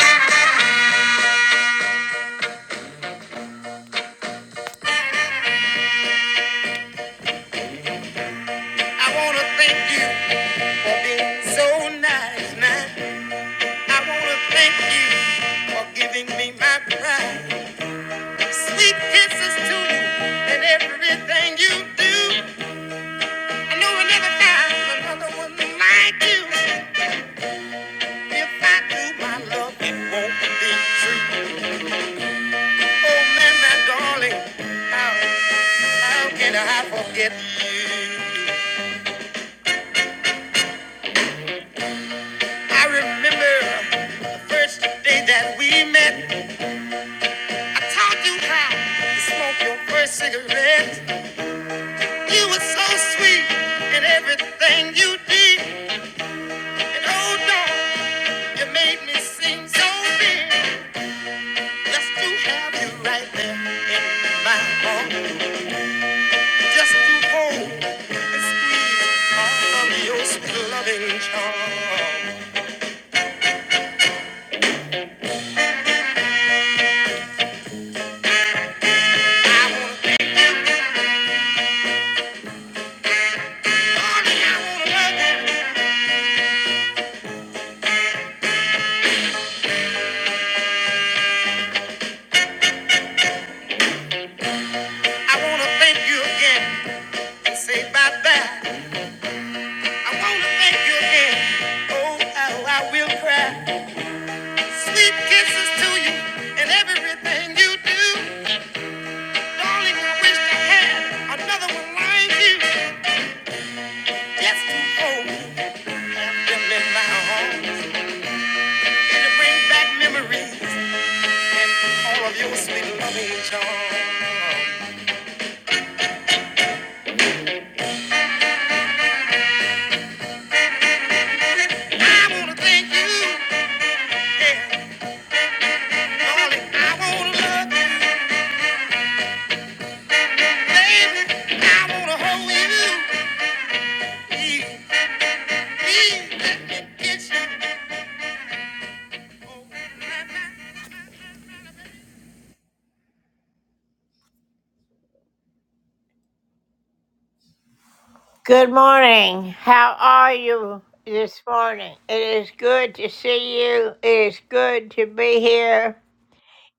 I wanna thank you for being so nice, man. I wanna thank you for giving me my pride. Sweet kisses to you and everything you do. I know I never find another one like you. If I do my love, it won't be true. Oh man, my darling, how how can I forget you? I remember the first day that we met. I taught you how to smoke your first cigarette. You were so sweet in everything you did. And oh, darling, you made me seem so big. Just to have you right there in my arms. Just to hold and squeeze all of your sweet loving charm. I wanna thank you, darling. I wanna love you. I wanna thank you again and say bye-bye. i want to thank you, head. Oh, how I will cry. Sweet kisses to you and everything you do. Darling, I wish I had another one like you. Just to hold them in my arms and to bring back memories. All of your sweet loving charm. I wanna thank you. Yeah, darling, I wanna love you, baby. I wanna hold you. Please, please let me kiss you. Good morning. How are you this morning? It is good to see you. It is good to be here.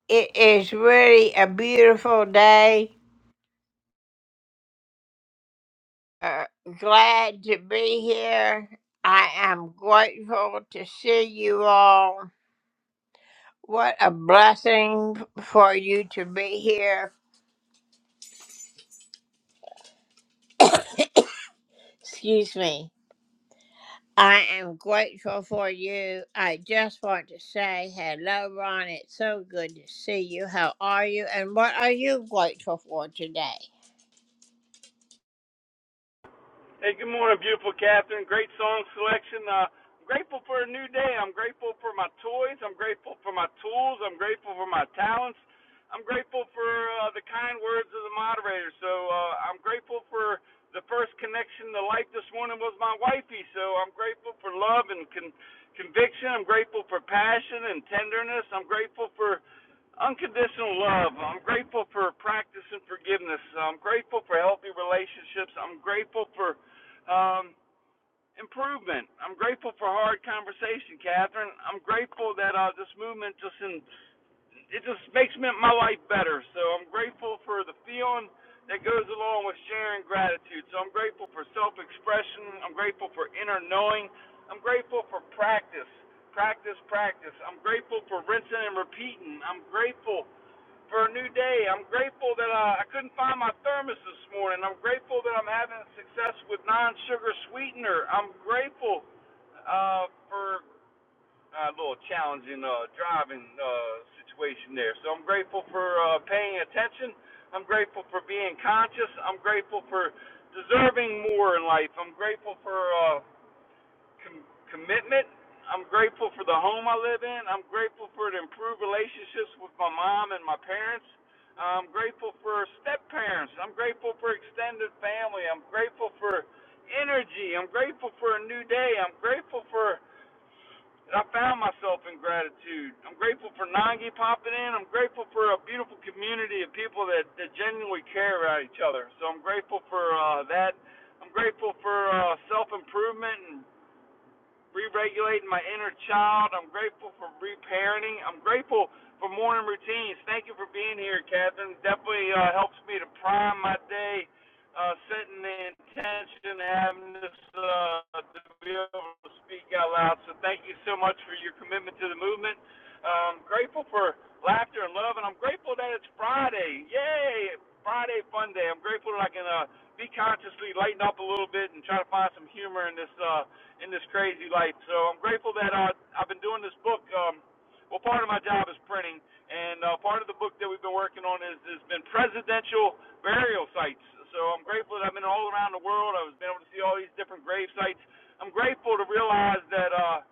It is really a beautiful day. Uh, glad to be here. I am grateful to see you all. What a blessing for you to be here. Excuse me. I am grateful for you. I just want to say hello, Ron. It's so good to see you. How are you? And what are you grateful for today? Hey, good morning, beautiful Catherine. Great song selection. Uh, I'm grateful for a new day. I'm grateful for my toys. I'm grateful for my tools. I'm grateful for my talents. I'm grateful for uh, the kind words of the moderator. So uh, I'm grateful for the first connection to life this morning was my wifey. So I'm grateful for love and con- conviction. I'm grateful for passion and tenderness. I'm grateful for unconditional love. I'm grateful for practicing forgiveness. I'm grateful for healthy relationships. I'm grateful for um, improvement. I'm grateful for hard conversation, Catherine. I'm grateful that uh, this movement just in, it just makes my life better. So I'm grateful for the feeling that goes along with sharing gratitude. So I'm grateful for self-expression. I'm grateful for inner knowing. I'm grateful for practice, practice, practice. I'm grateful for rinsing and repeating. I'm grateful for a new day. I'm grateful that uh, I couldn't find my thermos this morning. I'm grateful that I'm having success with non-sugar sweetener. I'm grateful uh, for a little challenging uh, driving uh, situation there. So I'm grateful for uh, paying attention. I'm grateful for being conscious. I'm grateful for deserving more in life. I'm grateful for. Uh, com- commitment. I'm grateful for the home I live in. I'm grateful for the improved relationships with my mom and my parents. I'm grateful for step parents. I'm grateful for extended family. I'm grateful for energy. I'm grateful for a new day. I'm grateful for that I found myself in gratitude. I'm grateful for Nangi popping in. I'm grateful for a beautiful community of people that, that genuinely care about each other. So I'm grateful for uh, that. I'm grateful for uh, self improvement and re-regulating my inner child. I'm grateful for reparenting. I'm grateful for morning routines. Thank you for being here, Catherine. Definitely uh, helps me to prime my day, uh, setting the intention, having this uh, to be able to speak out loud. So thank you so much for your commitment to the movement. Um, grateful for laughter and love, and I'm grateful that it's Friday. Yay! Friday fun day. I'm grateful that I can uh, be consciously lighten up a little bit and try to find some humor in this. Uh, in this crazy life. So I'm grateful that I, I've been doing this book. Um, well, part of my job is printing, and uh, part of the book that we've been working on is has been presidential burial sites. So I'm grateful that I've been all around the world. I've been able to see all these different grave sites. I'm grateful to realize that uh,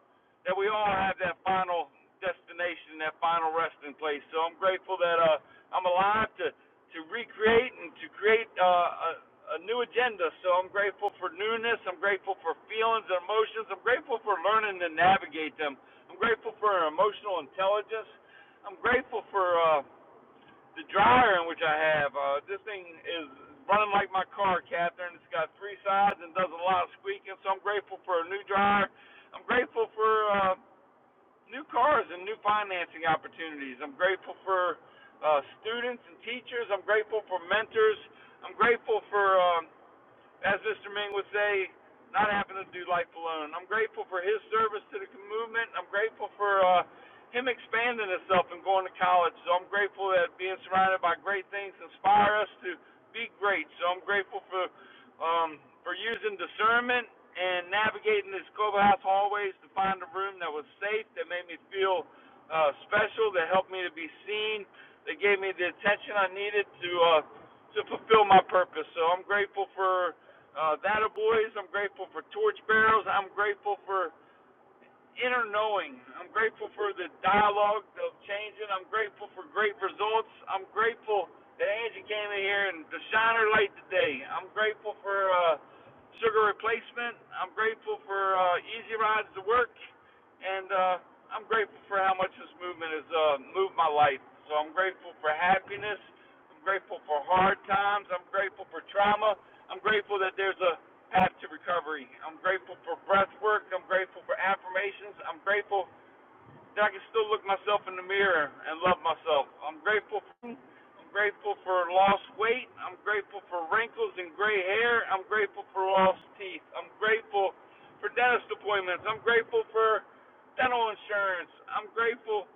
that we all have that final destination, that final resting place. So I'm grateful that uh, I'm alive to to recreate and to create uh, a, a new agenda. So I'm grateful for newness. I'm grateful for feelings and emotions. I'm grateful for learning to navigate them. I'm grateful for emotional intelligence. I'm grateful for uh, the dryer in which I have. Uh, this thing is running like my car, Catherine. It's got three sides and does a lot of squeaking. So I'm grateful for a new dryer. I'm grateful for. Uh, new cars and new financing opportunities. I'm grateful for uh, students and teachers. I'm grateful for mentors. I'm grateful for um, as Mr. Ming would say, not having to do life alone. I'm grateful for his service to the movement. I'm grateful for uh, him expanding himself and going to college. So I'm grateful that being surrounded by great things inspire us to be great. So I'm grateful for um, for using discernment and navigating this Global House hallways to find a room that was safe, that made me feel uh, special, that helped me to be seen, that gave me the attention I needed to uh, to fulfill my purpose. So I'm grateful for uh, that a boys. I'm grateful for torch barrels. I'm grateful for inner knowing. I'm grateful for the dialogue of changing. I'm grateful for great results. I'm grateful that Angie came in here and to shine her light today. I'm grateful for uh, sugar replacement. I'm grateful for uh, easy rides to work, and uh, I'm grateful for how much this movement has uh, moved my life. So I'm grateful for happiness. I'm grateful for hard times. I'm grateful for trauma. I'm grateful that there's a path to recovery. I'm grateful for breath work. I'm grateful for affirmations. I'm grateful that I can still look myself in the mirror and love myself. I'm grateful I'm grateful for lost weight. I'm grateful for wrinkles and gray hair. I'm grateful for lost teeth. I'm grateful for dentist appointments. I'm grateful for dental insurance. I'm grateful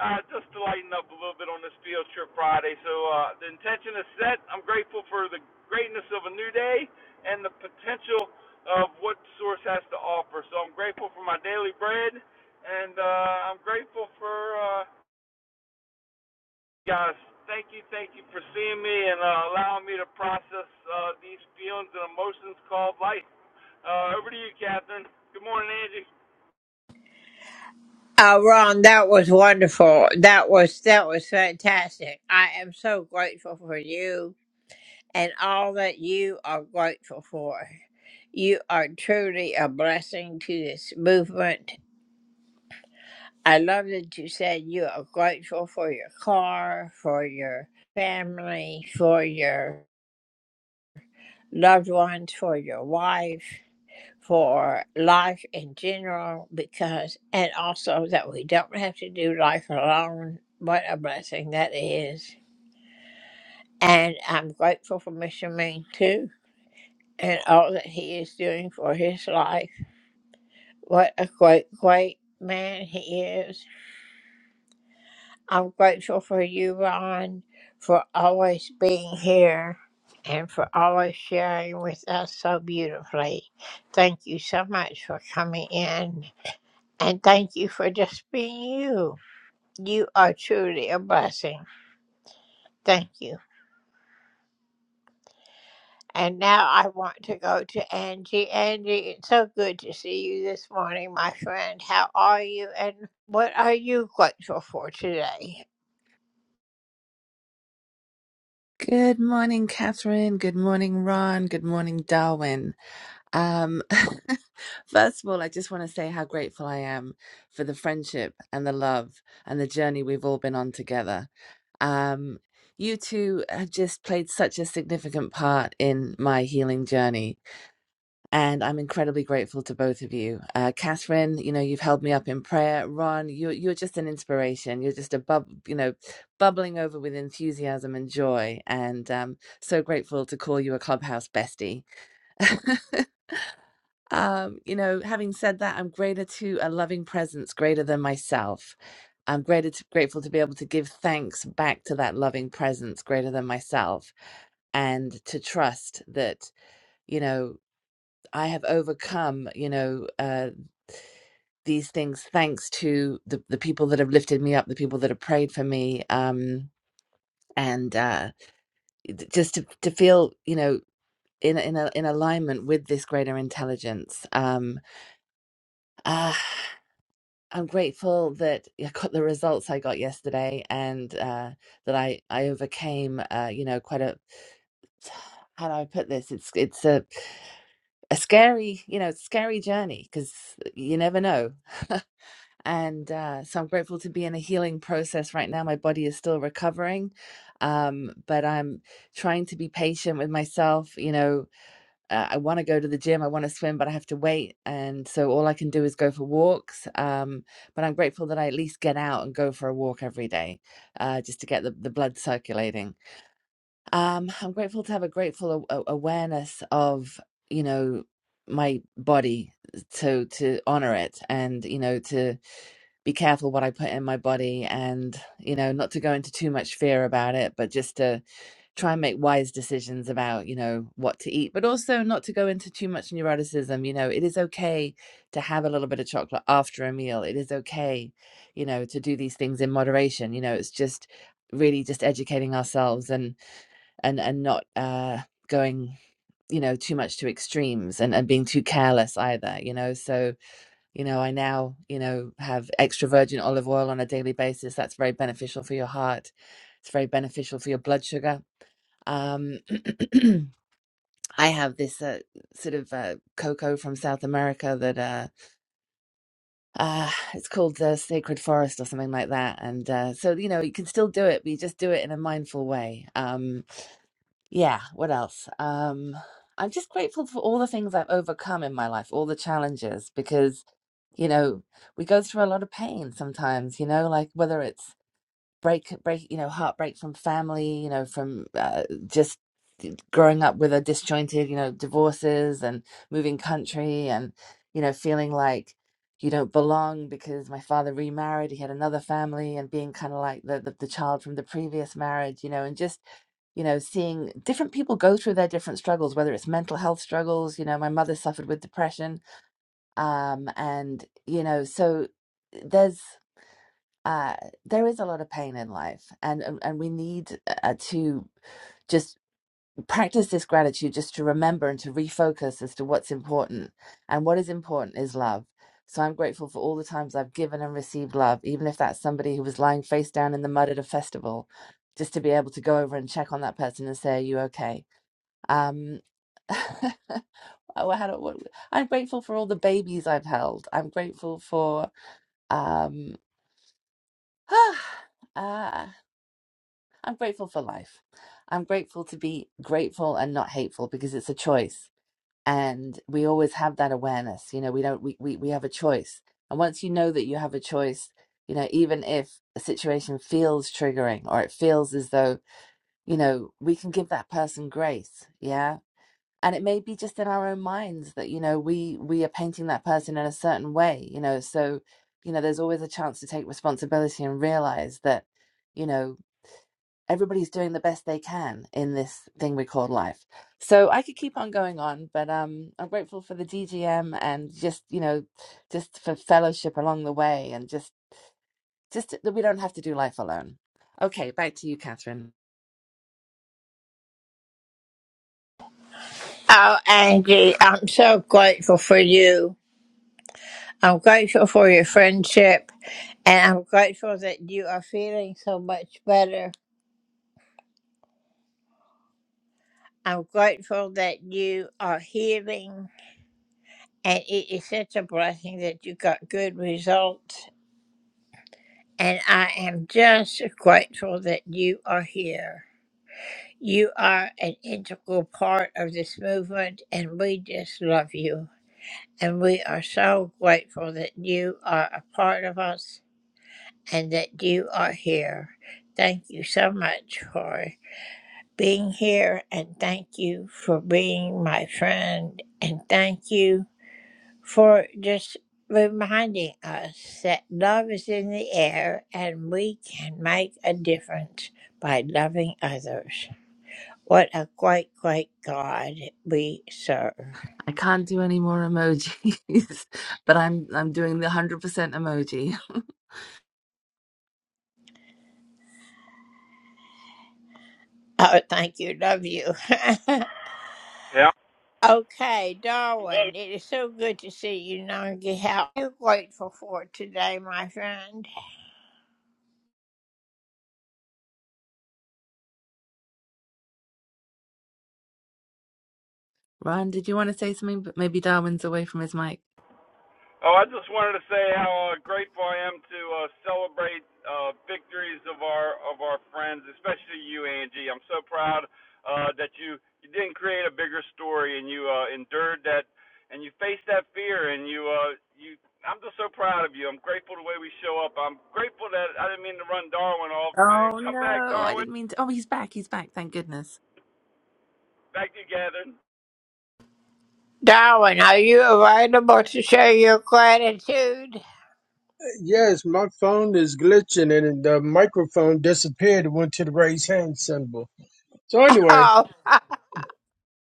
uh, just to lighten up a little bit on this field trip Friday. So uh, the intention is set. I'm grateful for the greatness of a new day and the potential of what Source has to offer. So I'm grateful for my daily bread, and uh, I'm grateful for. Uh, guys, thank you, thank you for seeing me and uh, allowing me to process uh, these feelings and emotions called life. Uh, over to you, Catherine. Good morning, Angie. Oh, Ron, that was wonderful. That was that was fantastic. I am so grateful for you and all that you are grateful for. You are truly a blessing to this movement. I love that you said you are grateful for your car, for your family, for your loved ones, for your wife, for life in general, because, and also that we don't have to do life alone. What a blessing that is. And I'm grateful for Mr. Ming too, and all that he is doing for his life. What a great, great man he is I'm grateful for you, Ron, for always being here and for always sharing with us so beautifully. Thank you so much for coming in and thank you for just being you. You are truly a blessing. Thank you. And now I want to go to Angie. Angie, it's so good to see you this morning, my friend. How are you and what are you grateful for today? Good morning, Catherine. Good morning, Ron. Good morning, Darwin. Um, first of all, I just want to say how grateful I am for the friendship and the love and the journey we've all been on together. Um, you two have just played such a significant part in my healing journey and I'm incredibly grateful to both of you. Uh, Catherine, you know, you've held me up in prayer. Ron, you're, you're just an inspiration. You're just a bub, you know, bubbling over with enthusiasm and joy. And um, so grateful to call you a clubhouse bestie. um, you know, having said that, I'm greater to a loving presence greater than myself. I'm greater to, grateful to be able to give thanks back to that loving presence greater than myself and to trust that, you know, I have overcome, you know, uh, these things thanks to the, the people that have lifted me up, the people that have prayed for me, um, and uh, d- just to, to feel, you know, in in a, in alignment with this greater intelligence. Um, ah, I'm grateful that yeah, I got the results I got yesterday, and uh, that I I overcame, uh, you know, quite a how do I put this? It's it's a a scary, you know, scary journey because you never know And uh, so I'm grateful to be in a healing process right now. My body is still recovering, um, but I'm trying to be patient with myself. You know, uh, I want to go to the gym, I want to swim, but I have to wait. And so all I can do is go for walks. Um, but I'm grateful that I at least get out and go for a walk every day uh, just to get the, the blood circulating. Um, I'm grateful to have a grateful a- a- awareness of, you know, my body uh, to to honor it and you know to be careful what I put in my body and, you know, not to go into too much fear about it, but just to try and make wise decisions about, you know, what to eat, but also not to go into too much neuroticism. You know, it is okay to have a little bit of chocolate after a meal. It is okay, you know, to do these things in moderation. You know, it's just really just educating ourselves and and and not uh going you know too much to extremes and, and being too careless either you know so you know, I now, you know, have extra virgin olive oil on a daily basis. That's very beneficial for your heart. It's very beneficial for your blood sugar. Um, I have this uh, sort of uh, cocoa from South America that uh, uh, it's called the Sacred Forest or something like that. And uh, so, you know, you can still do it, but you just do it in a mindful way. Um, yeah, what else? Um, I'm just grateful for all the things I've overcome in my life, all the challenges, because, you know, we go through a lot of pain sometimes, you know, like whether it's break break you know heartbreak from family you know from uh, just growing up with a disjointed you know divorces and moving country and you know feeling like you don't belong because my father remarried he had another family and being kind of like the, the the child from the previous marriage you know and just you know seeing different people go through their different struggles whether it's mental health struggles you know my mother suffered with depression um and you know so there's uh, there is a lot of pain in life, and and and we need uh, uh, to just practice this gratitude, just to remember and to refocus as to what's important. And what is important is love. So I'm grateful for all the times I've given and received love, even if that's somebody who was lying face down in the mud at a festival, just to be able to go over and check on that person and say, "Are you okay?" Um, oh, how do- what- I'm grateful for all the babies I've held. I'm grateful for um, uh, I'm grateful for life. I'm grateful to be grateful and not hateful because it's a choice. And we always have that awareness. You know, we don't, we, we, we have a choice. And once you know that you have a choice, you know, even if a situation feels triggering or it feels as though, you know, we can give that person grace. Yeah. And it may be just in our own minds that, you know, we, we are painting that person in a certain way, you know, so, you know, there's always a chance to take responsibility and realize that, you know, everybody's doing the best they can in this thing we call life. So I could keep on going on, but um, I'm grateful for the DGM and just you know, just for fellowship along the way, and just just that we don't have to do life alone. Okay, back to you, Catherine. Oh, Angie, I'm so grateful for you. I'm grateful for your friendship and I'm grateful that you are feeling so much better. I'm grateful that you are healing and it is such a blessing that you got good results. And I am just grateful that you are here. You are an integral part of this movement and we just love you. And we are so grateful that you are a part of us and that you are here. Thank you so much for. being here and thank you for being my friend and thank you for just reminding us that love is in the air and we can make a difference by loving others. What a great, great God we serve. I can't do any more emojis, but I'm I'm doing the one hundred percent emoji. Oh, thank you. Love you. Yeah. okay, Good Darwin, it is so good to see you, Nungi. How are you grateful for today, my friend? Ron, did you want to say something? But maybe Darwin's away from his mic. Oh, I just wanted to say how uh, grateful I am to uh, celebrate uh, victories of our of our friends, especially you, Angie. I'm so proud uh, that you you didn't create a bigger story and you uh, endured that and you faced that fear and you uh, you. I'm just so proud of you. I'm grateful the way we show up. I'm grateful that I didn't mean to run Darwin off, Oh man. Come back, no, I Darwin. didn't mean to. Oh, he's back. He's back. Thank goodness. Back together. Darwin, are you available to show your gratitude? Yes, my phone is glitching and the microphone disappeared and went to the raise hand symbol. So, anyway, Oh, oh,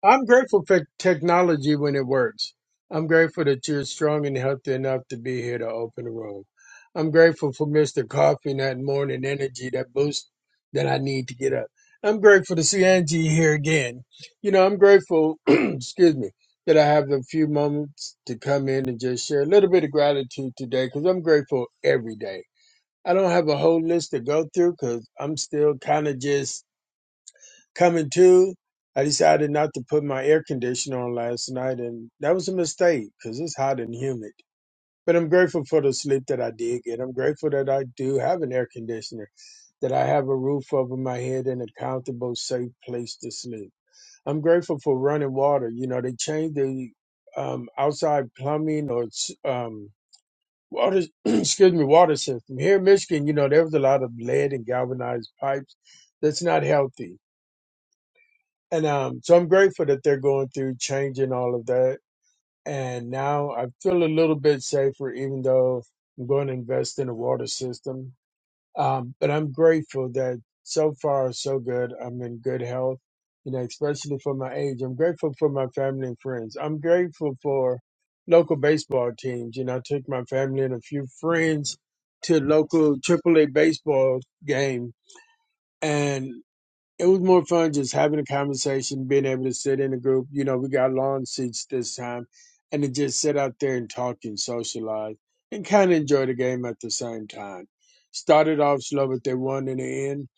I'm grateful for technology when it works. I'm grateful that you're strong and healthy enough to be here to open the room. I'm grateful for Mr. Coffee and that morning energy, that boost that I need to get up. I'm grateful to see Angie here again. You know, I'm grateful, excuse me, that I have a few moments to come in and just share a little bit of gratitude today because I'm grateful every day. I don't have a whole list to go through because I'm still kind of just coming to. I decided not to put my air conditioner on last night, and that was a mistake because it's hot and humid. But I'm grateful for the sleep that I did get. I'm grateful that I do have an air conditioner, that I have a roof over my head and a comfortable, safe place to sleep. I'm grateful for running water. You know, they changed the um, outside plumbing or um, water excuse me water system here in michigan you know there was a lot of lead and galvanized pipes that's not healthy and um so i'm grateful that they're going through changing all of that and now i feel a little bit safer even though i'm going to invest in a water system um, but I'm grateful that so far so good. I'm in good health, you know, especially for my age. I'm grateful for my family and friends. I'm grateful for local baseball teams. You know, I took my family and a few friends to local AAA baseball game, and it was more fun just having a conversation, being able to sit in a group. You know, we got lawn seats this time, and to just sit out there and talk and socialize and kind of enjoy the game at the same time. Started off slow, but they won in the end.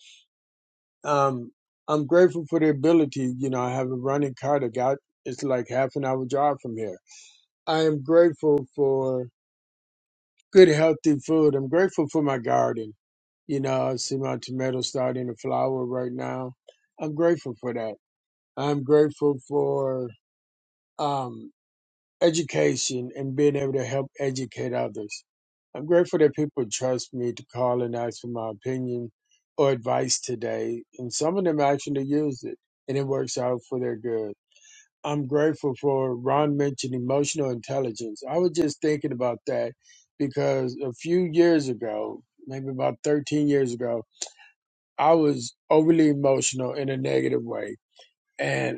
Um, I'm grateful for the ability. You know, I have a running car that got it's like half an hour drive from here. I am grateful for good healthy food. I'm grateful for my garden. You know, I see my tomatoes starting to flower right now. I'm grateful for that. I'm grateful for um, education and being able to help educate others. I'm grateful that people trust me to call and ask for my opinion or advice today, and some of them actually use it, and it works out for their good. I'm grateful for Ron mentioned emotional intelligence. I was just thinking about that because a few years ago, maybe about 13 years ago, I was overly emotional in a negative way. and.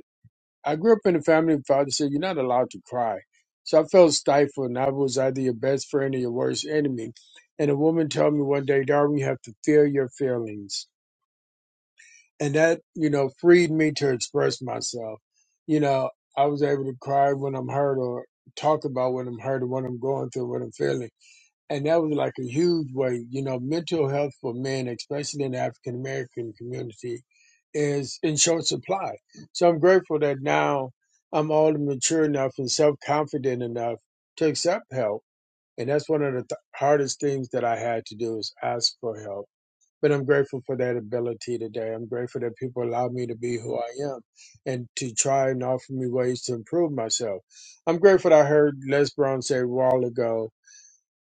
I grew up in a family where father said, You're not allowed to cry. So I felt stifled, and I was either your best friend or your worst enemy. And a woman told me one day, darling, you have to feel your feelings. And that, you know, freed me to express myself. You know, I was able to cry when I'm hurt or talk about what I'm hurt or what I'm going through, what I'm feeling and that was like a huge way. You know, mental health for men, especially in the African American community, is in short supply. So I'm grateful that now I'm older, mature enough, and self confident enough to accept help. And that's one of the th- hardest things that I had to do is ask for help. But I'm grateful for that ability today. I'm grateful that people allow me to be who I am and to try and offer me ways to improve myself. I'm grateful that I heard Les Brown say a while ago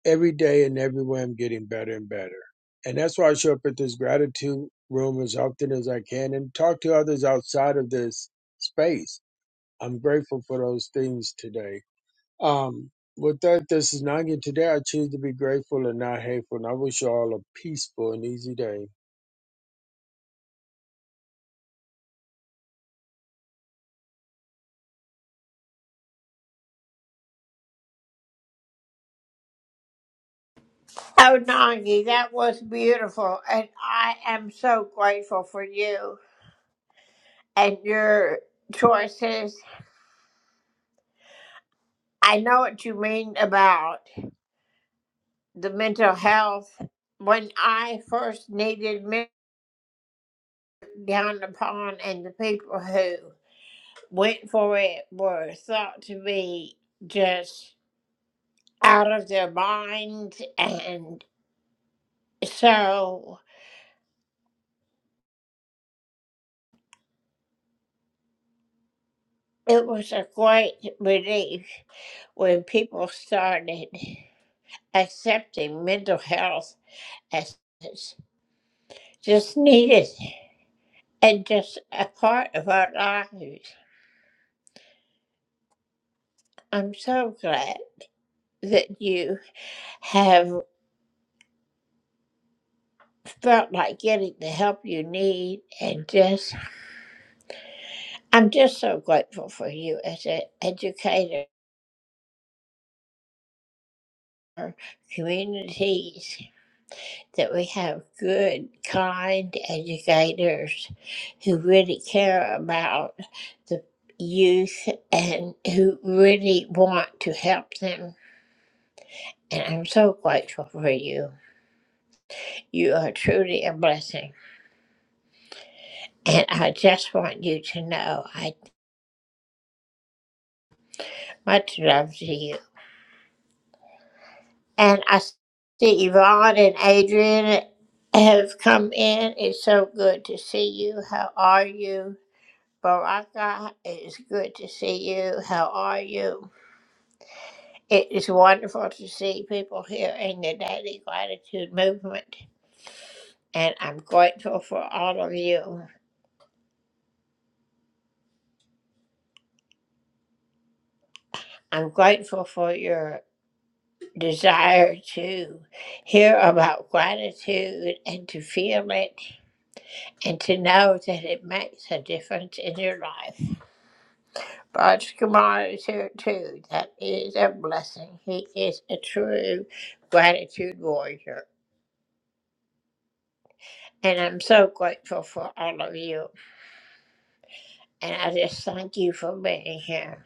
every day and everywhere I'm getting better and better. And that's why I show up at this gratitude room as often as I can and talk to others outside of this space. I'm grateful for those things today. Um, with that, this is Nanya. Today I choose to be grateful and not hateful, and I wish you all a peaceful and easy day. Nangi, that was beautiful, and I am so grateful for you and your choices. I know what you mean about the mental health. When I first needed men down upon and the people who went for it were thought to be just out of their minds. And so it was a great relief when people started accepting mental health as it's just needed and just a part of our lives. I'm so glad that you have felt like getting the help you need and just I'm just so grateful for you as an educator. our communities, that we have good, kind educators who really care about the youth and who really want to help them. And I'm so grateful for you. You are truly a blessing. And I just want you to know I much love to you. And I see Yvonne and Adrian have come in. It's so good to see you. How are you? Baraka, it is good to see you. How are you? It is wonderful to see people here in the Daily Gratitude Movement, and I'm grateful for all of you. I'm grateful for your desire to hear about gratitude and to feel it and to know that it makes a difference in your life. Raj Kumar is here too. That is a blessing. He is a true gratitude warrior. And I'm so grateful for all of you. And I just thank you for being here.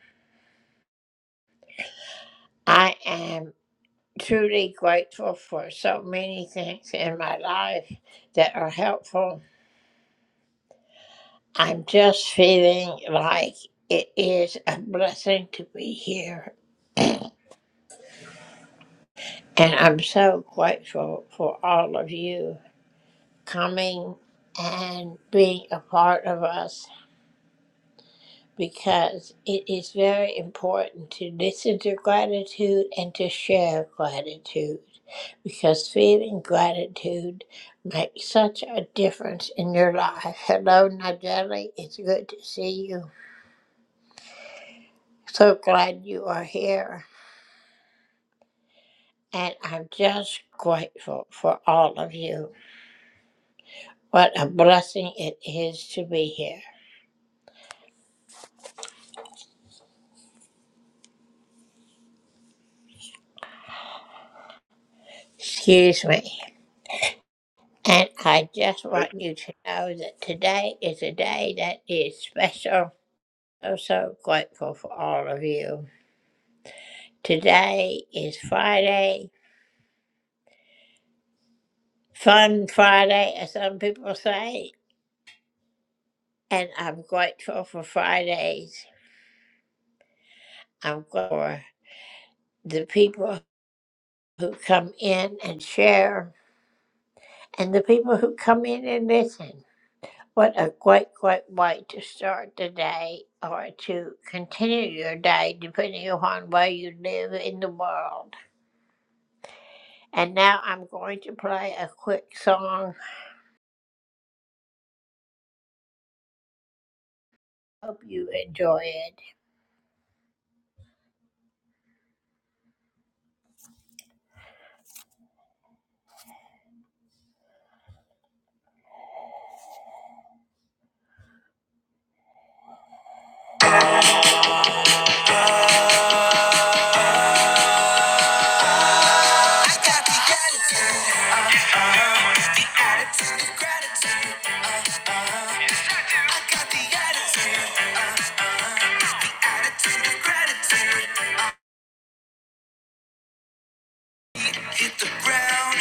I am truly grateful for so many things in my life that are helpful. I'm just feeling like it is a blessing to be here. And I'm so grateful for all of you coming and being a part of us. because it is very important to listen to gratitude and to share gratitude because feeling gratitude makes such a difference in your life. Hello, Nigeli. It's good to see you. So glad you are here. And I'm just grateful for all of you. What a blessing it is to be here. Excuse me. And I just Thank want you to know that today is a day that is special. Oh, so grateful for all of you. Today is Friday, Fun Friday, as some people say, and I'm grateful for Fridays. I'm grateful for the people who come in and share, and the people who come in and listen. What a great, great way to start the day or to continue your day, depending upon where you live in the world. And now I'm going to play a quick song. Hope you enjoy it. I got the attitude, hit the ground.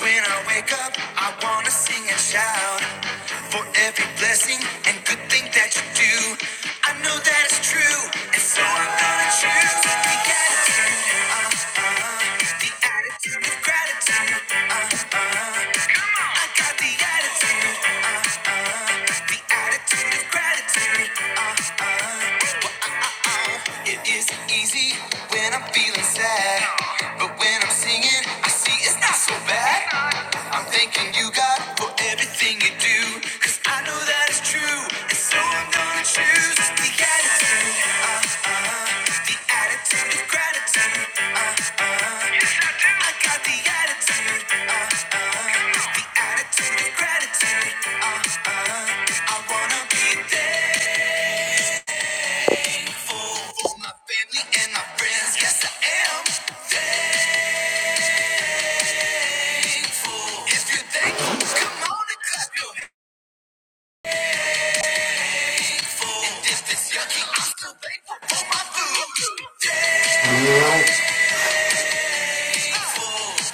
When I wake up, I wanna sing and shout for every blessing and good thing that you do. I know that it's true, and so I'm gonna choose the attitude, the attitude of gratitude. Uh, uh. I got the attitude, the attitude of gratitude. Uh, uh. It isn't easy when I'm feeling sad. But when I'm singing, I see it's not so bad. I'm thanking you, God, for everything you do. Cause I know that it's true. And so I'm gonna choose the attitude. Uh, uh, the attitude of gratitude. Uh, uh, I got the attitude. Uh, uh, the attitude of gratitude. Uh, uh, I wanna be there for my family and my friends. Yes, I am thankful. If you're thankful, come on and clap your hands. for. And if it's yucky, I'm still thankful for my food,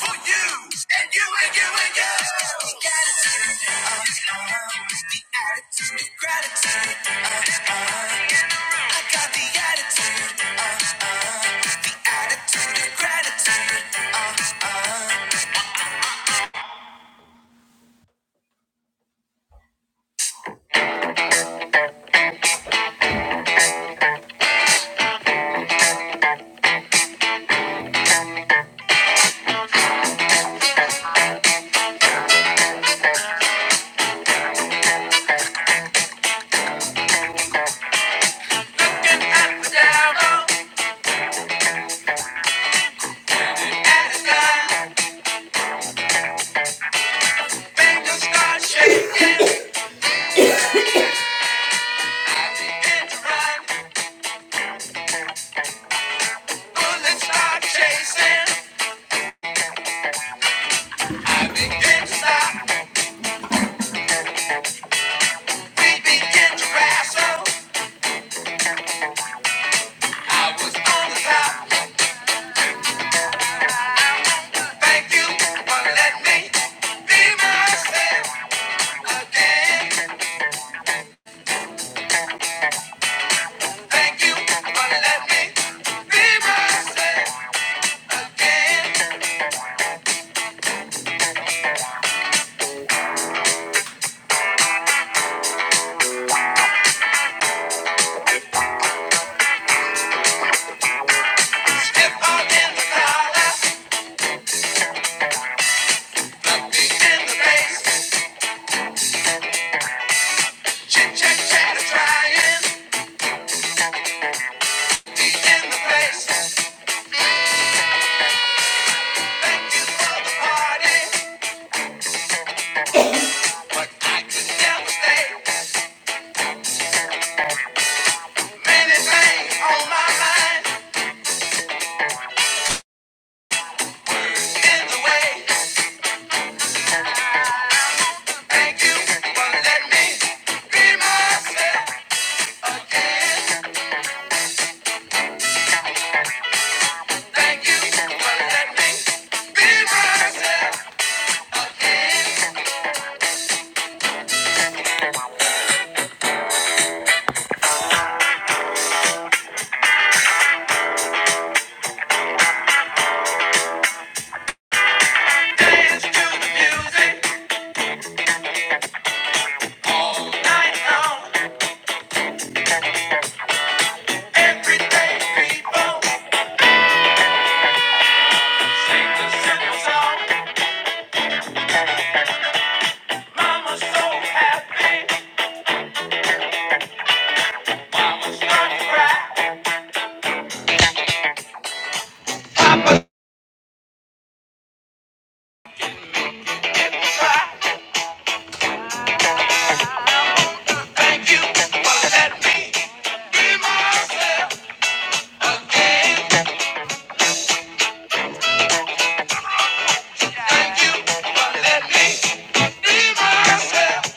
for you, and you, and you, and you. The attitude of love, the attitude gratitude. Uh, uh, I got the attitude, attitude gratitude. and down, up and down, make start shaking, happy and to run. Bullets start chasing. I begin to stop. We begin to crash. So I was on the top. Thank you for letting me be myself again. Thank you for letting me be myself again. Step out in the collar. Beat in the face. Chit chat chatter trying. Beat in the place. Thank you for the party. But I could never stay. Many things on my mind in the way. Thank you for letting me be myself again. Thank you for letting me be myself again. Dance to the music, night long, everyday people. Sing the simple song, mama's so happy, start to cry. Let me be myself, be myself.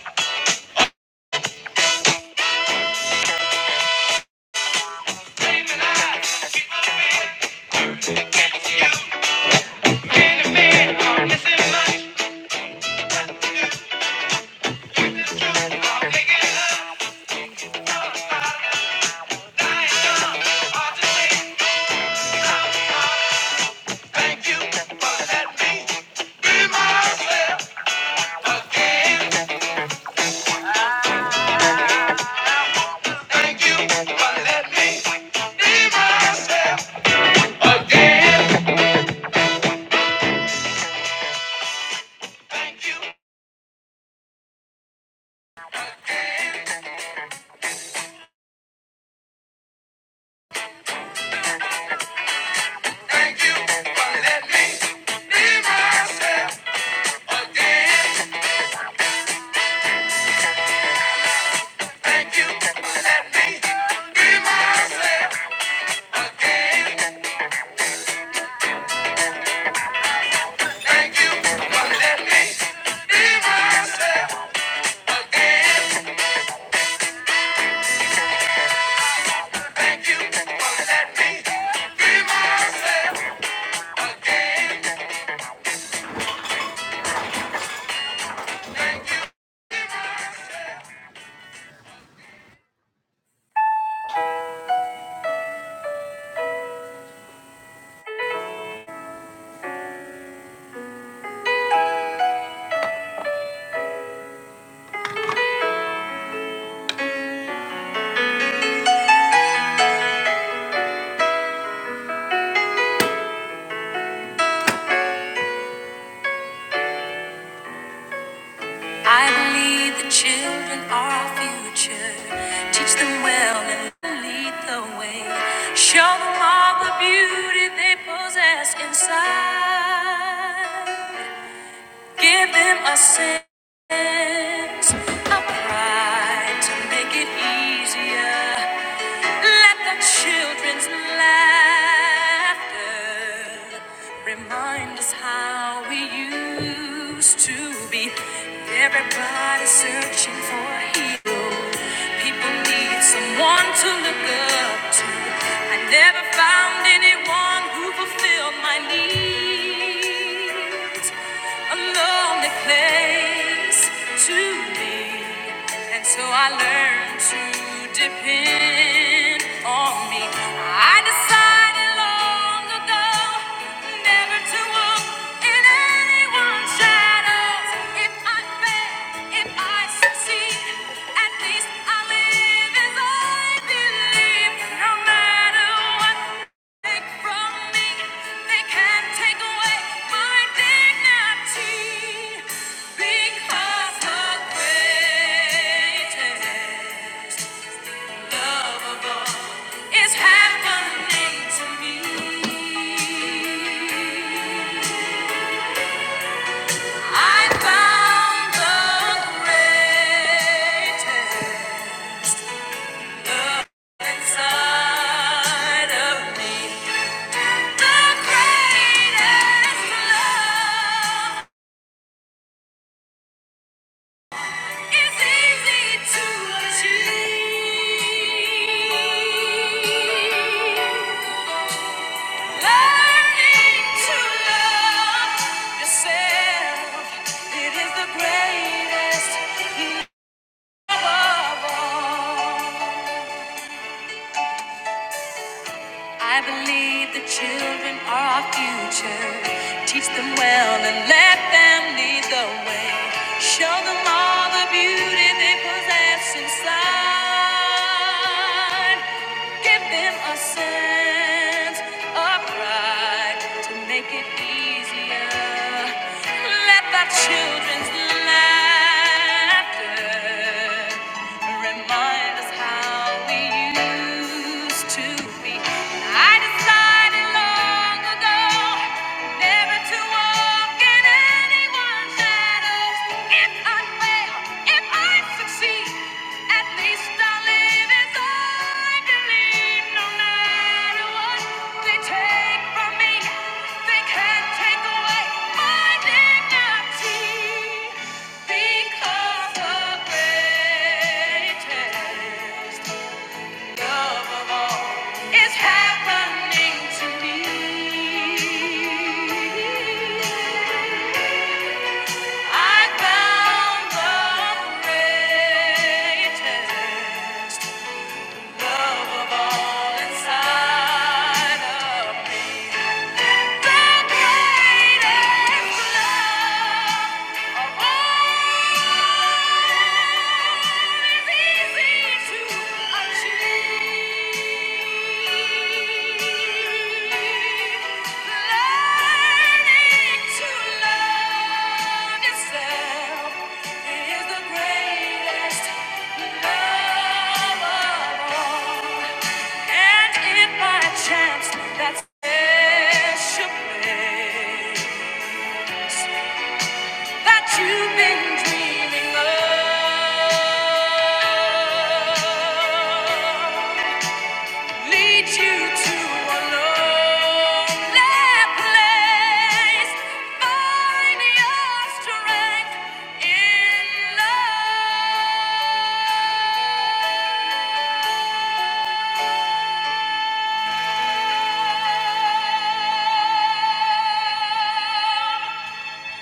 Missing much, making love hard to say. Thank you for letting me be myself. Thank you for letting me be myself again. Thank you for letting me be myself again. Thank you for letting me be myself again. Thank you for letting me be myself again. Thank you. I believe the children are our future. Teach them well and lead the way. Show them all the beauty they possess inside. Give them a sense of pride to make it easier. Let the children's laughter remind us how we used to be. Everybody searching for a hero. People need someone to look up to. I never found anyone who fulfilled my needs. A lonely place grace to me. And so I learned to depend on me. I decided long ago never to walk in anyone's shadows. If I fail, if I succeed, at least I live as I believe. No matter what they can't take away my dignity because the greatest love of all is happening to me. I found the greatest. Inside of me, the greatest love is easy to achieve. Learning to love yourself, it is the greatest love of all. I believe the children are our future. Teach them well and let them lead the way. Show them all the beauty they possess inside. Give them a sense of pride to make it easier. Let the children's laughter Remind us how we used to be. And I decided long ago never to walk in anyone's shadows. If I fail, if I succeed, at least I'll live as I believe. No matter what they take from me, they can't take away my dignity. Because the greatest love of all is happening to me. I found the greatest Love of The greatest love of all is easy to achieve. That's special place that you've been dreaming of. Lead you to a lonely place. Find your strength in love.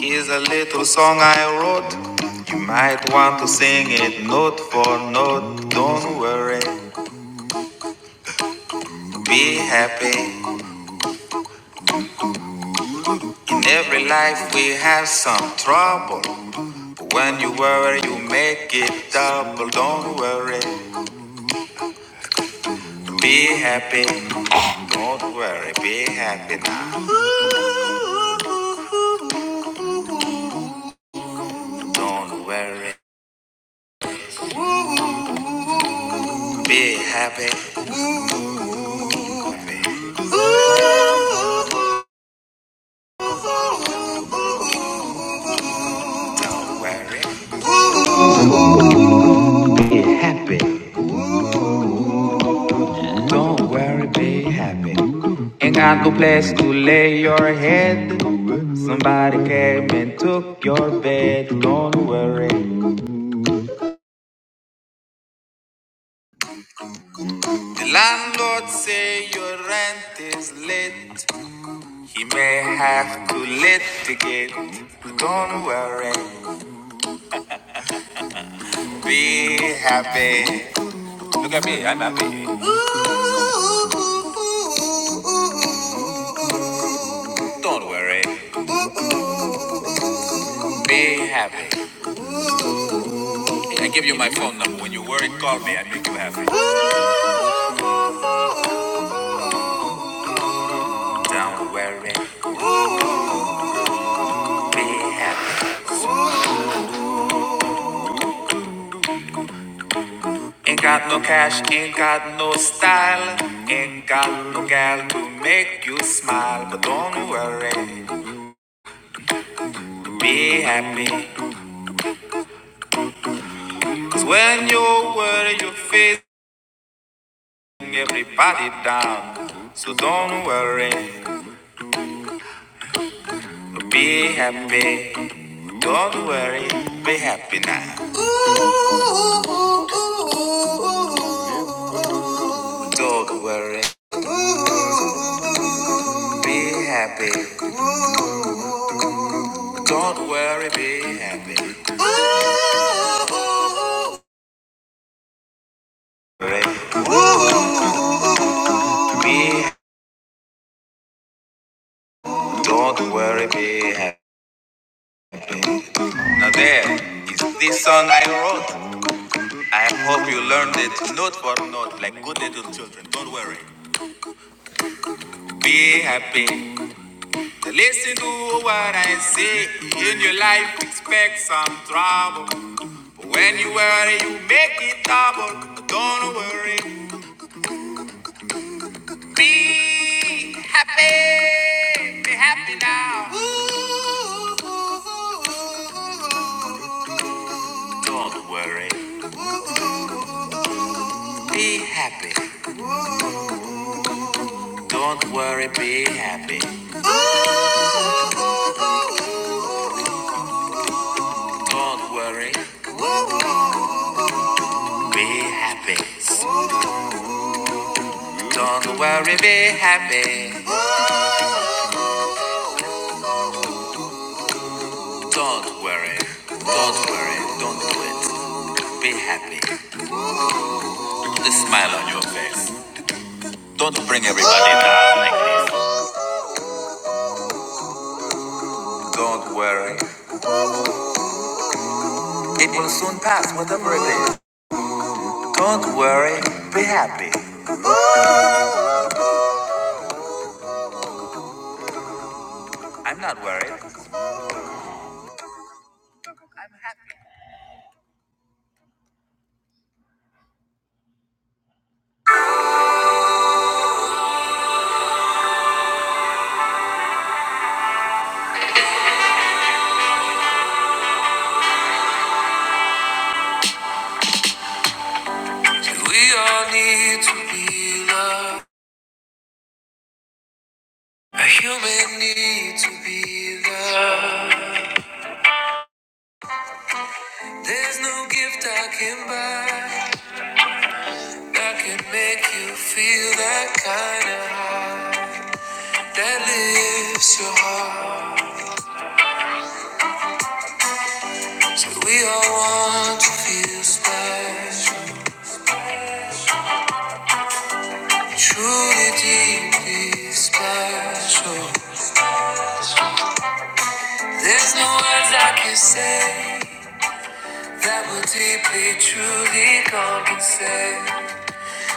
Here's a little song I wrote. You might want to sing it note for note. Don't worry, be happy. In every life we have some trouble, but when you worry, you make it double. Don't worry, be happy. Don't worry, be happy now. Don't worry, be happy. Be happy. Don't worry, be happy. Ain't got no place to lay your head. Somebody came and took your bed. Don't worry. The landlord say your rent is late. He may have to litigate. Don't worry, be happy. Look at me, I'm happy. Don't worry, be happy. I give you my phone number. When you worry, call me. I make you happy. Don't worry, be happy. Ain't got no cash, ain't got no style. Ain't got no gal to make you smile. But don't worry, be happy. Cause when you worry, you are facing everybody down. So don't worry, be happy. Don't worry, be happy now. Don't worry, be happy. Don't worry, be happy. do Be don't worry, be happy. Now there is this song I wrote. I hope you learned it note for note, like good little children. Don't worry. Be happy. Listen to what I say. In your life, expect some trouble. But when you worry, you make it double. Don't worry. Be happy. Be happy now. Ooh. ooh, ooh, ooh, ooh. Don't worry, be happy. Don't worry, be happy. Don't worry, be happy. Don't worry, be happy. Don't worry, don't worry, don't do it. Be happy. Put a smile on your face. Don't bring everybody down like this. Don't worry, it will soon pass, whatever it is. Don't worry, be happy. I'm not worried. We all need to be loved. A human need to be loved. There's no gift I can buy that can make you feel that kind of high that lifts your heart. So we all want to feel special, truly, deeply special. There's no words I can say that will deeply, truly compensate.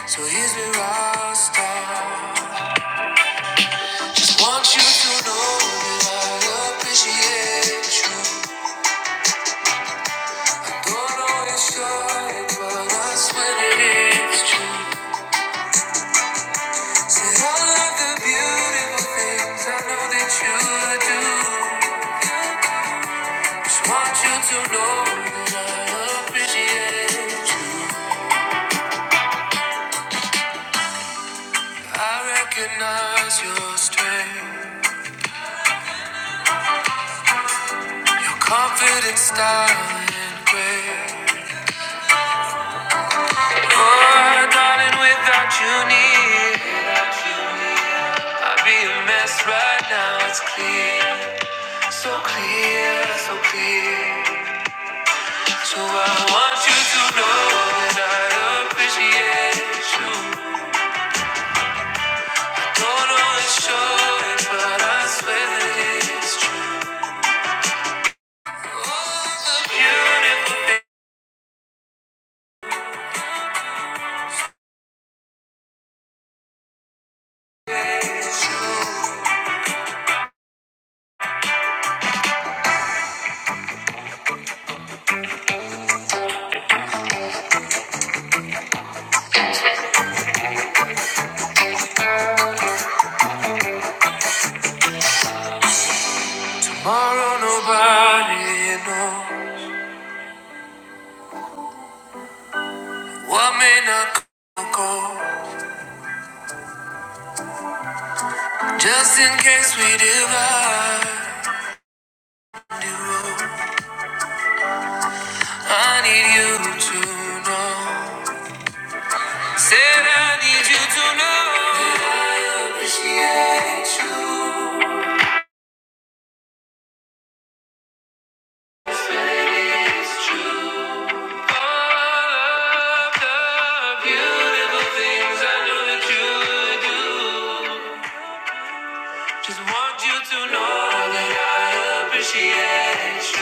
So here's where I'll start. Want you to know that I appreciate you. Don't know you but I swear that it's true. Say I love the beautiful things I know that you do. Just want you to know that I appreciate you. I recognize your strength, confident style and grace. My darling, without you near, I'd be a mess right now. It's clear. So clear, so clear. So I want you to know that I appreciate you. Don't always show it, but I swear that it's true. Tomorrow nobody knows what may not come or go. Just in case we divide, I need you to know. Said I need you to know that I appreciate you. Just want you to know that I appreciate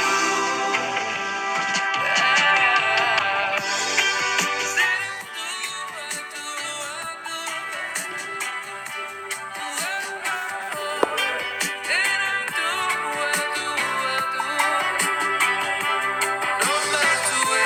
you.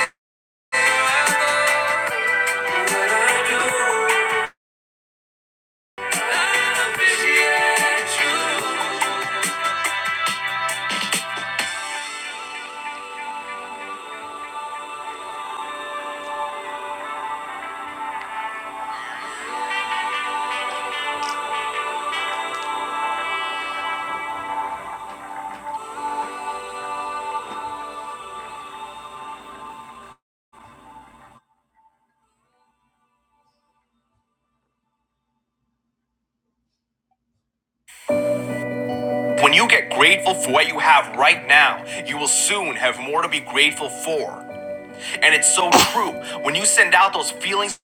When you get grateful for what you have right now, you will soon have more to be grateful for. And it's so true. When you send out those feelings,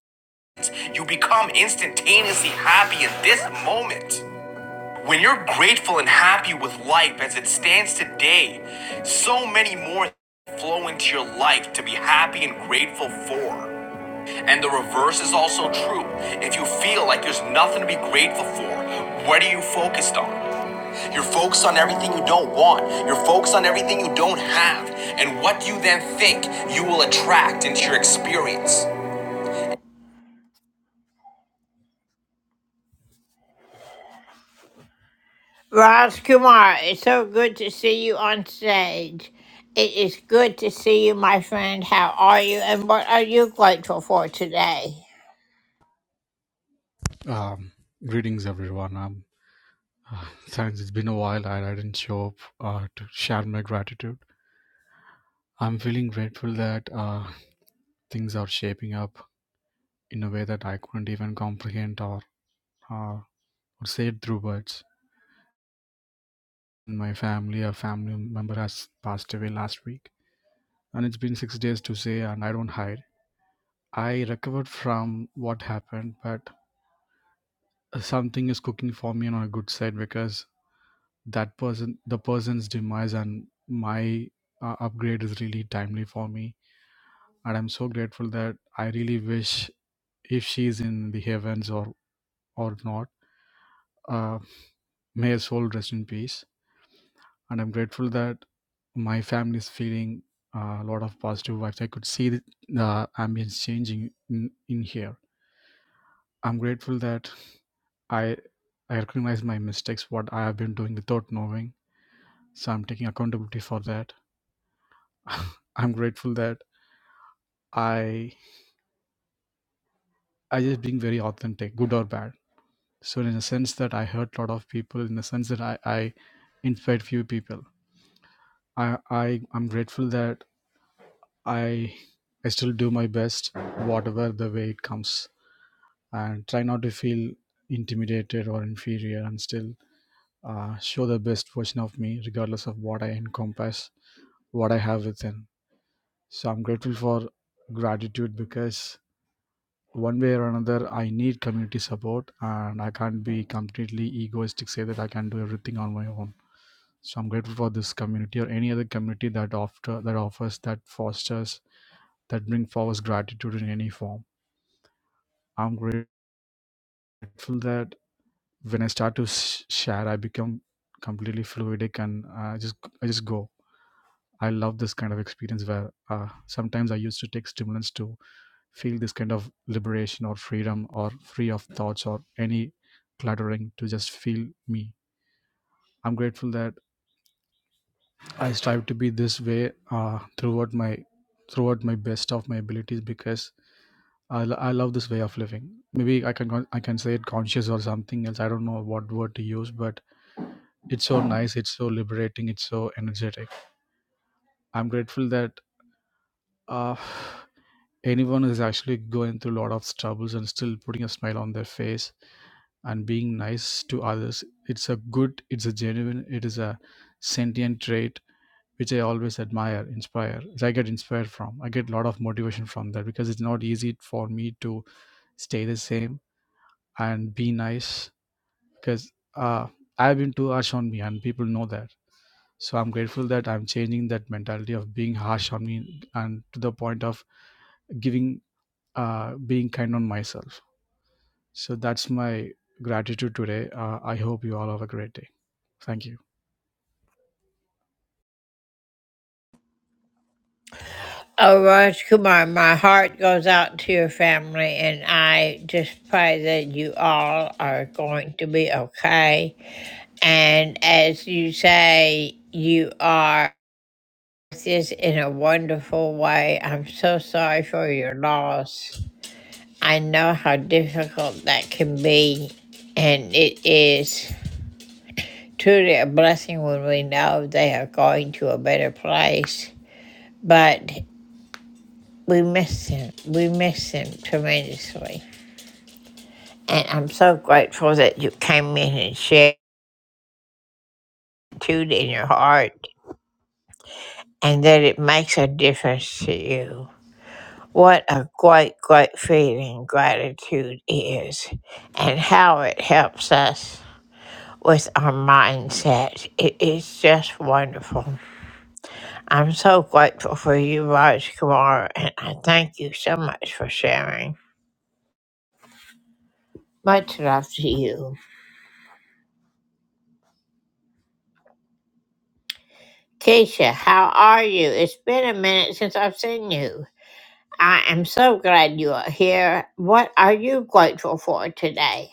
you become instantaneously happy in this moment. When you're grateful and happy with life as it stands today, so many more flow into your life to be happy and grateful for. And the reverse is also true. If you feel like there's nothing to be grateful for, what are you focused on? You're focused on everything you don't want. You're focused on everything you don't have. And what you then think will attract into your experience. Raj Kumar, it's so good to see you on stage. It is good to see you, my friend. How are you? And what are you grateful for today? Um, greetings, everyone. Um, uh, thanks. It's been a while. I, I didn't show up uh, to share my gratitude. I'm feeling grateful that uh, things are shaping up in a way that I couldn't even comprehend or, uh, or say it through words. My family, a family member has passed away last week, and it's been six days to say, and I don't hide. I recovered from what happened, but uh, something is cooking for me on a good side because that person the person's demise and my uh, upgrade is really timely for me and i'm so grateful that i really wish if she's in the heavens or or not uh, may her soul rest in peace and i'm grateful that my family is feeling uh, a lot of positive vibes i could see the uh, ambience changing in, in here i'm grateful that i i recognize my mistakes what i have been doing without knowing so i'm taking accountability for that i'm grateful that I I just being very authentic, good or bad. So in a sense that I hurt a lot of people, in the sense that I, I inspired few people. I, I I'm grateful that I I still do my best, whatever the way it comes, and try not to feel intimidated or inferior, and still uh, show the best version of me, regardless of what I encompass, what I have within. So I'm grateful for gratitude because one way or another i need community support and i can't be completely egoistic say that i can do everything on my own so i'm grateful for this community or any other community that after that offers that fosters that bring forward gratitude in any form i'm grateful that when i start to s- share i become completely fluidic and uh, i just i just go i love this kind of experience where uh, sometimes i used to take stimulants too feel this kind of liberation or freedom or free of thoughts or any cluttering to just feel me i'm grateful that i strive to be this way uh, throughout my throughout my best of my abilities because I, lo- I love this way of living maybe i can con- i can say it conscious or something else i don't know what word to use but it's so nice it's so liberating it's so energetic i'm grateful that uh, anyone is actually going through a lot of troubles and still putting a smile on their face and being nice to others it's a good it's a genuine it is a sentient trait which i always admire inspire i get inspired from i get a lot of motivation from that because it's not easy for me to stay the same and be nice because uh, i've been too harsh on me and people know that so i'm grateful that i'm changing that mentality of being harsh on me and to the point of giving uh, being kind on myself So that's my gratitude today. Uh, I hope you all have a great day. Thank you. Oh, Raj Kumar, my heart goes out to your family, and I just pray that you all are going to be okay. And as you say, you are this in a wonderful way. I'm so sorry for your loss. I know how difficult that can be, and it is. truly a blessing when we know they are going to a better place. But we miss them. We miss them tremendously. And I'm so grateful that you came in and shared gratitude in your heart and that it makes a difference to you. What a great, great feeling gratitude is and how it helps us with our mindset. It is just wonderful. I'm so grateful for you, Raj Kumar, and I thank you so much for sharing. Much love to you. Keisha, how are you? It's been a minute since I've seen you. I am so glad you are here. What are you grateful for today?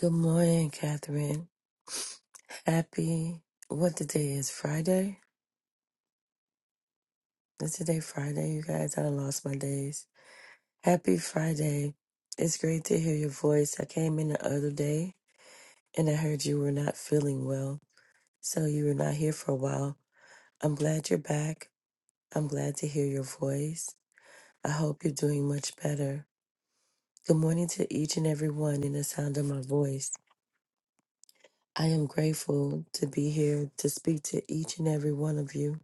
Good morning, Catherine. Happy, what the day is? Friday? Is today Friday, you guys? I done lost my days. Happy Friday. It's great to hear your voice. I came in the other day and I heard you were not feeling well, so you were not here for a while. I'm glad you're back. I'm glad to hear your voice. I hope you're doing much better. Good morning to each and every one in the sound of my voice. I am grateful to be here to speak to each and every one of you.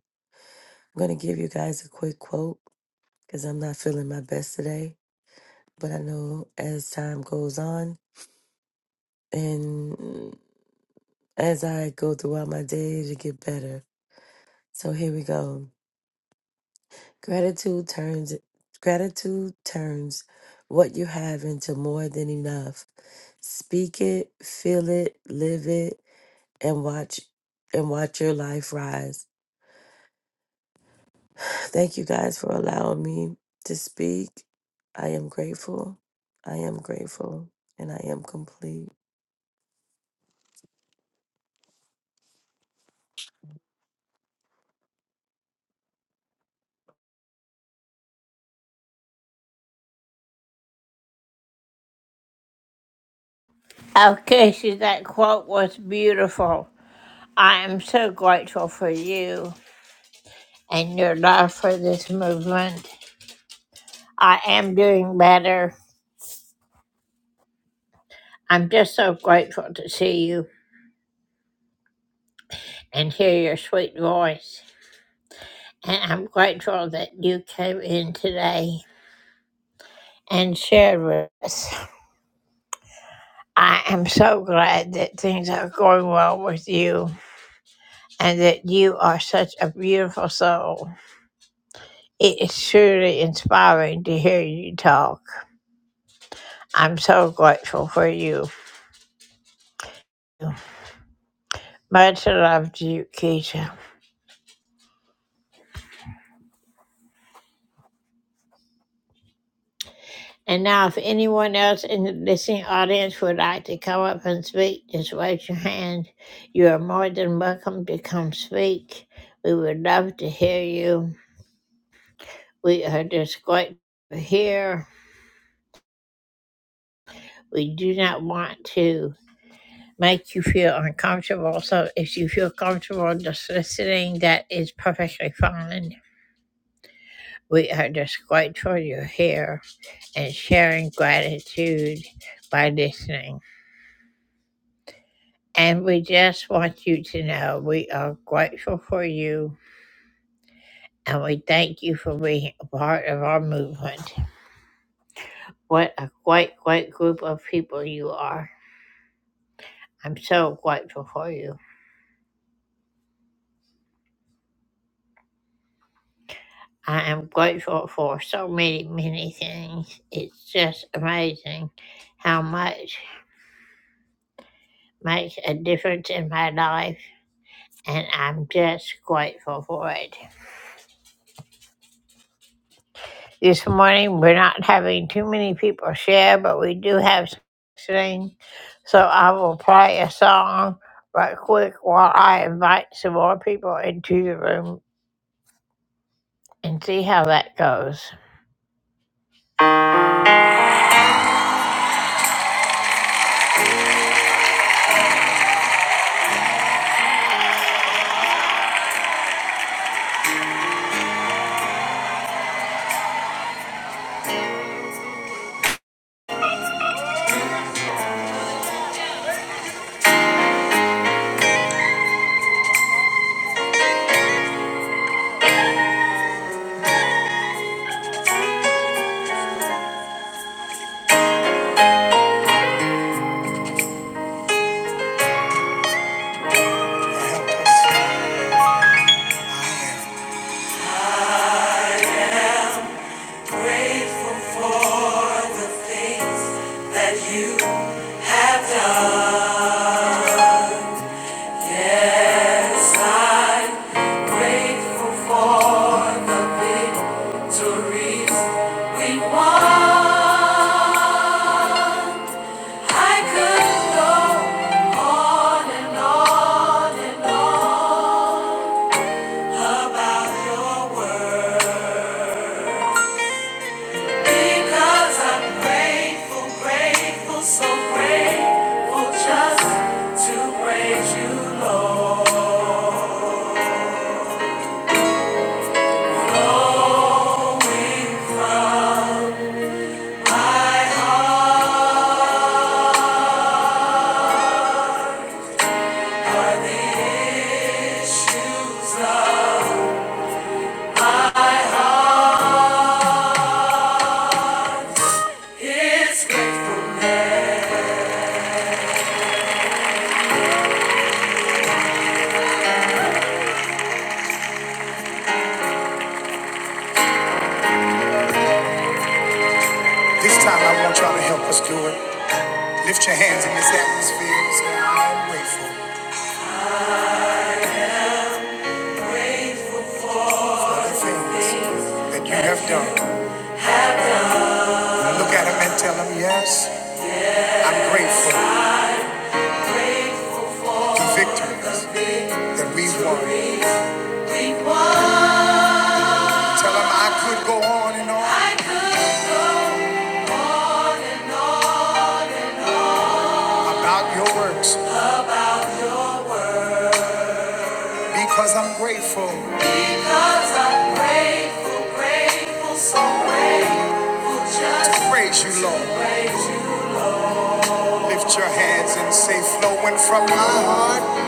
I'm going to give you guys a quick quote because I'm not feeling my best today. But I know as time goes on and as I go throughout my day to get better. So here we go. Gratitude turns gratitude turns what you have into more than enough. Speak it, feel it, live it, and watch and watch your life rise. Thank you guys for allowing me to speak. I am grateful. I am grateful. And I am complete. Oh, Keisha, that quote was beautiful. I am so grateful for you and your love for this movement. I am doing better. I'm just so grateful to see you and hear your sweet voice. and I'm grateful that you came in today and shared with us. I am so glad that things are going well with you and that you are such a beautiful soul. It is truly inspiring to hear you talk. I'm so grateful for you. Much love to you, Keisha. And now, if anyone else in the listening audience would like to come up and speak, just raise your hand. You are more than welcome to come speak. We would love to hear you. We are just grateful you're here. We do not want to make you feel uncomfortable. So, if you feel comfortable just listening, that is perfectly fine. We are just grateful you're here and sharing gratitude by listening. And we just want you to know we are grateful for you and we thank you for being a part of our movement. What a great, great group of people you are. I'm so grateful for you. I am grateful for so many, many things. It's just amazing how much makes a difference in my life, and I'm just grateful for it. This morning, we're not having too many people share, but we do have some listening. So I will play a song right quick while I invite some more people into the room and see how that goes. Grateful for the things that you have done. Yes, I Grateful for the victories we won. I could go on and on and on about your word because I'm grateful, grateful, so grateful just to praise you, Lord. Going from This time I want you to help us do it. Lift your hands in this atmosphere and say, I'm grateful for the things that you have done. Look at them and tell them, yes, I'm grateful for the victory that we've won. Tell him I could go on and on about your works because I'm grateful. Because I'm grateful, grateful, so grateful. Just to praise you, Lord. Lift your hands and say, flowing from my heart.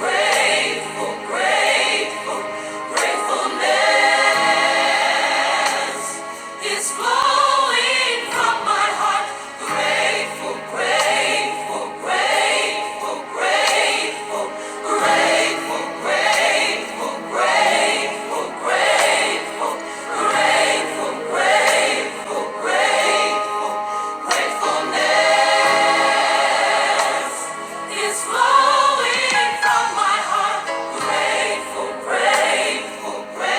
Great is flowing from my heart. Grateful, grateful, grateful, grateful, gratefulness is flowing. Grateful, grateful, grateful, grateful.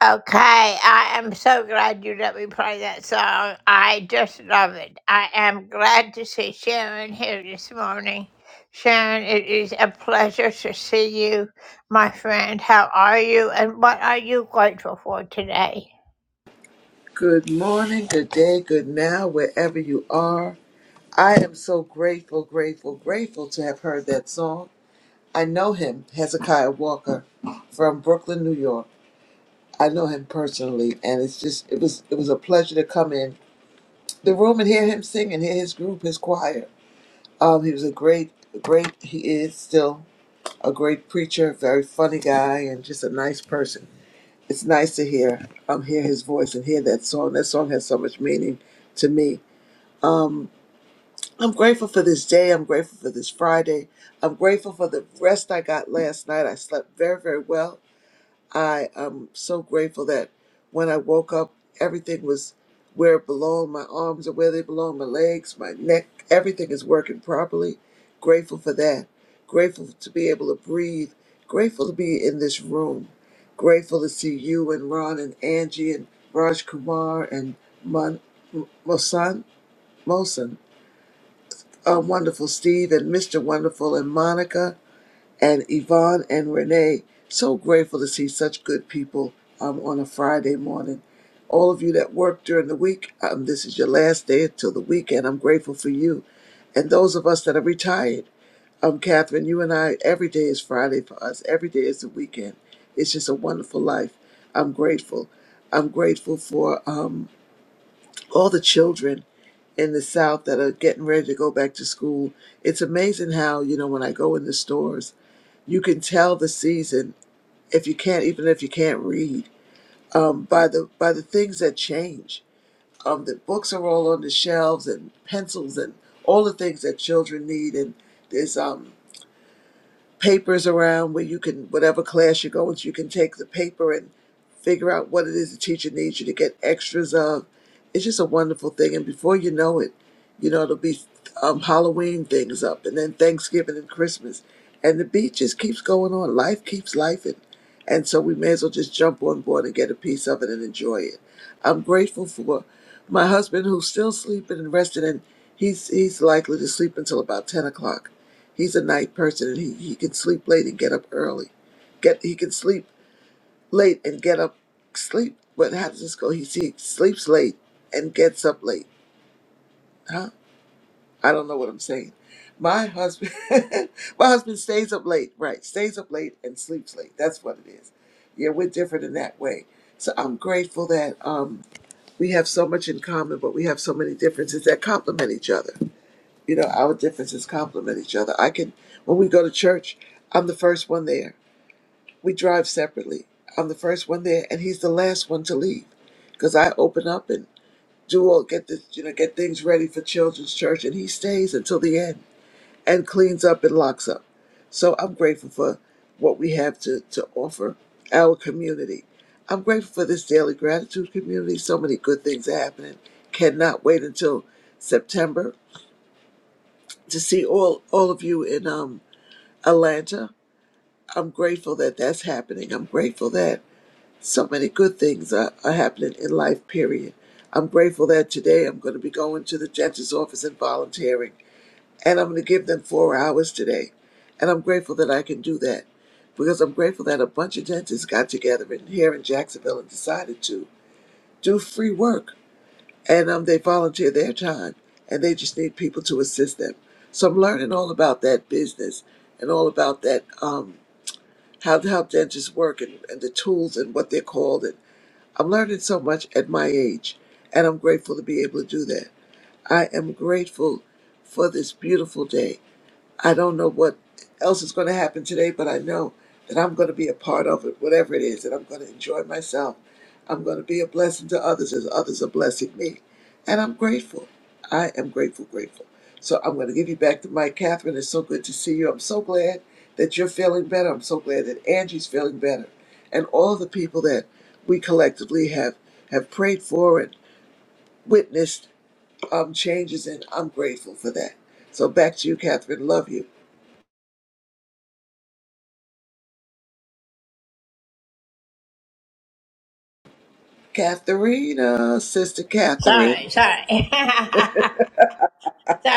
Okay, I am so glad you let me play that song. I just love it. I am glad to see Sharon here this morning. Sharon, it is a pleasure to see you, my friend. How are you, and what are you grateful for today? Good morning, good day, good now, wherever you are. I am so grateful, grateful, grateful to have heard that song. I know him, Hezekiah Walker, from Brooklyn, New York. I know him personally, and it's just it was it was a pleasure to come in the room and hear him sing and hear his group, his choir. Um, he was a great, great. He is still a great preacher, very funny guy, and just a nice person. It's nice to hear um hear his voice and hear that song. That song has so much meaning to me I'm grateful for this day. I'm grateful for this Friday. I'm grateful for the rest I got last night. I slept very, very well. I am so grateful that when I woke up, everything was where it belonged. My arms are where they belong, my legs, my neck, everything is working properly. Grateful for that. Grateful to be able to breathe. Grateful to be in this room. Grateful to see you and Ron and Angie and Raj Kumar and Mon- Mosan. Mosan uh, Wonderful Steve and Mr. Wonderful and Monica and Yvonne and Renee. So grateful to see such good people um, on a Friday morning. All of you that work during the week, um, this is your last day until the weekend. I'm grateful for you. And those of us that are retired, um, Catherine, you and I, every day is Friday for us. Every day is the weekend. It's just a wonderful life. I'm grateful. I'm grateful for um, all the children in the South that are getting ready to go back to school, it's amazing how, you know, when I go in the stores, you can tell the season if you can't, even if you can't read, um, by the by the things that change. Um, the books are all on the shelves and pencils and all the things that children need. And there's um, papers around where you can whatever class you go into you can take the paper and figure out what it is the teacher needs you to get extras of it's just a wonderful thing and before you know it you know it'll be um, halloween things up and then thanksgiving and christmas and the beat just keeps going on life keeps life and and so we may as well just jump on board and get a piece of it and enjoy it i'm grateful for my husband who's still sleeping and resting and he's he's likely to sleep until about 10 o'clock He's a night person and he, he can sleep late and get up early. Get he can sleep late and get up sleep. But how does this go? He, he sleeps late and gets up late. Huh? I don't know what I'm saying. My husband my husband stays up late, right? Stays up late and sleeps late. That's what it is. Yeah, we're different in that way. So I'm grateful that um, we have so much in common, but we have so many differences that complement each other You know, our differences complement each other. I can, when we go to church, I'm the first one there. We drive separately. I'm the first one there, and he's the last one to leave, because I open up and do all get the you know get things ready for children's church, and he stays until the end and cleans up and locks up. So I'm grateful for what we have to to offer our community. I'm grateful for this daily gratitude community. So many good things are happening. Cannot wait until September to see all all of you in um Atlanta. I'm grateful that that's happening. I'm grateful that so many good things are, are happening in life. Period. I'm grateful that today I'm going to be going to the judge's office and volunteering, and I'm going to give them four hours today, and I'm grateful that I can do that because I'm grateful that a bunch of dentists got together in here in Jacksonville and decided to do free work and um, they volunteer their time and they just need people to assist them. So I'm learning all about that business and all about that um, how how dentists work and, and the tools and what they're called. And I'm learning so much at my age, and I'm grateful to be able to do that. I am grateful for this beautiful day. I don't know what else is going to happen today, but I know that I'm going to be a part of it, whatever it is, and I'm going to enjoy myself. I'm going to be a blessing to others as others are blessing me. And I'm grateful. I am grateful, grateful. So I'm going to give you back to Mike. Catherine, it's so good to see you. I'm so glad that you're feeling better. I'm so glad that Angie's feeling better. And all the people that we collectively have, have prayed for and witnessed um, changes in, I'm grateful for that. So back to you, Catherine. Love you. Katharina, Sister Catherine. Sorry, sorry. sorry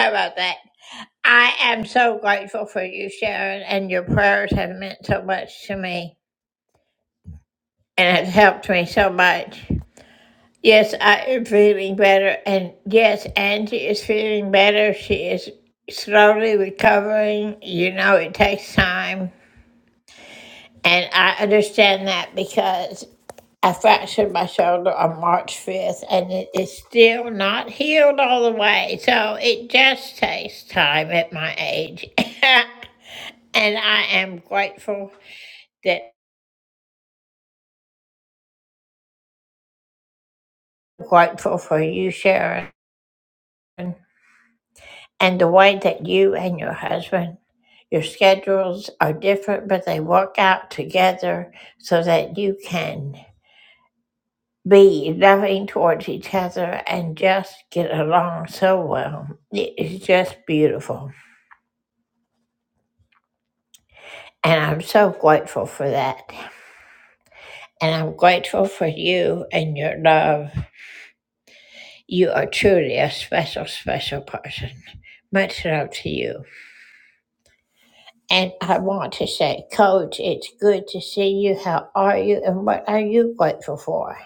about that. I am so grateful for you, Sharon, and your prayers have meant so much to me and have helped me so much. Yes, I am feeling better. And yes, Angie is feeling better. She is slowly recovering. You know, it takes time. And I understand that because I fractured my shoulder on March 5th and it is still not healed all the way. So it just takes time at my age. and I am grateful that grateful for you, Sharon. and the way that you and your husband your schedules are different but they work out together so that you can be loving towards each other and just get along so well it is just beautiful and i'm so grateful for that and i'm grateful for you and your love you are truly a special special person much love to you And I want to say, Coach, it's good to see you. How are you? And what are you grateful for?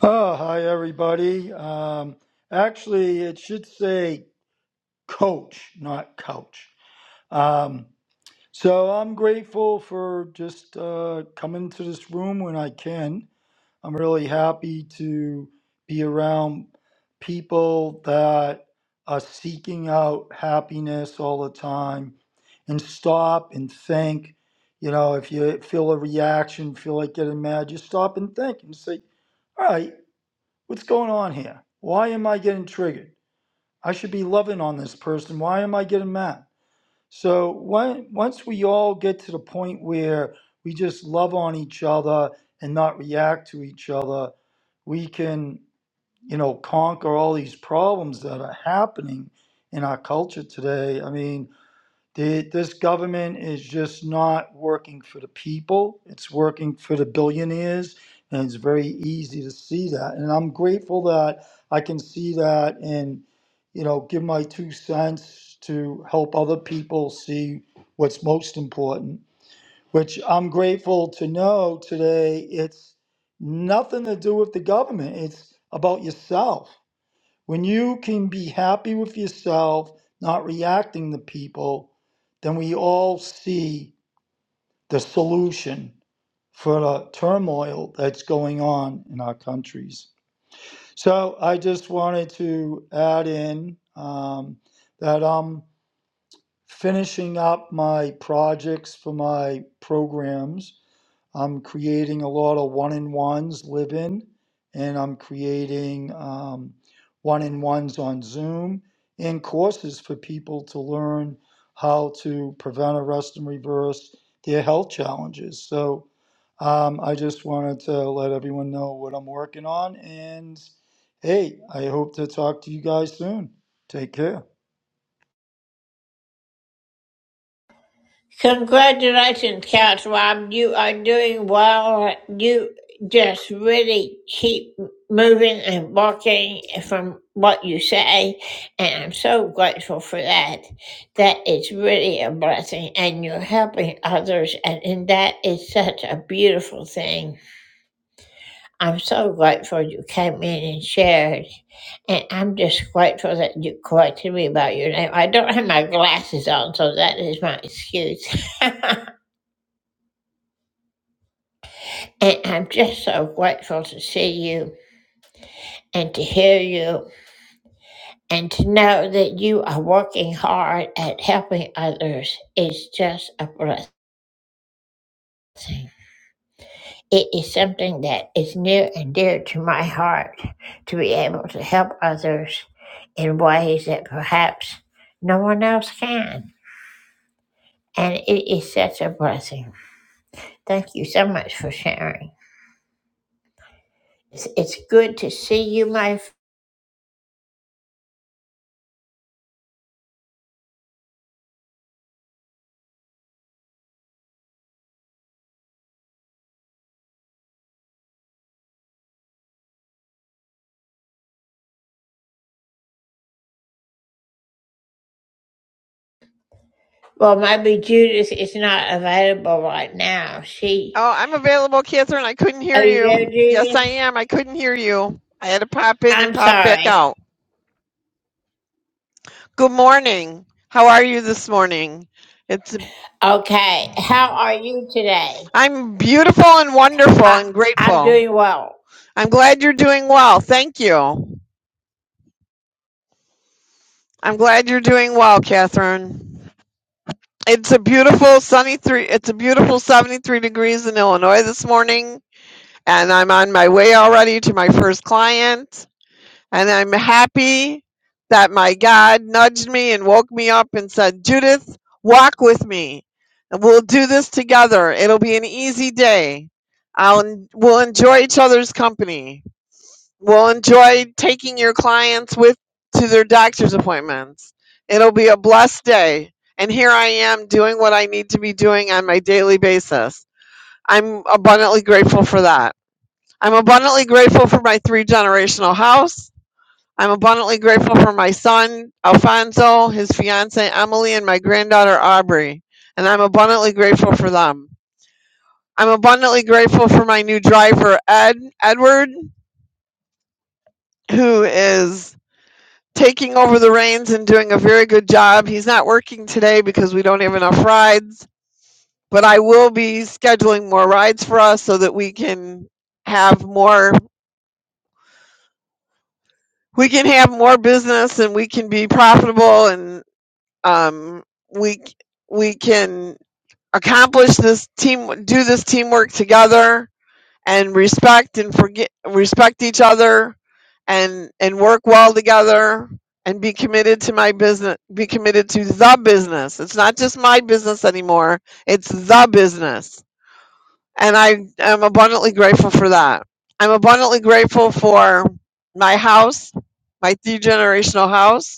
Oh, hi, everybody. Um, actually, it should say coach, not couch. Um, so I'm grateful for just uh, coming to this room when I can. I'm really happy to be around people that are seeking out happiness all the time and stop and think. You know, if you feel a reaction, feel like getting mad, just stop and think and say, "All right." What's going on here? Why am I getting triggered? I should be loving on this person. Why am I getting mad? So when, once we all get to the point where we just love on each other and not react to each other, we can, you know, conquer all these problems that are happening in our culture today. I mean, the, this government is just not working for the people. It's working for the billionaires, and it's very easy to see that. And I'm grateful that I can see that and, you know, give my two cents to help other people see what's most important. Which I'm grateful to know today. It's nothing to do with the government. It's about yourself. When you can be happy with yourself, not reacting to people, then we all see the solution for the turmoil that's going on in our countries. So I just wanted to add in um, that I'm finishing up my projects for my programs I'm creating a lot of one on ones live in, and I'm creating um, one on ones on Zoom and courses for people to learn how to prevent, arrest, and reverse their health challenges. So um, I just wanted to let everyone know what I'm working on. And hey, I hope to talk to you guys soon. Take care. Congratulations, Couch Rob. You are doing well. You just really keep moving and walking from what you say. And I'm so grateful for that. That is really a blessing. And you're helping others. And, and that is such a beautiful thing. I'm so grateful you came in and shared. And I'm just grateful that you corrected me about your name. I don't have my glasses on, so that is my excuse. And I'm just so grateful to see you and to hear you and to know that you are working hard at helping others is just a blessing. It is something that is near and dear to my heart to be able to help others in ways that perhaps no one else can. And it is such a blessing. Thank you so much for sharing. It's, it's good to see you, my Well, maybe Judith is not available right now. She. Oh, I'm available, Catherine. I couldn't hear Are you you. there, Yes, I Judith? am. I couldn't hear you. I had to pop in and I'm pop back sorry. out. Good morning. How are you this morning? It's Okay. How are you today? I'm beautiful and wonderful I, and I'm grateful. doing well. I'm glad you're doing well. Thank you. I'm glad you're doing well, Catherine. It's a beautiful sunny three. It's a beautiful 73 degrees in Illinois this morning, and I'm on my way already to my first client. And I'm happy that my God nudged me and woke me up and said, Judith, walk with me. And we'll do this together. It'll be an easy day. I'll, we'll enjoy each other's company. We'll enjoy taking your clients with to their doctor's appointments. It'll be a blessed day. And here I am doing what I need to be doing on my daily basis. I'm abundantly grateful for that. I'm abundantly grateful for my three generational house. I'm abundantly grateful for my son, Alfonso, his fiancee, Emily, and my granddaughter, Aubrey, and I'm abundantly grateful for them. I'm abundantly grateful for my new driver, Ed, Edward, who is taking over the reins and doing a very good job. He's not working today because we don't have enough rides, but I will be scheduling more rides for us so that we can have more we can have more business and we can be profitable and um, we we can accomplish this team do this teamwork together and respect and forget respect each other and and work well together and be committed to my business be committed to the business it's not just my business anymore it's the business and i am abundantly grateful for that i'm abundantly grateful for my house my three generational house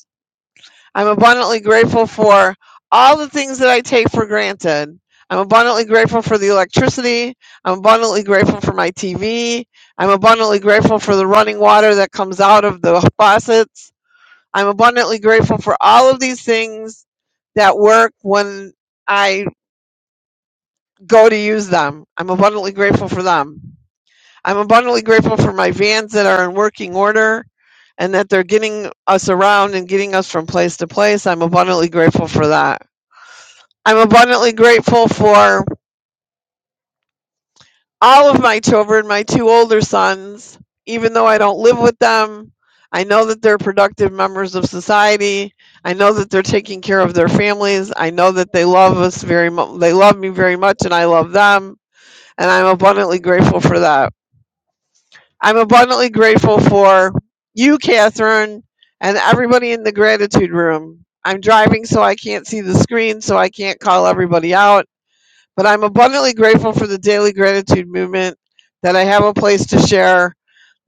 I'm abundantly grateful for all the things that I take for granted. I'm abundantly grateful for the electricity. I'm abundantly grateful for my TV. I'm abundantly grateful for the running water that comes out of the faucets. I'm abundantly grateful for all of these things that work when I go to use them. I'm abundantly grateful for them. I'm abundantly grateful for my vans that are in working order and that they're getting us around and getting us from place to place. I'm abundantly grateful for that. I'm abundantly grateful for all of my children, my two older sons, even though I don't live with them. I know that they're productive members of society. I know that they're taking care of their families. I know that they love us very much. They love me very much, and I love them. And I'm abundantly grateful for that. I'm abundantly grateful for you, Catherine, and everybody in the gratitude room. I'm driving, so I can't see the screen, so I can't call everybody out but I'm abundantly grateful for the daily gratitude movement, that I have a place to share,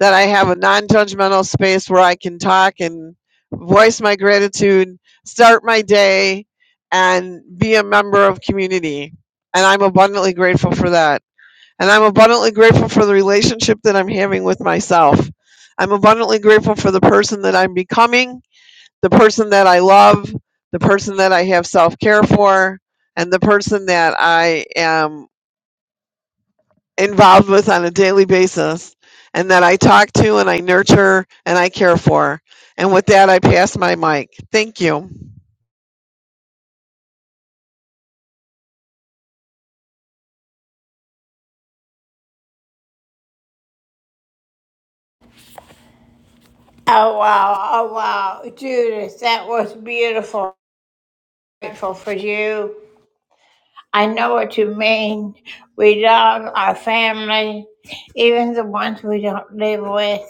that I have a non judgmental space where I can talk and voice my gratitude, start my day, and be a member of community. And I'm abundantly grateful for that. And I'm abundantly grateful for the relationship that I'm having with myself. I'm abundantly grateful for the person that I'm becoming the person that I love, the person that I have self care for, and the person that I am involved with on a daily basis and that I talk to and I nurture and I care for. And with that, I pass my mic. Thank you. Oh, wow. Oh, wow. Judith, that was beautiful. Grateful for you. I know what you mean. We love our family, even the ones we don't live with.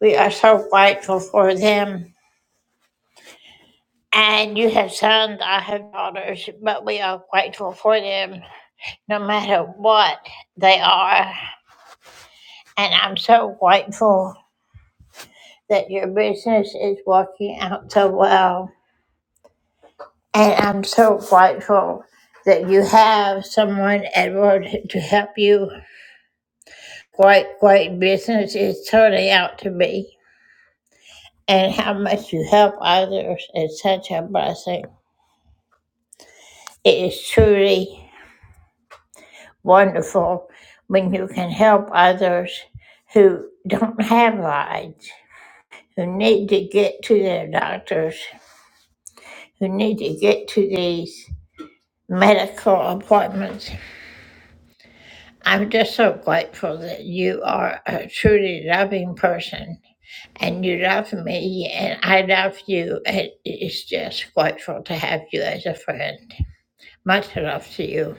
We are so grateful for them. And you have sons, I have daughters, but we are grateful for them no matter what they are. And I'm so grateful that your business is working out so well. And I'm so grateful that you have someone, Edward, to help you. Great, great business is turning out to be. And how much you help others is such a blessing. It is truly. wonderful when you can help others who don't have rides, who need to get to their doctors, who need to get to these medical appointments. I'm just so grateful that you are a truly loving person and you love me and I love you. And it's just grateful to have you as a friend. Much love to you.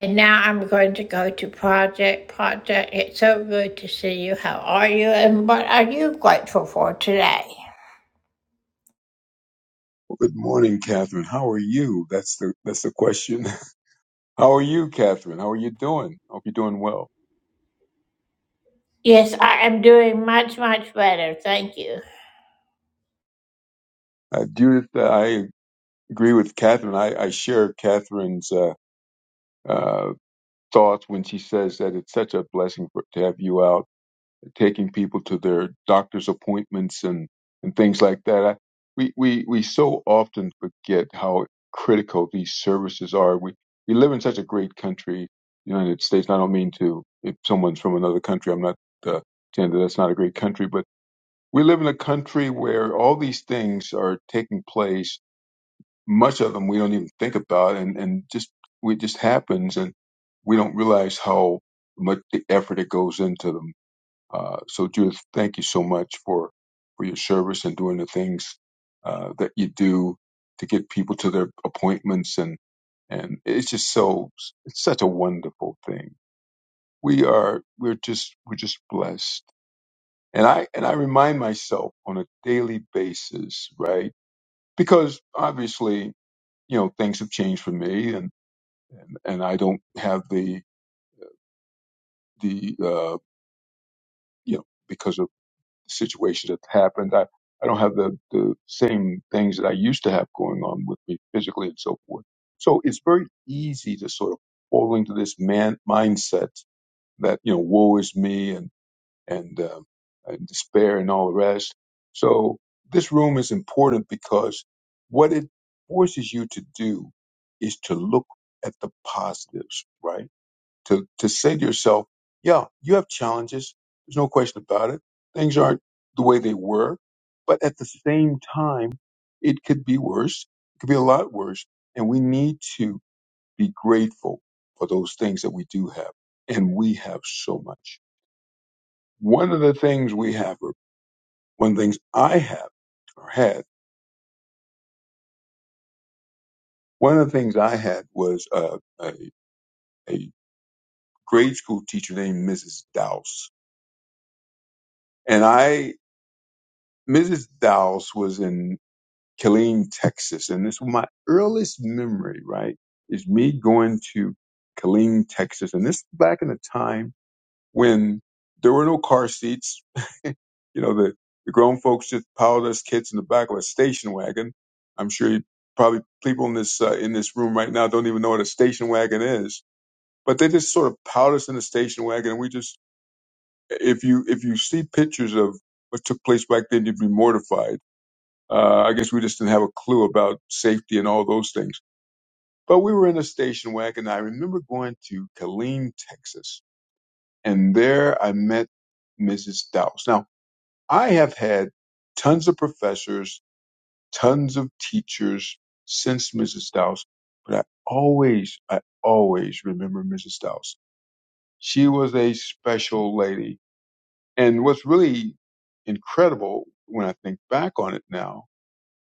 And now I'm going to go to Project. Project, it's so good to see you. How are you? And what are you grateful for today? Good morning, Catherine. How are you? That's the that's the question. How are you, Catherine? How are you doing? Hope you're doing well. Yes, I am doing much, much better. Thank you. Uh, Judith, uh, I agree with Catherine. I, I share Catherine's uh, uh, thoughts when she says that it's such a blessing for, to have you out taking people to their doctor's appointments and, and things like that. I, we, we, we so often forget how critical these services are. We, we live in such a great country, the United States. And I don't mean to, if someone's from another country, I'm not uh, saying that that's not a great country, but we live in a country where all these things are taking place. Much of them we don't even think about and, and just, it just happens and we don't realize how much the effort it goes into them uh, so, Judith, thank you so much for for your service and doing the things uh, that you do to get people to their appointments, and and it's just so it's such a wonderful thing. We are we're just we're just blessed, and I and I remind myself on a daily basis, right? Because obviously, you know, things have changed for me, and and, and I don't have the the uh, you know. because of. Situations that happened. I, I don't have the, the same things that I used to have going on with me physically and so forth. So it's very easy to sort of fall into this man mindset that, you know, woe is me and, and, um, and despair and all the rest. So this room is important because what it forces you to do is to look at the positives, right? to to say to yourself, yeah, you have challenges. There's no question about it. Things aren't the way they were, but at the same time, it could be worse. It could be a lot worse, and we need to be grateful for those things that we do have, and we have so much. One of the things we have, or one of the things I have or had, one of the things I had was uh, a, a grade school teacher named Mrs. Dowse, and I Mrs. Dowse was in Killeen, Texas. And it's my earliest memory, right, is me going to Killeen, Texas. And this is back in a time when there were no car seats. You know, the, the grown folks just piled us kids in the back of a station wagon. I'm sure you probably people in this uh, in this room right now don't even know what a station wagon is, but they just sort of piled us in a station wagon. And we just, if you if you see pictures of what took place back then, you'd be mortified uh, I guess we just didn't have a clue about safety and all those things. But we were in a station wagon. I remember going to Killeen, Texas, and there I met Mrs. Dowse. Now, I have had tons of professors, tons of teachers since Mrs. Dowse, but I always, I always remember Mrs. Dowse. She was a special lady. And what's really incredible when I think back on it now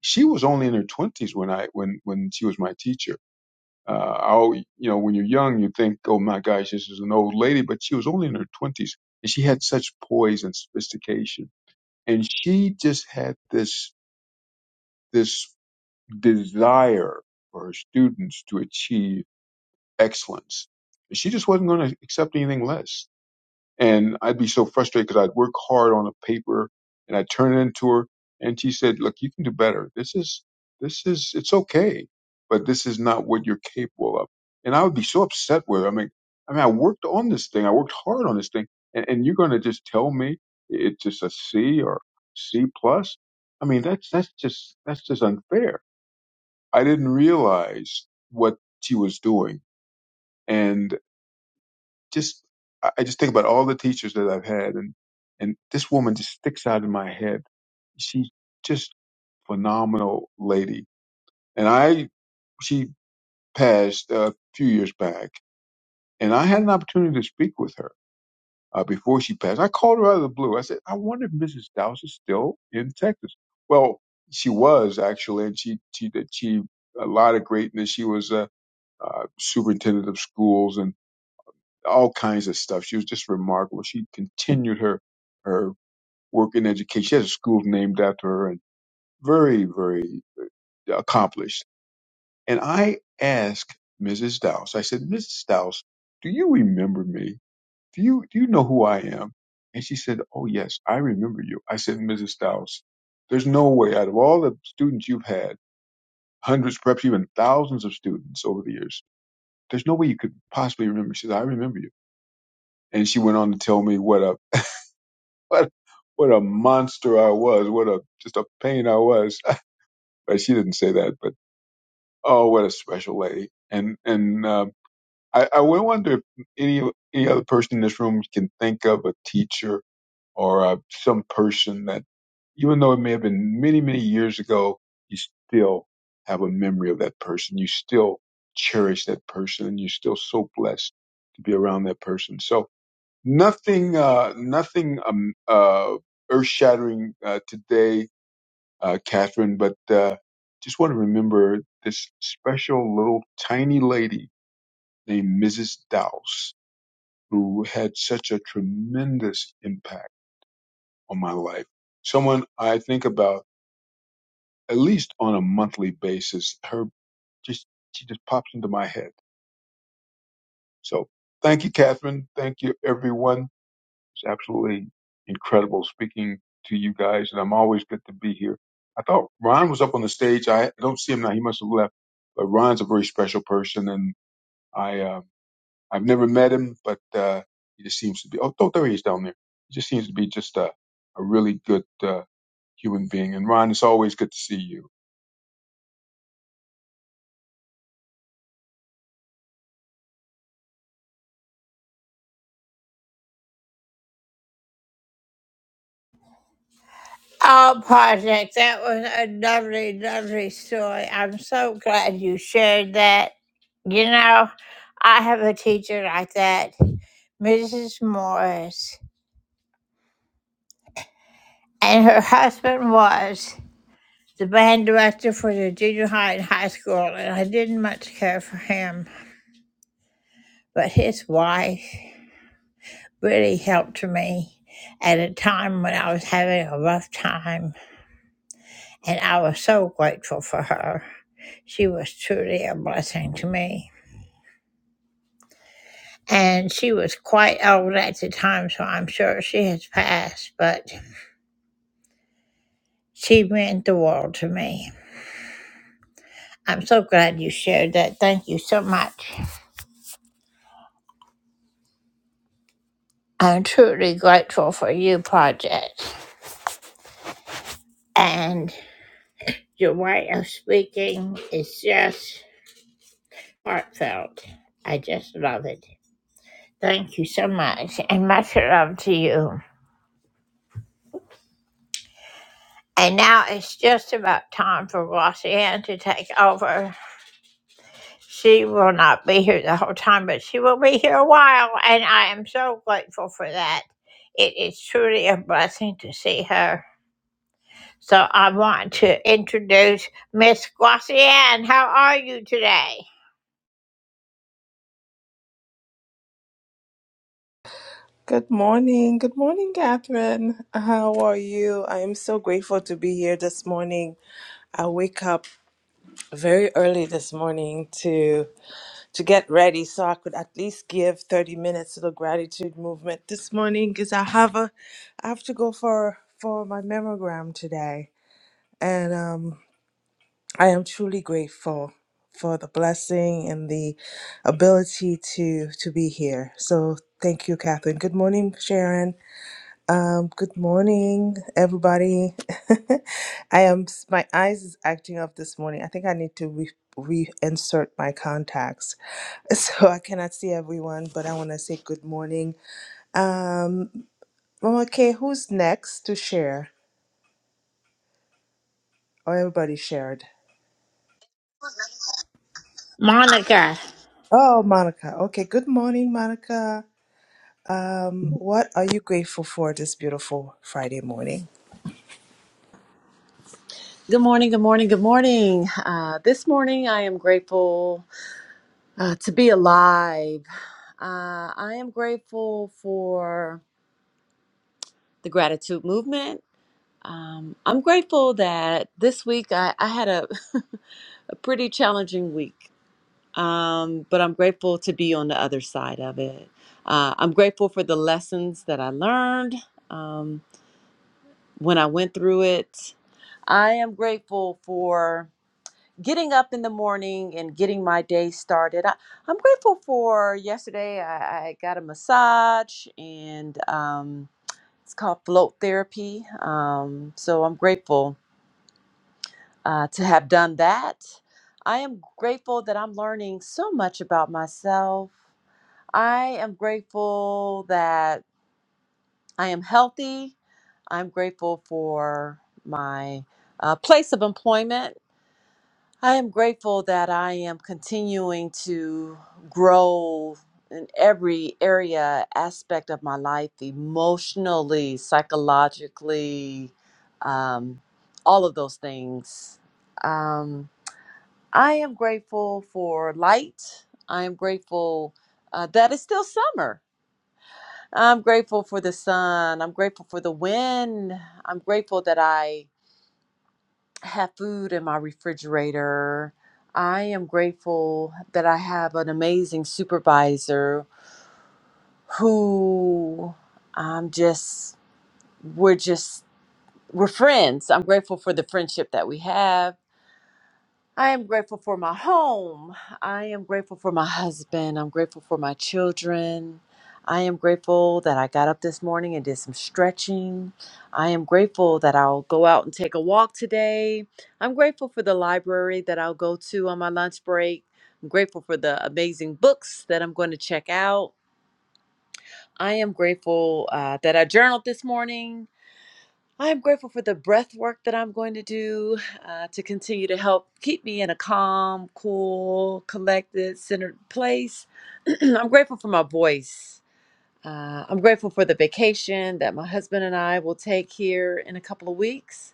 she was only in her twenties when I when when she was my teacher. Uh, I, always- you know, when you're young, you think, oh my gosh, this is an old lady, but she was only in her twenties, and she had such poise and sophistication, and she just had this this desire for her students to achieve excellence. She just wasn't going to accept anything less And I'd be so frustrated because I'd work hard on a paper and I'd turn it into her. And she said, look, you can do better. This is, this is, it's okay, but this is not what you're capable of. And I would be so upset with her. I mean, I mean, I worked on this thing. I worked hard on this thing and, and you're going to just tell me it's just a C or C plus. I mean, that's, that's just, that's just unfair. I didn't realize what she was doing. and just I I just think about all the teachers that I've had, and and this woman just sticks out in my head. She's just phenomenal lady, and I she passed a few years back, and I had an opportunity to speak with her uh, before she passed. I called her out of the blue. I said, I wonder if Mrs. Dowse is still in Texas. Well, she was actually, and she she achieved a lot of greatness. She was a uh, superintendent of schools, and all kinds of stuff. She was just remarkable. She continued her her work in education. She has a school named after her, and very, very uh, accomplished. And I asked Mrs. Dowse. I said, Mrs. Dowse, do you remember me? Do you do you know who I am? And she said, Oh yes, I remember you. I said, Mrs. Dowse, there's no way out of all the students you've had, hundreds, perhaps even thousands of students over the years, there's no way you could possibly remember. She said, I remember you. And she went on to tell me what a what what a monster I was. What a just a pain I was. but she didn't say that. But oh, what a special lady. And and um, I I would wonder if any any other person in this room can think of a teacher or uh, some person that even though it may have been many many years ago, you still have a memory of that person. You still cherish that person, and you're still so blessed to be around that person. So Nothing, uh, nothing um, uh, earth-shattering uh, today, uh, Catherine. But uh, just want to remember this special little tiny lady named Mrs. Dowse, who had such a tremendous impact on my life. Someone I think about at least on a monthly basis. Her just she just pops into my head. So thank you, Catherine. Thank you, everyone It's absolutely incredible speaking to you guys, and I'm always good to be here. I thought Ron was up on the stage. I don't see him now. He must have left. But Ron's a very special person, and I uh, I've never met him, but uh, he just seems to be. Oh, oh, there he is down there. He just seems to be just a, a really good uh, human being. And Ron, it's always good to see you. Oh, Project, that was a lovely, lovely story. I'm so glad you shared that. You know, I have a teacher like that, Mrs. Morris, and her husband was the band director for the junior high and high school, and I didn't much care for him. but his wife really helped me at a time when I was having a rough time, and I was so grateful for her. She was truly a blessing to me. And she was quite old at the time, so I'm sure she has passed, but she meant the world to me. I'm so glad you shared that. Thank you so much. I'm truly grateful for you, Project. And your way of speaking is just heartfelt. I just love it. Thank you so much, and much love to you. And now it's just about time for Roxanne to take over. She will not be here the whole time, but she will be here a while, and I am so grateful for that. It is truly a blessing to see her. So I want to introduce Miss Guasian. How are you today? Good morning. Good morning, Catherine. How are you? I am so grateful to be here this morning. I wake up very early this morning to to get ready so I could at least give 30 minutes to the gratitude movement this morning because I have a I have to go for for my mammogram today. And um I am truly grateful for the blessing and the ability to to be here. So thank you, Catherine. Good morning, Sharon. Um, good morning, everybody. I am my eyes is acting up this morning. I think I need to re reinsert my contacts, so I cannot see everyone. But I want to say good morning. Um, okay, who's next to share? Oh, everybody shared. Monica. Oh, Monica. Okay, good morning, Monica. Um, what are you grateful for this beautiful Friday morning? Good morning, good morning, good morning. Uh, this morning, I am grateful uh, to be alive. Uh, I am grateful for the gratitude movement. Um, I'm grateful that this week I, I had a, a pretty challenging week, um, but I'm grateful to be on the other side of it. Uh, I'm grateful for the lessons that I learned um, when I went through it. I am grateful for getting up in the morning and getting my day started. I, I'm grateful for yesterday. I, I got a massage and um, it's called float therapy. Um, so I'm grateful uh, to have done that. I am grateful that I'm learning so much about myself. I am grateful that I am healthy. I'm grateful for my uh, place of employment I am grateful that I am continuing to grow in every area, aspect of my life, emotionally, psychologically, um, all of those things. Um, I am grateful for light. I am grateful uh, that it's still summer. I'm grateful for the sun. I'm grateful for the wind. I'm grateful that I have food in my refrigerator. I am grateful that I have an amazing supervisor who I'm just, we're just, we're friends. I'm grateful for the friendship that we have. I am grateful for my home. I am grateful for my husband. I'm grateful for my children. I am grateful that I got up this morning and did some stretching. I am grateful that I'll go out and take a walk today. I'm grateful for the library that I'll go to on my lunch break. I'm grateful for the amazing books that I'm going to check out. I am grateful uh, that I journaled this morning. I am grateful for the breath work that I'm going to do uh, to continue to help keep me in a calm, cool, collected, centered place. I'm grateful for my voice. Uh, I'm grateful for the vacation that my husband and I will take here in a couple of weeks.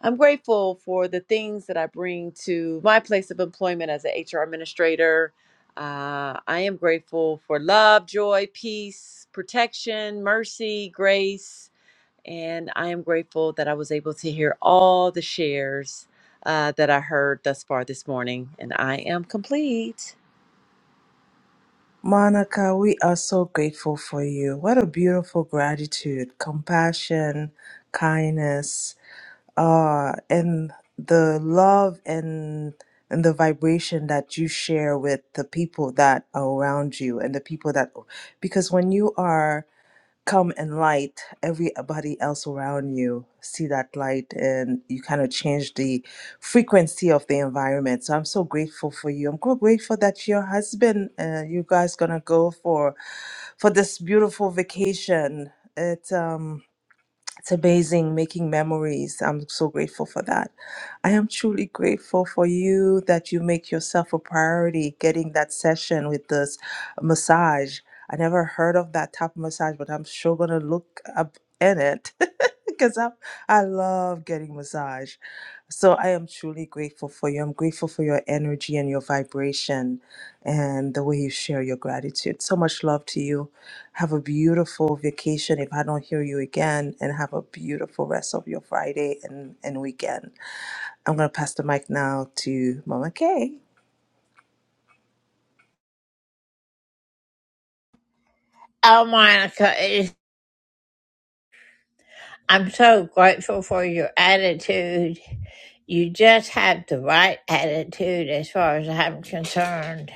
I'm grateful for the things that I bring to my place of employment as an HR administrator. Uh, I am grateful for love, joy, peace, protection, mercy, grace and I am grateful that I was able to hear all the shares uh, that I heard thus far this morning. And I am complete. Monica, we are so grateful for you. What a beautiful gratitude, compassion, kindness, uh, and the love and and the vibration that you share with the people that are around you and the people that because when you are come and light everybody else around you see that light and you kind of change the frequency of the environment so i'm so grateful for you i'm so grateful that your husband uh, you guys gonna go for for this beautiful vacation it um it's amazing making memories. I'm so grateful for that. I am truly grateful for you that you make yourself a priority getting that session with this massage. I never heard of that type of massage, but I'm sure gonna look up in it because I I love getting massage. So I am truly grateful for you. I'm grateful for your energy and your vibration and the way you share your gratitude. So much love to you. Have a beautiful vacation if I don't hear you again, and have a beautiful rest of your Friday and, and weekend. I'm going to pass the mic now to Mama Kay. Oh, Monica, it- I'm so grateful for your attitude. You just have the right attitude as far as I'm concerned.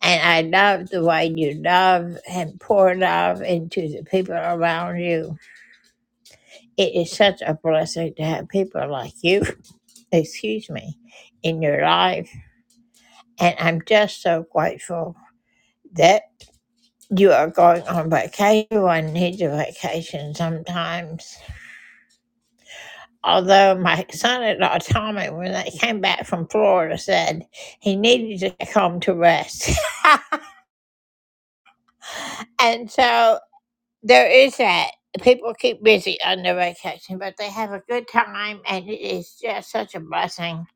And I love the way you love and pour love into the people around you. It is such a blessing to have people like you, excuse me, in your life. And I'm just so grateful that you are going on vacation. Everyone needs a vacation sometimes. Although my son-in-law Tommy, when they came back from Florida, said he needed to come home to rest. and so There is that. People keep busy on their vacation, but they have a good time, and it is just such a blessing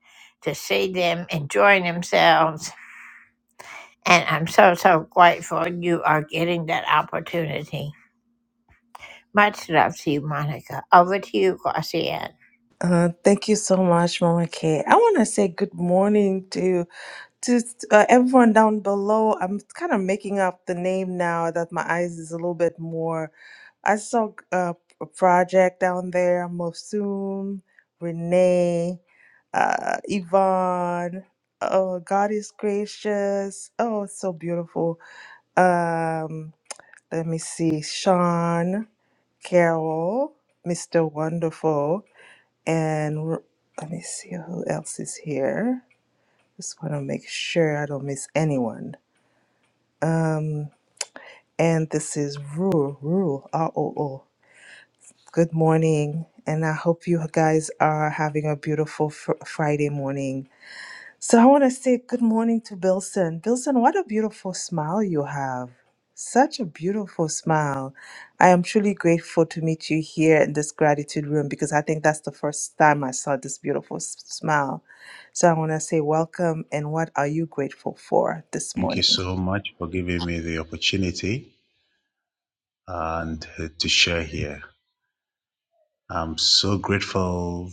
to see them enjoying themselves. And I'm so, so grateful you are getting that opportunity. Much love to you, Monica. Over to you, Glossian. Uh, thank you so much, Mama Kay. I want to say good morning to Just uh, everyone down below, I'm kind of making up the name now that my eyes is a little bit more. I saw uh, a project down there, Mosum, Renee, uh, Yvonne. Oh, God is gracious. Oh, it's so beautiful. Um, let me see, Sean, Carol, Mr. Wonderful, and r- let me see who else is here. Just want to make sure I don't miss anyone. Um, and this is Rule, Rule, R O O. Good morning, and I hope you guys are having a beautiful fr- Friday morning. So I want to say good morning to Bilson. Bilson, what a beautiful smile you have. Such a beautiful smile. I am truly grateful to meet you here in this gratitude room because I think that's the first time I saw this beautiful s- smile. So I want to say welcome and what are you grateful for this morning? Thank you so much for giving me the opportunity and uh, to share here. I'm so grateful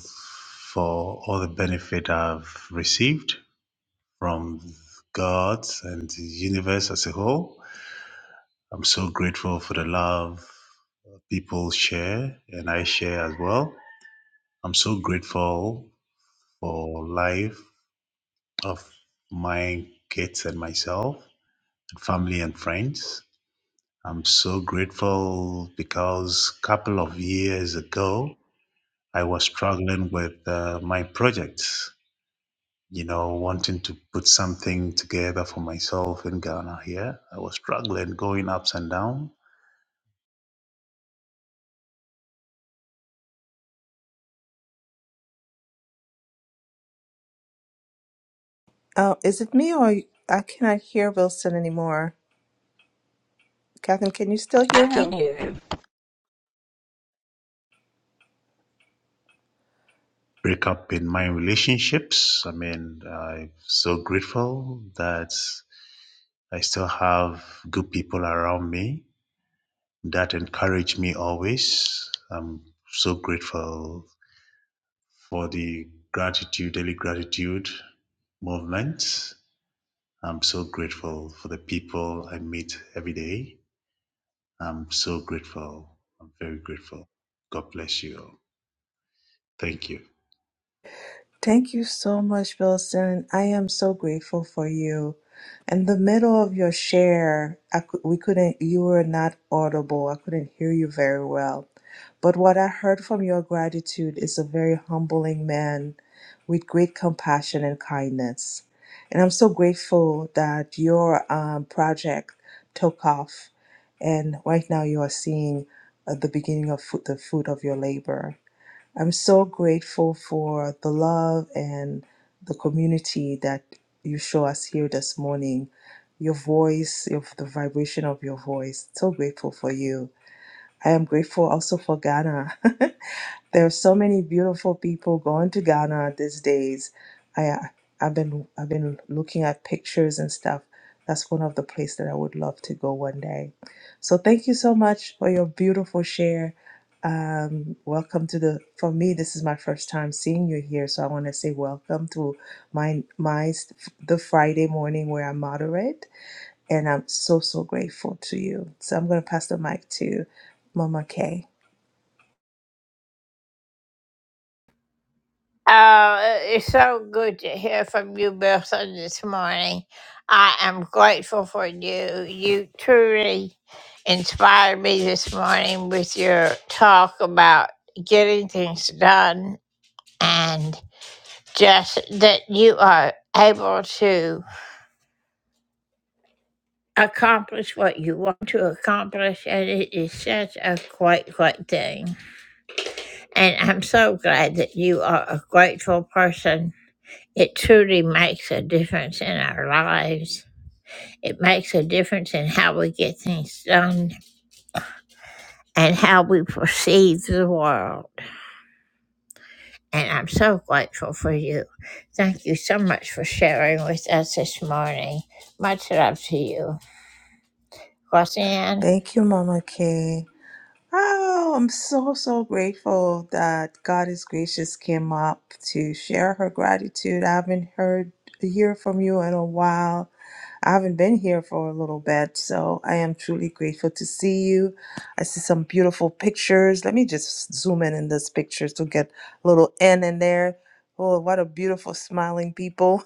for all the benefit I've received from God and the universe as a whole. I'm so grateful for the love people share and I share as well. I'm so grateful for life of my kids and myself, family and friends. I'm so grateful because a couple of years ago, I was struggling with uh, my projects, you know, wanting to put something together for myself in Ghana here. I was struggling, going ups and down, Oh, is it me or I cannot hear Wilson anymore? Catherine, can you still I hear him? can hear him. breakup in my relationships. I mean, I'm so grateful that I still have good people around me that encourage me always. I'm so grateful for the gratitude, daily gratitude movement. I'm so grateful for the people I meet every day. I'm so grateful. I'm very grateful. God bless you all. Thank you. Thank you so much, Wilson. I am so grateful for you. In the middle of your share, I cou- we couldn't, you were not audible. I couldn't hear you very well. But what I heard from your gratitude is a very humbling man with great compassion and kindness. And I'm so grateful that your um, project took off. And right now you are seeing uh, the beginning of fo- the fruit of your labor. I'm so grateful for the love and the community that you show us here this morning. Your voice, your, the vibration of your voice. So grateful for you. I am grateful also for Ghana. There are so many beautiful people going to Ghana these days. I uh, I've been I've been looking at pictures and stuff. That's one of the places that I would love to go one day. So thank you so much for your beautiful share. Um, welcome to the. For me, this is my first time seeing you here, so I want to say welcome to my my the Friday morning where I moderate, and I'm so so grateful to you. So I'm gonna pass the mic to Mama Kay. Oh, it's so good to hear from you, Wilson, this morning. I am grateful for you. You truly inspired me this morning with your talk about getting things done and just that you are able to accomplish what you want to accomplish. And it is such a great, great thing. And I'm so glad that you are a grateful person It truly makes a difference in our lives. It makes a difference in how we get things done and how we perceive the world. And I'm so grateful for you. Thank you so much for sharing with us this morning. Much love to you. Roseanne? Thank you, Mama Kay. Oh, I'm so, so grateful that God is Gracious came up to share her gratitude. I haven't heard hear from you in a while. I haven't been here for a little bit, so I am truly grateful to see you. I see some beautiful pictures. Let me just zoom in in these pictures to get a little in in there. Oh, what a beautiful smiling people.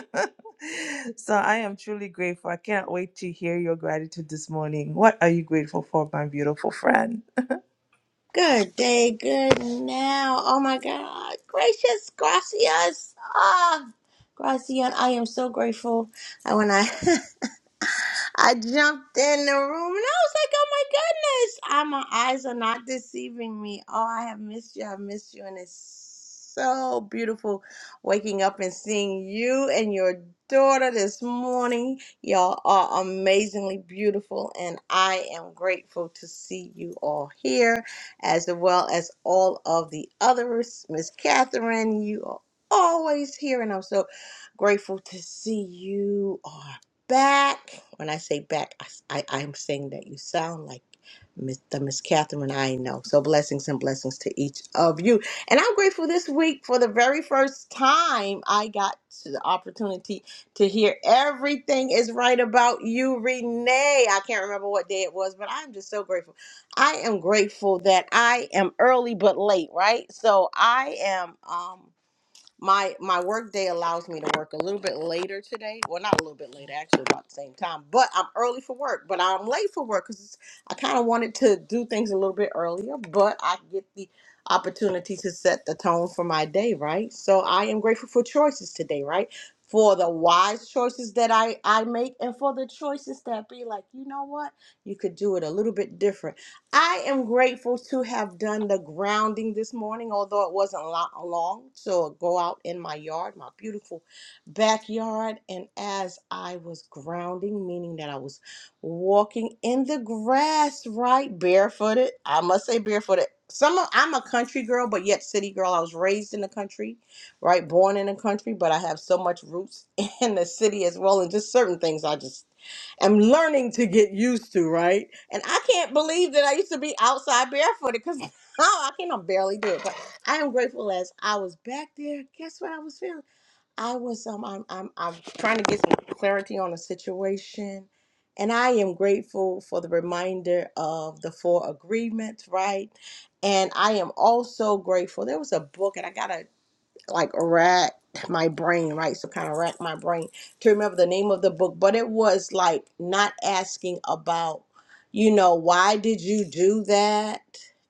so I am truly grateful. I can't wait to hear your gratitude this morning. What are you grateful for, my beautiful friend? Good day, good now. Oh my God. Gracious, gracias. Ah, Gracian, I am so grateful. I when I I jumped in the room and I was like, oh my goodness, ah, my eyes are not deceiving me. Oh, I have missed you. I've missed you. And it's so beautiful waking up and seeing you and your daughter this morning. Y'all are amazingly beautiful. And I am grateful to see you all here, as well as all of the others. Miss Catherine, you are always here. And I'm so grateful to see you back. When I say back, I, I, am saying that you sound like Miss, the Miss Catherine I know. So blessings and blessings to each of you. And I'm grateful this week for the very first time I got to the opportunity to hear everything is right about you, Renee. I can't remember what day it was, but I'm just so grateful. I am grateful that I am early but late, right? So I am. um my my work day allows me to work a little bit later today well not a little bit later actually about the same time but i'm early for work but i'm late for work because i kind of wanted to do things a little bit earlier but i get the opportunity to set the tone for my day right so i am grateful for choices today right for the wise choices that i i make and for the choices that be like you know what you could do it a little bit different I am grateful to have done the grounding this morning, although it wasn't a lot long. So go out in my yard, my beautiful backyard, and as I was grounding, meaning that I was walking in the grass, right, barefooted. I must say barefooted. Some of, I'm a country girl, but yet city girl. I was raised in the country, right, born in the country, but I have so much roots in the city as well, and just certain things I just i am learning to get used to, right? And I can't believe that I used to be outside barefooted because now I can I barely do it. But I am grateful as I was back there. Guess what I was feeling? I was um I'm I'm I'm trying to get some clarity on a situation. And I am grateful for the reminder of the four agreements, right? And I am also grateful. There was a book, and I got like racked my brain, right? So kind of racked my brain to remember the name of the book, but it was like not asking about, you know, why did you do that?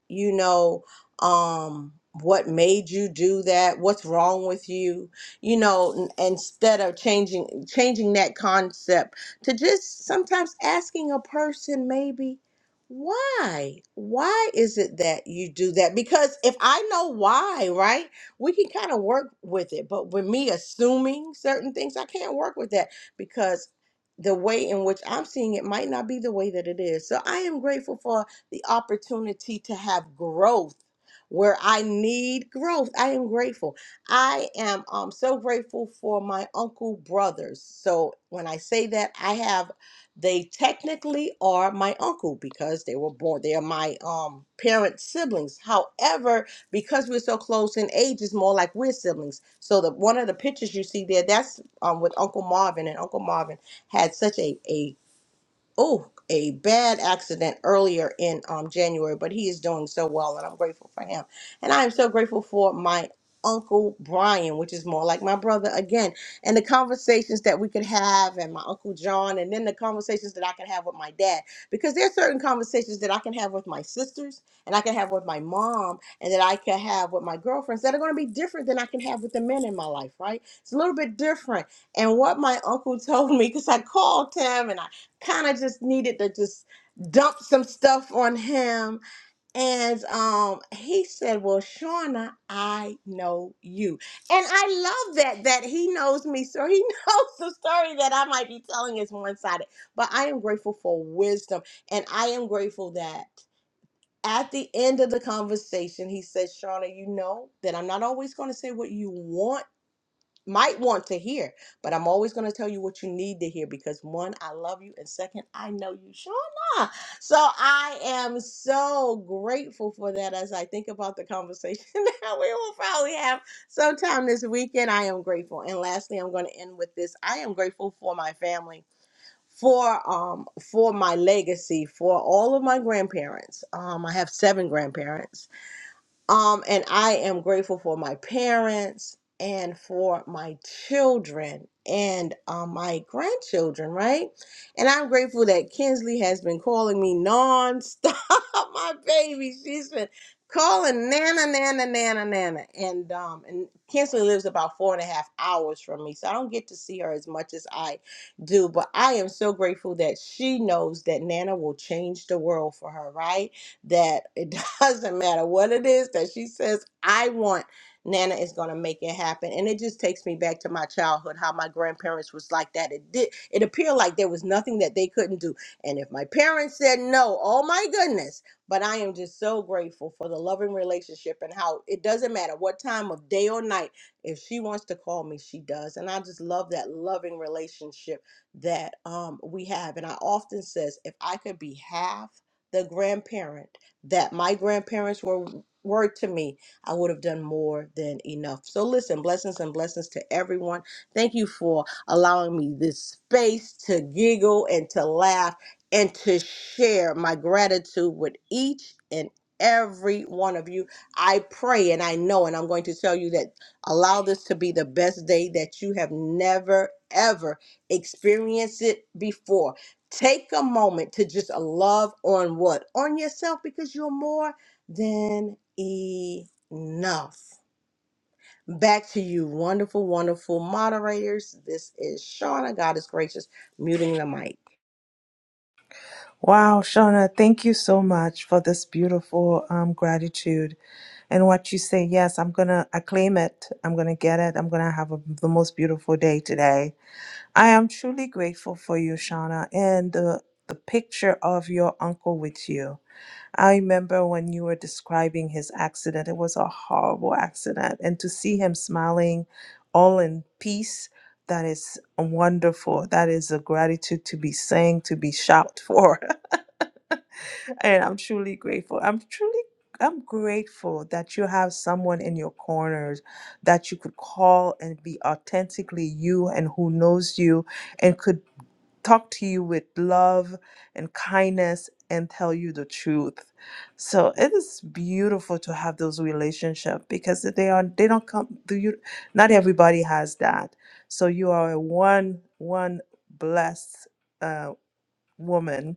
You know, um, what made you do that? What's wrong with you? You know, n- instead of changing changing that concept to just sometimes asking a person maybe why why is it that you do that because if i know why right we can kind of work with it. But with me assuming certain things, I can't work with that because the way in which I'm seeing it might not be the way that it is. So I am grateful for the opportunity to have growth where I need growth. I am grateful. I am um, so grateful for my uncle brothers. So when I say that, I have they technically are my uncle because they were born they are my um parent siblings however because we're so close in age, it's more like we're siblings. So the one of the pictures you see there, that's um with Uncle Marvin, and Uncle Marvin had such a a oh a bad accident earlier in um, January, but he is doing so well, and I'm grateful for him. And I am so grateful for my uncle Brian, which is more like my brother again, and the conversations that we could have, and my uncle John, and then the conversations that I can have with my dad, because there are certain conversations that I can have with my sisters, and I can have with my mom, and that I can have with my girlfriends that are going to be different than I can have with the men in my life, right? It's a little bit different. And what my uncle told me, because I called him and I kind of just needed to just dump some stuff on him. And um, he said, Well, Shauna, I know you. And I love that that he knows me. So he knows the story that I might be telling is one-sided. But I am grateful for wisdom. And I am grateful that at the end of the conversation, he said, Shauna, you know that I'm not always going to say what you want might want to hear, but I'm always going to tell you what you need to hear because one, I love you, and second, I know you Shauna. So I am so grateful for that as I think about the conversation that we will probably have sometime this weekend. I am grateful. And lastly, I'm going to end with this. I am grateful for my family for um for my legacy for all of my grandparents um i have seven grandparents um, and I am grateful for my parents and for my children and um, my grandchildren, right? And I'm grateful that Kinsley has been calling me nonstop. my baby, she's been calling Nana, Nana, Nana, Nana. And um, and Kinsley lives about four and a half hours from me, so I don't get to see her as much as I do. But I am so grateful that she knows that Nana will change the world for her, right? that it doesn't matter what it is that she says I want. Nana is going to make it happen. And it just takes me back to my childhood, how my grandparents was like that. It did it appeared like there was nothing that they couldn't do. And if my parents said no, oh my goodness. But I am just so grateful for the loving relationship and how it doesn't matter what time of day or night if she wants to call me, she does. And I just love that loving relationship that um we have. And I often says if I could be half the grandparent that my grandparents were were to me, I would have done more than enough. So listen, blessings and blessings to everyone. Thank you for allowing me this space to giggle and to laugh and to share my gratitude with each and every one of you. I pray and I know and I'm going to tell you that allow this to be the best day that you have never ever experienced it before Take a moment to just uh, love on what? On yourself because you're more than enough. Back to you, wonderful, wonderful moderators. This is Shauna. God is gracious, muting the mic. Wow, Shauna, thank you so much for this beautiful um, gratitude and what you say. Yes, I'm gonna I claim it. I'm gonna get it. I'm gonna have a, the most beautiful day today. I am truly grateful for you, Shauna, and the, the picture of your uncle with you. I remember when you were describing his accident, it was a horrible accident. And to see him smiling all in peace, that is wonderful. That is a gratitude to be saying, to be shout for. and I'm truly grateful. I'm truly I'm grateful that you have someone in your corners that you could call and be authentically you and who knows you and could talk to you with love and kindness and tell you the truth. So it is beautiful to have those relationships because they are they don't come do you not everybody has that. So you are a one one blessed uh, woman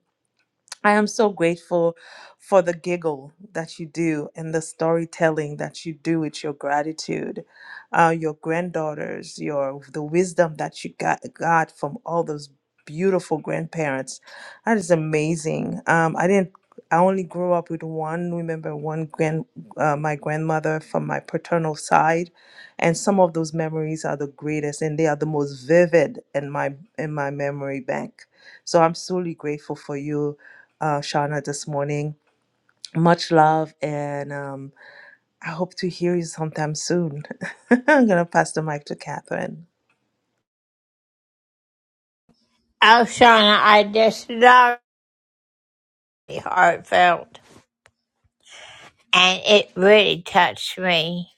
I am so grateful for the giggle that you do and the storytelling that you do with your gratitude, uh, your granddaughters, your the wisdom that you got, got from all those beautiful grandparents. That is amazing. Um, I didn't. I only grew up with one. Remember one grand, uh, my grandmother from my paternal side, and some of those memories are the greatest, and they are the most vivid in my in my memory bank. So I'm truly grateful for you uh, Shauna this morning. Much love, and um, I hope to hear you sometime soon. I'm going to pass the mic to Catherine. Oh, Shauna, I just love the heartfelt, and it really touched me.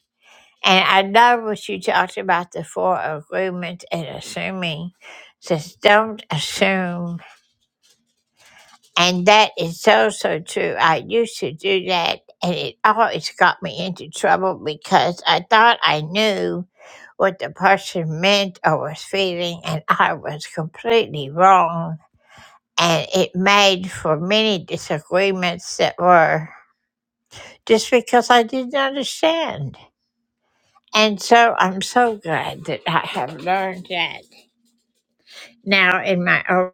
And I love what you talked about the four agreements and assuming. Just don't assume. And that is so, so true. I used to do that, and it always got me into trouble because I thought I knew what the person meant or was feeling, and I was completely wrong. And it made for many disagreements that were just because I didn't understand. And so I'm so glad that I have learned that. now in my own.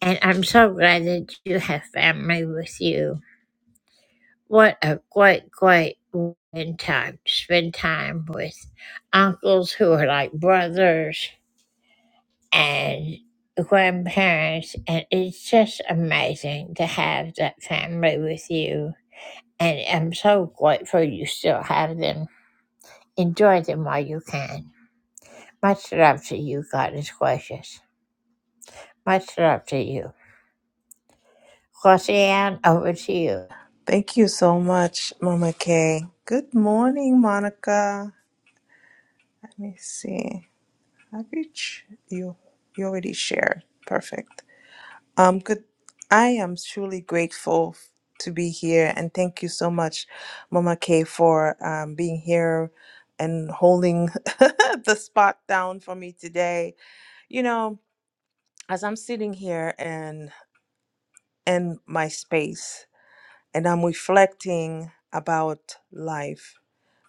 And I'm so glad that you have family with you. What a great, great woman time to spend time with uncles who are like brothers and grandparents. And it's just amazing to have that family with you. And I'm so grateful you still have them. Enjoy them while you can. Much love to you, God is gracious. Much love to you. Glossian, over to you. Thank you so much, Mama Kay. Good morning, Monica. Let me see. I reach you. You already shared. Perfect. Um, good. I am truly grateful to be here, and thank you so much, Mama Kay, for um, being here and holding the spot down for me today You know, as I'm sitting here and in my space and I'm reflecting about life,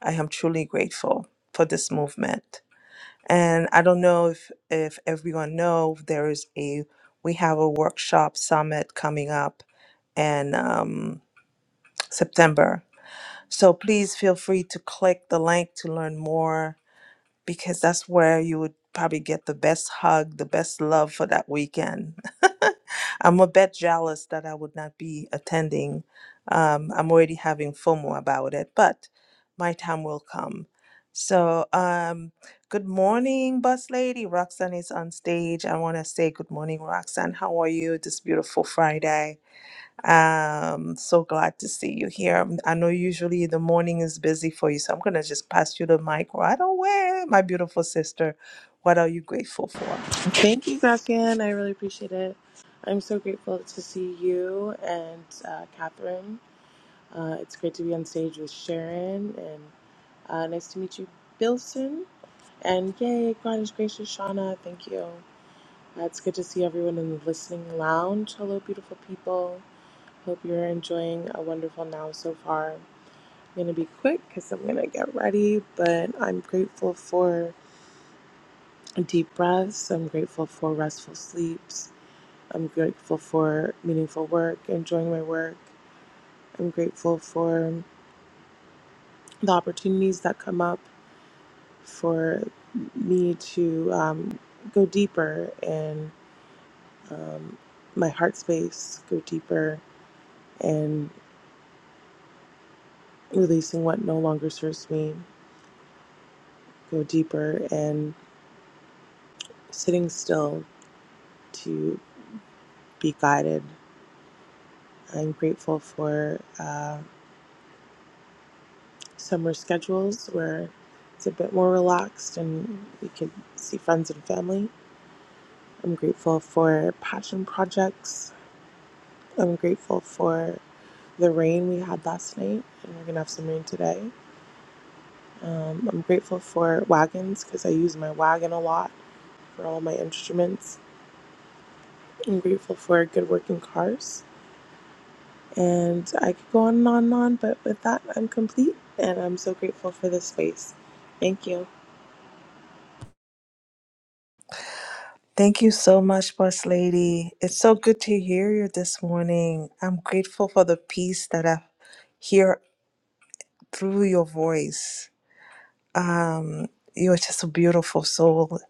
I am truly grateful for this movement. And I don't know if, if everyone know there is a we have a workshop summit coming up in um, September. So please feel free to click the link to learn more because that's where you would probably get the best hug, the best love for that weekend. I'm a bit jealous that I would not be attending. Um, I'm already having FOMO about it, but my time will come. So, um, good morning, bus lady. Roxanne is on stage. I want to say good morning, Roxanne. How are you this beautiful Friday? Um, so glad to see you here. Um, I know usually the morning is busy for you, so I'm gonna just pass you the mic right away, my beautiful sister. What are you grateful for? Thank you, Gakin. I really appreciate it. I'm so grateful to see you and uh, Catherine. Uh, it's great to be on stage with Sharon, and uh, nice to meet you, Bilson. And yay, God is gracious, Shauna. Thank you. Uh, it's good to see everyone in the listening lounge. Hello, beautiful people. Hope you're enjoying a wonderful now so far. I'm going to be quick because I'm going to get ready, but I'm grateful for deep breaths. I'm grateful for restful sleeps. I'm grateful for meaningful work, enjoying my work. I'm grateful for the opportunities that come up for me to um, go deeper in um, my heart space, go deeper and releasing what no longer serves me, go deeper and sitting still to be guided. I'm grateful for uh, summer schedules where it's a bit more relaxed and we can see friends and family I'm grateful for passion projects. I'm grateful for the rain we had last night, and we're gonna have some rain today. Um, I'm grateful for wagons because I use my wagon a lot for all my instruments. I'm grateful for good working cars. And I could go on and on and on, but with that, I'm complete, and I'm so grateful for this space. Thank you. Thank you so much, Boss Lady. It's so good to hear you this morning. I'm grateful for the peace that I hear through your voice. Um, you're just a beautiful soul,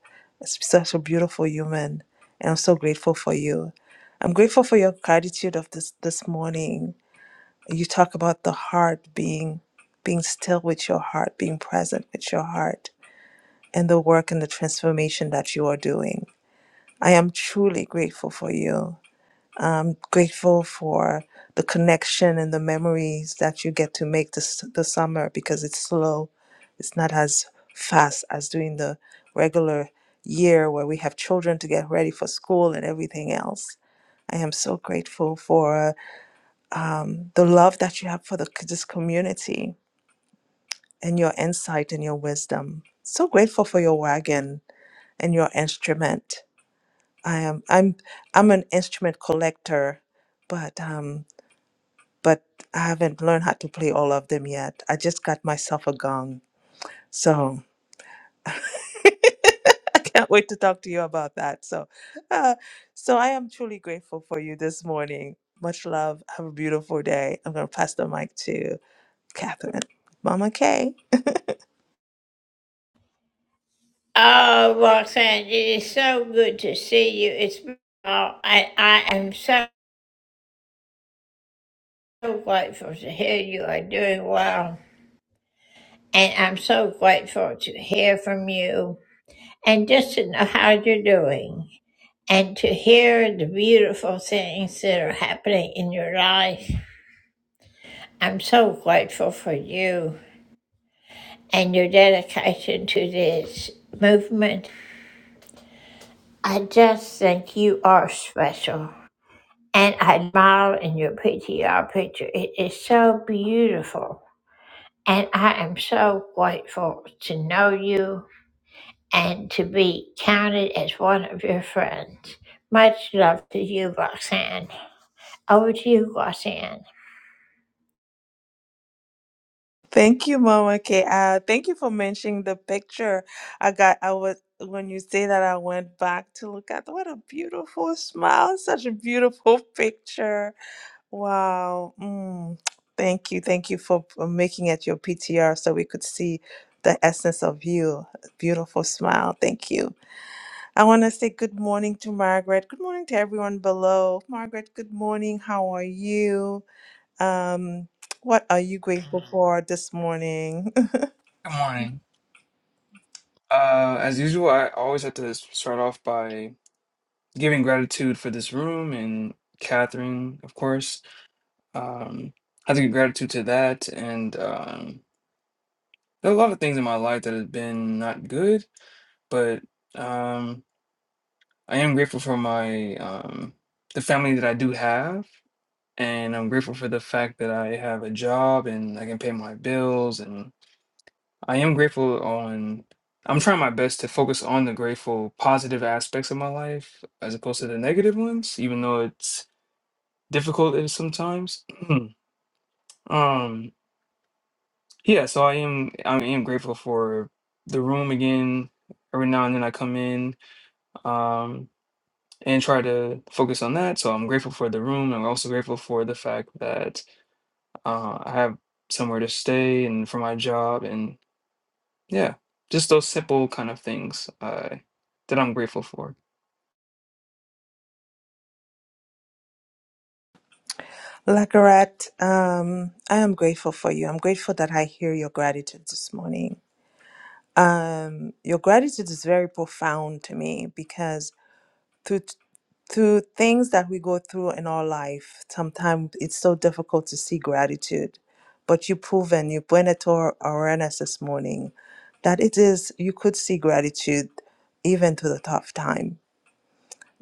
s- such a beautiful human, and I'm so grateful for you. I'm grateful for your gratitude of this this morning. You talk about the heart being being still with your heart, being present with your heart, and the work and the transformation that you are doing. I am truly grateful for you. I'm grateful for the connection and the memories that you get to make this the summer because it's slow. It's not as fast as doing the regular year where we have children to get ready for school and everything else. I am so grateful for um, the love that you have for the, this community and your insight and your wisdom. So grateful for your wagon and your instrument. I am I'm I'm an instrument collector, but um, but I haven't learned how to play all of them yet. I just got myself a gong. So I can't wait to talk to you about that. So, uh, so I am truly grateful for you this morning. Much love. Have a beautiful day. I'm going to pass the mic to Catherine. Mama Kay. Oh, Roxanne, it is so good to see you. It's been a while, and I am so grateful to hear you are doing well. And I'm so grateful to hear from you and just to know how you're doing and to hear the beautiful things that are happening in your life. I'm so grateful for you and your dedication to this movement I just think you are special. And I admire in your PTR picture. It is so beautiful. And I am so grateful to know you and to be counted as one of your friends. Much love to you, Roxanne. Over to you, Roxanne. Thank you, Mama K. Uh, thank you for mentioning the picture. I got, I was, when you say that, I went back to look at what a beautiful smile, such a beautiful picture Wow. Mm. Thank you. Thank you for for making it your PTR so we could see the essence of you. Beautiful smile. Thank you. I want to say good morning to Margaret. Good morning to everyone below. Margaret, good morning. How are you? Um, what are you grateful for this morning? Good morning. Uh, as usual, I always have to s- start off by giving gratitude for this room and Catherine, of course. Um, I have to give gratitude to that. And um, there are a lot of things in my life that have been not good, but um, I am grateful for my um, the family that I do have. And I'm grateful for the fact that I have a job and I can pay my bills I am grateful on I'm trying my best to focus on the grateful positive aspects of my life as opposed to the negative ones, even though it's difficult it- sometimes. um yeah, so I am I am grateful for the room again. Every now and then I come in um and try to focus on that. So I'm grateful for the room. I'm also grateful for the fact that uh, I have somewhere to stay and for my job yeah, just those simple kind of things uh, that I'm grateful for. Lakarat, um, I am grateful for you. I'm grateful that I hear your gratitude this morning. Um, your gratitude is very profound to me because through through things that we go through in our life, sometimes it's so difficult to see gratitude. But you proven, you bring it to our awareness this morning that it is you could see gratitude even through the tough time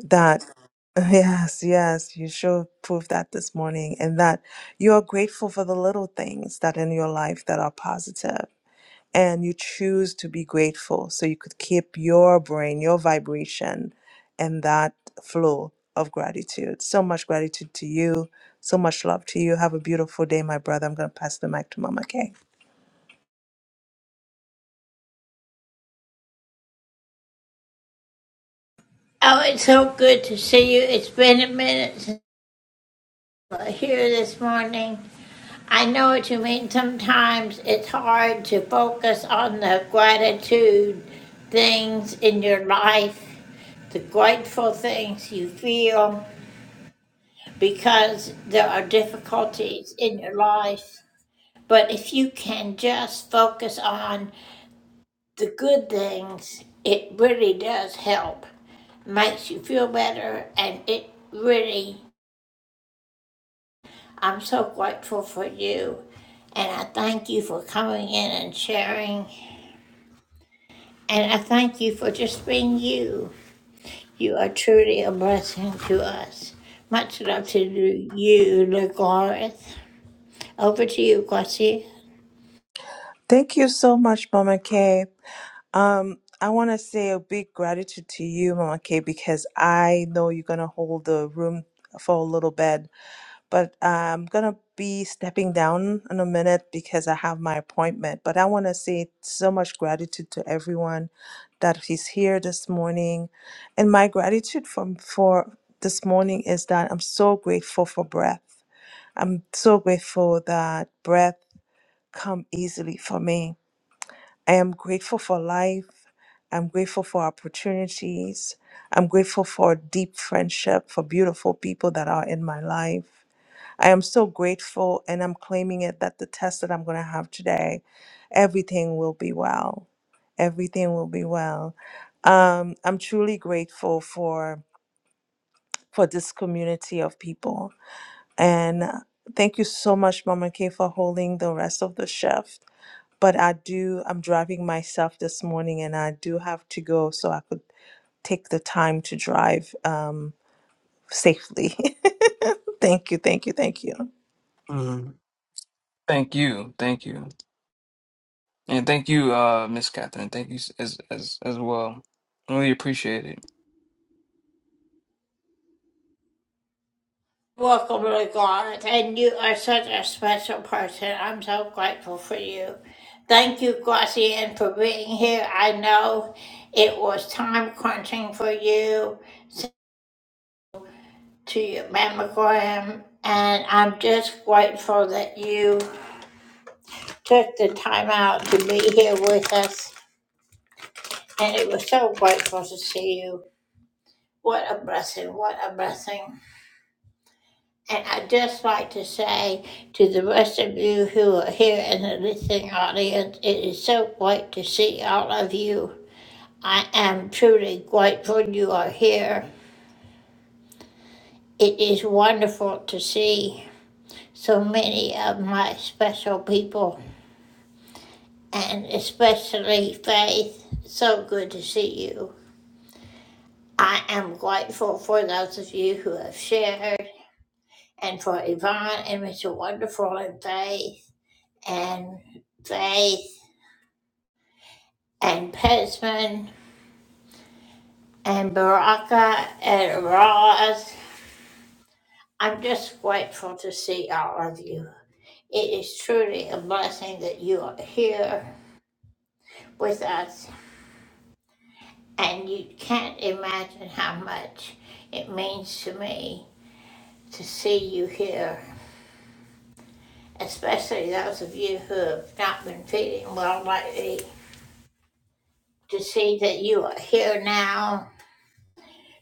that, yes, yes, you sure proved that this morning, and that you are grateful for the little things that in your life that are positive, and you choose to be grateful so you could keep your brain, your vibration, and that flow of gratitude. So much gratitude to you. So much love to you. Have a beautiful day, my brother. I'm going to pass the mic to Mama Kay. Oh, it's so good to see you. It's been a minute since here this morning. I know what you mean. Sometimes it's hard to focus on the gratitude things in your life, the grateful things you feel, because there are difficulties in your life. But if you can just focus on the good things, it really does help. Makes you feel better, and it really I'm so grateful for you. And I thank you for coming in and sharing. And I thank you for just being you. You are truly a blessing to us. Much love to you, LeGareth. Over to you, Gussie. Thank you so much, Mama Kay. Um, I want to say a big gratitude to you, Mama K, because I know you're gonna hold the room for a little bit, but I'm gonna be stepping down in a minute because I have my appointment. But I want to say so much gratitude to everyone that is here this morning, and my gratitude from for this morning is that I'm so grateful for breath. I'm so grateful that breath come easily for me I am grateful for life. I'm grateful for opportunities. I'm grateful for deep friendship, for beautiful people that are in my life. I am so grateful and I'm claiming it that the test that I'm going to have today, everything will be well. Everything will be well. Um, I'm truly grateful for for this community of people. And uh, thank you so much, Mama K, for holding the rest of the shift but I do, I'm driving myself this morning and I do have to go so I could take the time to drive um, safely. thank you, thank you, thank you. hmm Thank you, thank you, and thank you, uh, Miss Catherine. Thank you s- as as as well. Really appreciate it. Welcome, LeGareth. And you are such a special person. I'm so grateful for you. Thank you, Gussie, and for being here. I know it was time crunching for you. to you, Mama Graham, and I'm just grateful that you took the time out to be here with us. And it was so grateful to see you. What a blessing, what a blessing. And I'd just like to say to the rest of you who are here in the listening audience, it is so great to see all of you. I am truly grateful you are here. It is wonderful to see so many of my special people and especially Faith. So good to see you. I am grateful for those of you who have shared, and for Yvonne and Mr. Wonderful and Faith, and Faith and Pesman and Baraka and Roz. I'm just grateful to see all of you. It is truly a blessing that you are here with us, and you can't imagine how much it means to me to see you here, especially those of you who have not been feeling well lately. To see that you are here now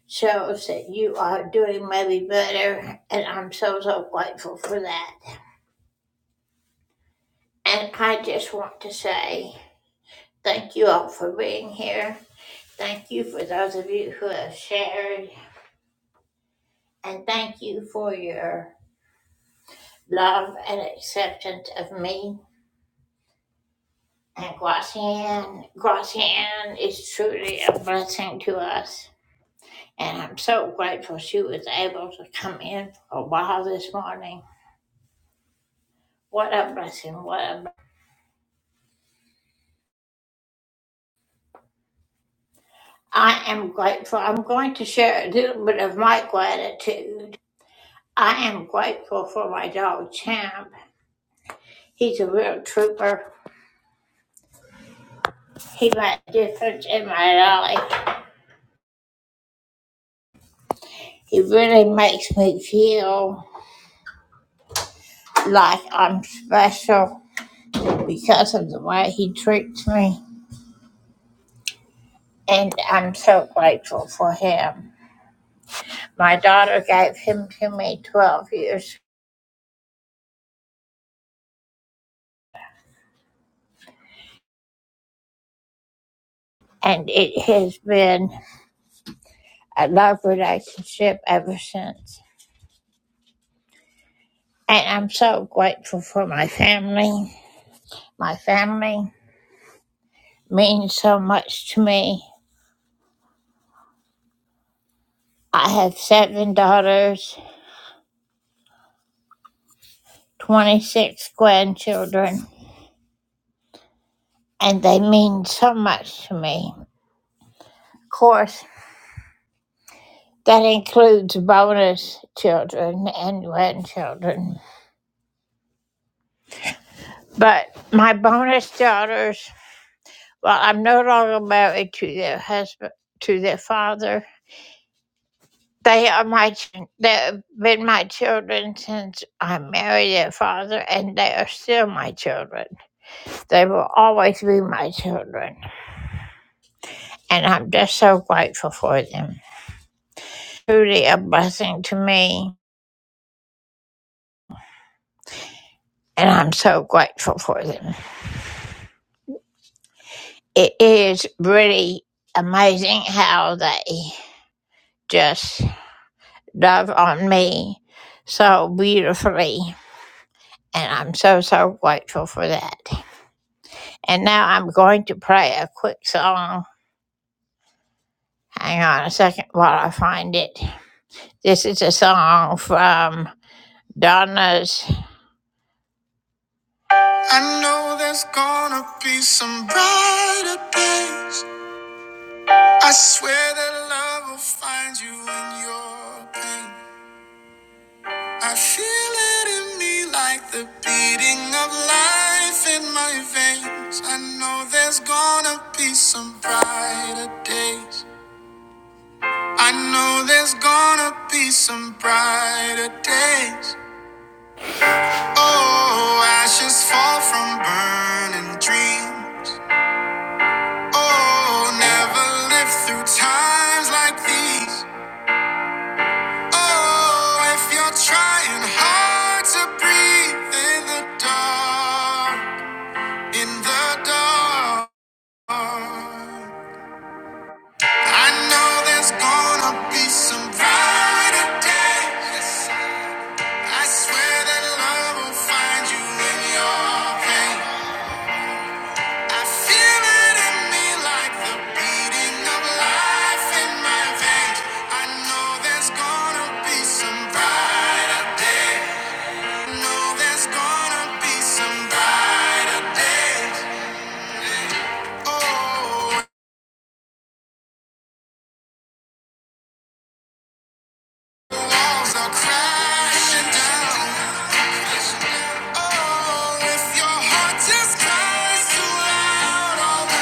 shows that you are doing maybe better, and I'm so, so grateful for that. And I just want to say thank you all for being here. Thank you for those of you who have shared, and thank you for your love and acceptance of me And Guatian, Guatian is truly a blessing to us. And I'm so grateful she was able to come in for a while this morning. What a blessing. What a, blessing. I am grateful. I'm going to share a little bit of my gratitude. I am grateful for my dog, Champ. He's a real trooper. He made a difference in my life. He really makes me feel like I'm special because of the way he treats me. and I'm so grateful for him. My daughter gave him to me 12 years, and it has been a love relationship ever since. And I'm so grateful for my family. My family means so much to me. I have seven daughters, 26 grandchildren, and they mean so much to me. Of course, that includes bonus children and grandchildren. But my bonus daughters, well, I'm no longer married to their husband, to their father. They are my, ch- they've been my children since I married their father, and they are still my children. They will always be my children, and I'm just so grateful for them. Truly a blessing to me, and I'm so grateful for them. It is really amazing how they just love on me so beautifully. And I'm so, so grateful for that. And now I'm going to play a quick song. Hang on a second while I find it. This is a song from Donna's. I know there's gonna be some brighter days. I swear that love will find you in your pain. I feel it in me like the beating of life in my veins. I know there's gonna be some brighter days. I know there's gonna be some brighter days. Oh, ashes fall from burning dreams. Oh, never live through times like these. Oh, if you're trying hard to breathe in the dark. In the dark, I know there's gonna be some brighter days. I swear that love will find you in your pain. I feel it in me like the beating of life in my veins. I know there's gonna be out all the-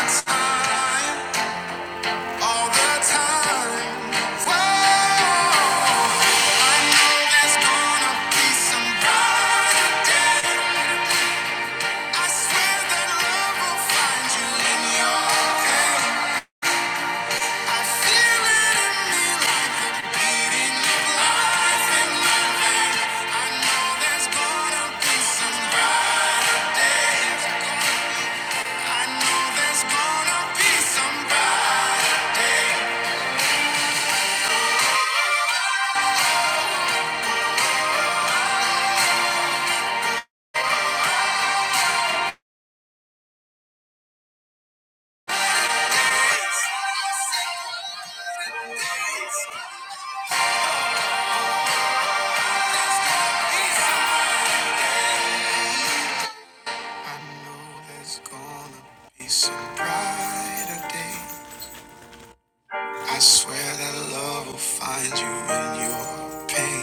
I swear that love will find you in your pain.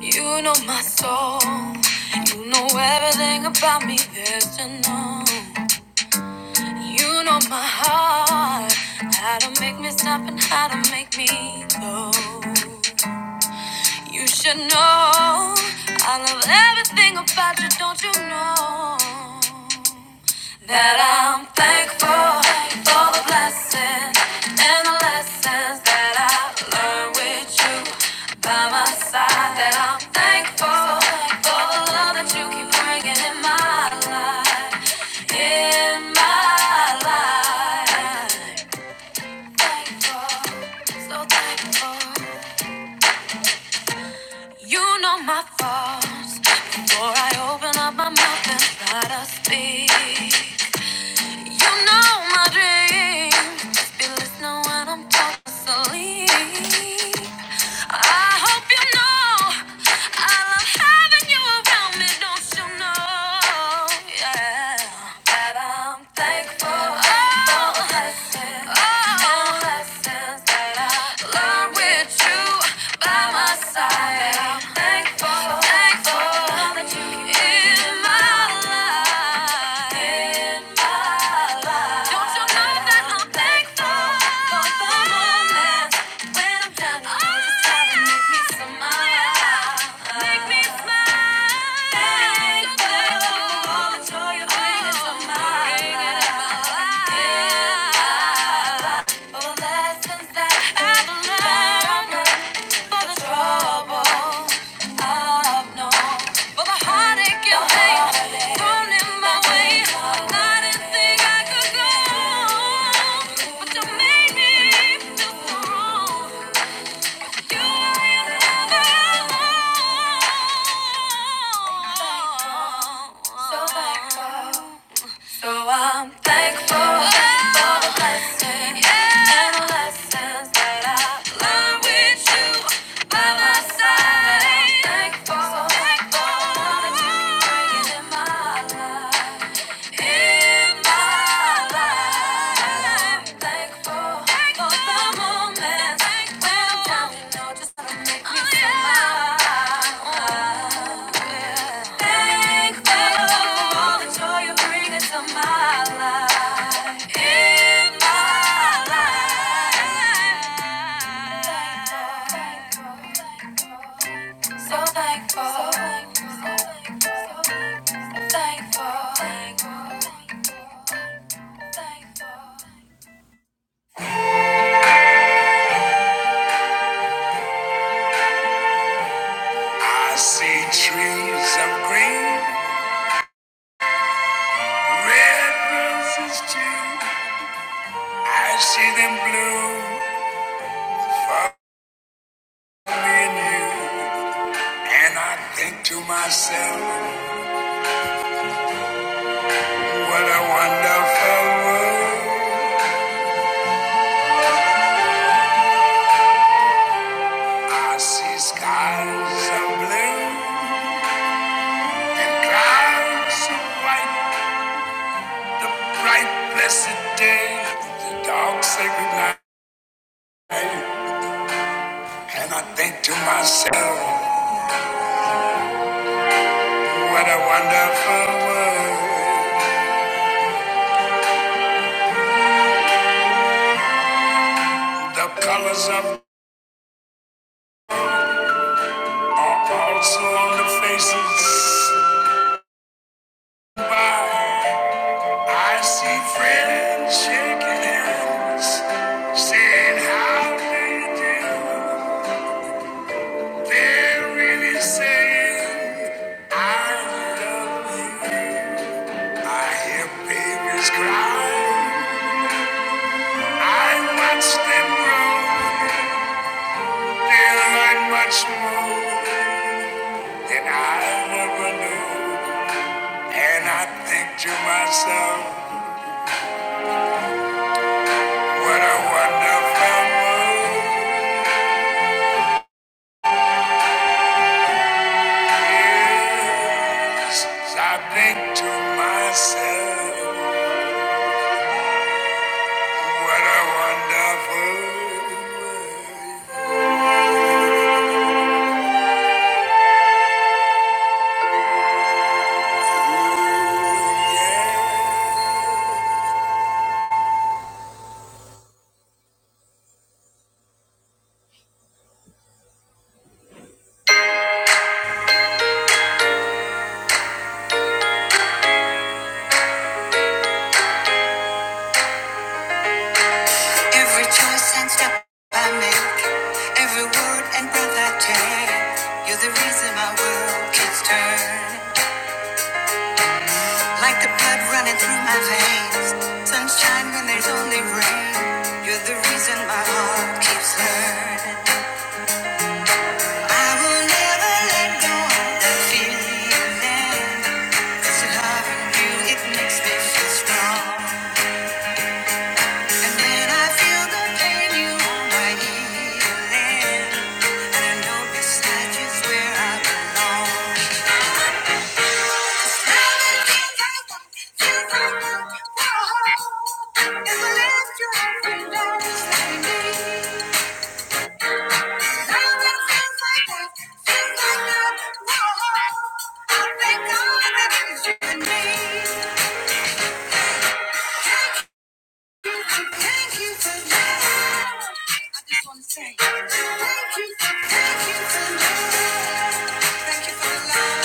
You know my soul. You know everything about me, there's to know. You know my heart. How to make me stop and how to make me go. You should know. I love everything about you, don't you know? That I'm thankful for the blessings and the lessons that I learned with you by my side. That I'm thankful for the love that you keep bringing in my life, in my life. Thankful, so thankful. You know my faults before I open up my mouth and try to speak. You know my dream. be listening when I'm talking sleep. I hope you know I love having you around me. Don't you know? Yeah, that I'm thankful for the blessings, oh, blessings that I learned with you by my side. Thank Lessons that I've learned for the trouble. So thankful. So I'm thankful for the blessings and the lessons that I learned with you by my side. I'm thankful for the things that you're bringing in my life in my life. I'm thankful for the moments when down, you know just make me smile. Thankful for all the joy you bring into my life. So thankful, so thankful, so thankful. Trees of green, red roses too. I see them bloom for me and you. And I think to myself, what a wonderful world. I see skies of blue and clouds of white, the bright blessed day, the dark sacred night, and I think to myself, what a wonderful world. The colors of are also on the faces. Why I see friends shaking hands, saying how do you do. they really saying, I love you. I hear babies cry. I watch them grow. They're like much more than I ever knew. And I think to myself, what a wonderful world. Yes, I think to myself, what a wonderful world. Every choice and step I make, every word and breath I take, you're the reason my world keeps turning. Like the blood running through my veins, sunshine when there's only rain, you're the reason my heart keeps learning. I will never let go of that feeling, 'cause your love and you, it makes me feel strong. And when I feel the pain, you are my healing. And I know beside you's where I belong. 'Cause now that you've got me, you whoa. And I love you every day, it's like me. feels like that, feels like that, whoa. I thank God that it's you and me. Thank you for love. I just want to say thank you for thank you for love. Thank you for the love.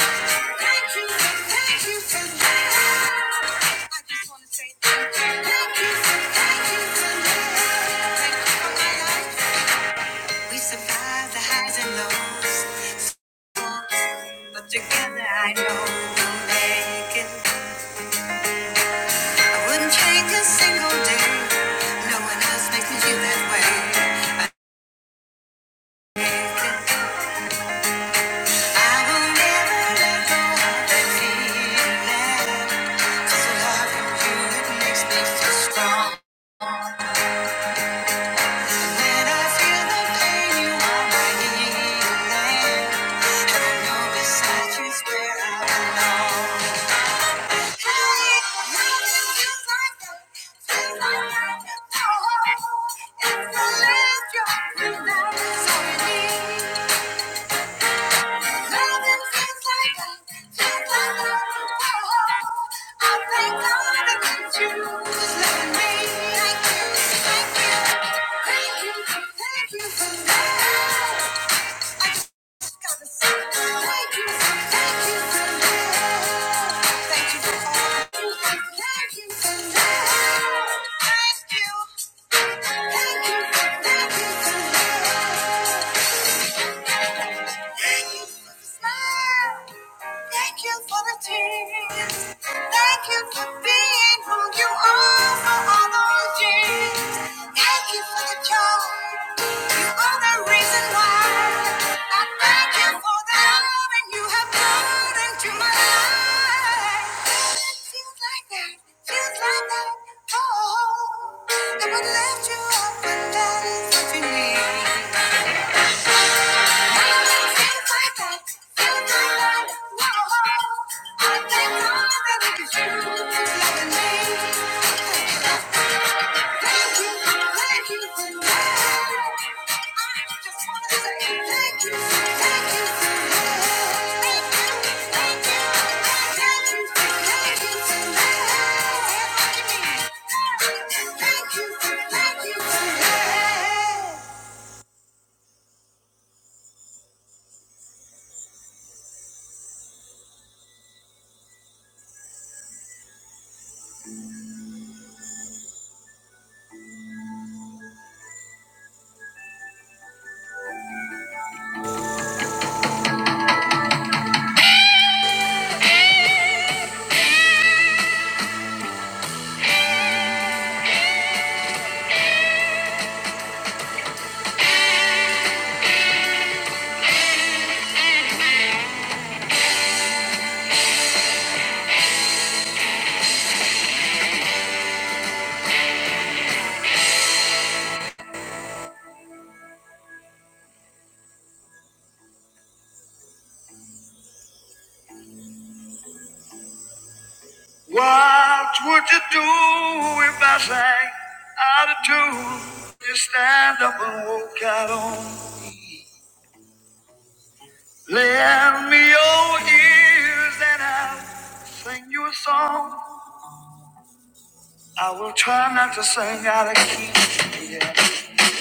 Thank you for thank you for love. I just want to say thank you. for thank you for love. Thank you for my life. We survived the highs and lows. But together I know we'll make it. I wouldn't change a single day. No one else makes me feel that way. It's the Thank you. Thank you. Thank you for the tears. Thank you for being been who you are for all those years. Thank you for the joy. You are the reason why. I thank you for the love and you have brought into my life. Feels like that. Feels like that. Oh, I would lift you up and down if you need. Thank you. What would you do if I sang out of tune? You stand up and walk out on me. Lend me your ears and I'll sing you a song. I will try not to sing out of key. Yeah.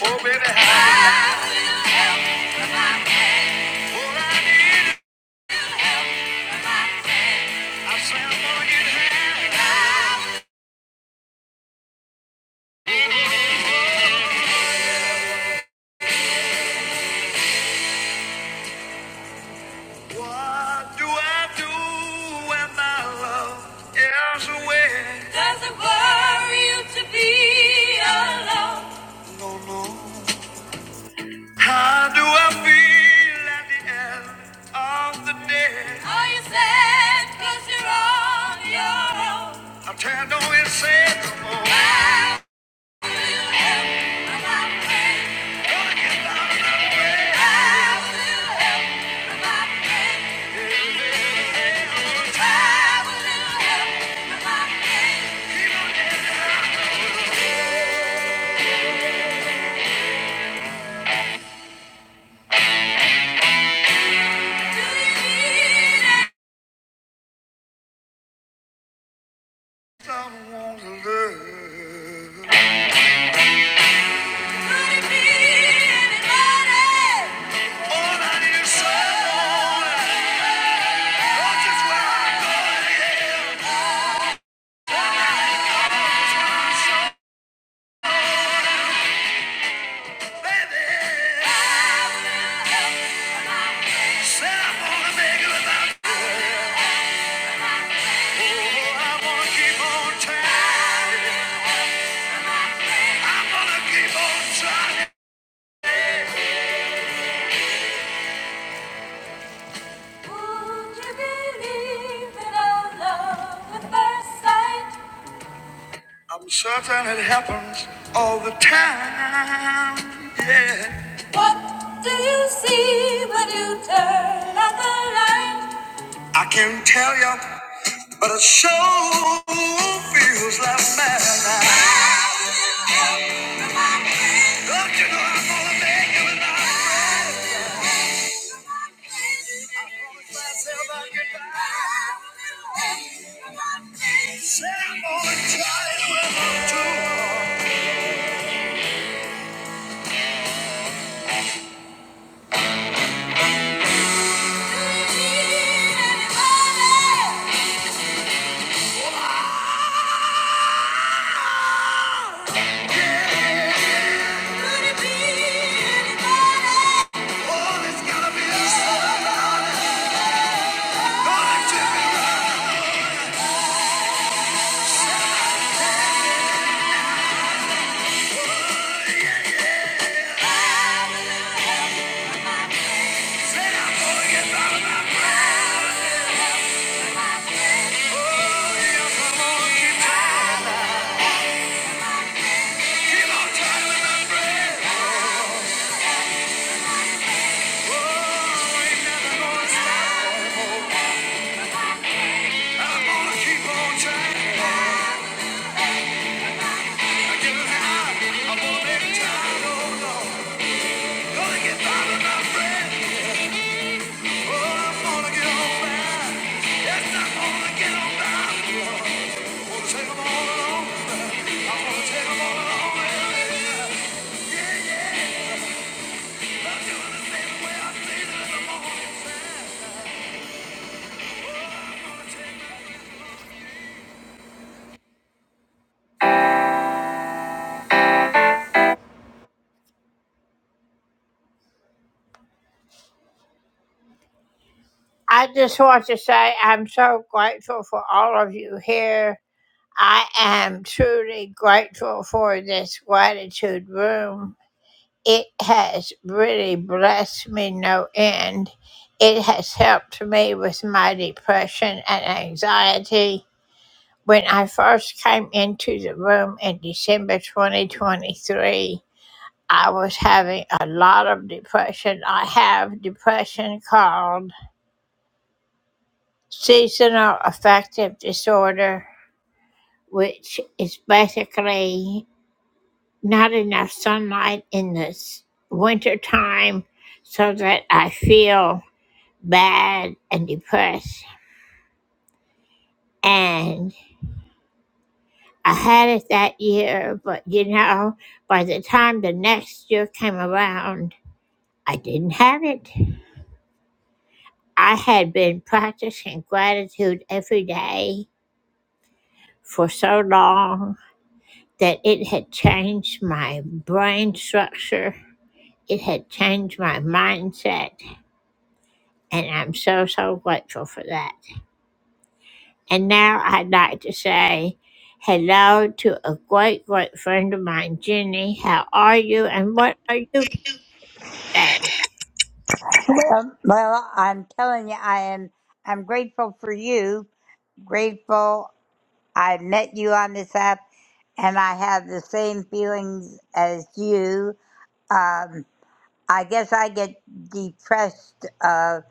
Oh, baby, I, I sing for you. What do I do when my love is away? Does it worry you to be alone? No, no. How do I feel at the end of the day? Are you sad because you're on your own? I'm tired, don't you no more. Said I'm gonna make it, but I wanna keep on trying. Would you believe in a love at first sight? I'm certain it happens all the time. Yeah. What do you see when you turn out the light? I can't tell you, but it sure feels like madness. Don't you know I'm gonna make you mine? I promised myself I'd get back. I just want to say I'm so grateful for all of you here. I am truly grateful for this gratitude room. it has really blessed me no end. It has helped me with my depression and anxiety. When I first came into the room in December 2023, I was having a lot of depression. I have depression called seasonal affective disorder, which is basically not enough sunlight in the s- winter time so that I feel bad and depressed. And I had it that year, but you know, by the time the next year came around, I didn't have it. I had been practicing gratitude every day for so long that it had changed my brain structure, it had changed my mindset, and I'm so, so grateful for that. And now I'd like to say hello to a great, great friend of mine, Jenny. How are you and what are you today? Well, well, I'm telling you, I am. I'm grateful for you. Grateful I met you on this app, and I have the same feelings as you. Um, I guess I get depressed uh,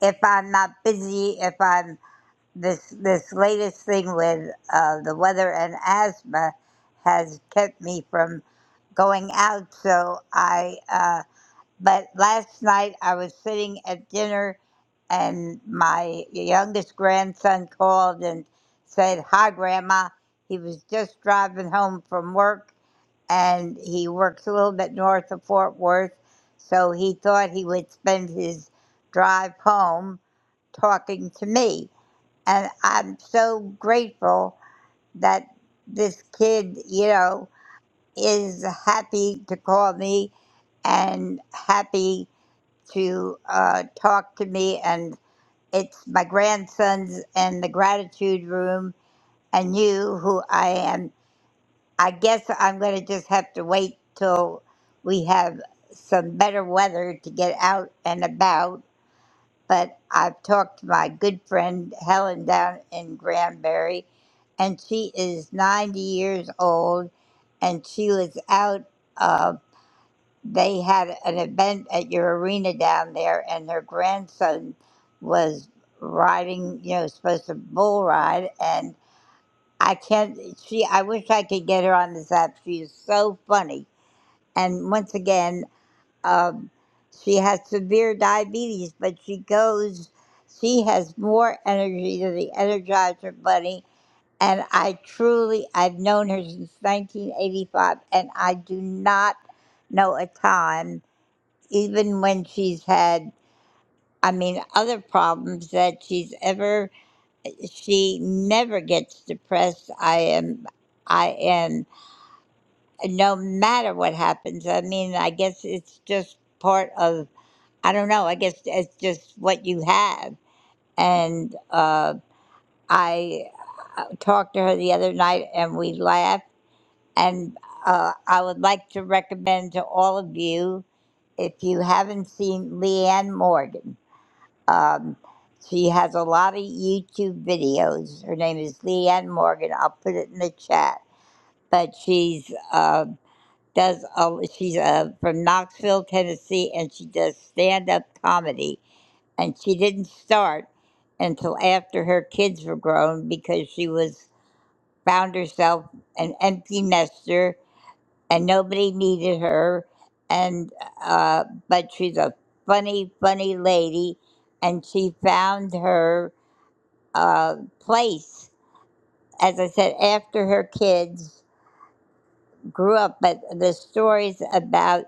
if I'm not busy. If I'm this this latest thing with uh, the weather and asthma has kept me from going out. So I. Uh, but last night I was sitting at dinner and my youngest grandson called and said, Hi, Grandma. He was just driving home from work and he works a little bit north of Fort Worth. So he thought he would spend his drive home talking to me. And I'm so grateful that this kid, you know, is happy to call me and happy to uh, talk to me, and it's my grandsons and the gratitude room, and you, who I am. I guess I'm going to just have to wait till we have some better weather to get out and about. But I've talked to my good friend Helen down in Granbury, and she is 90 years old, and she was out. Um, they had an event at your arena down there, and their grandson was riding, you know, supposed to bull ride. And I can't, she, I wish I could get her on this app. She is so funny. And once again, um, she has severe diabetes, but she goes, she has more energy than the Energizer Bunny. And I truly, I've known her since 1985, and I do not know a time even when she's had i mean other problems that she's ever she never gets depressed i am i am no matter what happens i mean i guess it's just part of i don't know i guess it's just what you have and uh i uh, talked to her the other night and we laughed and uh, i would like to recommend to all of you if you haven't seen leanne morgan Um, she has a lot of YouTube videos. Her name is Leanne Morgan. I'll put it in the chat. But she's uh, does a, she's uh, from Knoxville, Tennessee, and she does stand up comedy. And she didn't start until after her kids were grown because she was found herself an empty nester and nobody needed her. And uh, but she's a funny, funny lady, and she found her uh, place. As I said, after her kids grew up, but the stories about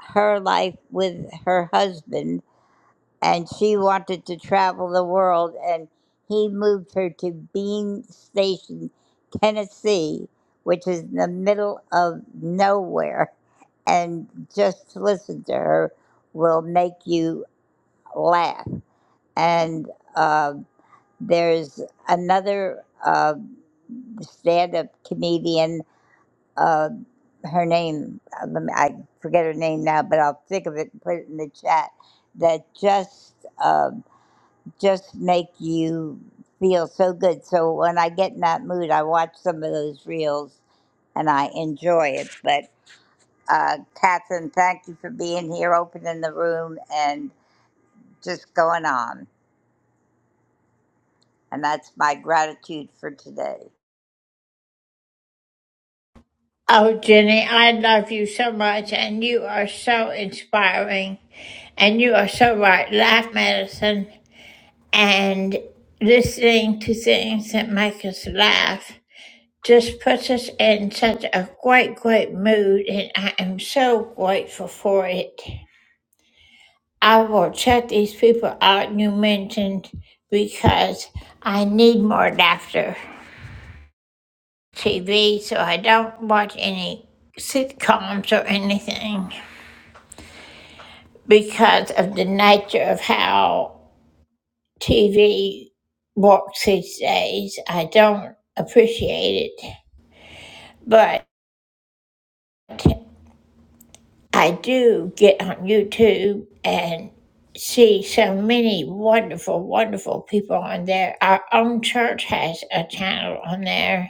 her life with her husband, and she wanted to travel the world, and he moved her to Bean Station, Tennessee, which is in the middle of nowhere. And just to listen to her will make you laugh. And uh, there's another. Uh, stand-up comedian. Uh, her name, uh, I forget her name now, but I'll think of it and put it in the chat. That just uh, just make you feel so good. So when I get in that mood, I watch some of those reels, and I enjoy it. But uh, Catherine, thank you for being here, opening the room, and just going on. And that's my gratitude for today. Oh, Jenny, I love you so much and you are so inspiring. And you are so right. Laugh medicine and listening to things that make us laugh just puts us in such a great, great mood. And I am so grateful for it. I will check these people out you mentioned because I need more laughter TV, so I don't watch any sitcoms or anything because of the nature of how TV works these days. I don't appreciate it, but I do get on YouTube and see so many wonderful, wonderful people on there. Our own church has a channel on there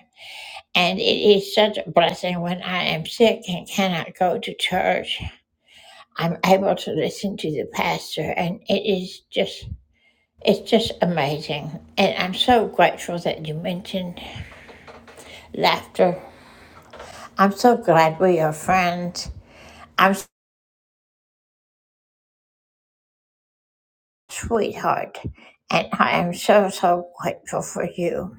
And it is such a blessing when I am sick and cannot go to church. I'm able to listen to the pastor, and it is just, it's just amazing. And I'm so grateful that you mentioned laughter. I'm so glad we are friends. I'm s- sweetheart, and I am so, so grateful for you.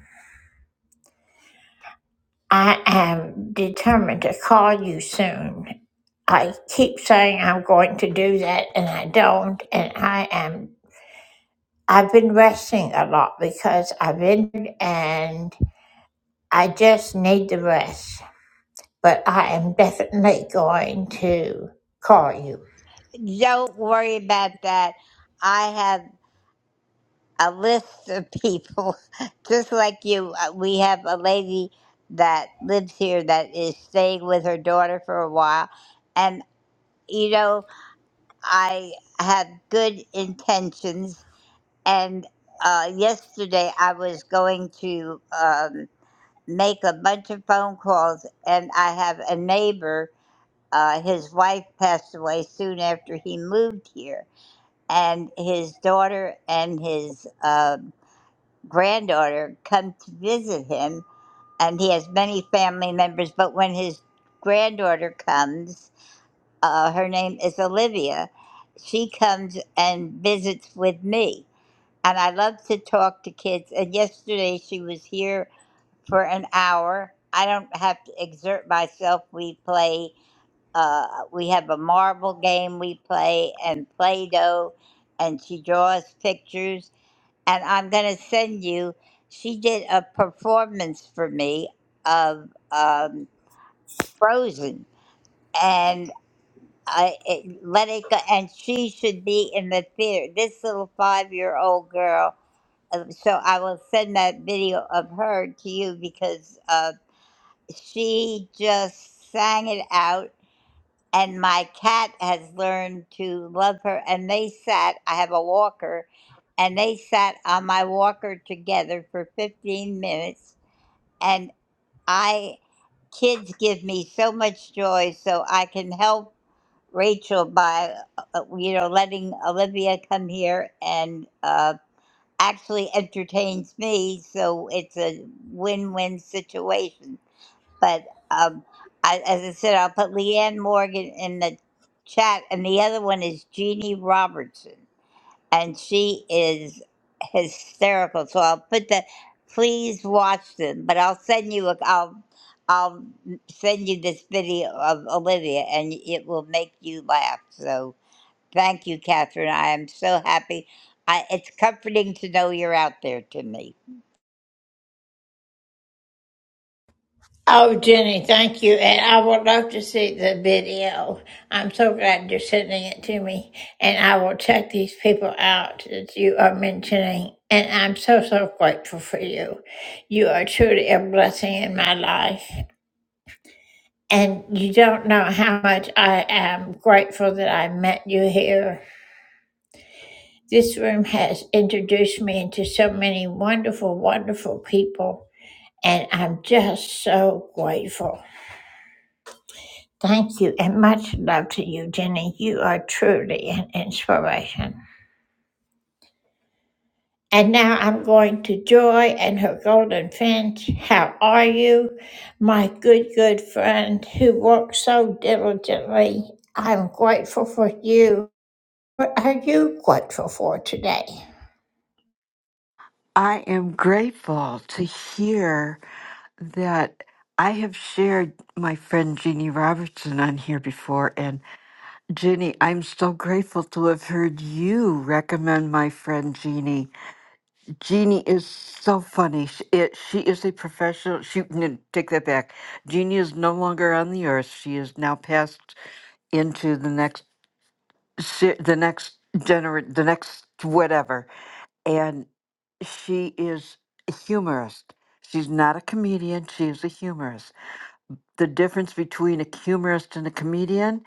I am determined to call you soon. I keep saying I'm going to do that, and I don't, and I am I've been resting a lot because I've been and I just need the rest. But I am definitely going to call you. Don't worry about that. I have. a list of people, just like you. Uh, We have a lady that lives here that is staying with her daughter for a while. And, you know, I have good intentions. And uh, yesterday I was going to um, make a bunch of phone calls, and I have a neighbor. Uh, his wife passed away soon after he moved here, and his daughter and his uh, granddaughter come to visit him, and he has many family members. But when his granddaughter comes, uh, her name is Olivia, she comes and visits with me. And I love to talk to kids. And yesterday she was here for an hour. I don't have to exert myself. We play, uh, we have a marble game we play and Play Doh, and she draws pictures and I'm gonna send you. She did a performance for me of um, Frozen, and I it, let it go. And she should be in the theater. This little five-year-old girl. uh, So I will send that video of her to you because uh, she just sang it out and my cat has learned to love her and they sat i have a walker and they sat on my walker together for 15 minutes and i kids give me so much joy so i can help rachel by uh, uh, you know letting olivia come here and uh, actually entertains me so it's a win-win situation but um, I, as I said, I'll put Leanne Morgan in the chat, and the other one is Jeannie Robertson, and she is hysterical. So I'll put the. Please watch them, but I'll send you a. I'll I'll send you this video of Olivia, and it will make you laugh. So thank you, Catherine. I am so happy. I, it's comforting to know you're out there to me. Oh, Jenny, thank you. And I would love to see the video. I'm so glad you're sending it to me. And I will check these people out that you are mentioning. And I'm so, so grateful for you. You are truly a blessing in my life. And you don't know how much I am grateful that I met you here. This room has introduced me into so many wonderful, wonderful people. And I'm just so grateful. Thank you and much love to you, Jenny. You are truly an inspiration. And now I'm going to Joy and her golden finch. How are you, my good, good friend who worked so diligently? I'm grateful for you. What are you grateful for today? I am grateful to hear that I have shared my friend Jeannie Robertson on here before. And Jeannie, I'm so grateful to have heard you recommend my friend Jeannie. Jeannie is so funny. She, it, she is a professional. She, no, take that back. Jeannie is no longer on the earth. She is now passed into the next, se- the next gener, the next whatever and she is a humorist. She's not a comedian, she is a humorist the difference between a humorist and a comedian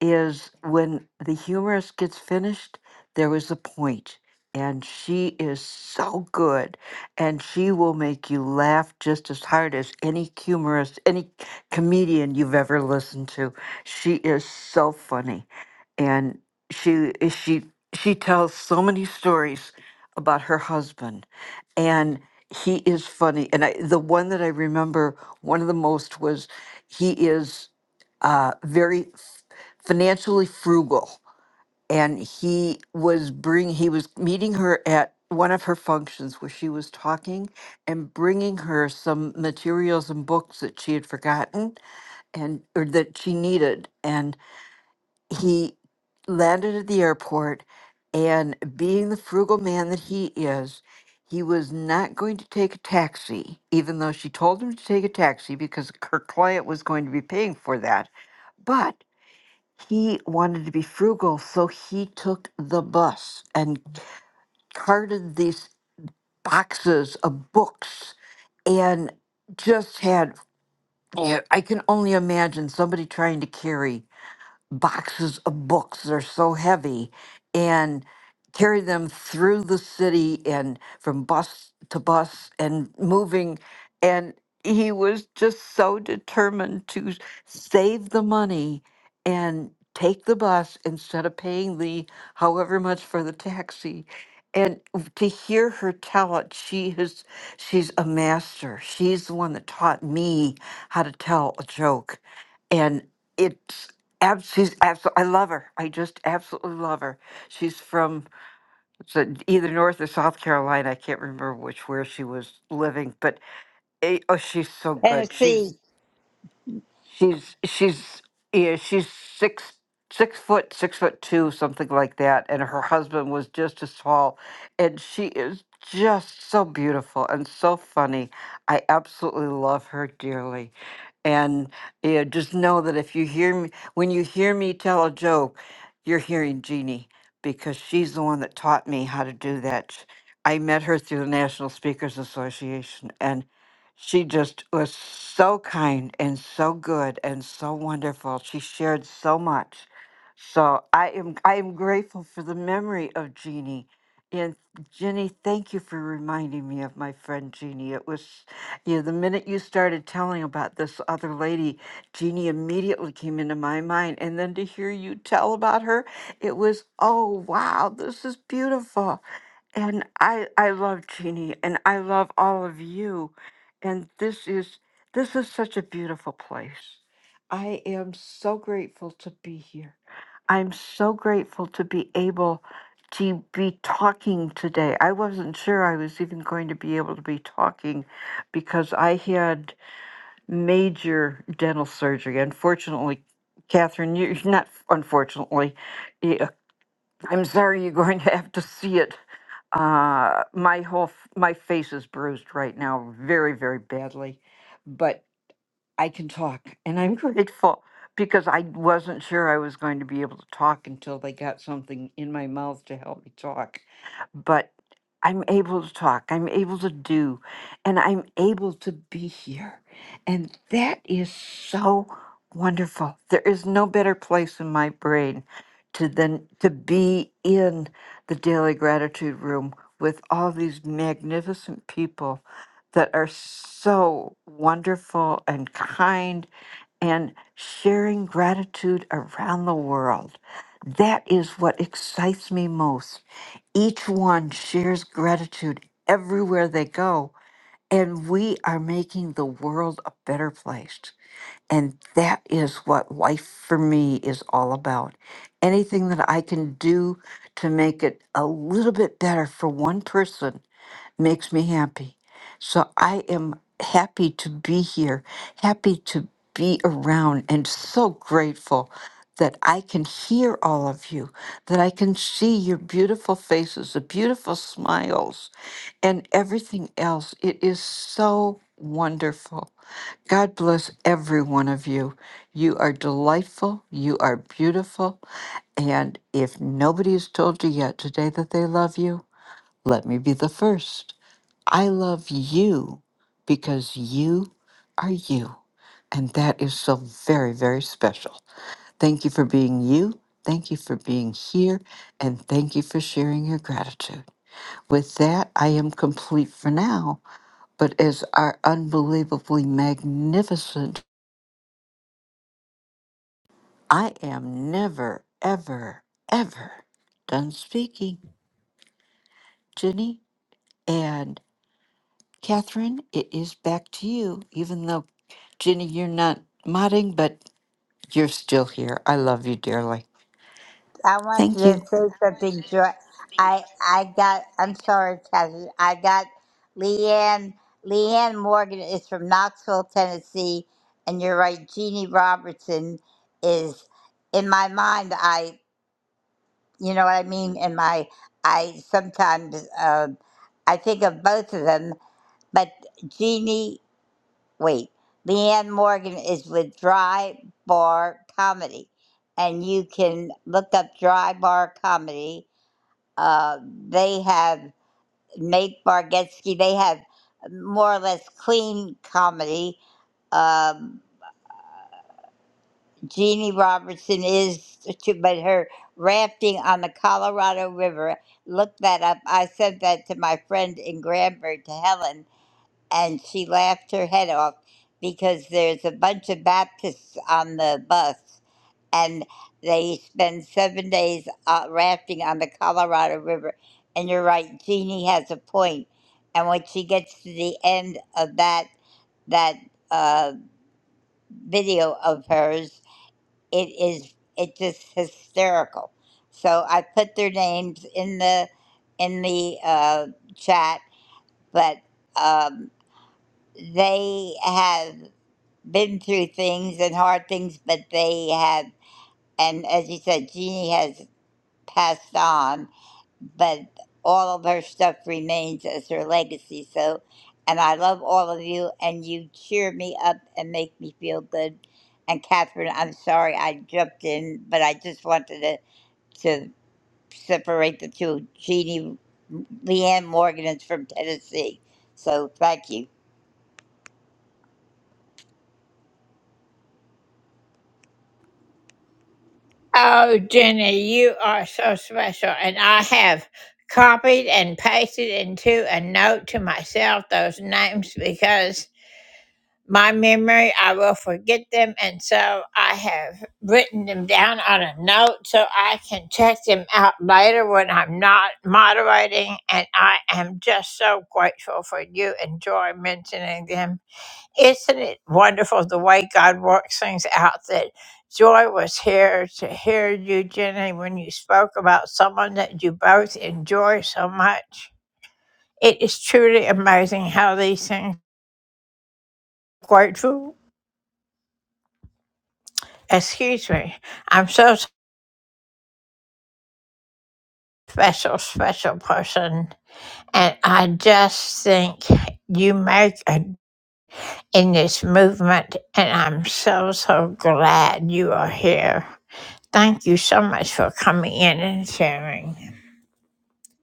is when the humorist gets finished, there was a point, And she is so good. And she will make you laugh just as hard as any humorist, any comedian you've ever listened to. She is so funny. And she she she tells so many stories about her husband. And he is funny. And I, the one that I remember one of the most was he is uh, very f- financially frugal, and he was bring he was meeting her at one of her functions where she was talking and bringing her some materials and books that she had forgotten and or that she needed and he landed at the airport and being the frugal man that he is he was not going to take a taxi even though she told him to take a taxi because her client was going to be paying for that but he wanted to be frugal, so he took the bus and carted these boxes of books and just had, yeah, I can only imagine somebody trying to carry boxes of books. They're so heavy and carry them through the city and from bus to bus and moving. And he was just so determined to s- save the money and take the bus instead of paying the however much for the taxi. And w- to hear her tell it, she has she's a master. She's the one that taught me how to tell a joke. And it. Ab, she's abso- I love her. I just absolutely love her. She's from so- either North or South Carolina. I can't remember which where she was living, but eh, oh, she's so good. Tennessee. She's she's she's yeah, she's six six foot six foot two something like that, and her husband was just as tall, and she is just so beautiful and so funny. I absolutely love her dearly. And you know, just know that if you hear me, when you hear me tell a joke, you're hearing Jeannie because she's the one that taught me how to do that. Sh- I met her through the National Speakers Association, and she just was so kind and so good and so wonderful. She shared so much. So I am I am grateful for the memory of Jeannie. And Jenny, thank you for reminding me of my friend Jeannie. It was yeah, the minute you started telling about this other lady, Jeannie immediately came into my mind. And then to hear you tell about her, it was, oh, wow, this is beautiful. And I I love Jeannie and I love all of you. And this is this is such a beautiful place. I am so grateful to be here. I'm so grateful to be able to be talking today. I wasn't sure I was even going to be able to be talking because I had major dental surgery. Unfortunately, Catherine, you not unfortunately. I'm sorry you're going to have to see it. Uh, my whole f- my face is bruised right now, very very badly. But I can talk, and I'm grateful because I wasn't sure I was going to be able to talk until they got something in my mouth to help me talk. But I'm able to talk, I'm able to do, and I'm able to be here. And that is so wonderful. There is no better place in my brain to than to be in the daily gratitude room with all these magnificent people that are so wonderful and kind and sharing gratitude around the world. That is what excites me most. Each one shares gratitude everywhere they go, and we are making the world a better place. And that is what life for me is all about. Anything that I can do to make it a little bit better for one person makes me happy. So I am happy to be here, happy to be around, and so grateful that I can hear all of you, that I can see your beautiful faces, the beautiful smiles, and everything else. It is so wonderful. God bless every one of you. You are delightful. You are beautiful. And if nobody has told you yet today that they love you, let me be the first. I love you because you are you. And that is so very, very special. Thank you for being you. Thank you for being here. And thank you for sharing your gratitude. With that, I am complete for now. But as our unbelievably magnificent, I am never, ever, ever done speaking. Jenny and Catherine, it is back to you, even though, Jenny, you're not modding, but You're still here. I love you dearly. I want you Thank to you. say something, Joy. I I got. I'm sorry, Catherine. I got Leanne. Leanne Morgan is from Knoxville, Tennessee, and you're right. Jeannie Robertson is in my mind. I, you know what I mean. In my, I sometimes uh, I think of both of them, but Jeannie. Wait, Leanne Morgan is with Dry Bar Comedy, and you can look up Dry Bar Comedy uh, they have Nate Bargatze. They have more or less clean comedy. Um, Jeannie Robertson is, but her rafting on the Colorado River. Look that up. I sent that to my friend in Granbury, to Helen, and she laughed her head off because there's a bunch of Baptists on the bus and they spend seven days uh, rafting on the Colorado River. And you're right, Jeannie has a point. And when she gets to the end of that that uh, video of hers, it is it just hysterical. So I put their names in the in the uh, chat, but um, they have been through things and hard things, but they have. And as you said, Jeannie has. passed on, but all of her stuff remains as her legacy. So, and I love all of you, and you cheer me up and make me feel good. And Catherine, I'm sorry I jumped in, but I just wanted to, to separate the two. Jeannie, Leanne Morgan is from Tennessee. So thank you. Oh, Jenny, you are so special. And I have copied and pasted into a note to myself those names because my memory, I will forget them. And so I have written them down on a note so I can check them out later when I'm not moderating. And I am just so grateful for you and Joy mentioning them. Isn't it wonderful the way God works things out that Joy was here to hear you, Jenny, when you spoke about someone that you both enjoy so much? It is truly amazing how these things grateful. Excuse me. I'm so special, special person. And I just think you make a, in this movement, and I'm so, so glad you are here. Thank you so much for coming in and sharing.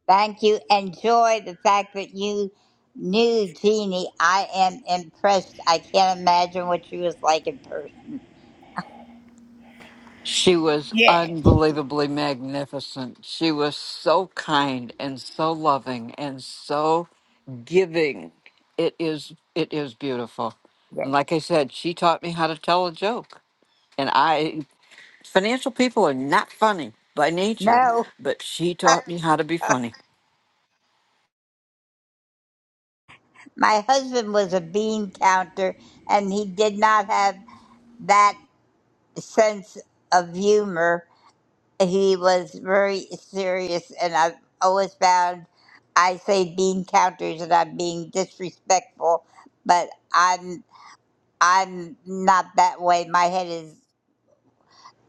Thank you. Enjoy the fact that you knew Jeannie. I am impressed. I can't imagine what she was like in person. She was Yeah. unbelievably magnificent. She was so kind and so loving and so giving. It is it is beautiful. And like I said, she taught me how to tell a joke. And I financial people are not funny by nature, No. but she taught me how to be funny. My husband was a bean counter and he did not have that sense of humor. He was very serious and I've always found I say bean counters and I'm being disrespectful, but I'm I'm not that way. My head is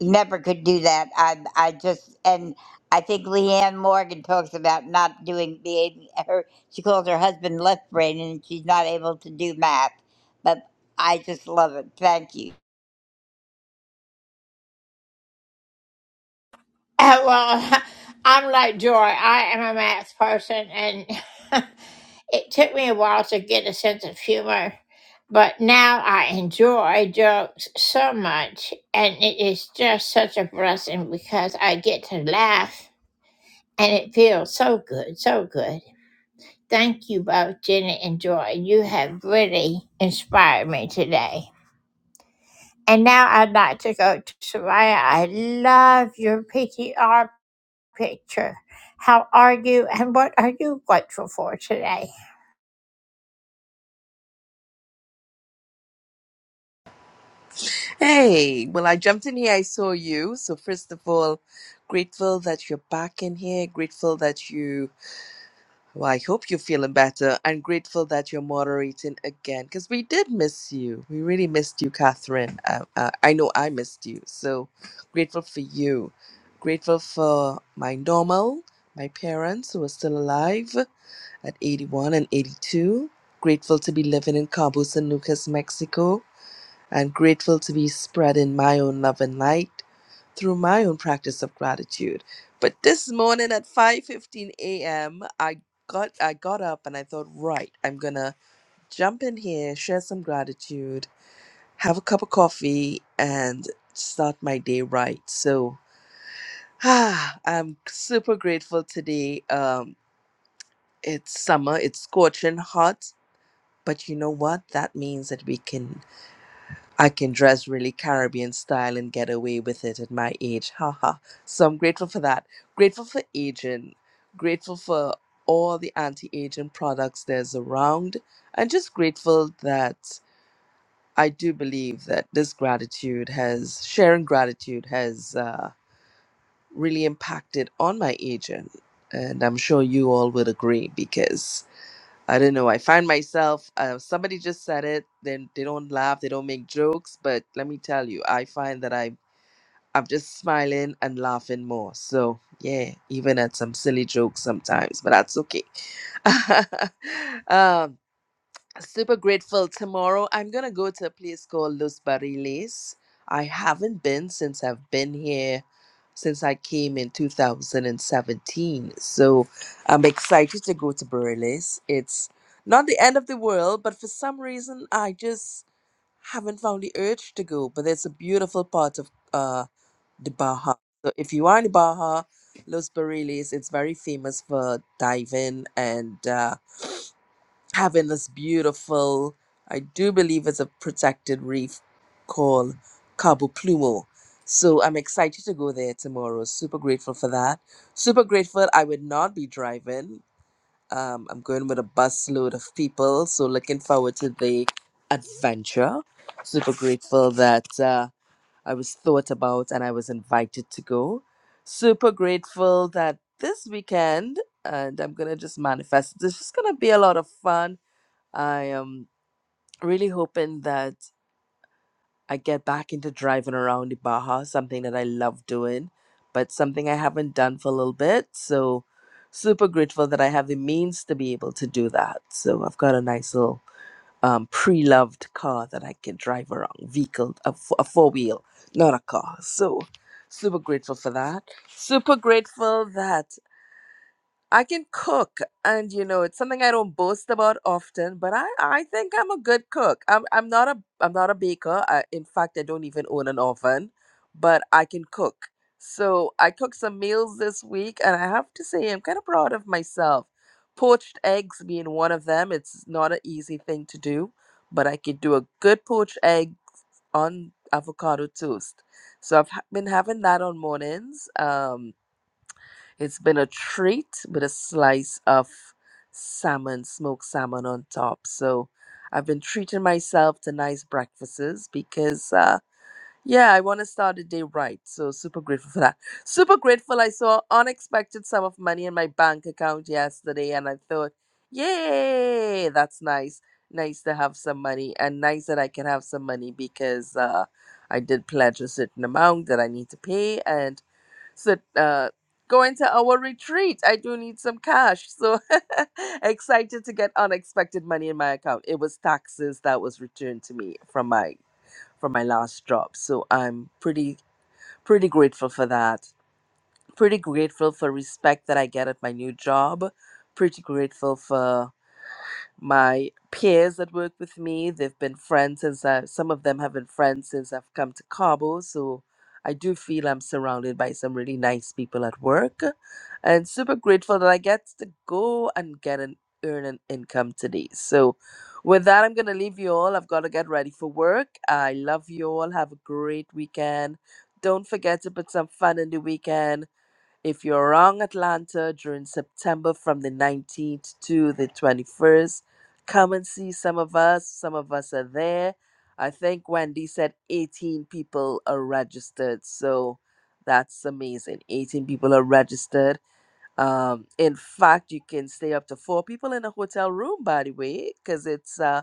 never could do that. I I just and I think Leanne Morgan talks about not doing being her. She calls her husband left brain, and she's not able to do math. But I just love it. Thank you. Uh, well, I'm like Joy. I am a math person, and it took me a while to get a sense of humor, but now I enjoy jokes so much, and it is just such a blessing because I get to laugh, and it feels so good, so good. Thank you both, Jenny and Joy. You have really inspired me today. And now I'd like to go to Soraya. I love your PTR picture. How are you and what are you grateful for today? Hey, well, I jumped in here. I saw you. So, first of all, grateful that you're back in here. Grateful that you, well, I hope you're feeling better and grateful that you're moderating again because we did miss you. We really missed you, Catherine. Uh, uh, I know I missed you. So, grateful for you. Grateful for my normal, my parents who are still alive at 81 and 82. Grateful to be living in Cabo San Lucas, Mexico I'm grateful to be spreading my own love and light through my own practice of gratitude. But this morning at 5:15 a.m., I got I got up and I thought, right, I'm going to jump in here, share some gratitude, have a cup of coffee and start my day right. So, ah, I'm super grateful today. Um it's summer, it's scorching hot, but you know what? That means that we can I can dress really Caribbean style and get away with it at my age. Haha. So I'm grateful for that. Grateful for aging. Grateful for all the anti aging products there's around. And just grateful that I do believe that this gratitude has, sharing gratitude has uh, really impacted on my aging. And I'm sure you all would agree because I don't know. I find myself, uh, somebody just said it, then they don't laugh, they don't make jokes. But let me tell you, I find that I, I'm just smiling and laughing more. So, yeah, even at some silly jokes sometimes, but that's okay. um, super grateful. Tomorrow, I'm gonna go to a place called Los Barriles. I haven't been since I've been here since I came in 2017. So I'm excited to go to Barriles. It's not the end of the world, but for some reason, I just haven't found the urge to go. But it's a beautiful part of uh, the Baja. So if you are in the Baja, Los Barriles, it's very famous for diving and. uh having this beautiful, I do believe it's a protected reef called Cabo Plumo. So I'm excited to go there tomorrow. Super grateful for that. Super grateful I would not be driving. Um, I'm going with a busload of people. So looking forward to the adventure. Super grateful that uh, I was thought about and I was invited to go. Super grateful that this weekend, and I'm going to just manifest, this is going to be a lot of fun I am really hoping that I get back into driving around the Baja, something that I love doing, but something I haven't done for a little bit. So, super grateful that I have the means to be able to do that. So, I've got a nice little um, pre loved car that I can drive around, vehicle, a, f- a four wheel, not a car. So, super grateful for that. Super grateful that. I can cook, and you know, it's something I don't boast about often, but I, I think I'm a good cook. I'm I'm not a I'm not a baker. I, in fact, I don't even own an oven, but I can cook. So I cooked some meals this week, and I have to say I'm kind of proud of myself. Poached eggs being one of them. It's not an easy thing to do, but I could do a good poached egg on avocado toast. So I've ha- been having that on mornings. Um, it's been a treat with a slice of salmon, smoked salmon on top. So I've been treating myself to nice breakfasts because, uh, yeah, I want to start the day right. So super grateful for that. Super grateful. I saw unexpected sum of money in my bank account yesterday, and I thought, yay, that's nice. Nice to have some money, and nice that I can have some money because uh, I did pledge a certain amount that I need to pay, and so uh going to our retreat i do need some cash so excited to get unexpected money in my account it was taxes that was returned to me from my from my last job so i'm pretty pretty grateful for that pretty grateful for respect that i get at my new job pretty grateful for my peers that work with me. They've been friends since I, some of them have been friends since I've come to Cabo. So I do feel I'm surrounded by some really nice people at work and super grateful that I get to go and get an earn an income today. So with that, I'm going to leave you all. I've got to get ready for work. I love you all. Have a great weekend. Don't forget to put some fun in the weekend if you're around Atlanta during September from the 19th to the 21st, come and see some of us. Some of us are there. I think Wendy said 18 people are registered. So that's amazing. 18 people are registered. Um, in fact, you can stay up to four people in a hotel room, by the way, because it's uh,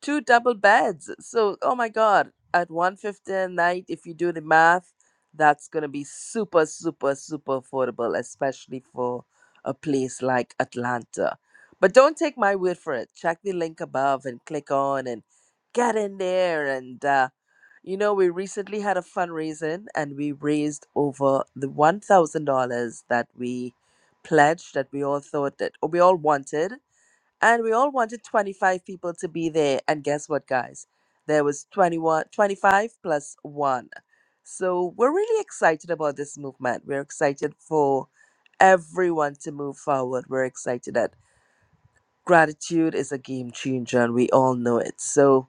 two double beds. So, oh my God, at 150 a night, if you do the math, that's going to be super, super, super affordable, especially for a place like Atlanta. But don't take my word for it. Check the link above and click on and get in there. And, uh, you know, we recently had a fundraising and we raised over the $1,000 that we pledged that we all thought that, or we all wanted. And we all wanted 25 people to be there. And guess what, guys? There was 21, 25 plus one. So we're really excited about this movement. We're excited for everyone to move forward. We're excited that gratitude is a game changer and we all know it. So,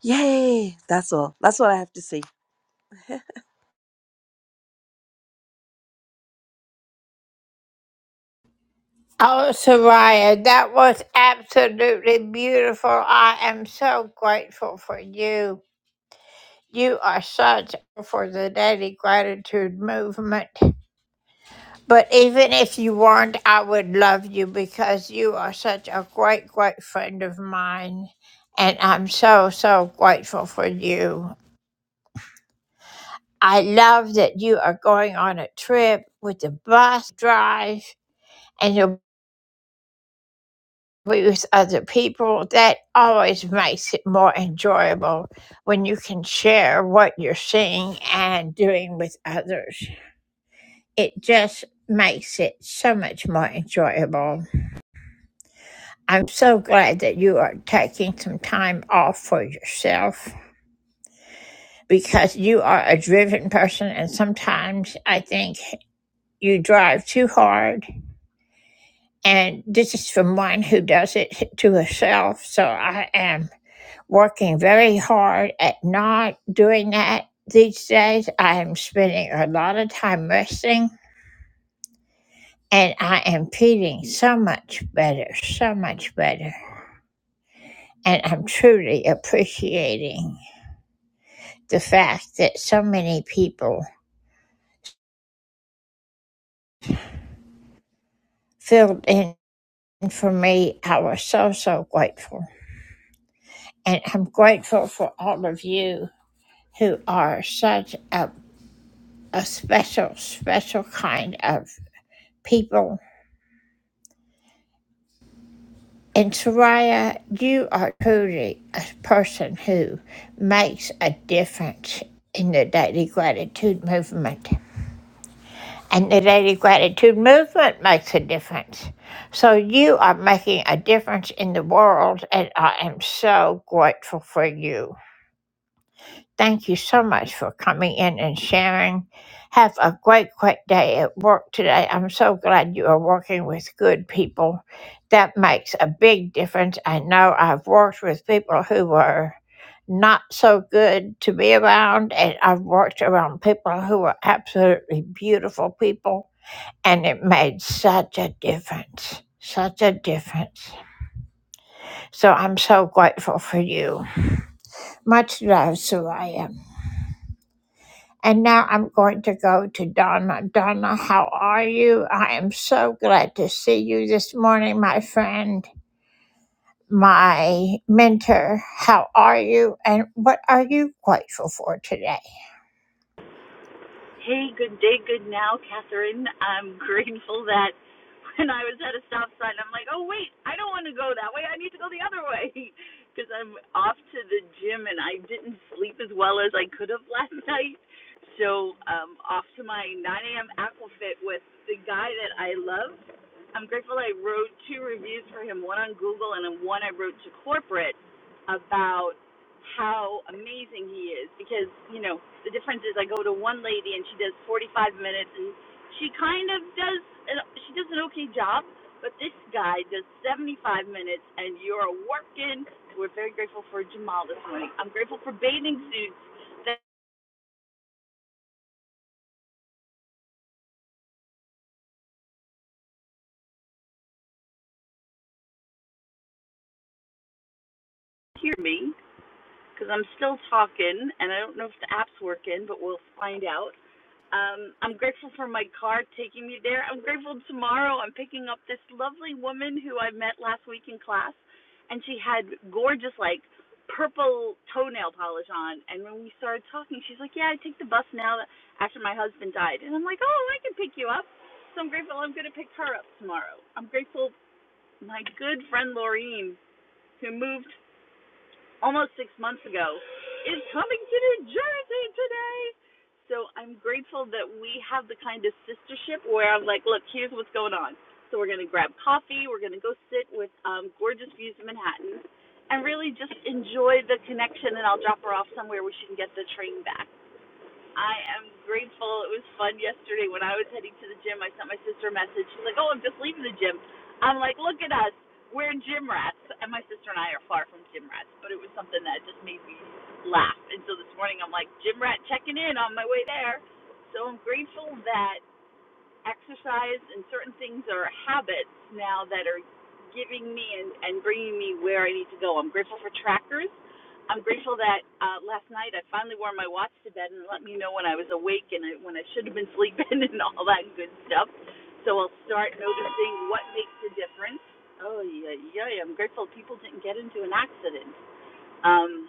yay! That's all. That's all I have to say. Oh, Soraya, that was absolutely beautiful. I am so grateful for you. You are such for the daily gratitude movement. But even if you weren't, I would love you because you are such a great, great friend of mine. And I'm so, so grateful for you. I love that you are going on a trip with the bus drive. and you'll be with other people. That always makes it more enjoyable when you can share what you're seeing and doing with others. It just makes it so much more enjoyable. I'm so glad that you are taking some time off for yourself because you are a driven person, and sometimes I think you drive too hard. And this is from one who does it to herself. So I am working very hard at not doing that these days. I am spending a lot of time resting and I am feeling so much better, so much better. And I'm truly appreciating the fact that so many people filled in for me. I was so, so grateful. And I'm grateful for all of you who are such a, a special, special kind of people And Soraya, you are truly a person who makes a difference in the Daily Gratitude Movement. And the Daily Gratitude Movement makes a difference. So you are making a difference in the world, and I am so grateful for you. Thank you so much for coming in and sharing. Have a great, great day at work today. I'm so glad you are working with good people. That makes a big difference. I know I've worked with people who were not so good to be around, and I've worked around people who were absolutely beautiful people, and it made such a difference. Such a difference. So I'm so grateful for you. Much love, Soraya. And now I'm going to go to Donna. Donna, how are you? I am so glad to see you this morning, my friend, my mentor. How are you? And what are you grateful for today? Hey, good day, good now, Catherine. I'm grateful that when I was at a stop sign, I'm like, oh, wait, I don't want to go that way. I need to go the other way because I'm off to the gym and I didn't sleep as well as I could have last night. So, um, off to my 9 a.m. Aquafit with the guy that I love. I'm grateful I wrote two reviews for him one on Google and one I wrote to corporate about how amazing he is because you know the difference is I go to one lady and she does 45 minutes and she kind of does an, she does an okay job, but this guy does 75 minutes and you're working. We're very grateful for Jamal this morning. I'm grateful for bathing suits that hear me. because I'm still talking, and I don't know if the app's working, but we'll find out. Um, I'm grateful for my car taking me there. I'm grateful tomorrow I'm picking up this lovely woman who I met last week in class, and she had gorgeous, like, purple toenail polish on. And when we started talking, she's like, Yeah, I take the bus now that- after my husband died. And I'm like, Oh, I can pick you up. So I'm grateful I'm going to pick her up tomorrow. I'm grateful my good friend Laureen, who moved almost six months ago, is coming to New Jersey today. So I'm grateful that we have the kind of sistership where I'm like, look, here's what's going on. So we're going to grab coffee, we're going to go sit with um, gorgeous views of Manhattan, and really just enjoy the connection. And I'll drop her off somewhere where she can get the train back. I am grateful. It was fun yesterday when I was heading to the gym. I sent my sister a message. She's like, "Oh, I'm just leaving the gym." I'm like, "Look at us. We're gym rats." And my sister and I are far from gym rats, but it was something that just made me laugh. And so this morning I'm like, "Gym rat checking in on my way there." So I'm grateful that exercise and certain things are habits now that are giving me and, and bringing me where I need to go. I'm grateful for trackers. I'm grateful that uh, last night I finally wore my watch to bed and let me know when I was awake and I, when I should have been sleeping and all that good stuff. So I'll start noticing what makes a difference. Oh yeah, yeah. yeah. I'm grateful people didn't get into an accident. Um,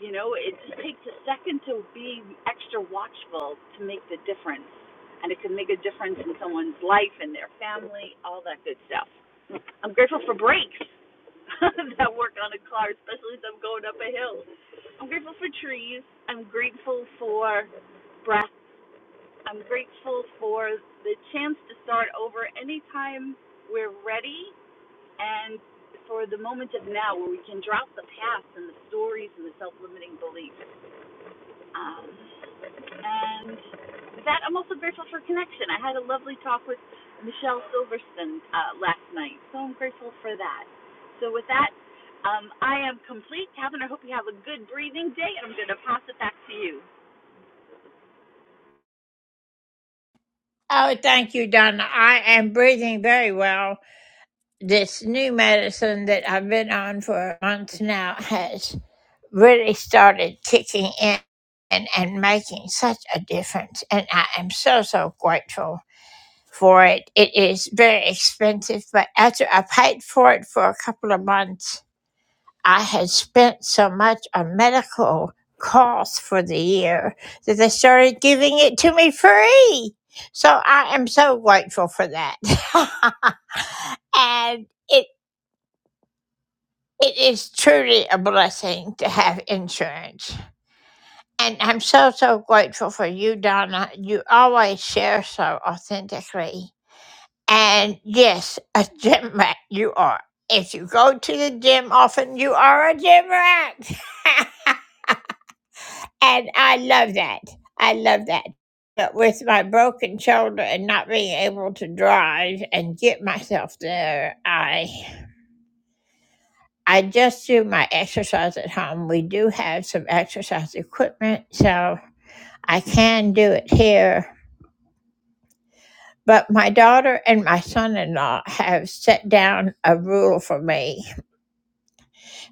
you know, it just takes a second to be extra watchful to make the difference. And it can make a difference in someone's life and their family, all that good stuff. I'm grateful for brakes that work on a car, especially as I'm going up a hill. I'm grateful for trees. I'm grateful for breath. I'm grateful for the chance to start over anytime we're ready and for the moment of now where we can drop the past and the stories and the self limiting beliefs. Um, And with that, I'm also grateful for connection. I had a lovely talk with Michelle Silverston uh, last night, so I'm grateful for that. So with that, um, I am complete. Catherine, I hope you have a good breathing day, and I'm going to pass it back to you. Oh, thank you, Donna. I am breathing very well. This new medicine that I've been on for a month now has really started kicking in and, and making such a difference. And I am so, so grateful for it. It is very expensive, but after I paid for it for a couple of months, I had spent so much on medical costs for the year that they started giving it to me free. So I am so grateful for that. and it it is truly a blessing to have insurance And I'm so, so grateful for you, Donna. You always share so authentically. And yes, a gym rat you are. If you go to the gym often, you are a gym rat. and I love that. I love that. But with my broken shoulder and not being able to drive and get myself there, I I just do my exercise at home. We do have some exercise equipment, so I can do it here But my daughter and my son in law have set down a rule for me.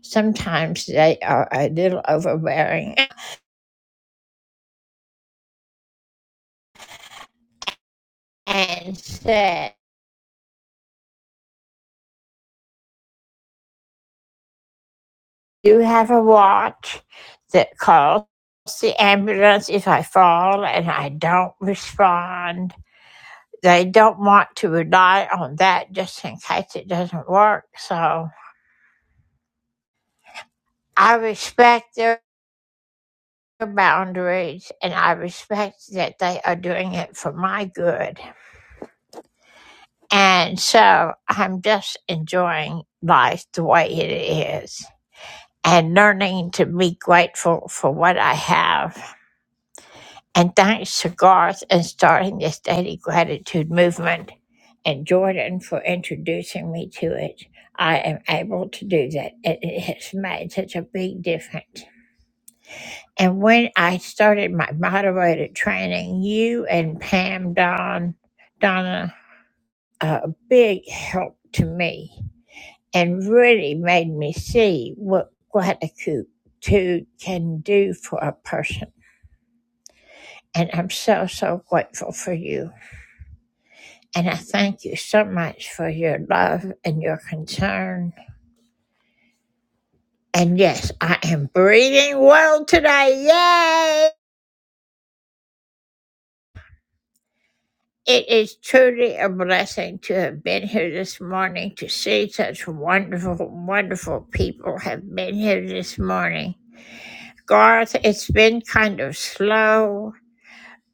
Sometimes they are a little overbearing and said, You have a watch that calls the ambulance if I fall and I don't respond. They don't want to rely on that just in case it doesn't work. So I respect their boundaries and I respect that they are doing it for my good And so I'm just enjoying life the way it is and learning to be grateful for what I have. And thanks to Garth and starting this daily gratitude movement and Jordan for introducing me to it. I am able to do that. and It has made such a big difference. And when I started my moderator training, you and Pam Don, Donna, uh, a big help to me and really made me see what gratitude can do for a person. And I'm so, so grateful for you. And I thank you so much for your love and your concern. And yes, I am breathing well today. Yay! It is truly a blessing to have been here this morning, to see such wonderful, wonderful people have been here this morning. Garth, it's been kind of slow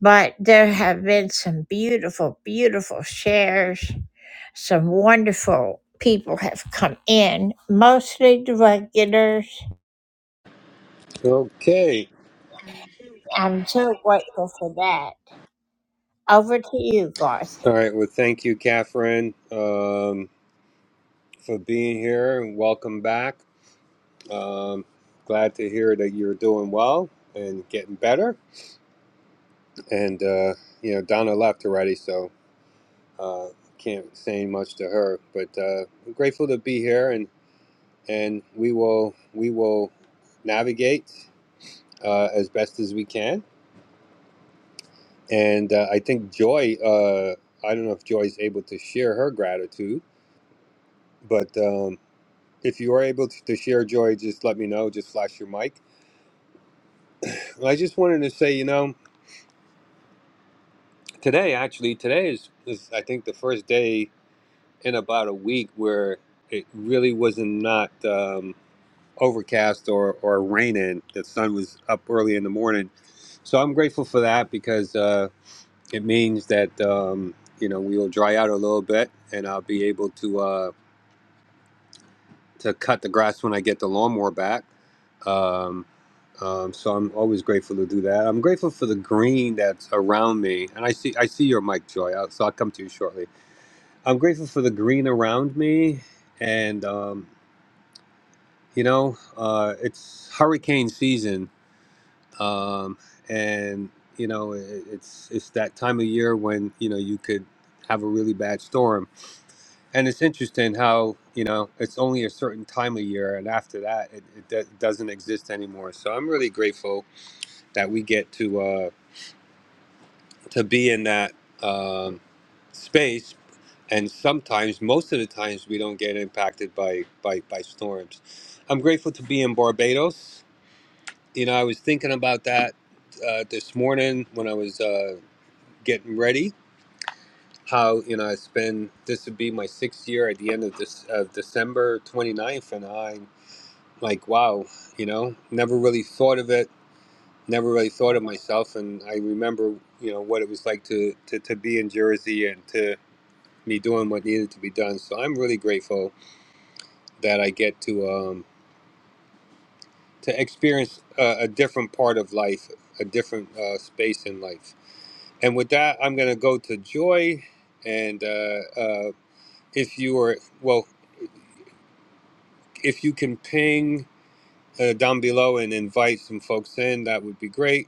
But there have been some beautiful, beautiful shares. Some wonderful people have come in, mostly the regulars. Okay. I'm so grateful for that. Over to you, Garth. All right. Well, thank you, Catherine, um, for being here and welcome back. Um, glad to hear that you're doing well and getting better. And, uh, you know, Donna left already, so uh, can't say much to her. But uh, I'm grateful to be here and, and we will we will navigate uh, as best as we can. And uh, I think Joy, uh, I don't know if Joy's able to share her gratitude, but. Um, if you are able to, to share joy, just let me know. Just flash your mic. I just wanted to say, you know, today actually, today is, is I think the first day in about a week where it really wasn't not um, overcast or or raining. The sun was up early in the morning, so I'm grateful for that because uh, it means that um, you know we will dry out a little bit and I'll be able to. Uh, to cut the grass when I get the lawnmower back. Um, um, so I'm always grateful to do that. I'm grateful for the green that's around me, and I see I see your mic, Joy. I'll, so I'll come to you shortly. I'm grateful for the green around me, and um, you know uh, it's hurricane season, um, and you know it, it's it's that time of year when you know you could have a really bad storm and it's interesting how, you know, it's only a certain time of year, and after that, it, it do- doesn't exist anymore. So I'm really grateful that we get to uh, to be in that um, space. And sometimes, most of the times, we don't get impacted by, by, by storms. I'm grateful to be in Barbados. You know, I was thinking about that uh, this morning when I was uh, getting ready. How you know it's been? This would be my sixth year at the end of this of December 29th, and I like wow you know never really thought of it never really thought of myself and i remember you know what it was like to to, to be in jersey and to me doing what needed to be done so i'm really grateful that i get to um to experience a, a different part of life a different uh, space in life and with that i'm going to go to joy and uh, uh, if you are well if you can ping uh, down below and invite some folks in that would be great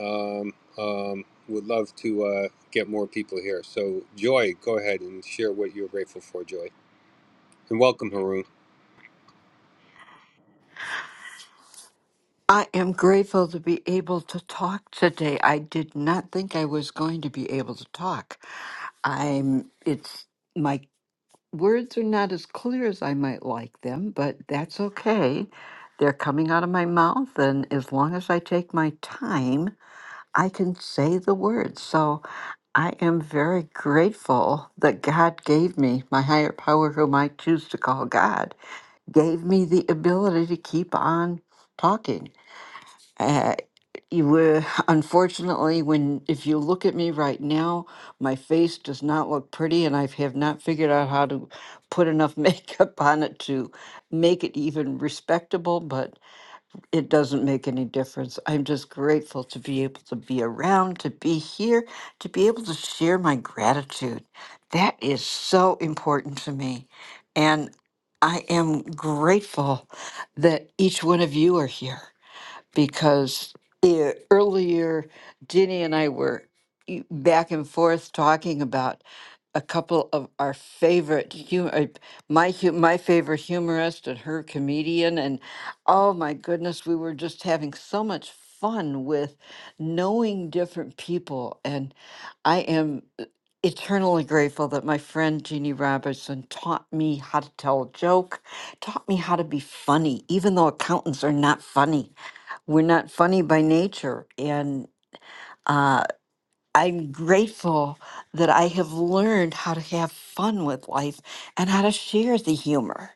Um, um, would love to uh, get more people here. So, Joy, go ahead and share what you're grateful for, Joy. And welcome, Haroon. I am grateful to be able to talk today. I did not think I was going to be able to talk. I'm it's my words are not as clear as I might like them, but that's okay. They're coming out of my mouth and as long as I take my time, I can say the words. So I am very grateful that God gave me, my higher power, whom I choose to call God, gave me the ability to keep on talking. Uh, you were unfortunately when if you look at me right now, my face does not look pretty, and I have not figured out how to put enough makeup on it to make it even respectable. But it doesn't make any difference. I'm just grateful to be able to be around, to be here, to be able to share my gratitude. That is so important to me, and I am grateful that each one of you are here because the earlier Ginny and I were e- back and forth talking about a couple of our favorite humor, my hu- my favorite humorist and her comedian, and oh my goodness, we were just having so much fun with knowing different people, and I am uh, eternally grateful that my friend Jeannie Robertson taught me how to tell a joke, taught me how to be funny, even though accountants are not funny. We're not funny by nature. And uh, I'm grateful that I have learned how to have fun with life and how to share the humor.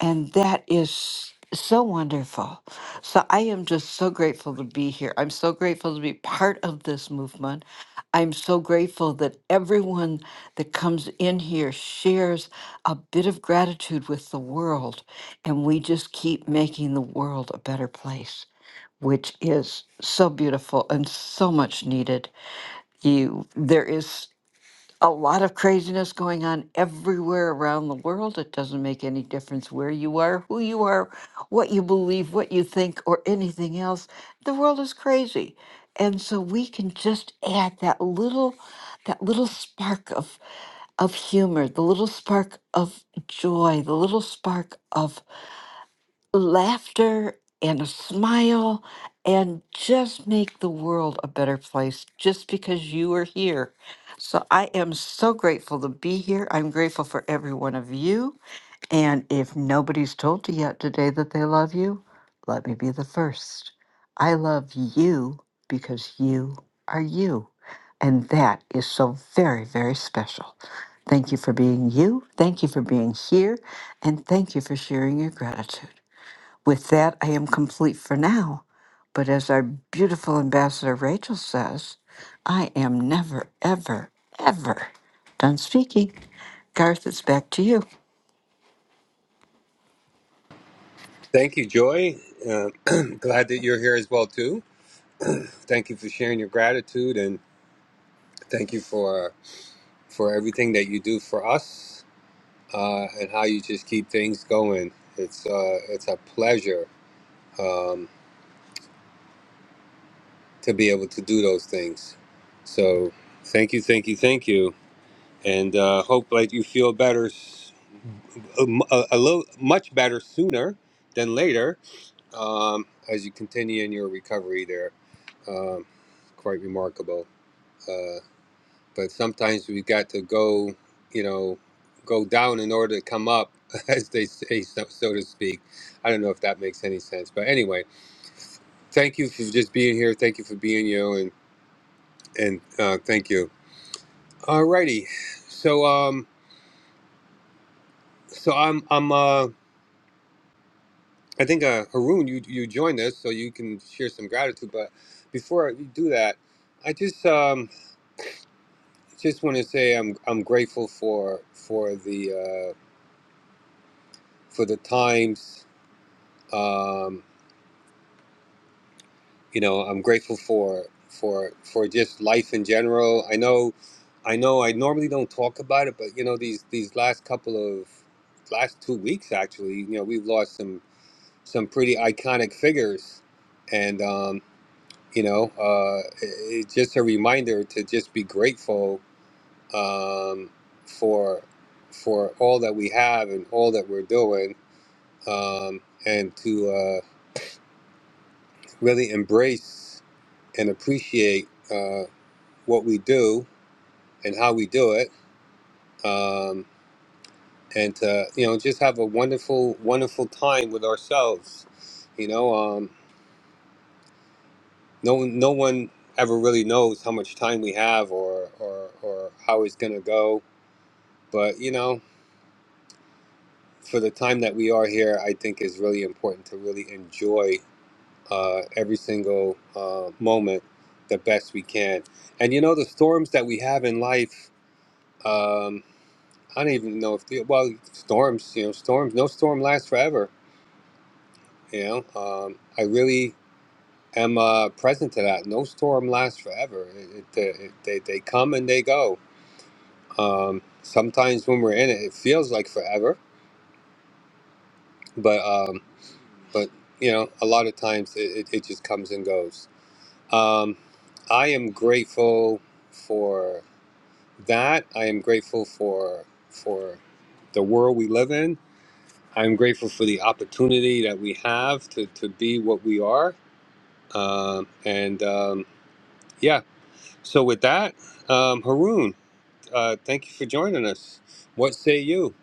And that is so wonderful. So I am just so grateful to be here. I'm so grateful to be part of this movement. I'm so grateful that everyone that comes in here shares a bit of gratitude with the world, and we just keep making the world a better place which is so beautiful and so much needed. You there is a lot of craziness going on everywhere around the world. It doesn't make any difference where you are, who you are, what you believe, what you think, or anything else. The world is crazy. And so we can just add that little that little spark of of humor, the little spark of joy, the little spark of laughter and a smile and just make the world a better place just because you are here. So I am so grateful to be here. I'm grateful for every one of you. And if nobody's told you yet today that they love you, let me be the first. I love you because you are you. And that is so very, very special. Thank you for being you. Thank you for being here. And thank you for sharing your gratitude. With that, I am complete for now. But as our beautiful ambassador Rachel says, I am never, ever, ever done speaking. Garth, it's back to you. Thank you, Joy. Uh, glad that you're here as well, too. Thank you for sharing your gratitude and thank you for for everything that you do for us uh, and how you just keep things going. It's uh, it's a pleasure um, to be able to do those things. So, thank you, thank you, thank you, and uh, hope that you feel better a, a- a little much better sooner than later um, as you continue in your recovery there um, quite remarkable uh, but sometimes we got to go you know go down in order to come up as they say so, so to speak i don't know if that makes any sense but anyway thank you for just being here thank you for being you and and uh, thank you alrighty so um so i'm i'm uh I think uh, Haroon, you you joined us, so you can share some gratitude. But before you do that, I just um, just want to say I'm I'm grateful for for the uh, for the times. Um, you know, I'm grateful for for for just life in general. I know, I know. I normally don't talk about it, but you know, these these last couple of last two weeks, actually, you know, we've lost some some pretty iconic figures, and um, you know uh it, it's just a reminder to just be grateful um for for all that we have and all that we're doing um and to uh really embrace and appreciate uh what we do and how we do it um and to you know just have a wonderful wonderful time with ourselves you know um no one no one ever really knows how much time we have or or or how it's gonna go but you know for the time that we are here, I think is really important to really enjoy uh, every single uh, moment the best we can. And you know, the storms that we have in life, um, I don't even know if, the, well, storms, you know, storms, no storm lasts forever. You know, um, I really am uh, present to that. No storm lasts forever. It, it, it, they, they come and they go. Um, sometimes when we're in it, it feels like forever. But um, but you know, a lot of times it, it, it just comes and goes. Um, I am grateful for that. I am grateful for for the world we live in. I'm grateful for the opportunity that we have to, to be what we are. Um, and um, yeah, so with that, um, Haroon, uh, thank you for joining us. What say you?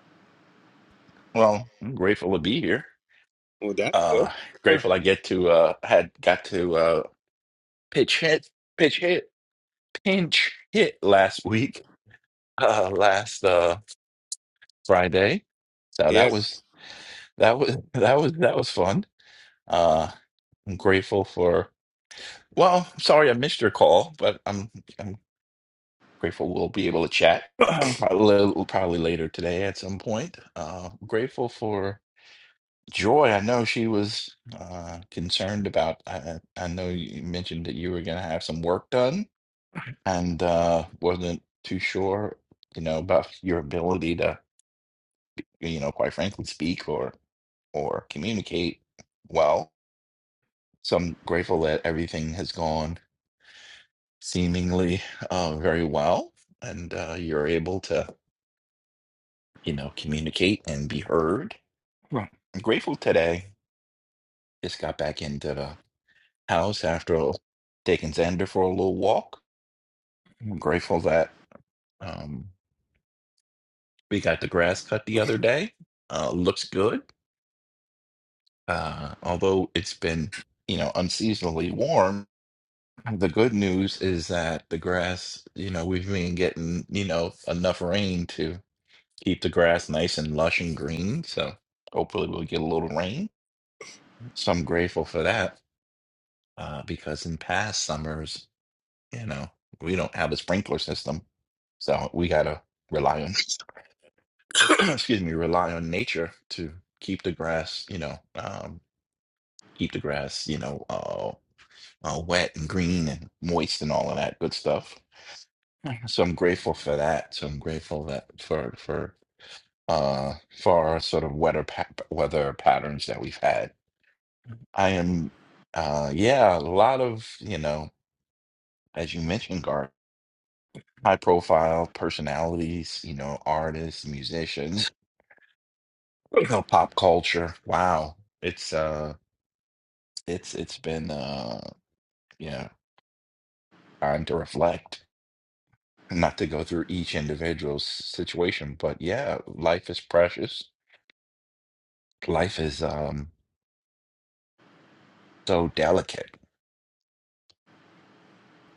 Well, I'm grateful to be here. Well, that's good. Uh, grateful I get to uh had got to uh pitch hit, pitch hit, pinch hit last week, uh last uh Friday. So that Yes, was that was that was that was fun. Uh, I'm grateful for. Well, I'm sorry I missed your call, but I'm I'm grateful we'll be able to chat probably probably later today at some point. Uh, grateful for. Joy, I know she was uh, concerned about. I, I I know you mentioned that you were going to have some work done and uh, wasn't too sure, you know, about your ability to, you know, quite frankly, speak or or communicate well. So I'm grateful that everything has gone seemingly uh, very well, and uh, you're able to, you know, communicate and be heard. Right. I'm grateful today. Just got back into the house after taking Xander for a little walk. I'm grateful that um, we got the grass cut the other day. Uh, looks good. Uh, although it's been, you know, unseasonably warm, the good news is that the grass, you know, we've been getting, you know, enough rain to keep the grass nice and lush and green. So hopefully we'll get a little rain. So I'm grateful for that uh, because in past summers You know, we don't have a sprinkler system, so we gotta rely on, excuse me, rely on nature to keep the grass, you know, um, keep the grass, you know, uh, uh, wet and green and moist and all of that good stuff. Mhm. So I'm grateful for that. So I'm grateful that for for uh for our sort of weather pa- weather patterns that we've had. I am, uh, yeah, a lot of you know, as you mentioned, Garth. high profile personalities, you know, artists, musicians, you know, pop culture. Wow. It's uh it's it's been uh yeah, time to reflect. Not to go through each individual's situation, but yeah, life is precious. Life is um so delicate.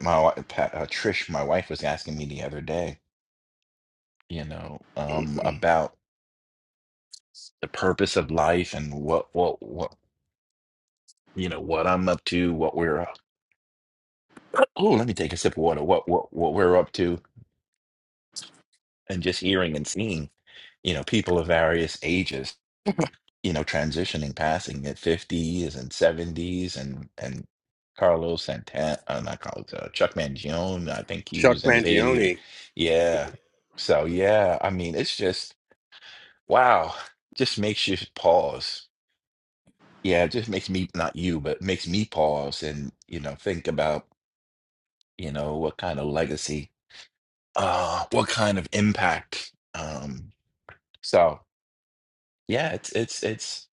My wi- Pa- uh, Trish, my wife was asking me the other day, you know, um about the purpose of life and what what what you know what I'm up to, what we're oh, let me take a sip of water. What what what we're up to, and just hearing and seeing, you know, people of various ages, you know, transitioning, passing at fifties and seventies, and and Carlos Santana, uh, not Carlos, uh, Chuck Mangione. I think he Chuck was in his eighties. Mangione. Yeah. So yeah, I mean, it's just wow. Just makes you pause. Yeah, it just makes me not you, but makes me pause and you know think about you know what kind of legacy uh, what kind of impact. Um, so yeah, it's it's it's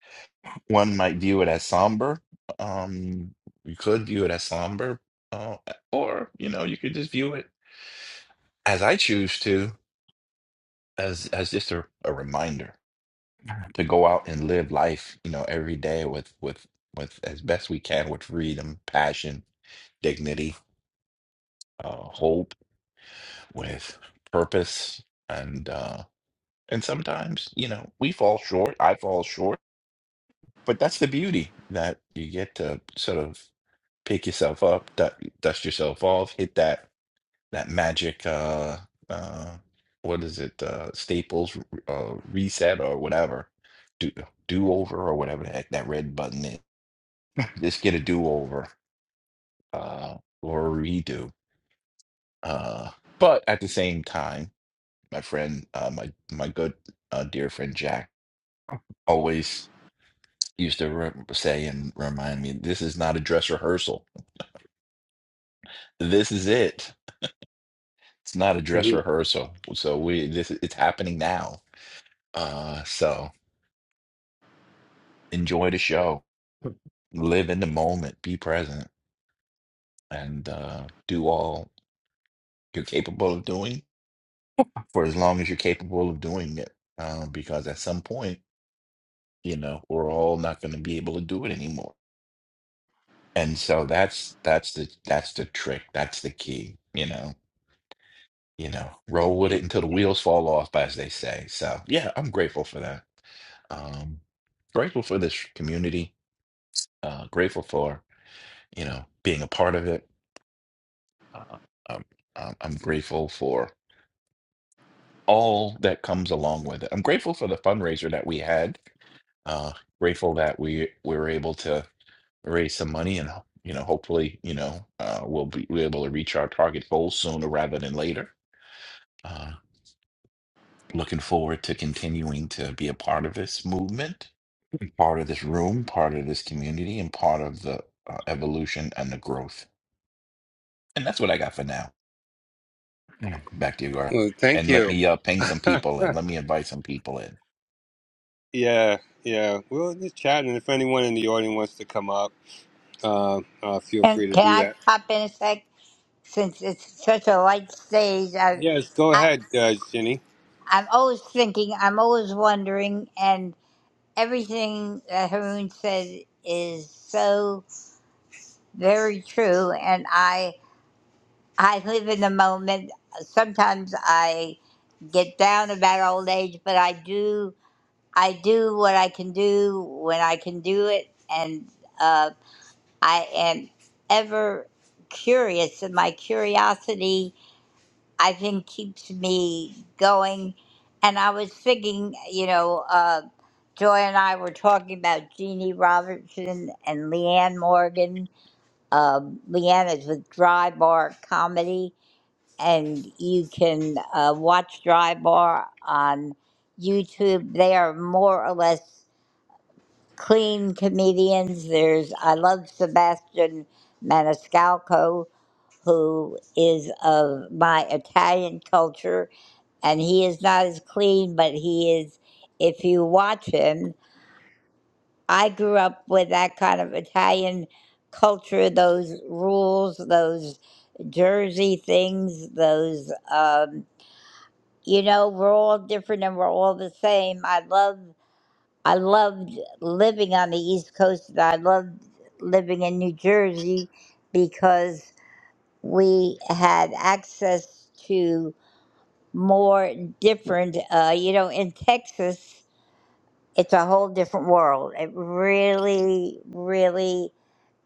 one might view it as somber. Um, you could view it as somber, uh, or you know, you could just view it as I choose to, as as just a, a reminder to go out and live life. You know, every day with with with as best we can with freedom, passion, dignity, uh, hope, with purpose, and uh, and sometimes you know we fall short. I fall short but that's the beauty that you get to sort of pick yourself up, du- dust yourself off, hit that that magic uh uh what is it uh Staples uh reset or whatever do do over or whatever the heck that red button is. Just get a do over uh or a redo. Uh but at the same time, my friend uh my my good uh dear friend Jack always used to re- say and remind me this is not a dress rehearsal This is it. It's not a dress Mhm. rehearsal. So we this it's happening now. Uh so enjoy the show. Live in the moment, be present, and uh do all you're capable of doing for as long as you're capable of doing it. Um, because at some point, you know, we're all not gonna be able to do it anymore. And so that's that's the that's the trick. That's the key, you know. You know, roll with it until the wheels fall off, as they say. So yeah, I'm grateful for that. Um, grateful for this community. Uh, grateful for you know being a part of it. Uh, um, um, I'm grateful for all that comes along with it. I'm grateful for the fundraiser that we had. Uh, grateful that we we were able to raise some money and you know hopefully you know uh, we'll be, we'll be able to reach our target goal sooner rather than later. Uh, Looking forward to continuing to be a part of this movement, part of this room, part of this community, and part of the uh, evolution and the growth. And that's what I got for now. Mm. Back to you, Gar. Well, thank And let you. me uh, ping some people in. Let me invite some people in. Yeah, yeah. We are just chatting. If anyone in the audience wants to come up, uh, uh, feel And free to can do I that. pop in a sec? Since it's such a light stage, I, Yes, go I ahead, uh, Ginny. I'm always thinking. I'm always wondering, and everything that Haroon said is so very true. And I. I live in the moment. Sometimes I get down about old age, but I do I do what I can do when I can do it, and uh, I am ever curious, and my curiosity I think keeps me going. And I was thinking, you know, uh, Joy and I were talking about Jeannie Robertson and Leanne Morgan. Um, Leanne is with Dry Bar Comedy and you can uh, watch Dry Bar on YouTube. They are more or less clean comedians. There's I love Sebastian Maniscalco, who is of my Italian culture, and he is not as clean, but he is. If you watch him, I grew up with that kind of Italian culture, those rules, those Jersey things, those. Um, you know we're all different and we're all the same i love i loved living on the east coast and i loved living in new jersey because we had access to more different uh, you know in texas it's a whole different world it really really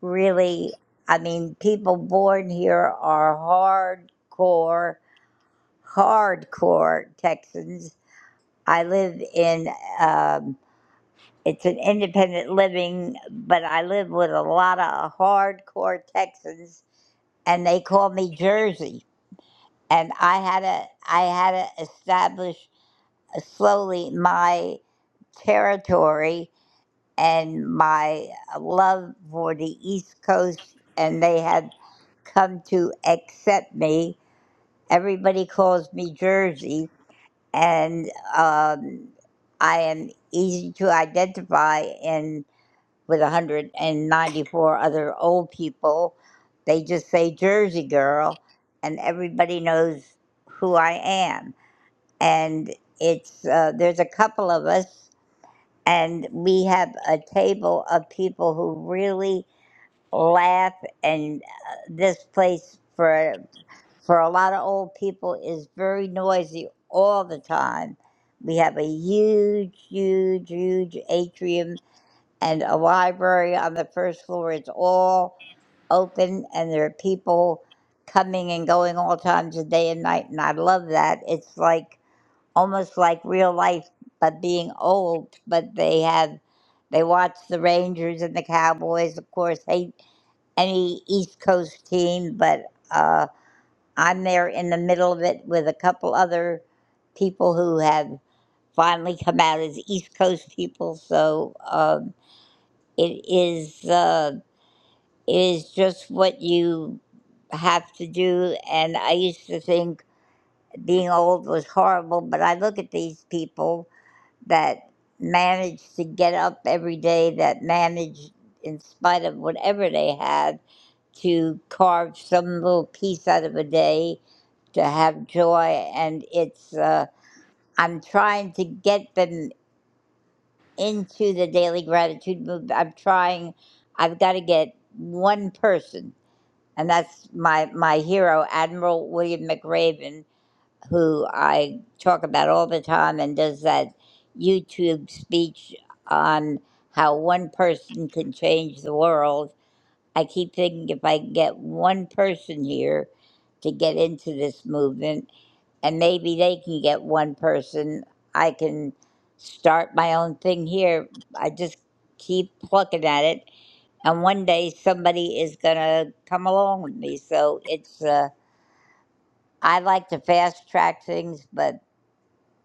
really i mean people born here are hardcore hardcore texans I live in um, it's an independent living, but I live with a lot of hardcore Texans, and they call me Jersey. And I had to I had to establish uh, slowly my territory and my love for the East Coast, and they had come to accept me. Everybody calls me Jersey, and um, I am easy to identify in with 194 other old people. They just say Jersey girl, and everybody knows who I am. And it's uh, there's a couple of us, and we have a table of people who really laugh, and uh, this place for for a lot of old people is very noisy all the time. We have a huge, huge, huge atrium and a library on the first floor. It's all open and there are people coming and going all times of day and night. And I love that. It's like almost like real life, but being old, but they have. They watch the Rangers and the Cowboys, of course, hate any East Coast team, but uh. I'm there in the middle of it with a couple other people who have finally come out as East Coast people. So um, it is uh, it is just what you have to do. And I used to think being old was horrible, but I look at these people that manage to get up every day, that manage, in spite of whatever they have, to carve some little piece out of a day to have joy and it's uh, i'm trying to get them into the daily gratitude movement i'm trying i've got to get one person and that's my my hero admiral william mcraven who i talk about all the time and does that youtube speech on how one person can change the world I keep thinking if I can get one person here to get into this movement, and maybe they can get one person, I can start my own thing here. I just keep plucking at it, and one day somebody is gonna come along with me. So it's uh, I like to fast track things, but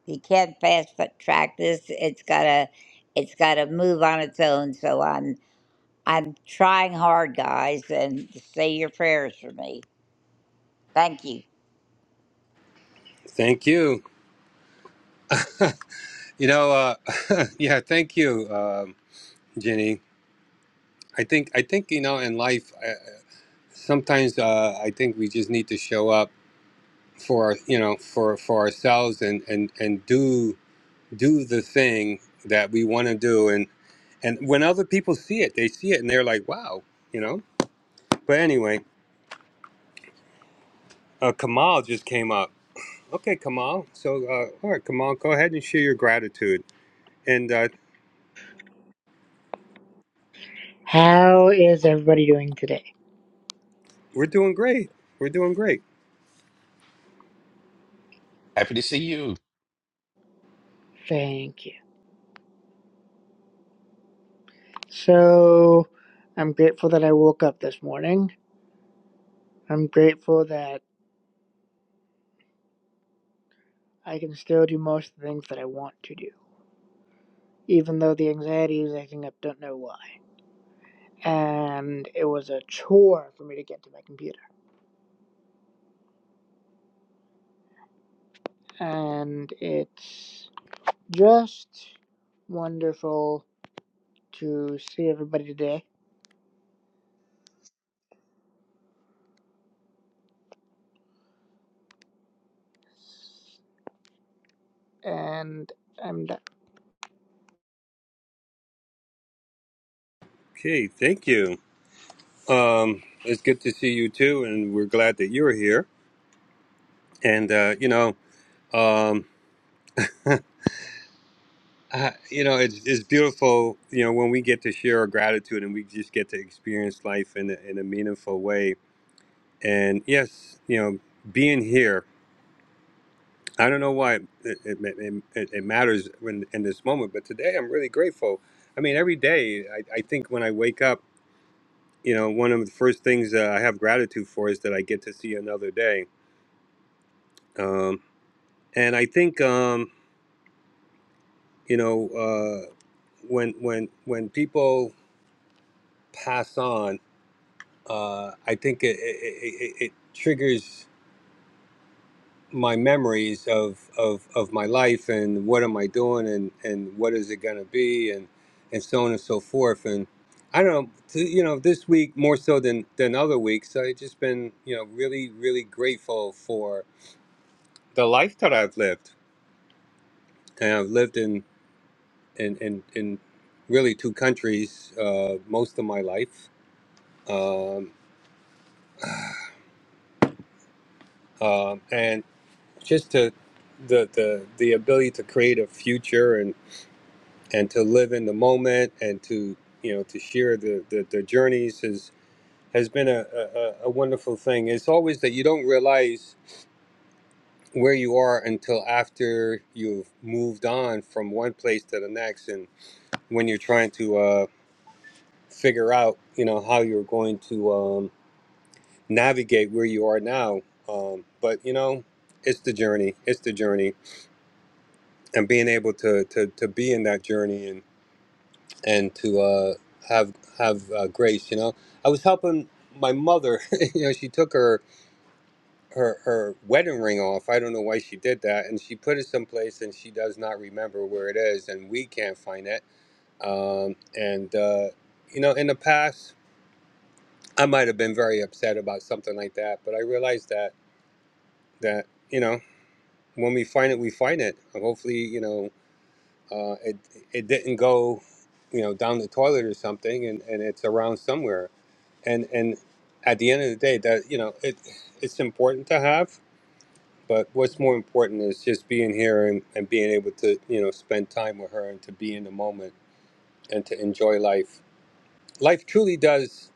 you can't fast track this. It's gotta it's gotta move on its own. So I'm. I'm trying hard, guys, and say your prayers for me. Thank you. Thank you. You know, uh, yeah, thank you, um, Ginny. I think I think you know in life, uh, sometimes uh, I think we just need to show up for you know for for ourselves and and and do do the thing that we want to do and and when other people see it, they see it and they're like, wow, you know. But anyway. Uh, Kamal just came up. Okay, Kamal. So, uh, all right, Kamal, go ahead and share your gratitude. And uh, How is everybody doing today? we're doing great. We're doing great. Happy to see you. Thank you. So, I'm grateful that I woke up this morning. I'm grateful that I can still do most of the things that I want to do, even though the anxiety is acting up, don't know why. And it was a chore for me to get to my computer. And it's just wonderful to see everybody today. And I'm done. Okay, thank you. Um, it's good to see you too, and we're glad that you're here. And uh, you know, um, I, you know, it's it's beautiful. You know, when we get to share our gratitude and we just get to experience life in a, in a meaningful way. And yes, you know, being here I don't know why it, it, it, it, it matters when, in this moment, but today I'm really grateful. I mean, every day I, I think when I wake up, you know, one of the first things uh, I have gratitude for is that I get to see another day. Um, and I think, um, you know, uh, when when when people pass on, uh, I think it, it, it, it it triggers. my memories of, of, of my life and what am I doing and, and what is it going to be and, and so on and so forth. And I don't know, to, you know, this week more so than, than other weeks, I've just been, you know, really, really grateful for the life that I've lived. And I've lived in, in, in, in really two countries uh, most of my life. Um, um, and just to the, the, the ability to create a future and to live in the moment and to you know to share the the, the journeys has has been a, a a wonderful thing it's always that you don't realize where you are until after you've moved on from one place to the next and when you're trying to uh figure out you know how you're going to um navigate where you are now um but you know it's the journey it's the journey and being able to to to be in that journey and to uh, have have uh, grace. You know, I was helping my mother. you know, she took her her her wedding ring off. I don't know why she did that, and she put it someplace, and she does not remember where it is, and we can't find it. Um, and uh, you know, in the past, I might have been very upset about something like that, but I realized that that you know. When we find it, we find it. And Hopefully, you know, uh, it it didn't go, you know, down the toilet or something, and, and it's around somewhere, and and at the end of the day, that you know, it it's important to have, but what's more important is just being here and, and being able to you know spend time with her and to be in the moment and to enjoy life. Life truly does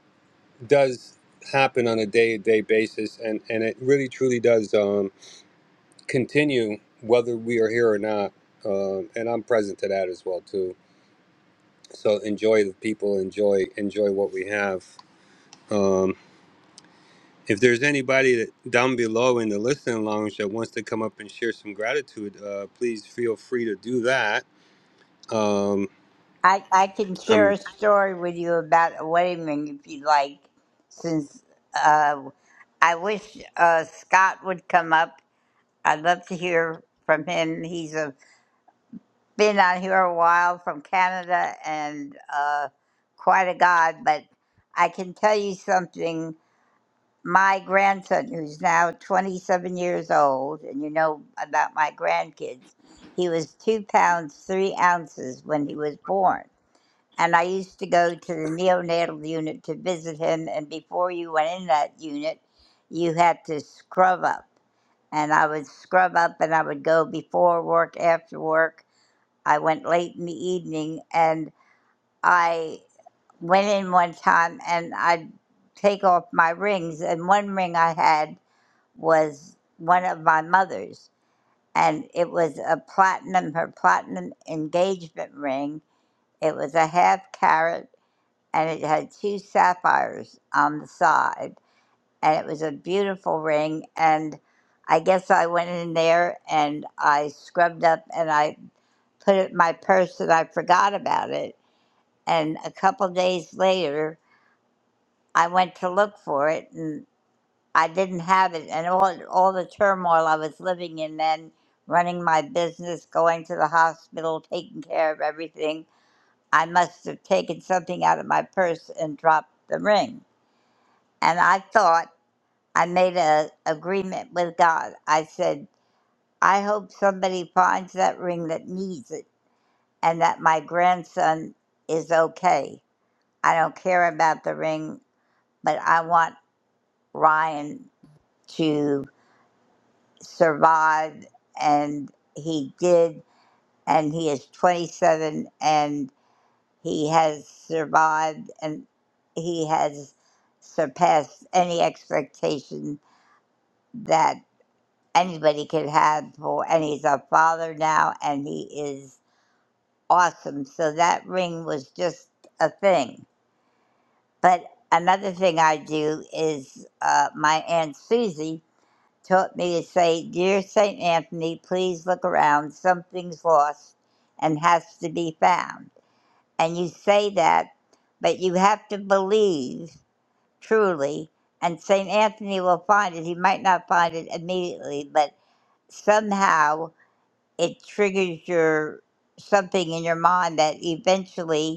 does happen on a day to day basis, and and it really truly does um, continue whether we are here or not, um, and I'm present to that as well too so enjoy the people enjoy enjoy what we have um if there's anybody that down below in the listening lounge that wants to come up and share some gratitude uh please feel free to do that um I, I can share i'm a story with you about a wedding ring if you would like, since uh, I wish uh, Scott would come up. I'd love to hear from him. He's uh been out here a while from Canada and uh, quite a god, but I can tell you something. my grandson, who's now 27 years old, and you know about my grandkids, he was two pounds, three ounces when he was born. And I used to go to the neonatal unit to visit him. And before you went in that unit, you had to scrub up. And I would scrub up and I would go before work, after work. I went late in the evening and I went in one time and I'd take off my rings. And one ring I had was one of my mother's, and it was a platinum, her platinum engagement ring. It was a half carat, and it had two sapphires on the side, and it was a beautiful ring. And I guess I went in there and I scrubbed up and I put it in my purse, and I forgot about it. And a couple days later, I went to look for it, and. I didn't have it, and all all the turmoil I was living in then, running my business, going to the hospital, taking care of everything. I must have taken something out of my purse and dropped the ring. And I thought I made a agreement with God. I said, I hope somebody finds that ring that needs it, and that my grandson is okay. I don't care about the ring, but I want Ryan to. survived and he did and he is 27 and he has survived and he has surpassed any expectation that anybody could have for and he's a father now and he is awesome so that ring was just a thing but another thing i do is uh, my aunt susie taught me to say, Dear St. Anthony, please look around. Something's lost and has to be found. And you say that, but you have to believe truly, and St. Anthony will find it. He might not find it immediately, but somehow it triggers your something in your mind that eventually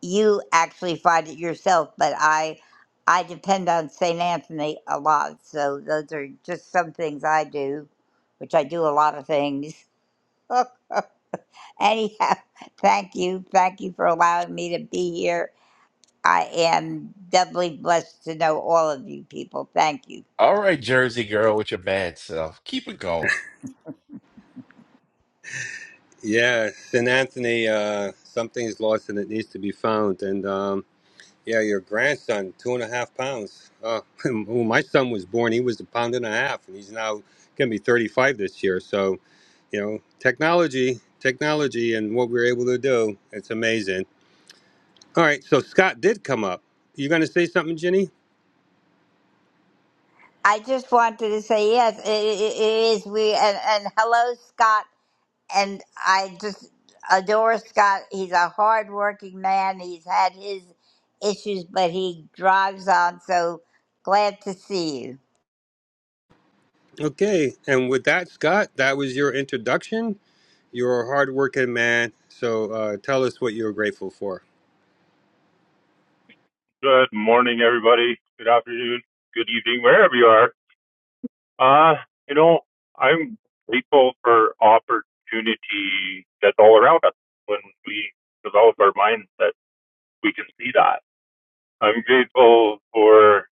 you actually find it yourself, but I I depend on St. Anthony a lot. So those are just some things I do, which I do a lot of things. Anyhow, thank you. Thank you for allowing me to be here. I am doubly blessed to know all of you people. Thank you. All right, Jersey girl with your bad self. Keep it going. yeah st anthony uh something is lost and it needs to be found and um, Yeah, your grandson, two and a half pounds. Uh, when my son was born, he was a pound and a half, and he's now going to be 35 this year. So, you know, technology, technology, and what we were able to do, it's amazing. All right, so Scott did come up. You going to say something, Ginny? I just wanted to say yes, it, it it is we and, and hello Scott. and I just adore Scott. He's a hardworking man. He's had his issues, but he drives on. So glad to see you. Okay, and with that, Scott, that was your introduction. You're a hardworking man, so uh, tell us what you're grateful for. Good morning, everybody. Good afternoon. Good evening, wherever you are. Uh, you know, I'm grateful for opportunity that's all around us when we develop our minds that we can see that. I'm grateful for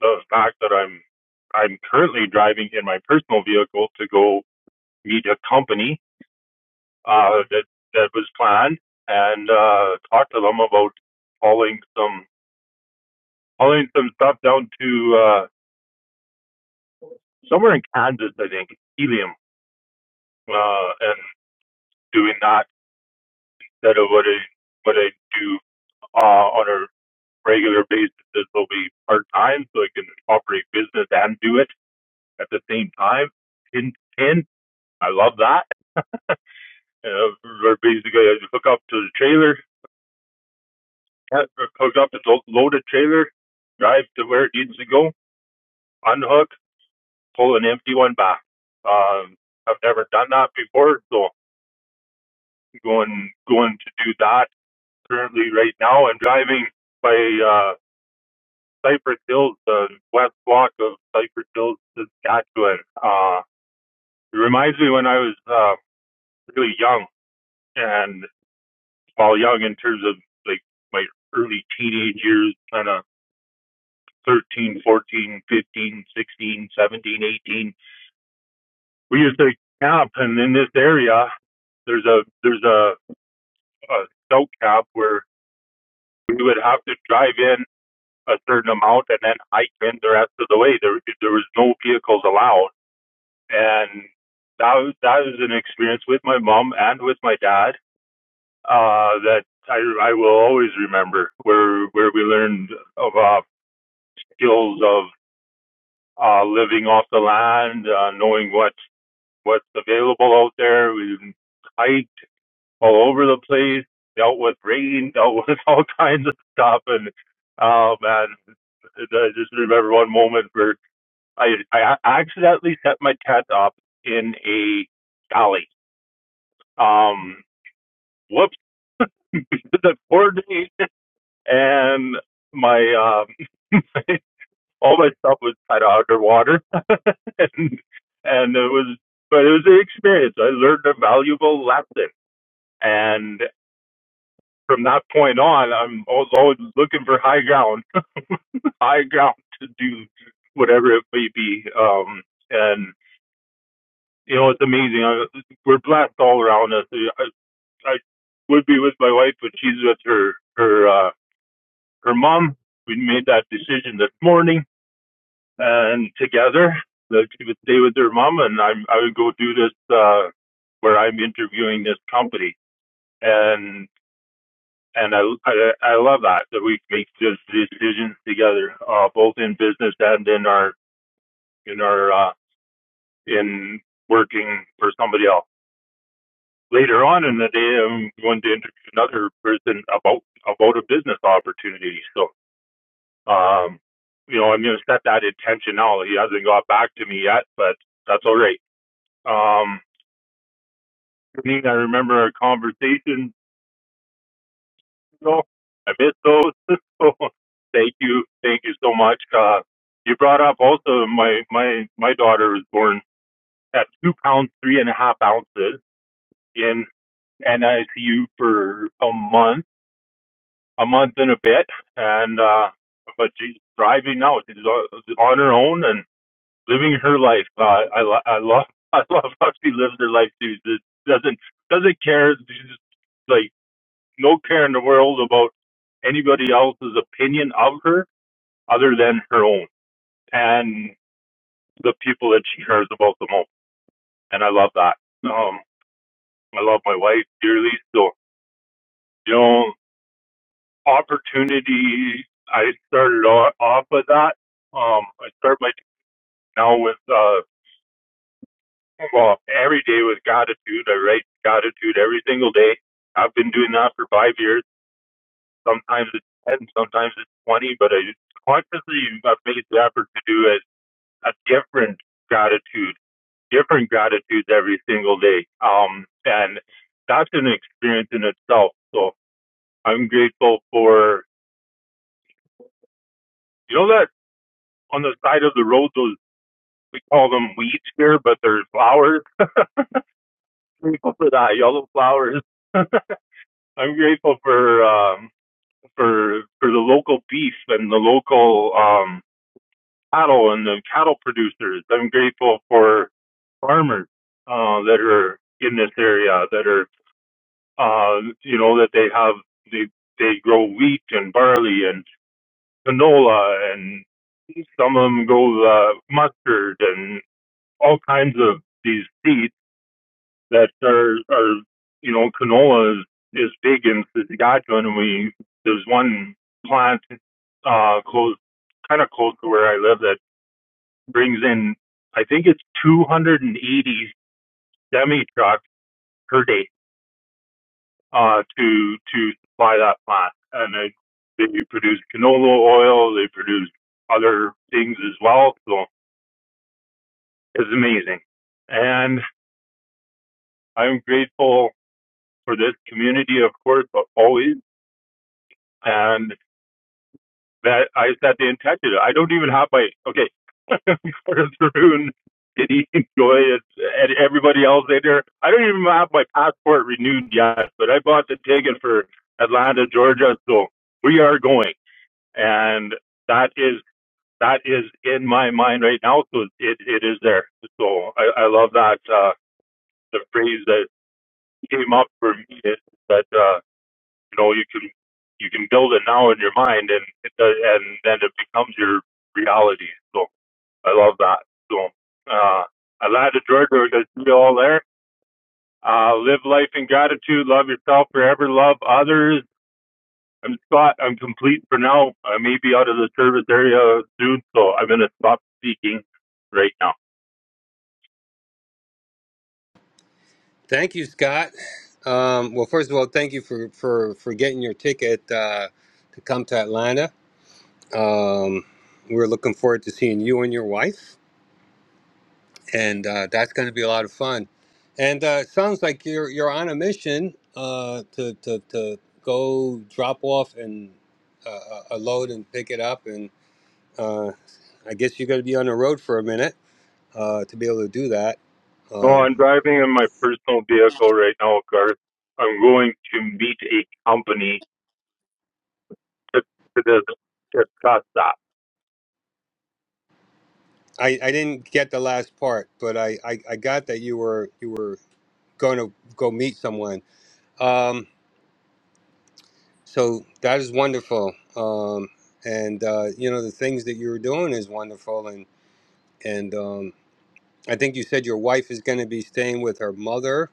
the fact that I'm I'm currently driving in my personal vehicle to go meet a company uh, that that was planned and uh, talk to them about hauling some hauling some stuff down to uh, somewhere in Kansas, I think, helium, uh, and doing that instead of what I what I do uh, on a regular basis. This will be part time, so I can operate business and do it at the same time. In ten, I love that. Uh, where basically, I hook up to the trailer, uh, hook up to the loaded trailer, drive to where it needs to go, unhook, pull an empty one back. Um, I've never done that before, so going going to do that currently right now. I'm driving by uh, Cypress Hills, the west block of Cypress Hills, Saskatchewan. Uh, it reminds me when I was uh, really young, and while young in terms of like my early teenage years, kind of 13, 14, 15, 16, 17, 18. We used to camp, and in this area, there's a there's a, a scout camp where we would have to drive in a certain amount and then hike in the rest of the way. There there was no vehicles allowed, and that was, that was an experience with my mom and with my dad uh, that I I will always remember. Where where we learned of uh, skills of uh, living off the land, uh, knowing what what's available out there. We hiked all over the place, dealt with rain, dealt with all kinds of stuff, and oh man, I just remember one moment where I I accidentally set my cat up in a galley. Um, whoops, the poor day, and my um, all my stuff was kind of underwater, and and it was, but it was an experience. I learned a valuable lesson, and from that point on, I'm always looking for high ground, high ground to do whatever it may be. Um, and you know, it's amazing. we're blessed all around us. I would be with my wife, but she's with her her uh, her mom. We made that decision this morning, and together that she would stay with her mom, and i I would go do this uh, where I'm interviewing this company, and and I I, I love that that we make this decision together, uh, both in business and in our in our uh, in working for somebody else. Later on in the day, I'm going to interview another person about about a business opportunity. So Um, you know, I'm going to set that intention now. He hasn't got back to me yet, but that's all right. Um, I remember a conversation. You know, I missed those. so thank you, thank you so much. Uh, you brought up also my my my daughter was born at two pounds three and a half ounces in NICU for a month, a month and a bit, and uh, but she's thriving now. She's on on her own and. living her life. Uh, I I love I love how she lives her life too. Just doesn't doesn't care. She's just like no care in the world about anybody else's opinion of her other than her own and the people that she cares about the most. And I love that. Um, I love my wife dearly. So you know, opportunity. I started o- off with that. Um, I start my now with uh Well, every day with gratitude. I write gratitude every single day. I've been doing that for five years. Sometimes it's 10, sometimes it's 20, but I consciously I've made the effort to do a, a different gratitude, different gratitudes every single day. Um, and that's an experience in itself. So I'm grateful for, you know, that on the side of the road, those, we call them weeds here, but they're flowers. I'm Grateful for that yellow flowers. I'm grateful for, um. for for the local beef and the local um, cattle and the cattle producers. I'm grateful for farmers uh, that are in this area that are uh, you know that they have they they grow wheat and barley and canola and some of them grow uh, mustard and all kinds of these seeds that our, our you know canola is, is big in Saskatchewan, and we there's one plant uh, close kind of close to where I live that brings in I think it's 280 semi trucks per day uh, to to supply that plant, and they, they produce canola oil, they produce other things as well. So it's amazing, and I'm grateful for this community, of course, but always. And that I that they intended. I don't even have my okay. Chris Maroon, did he enjoy it? And everybody else in there. I don't even have my passport renewed yet, but I bought the ticket for Atlanta, Georgia. So we are going, and that is that is in my mind right now. So it it is there. So I, I love that uh, the phrase that came up for me is that. Uh, you know you can you can build it now in your mind and it does, and then it becomes your reality so i love that so uh i love the georgia because see you all there uh live life in gratitude love yourself forever love others i'm scott i'm complete for now i may be out of the service area soon so i'm going to stop speaking right now Thank you, Scott. Um, well, first of all, thank you for for for getting your ticket uh, to come to Atlanta. Um, we're looking forward to seeing you and your wife, and uh, that's going to be a lot of fun. And uh, it sounds like you're you're on a mission uh, to, to to go drop off and uh, a a load and pick it up, and uh, I guess you're going to be on the road for a minute uh, to be able to do that. so Um, i'm driving in my personal vehicle right now Garth. i'm going to meet a company to, to discuss that I, I didn't get the last part, but I, I, I got that you were you were going to go meet someone. Um, so that is wonderful, um, and uh, you know the things that you were doing is wonderful, and and um, I think you said your wife is going to be staying with her mother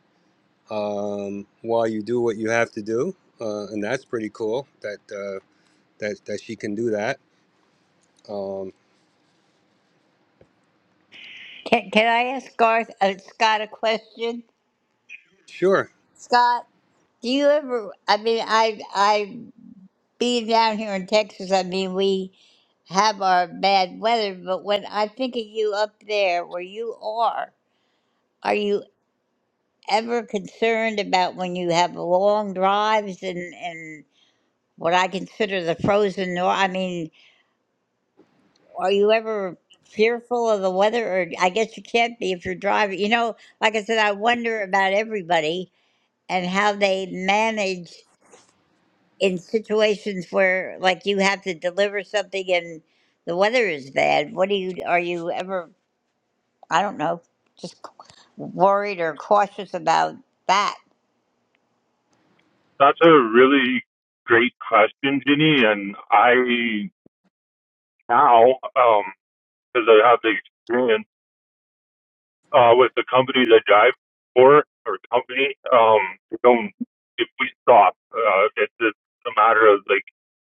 um, while you do what you have to do, uh, and that's pretty cool that uh, that that she can do that. Um, Can, can I ask Garth uh, Scott a question? sure. Scott, do you ever? I mean, I I being down here in Texas. I mean, we have our bad weather, but when I think of you up there where you are, are you ever concerned about when you have long drives and and what I consider the frozen north. I mean, are you ever fearful of the weather? Or I guess you can't be if you're driving. You know, like I said, I wonder about everybody and how they manage in situations where, like, you have to deliver something and the weather is bad. What do you? Are you ever? I don't know. Just worried or cautious about that. That's a really great question, Ginny. And I now, um, because I have the experience uh, with the company that I drive for or company, um, we don't if we stop, uh, it's just a matter of like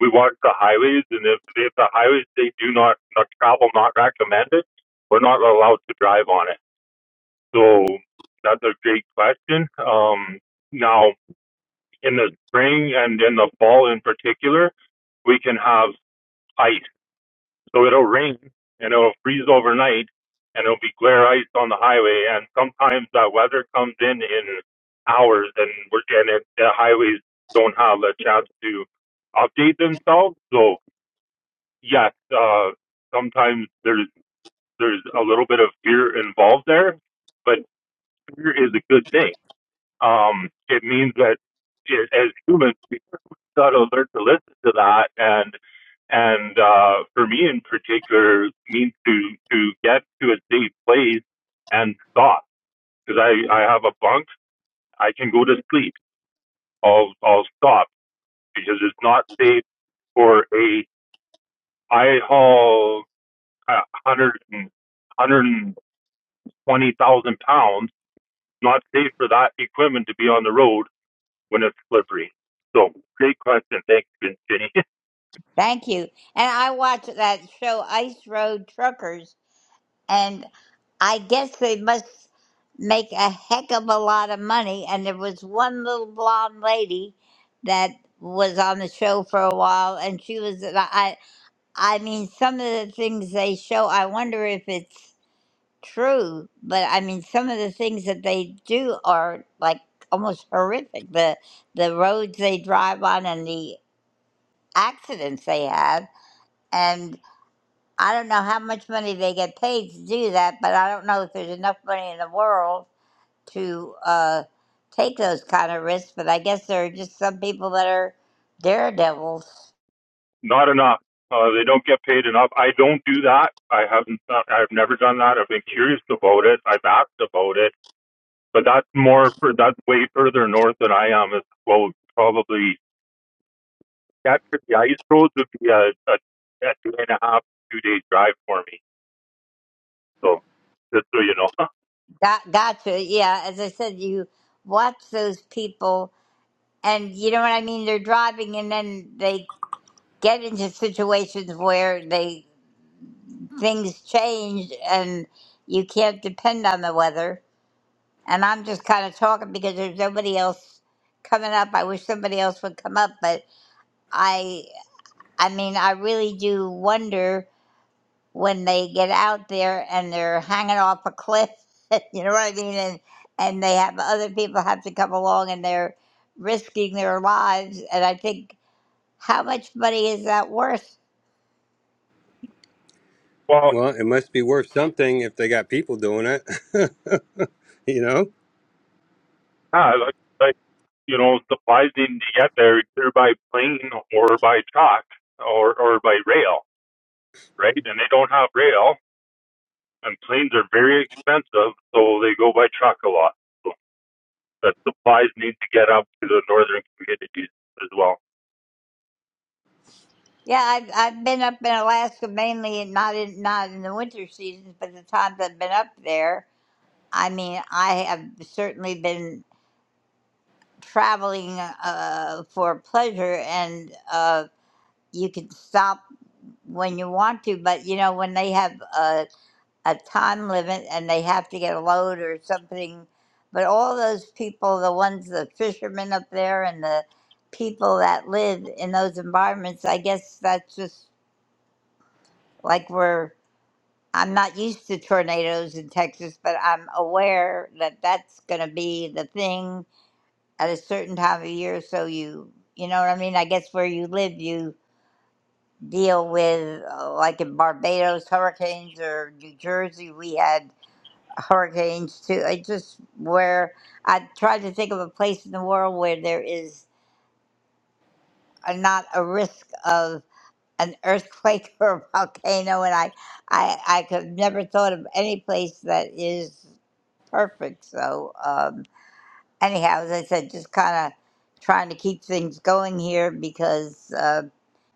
we watch the highways, and if if the highways they do not not travel not recommended, we're not allowed to drive on it. So that's a great question. Um, now in the spring and in the fall in particular, we can have ice. So it'll rain and it'll freeze overnight and it'll be glare ice on the highway. And sometimes that weather comes in in hours and we're, and it, the highways don't have a chance to update themselves. So yes, uh, sometimes there's, there's a little bit of fear involved there, but fear is a good thing. Um, it means that it, as humans, got to learn to listen to that and and uh, for me in particular means to to get to a safe place and stop because I I have a bunk I can go to sleep I'll I'll stop because it's not safe for a I haul a hundred and hundred and twenty thousand pounds not safe for that equipment to be on the road when it's slippery so great question thanks Jenny Thank you. And I watch that show, Ice Road Truckers and I guess they must make a heck of a lot of money. And there was one little blonde lady that was on the show for a while, and she was I I mean, some of the things they show, I wonder if it's true, but I mean, some of the things that they do are like almost horrific. The the roads they drive on and the accidents they have, I don't know how much money they get paid to do that, but I don't know if there's enough money in the world to uh, take those kind of risks. But I guess there are just some people that are daredevils. Not enough. Uh, they don't get paid enough. I don't do that. I haven't. uh, I've never done that. I've been curious about it. I've asked about it, but that's more. For, that's way further north than I am. As well, probably that could the ice roads would be a, a, a two and a half, two day drive for me. So just so you know. Got, gotcha. Yeah, as I said, you watch those people, and you know what I mean. They're driving, and then they get into situations where they things change, and you can't depend on the weather. And I'm just kind of talking because there's nobody else coming up. I wish somebody else would come up, but I I mean, I really do wonder when they get out there and they're hanging off a cliff, you know what I mean? And and they have other people have to come along and they're risking their lives and I think how much money is that worth? Well, Well, it must be worth something if they got people doing it, you know. yeah, like, like you know, supplies need to get there either by plane or by truck or or by rail, right? And they don't have rail and planes are very expensive, so they go by truck a lot. So that supplies need to get up to the northern communities as well. Yeah, I've, I've been up in Alaska mainly, and not in not in the winter seasons, but the times I've been up there, I mean, I have certainly been. traveling uh, for pleasure and uh, you can stop when you want to but you know when they have a, a time limit and they have to get a load or something but all those people the ones the fishermen up there and the people that live in those environments i guess that's just like we're i'm not used to tornadoes in texas but i'm aware that that's going to be the thing at a certain time of year so you you know what i mean i guess where you live you deal with uh, like in barbados hurricanes or new jersey we had hurricanes too i just where i tried to think of a place in the world where there is a, not a risk of an earthquake or a volcano and i i i could never thought of any place that is perfect so um anyhow, as I said, just kind of trying to keep things going here because uh,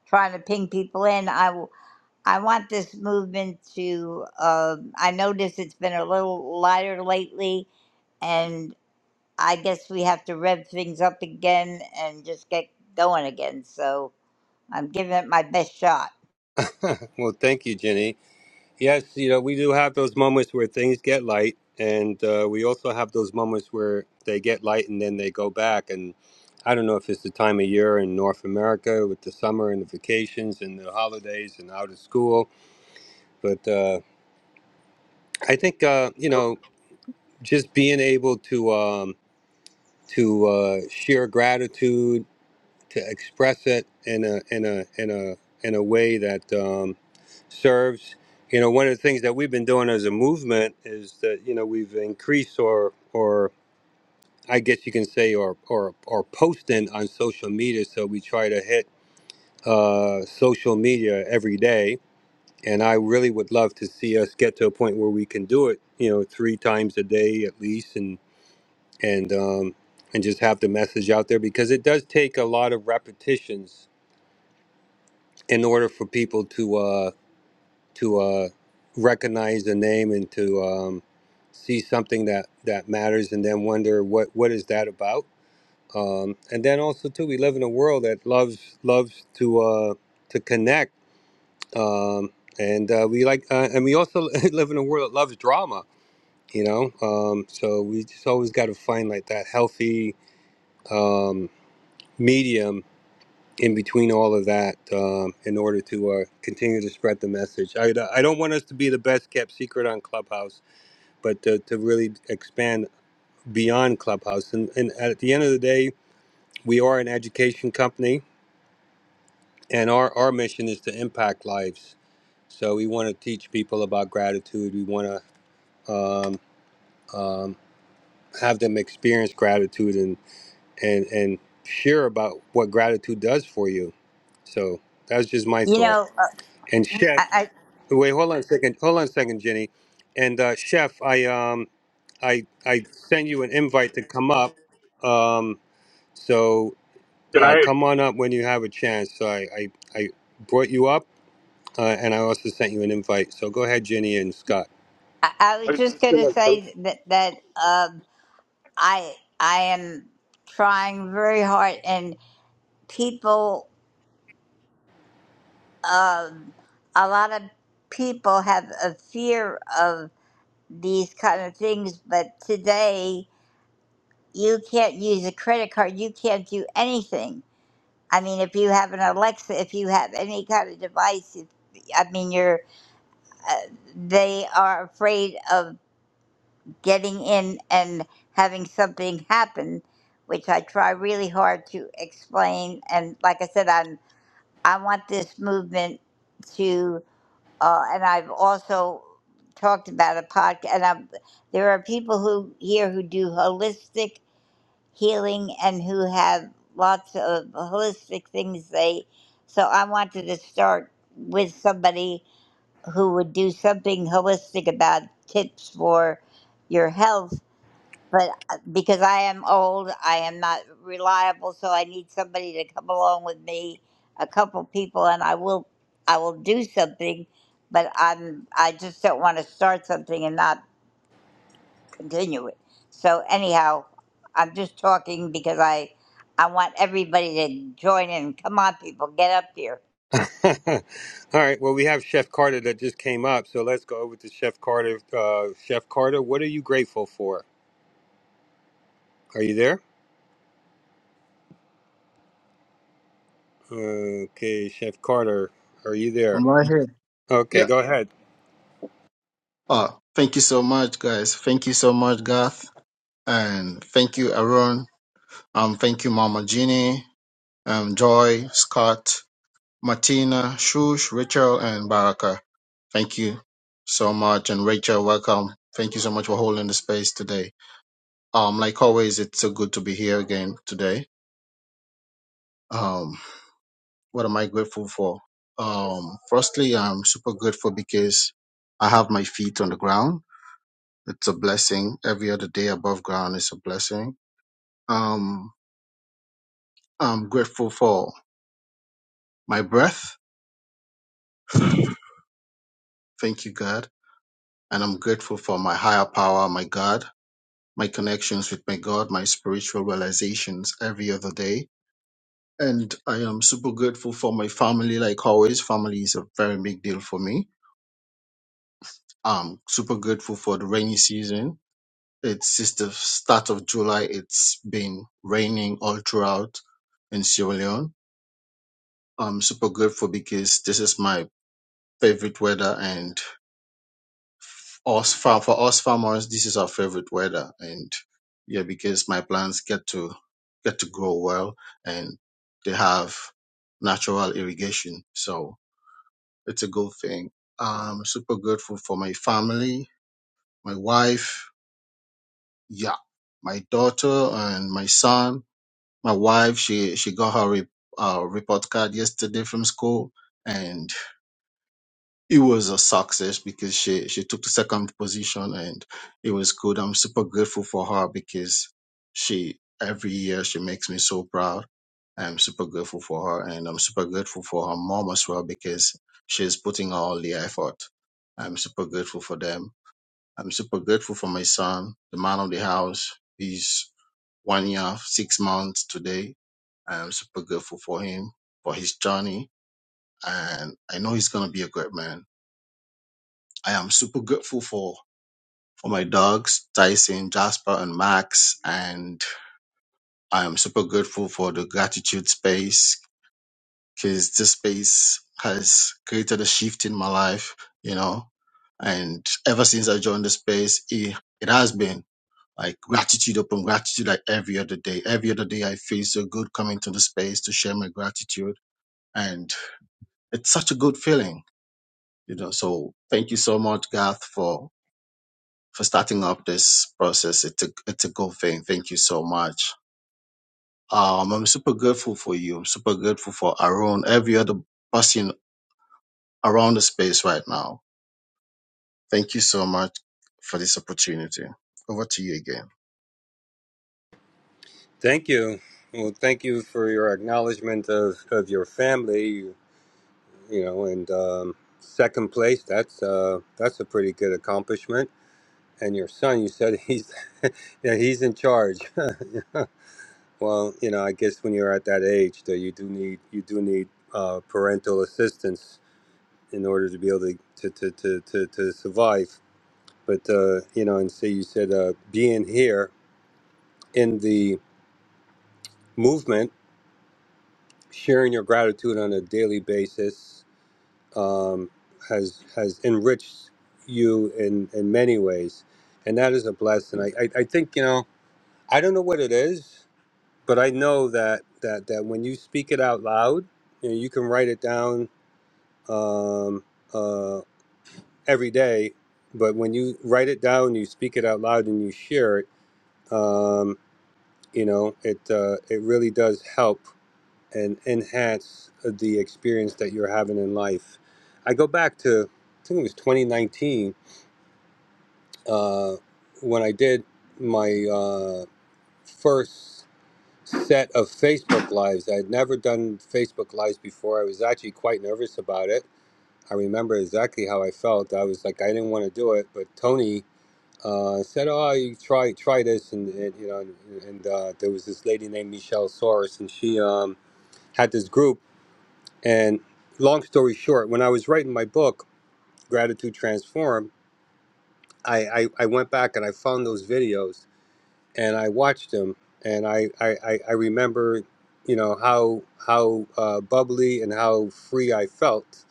trying to ping people in. I w- I want this movement to. Uh, I notice it's been a little lighter lately, and I guess we have to rev things up again and just get going again. So I'm giving it my best shot. Well, thank you, Jenny. Yes, you know, we do have those moments where things get light, and uh, we also have those moments where they get light and then they go back. And I don't know if it's the time of year in North America with the summer and the vacations and the holidays and out of school, but uh, I think uh, you know, just being able to um, to uh, share gratitude to express it in a in a in a in a way that um, serves. You know, one of the things that we've been doing as a movement is that you know we've increased or or I guess you can say or or or posting on social media. So we try to hit uh, social media every day, and I really would love to see us get to a point where we can do it. You know, three times a day at least, and and um, and just have the message out there because it does take a lot of repetitions in order for people to uh, to uh, recognize the name and to um, see something that that matters, and then wonder what what is that about. Um, and then also too, we live in a world that loves loves to uh, to connect, um, and uh, we like, uh, and we also live in a world that loves drama. You know, um, so we just always got to find like that healthy um, medium in between all of that um, in order to uh, continue to spread the message. I, I don't want us to be the best kept secret on Clubhouse, but to, to really expand beyond Clubhouse. And, and at the end of the day, we are an education company, and our, our mission is to impact lives. So we want to teach people about gratitude. We want to um, um, have them experience gratitude and, and, and share about what gratitude does for you. So that's just my You thought. know, And uh, Chef, I Wait, hold on a second. Hold on a second, Jenny. And uh, Chef, I um, I I sent you an invite to come up. Um, so Can uh, I? come on up when you have a chance. So I I, I brought you up, uh, and I also sent you an invite. So go ahead, Jenny and Scott. I, I was just gonna I say that that um, I I am trying very hard and people. um, a lot of people have a fear of these kind of things, but today you can't use a credit card. You can't do anything. I mean, if you have an Alexa, if you have any kind of device, if, I mean, you're uh, they are afraid of getting in and having something happen, which I try really hard to explain. And like I said, I'm I want this movement to. uh, and I've also talked about a podcast. And I'm, there are people who here who do holistic healing and who have lots of holistic things they. So I wanted to start with somebody who would do something holistic about tips for your health but uh, because I am old, I am not reliable, so I need somebody to come along with me, a couple people, and I will, I will do something, but I'm, I just don't want to start something and not continue it. So anyhow, I'm just talking because I, I want everybody to join in. Come on, people, get up here. All right. Well, we have Chef Carter that just came up. So let's go over to Chef Carter. Uh, Chef Carter, what are you grateful for? Are you there? Okay, Chef Carter, are you there? I'm right here. Okay, Yeah. go ahead. Oh, thank you so much, guys. Thank you so much, Garth. And thank you, Aaron. Um, thank you, Mama Jeannie, um, Joy, Scott, Martina, Shush, Rachel, and Baraka. Thank you so much. And Rachel, welcome. Thank you so much for holding the space today. Um, like always, it's so good to be here again today. Um, what am I grateful for? Um, firstly, I'm super grateful because I have my feet on the ground It's a blessing. Every other day above ground is a blessing. Um, I'm grateful for my breath. Thank you, God. And I'm grateful for my higher power, my God, my connections with my God, my spiritual realizations every other day. And I am super grateful for my family, like always. Family is a very big deal for me. I'm super grateful for the rainy season. It's since the start of July, it's been raining all throughout in Sierra Leone I'm super grateful because this is my favorite weather, and us far for us farmers, this is our favorite weather. And yeah, because my plants get to get to grow well, and they have natural irrigation, so it's a good thing. I'm super grateful for my family, my wife, yeah, my daughter and my son. My wife, she she got her re, uh, report card yesterday from school, and it was a success because she she took the second position and it was good. I'm super grateful for her because she every year she makes me so proud. I'm super grateful for her and I'm super grateful for her mom as well because she's putting all the effort. I'm super grateful for them. I'm super grateful for my son, the man of the house. He's one year, six months today. I'm super grateful for him, for his journey. And I know he's going to be a great man I am super grateful for for my dogs, Tyson, Jasper, and Max, and I am super grateful for the gratitude space because this space has created a shift in my life, you know. And ever since I joined the space, it, it has been like gratitude upon gratitude like every other day. Every other day I feel so good coming to the space to share my gratitude. And it's such a good feeling, you know. So thank you so much, Garth, for for starting up this process. It's a, it's a good thing. Thank you so much. Um, I'm super grateful for you. I'm super grateful for Aaron, every other person around the space right now. Thank you so much for this opportunity. Over to you again. Thank you. Well, thank you for your acknowledgement of, of your family, you know, and um, second place. That's uh, that's a pretty good accomplishment. And your son, you said he's yeah, he's in charge. well, you know, I guess when you're at that age, though, you do need you do need uh, parental assistance in order to be able to to, to, to, to, to survive. But uh, you know, and so you said uh, being here in the movement sharing your gratitude on a daily basis um, has has enriched you in in many ways, and that is a blessing. I, I I think you know I don't know what it is, but I know that that that when you speak it out loud, you know, you can write it down um, uh, every day. But when you write it down, you speak it out loud, and you share it. Um, you know, it uh, it really does help and enhance uh, the experience that you're having in life. I go back to, I think it was 2019, uh, when I did my uh, first set of Facebook Lives. I had never done Facebook Lives before. I was actually quite nervous about it. I remember exactly how I felt. I was like, I didn't want to do it, but Tony. Uh, said, oh, you try try this, and, and you know, and, and uh, there was this lady named Michelle Soros, and she um, had this group And long story short, when I was writing my book, Gratitude Transform, I, I, I went back and I found those videos and I watched them and I, I, I I remember, you know, how how uh, bubbly and how free I felt.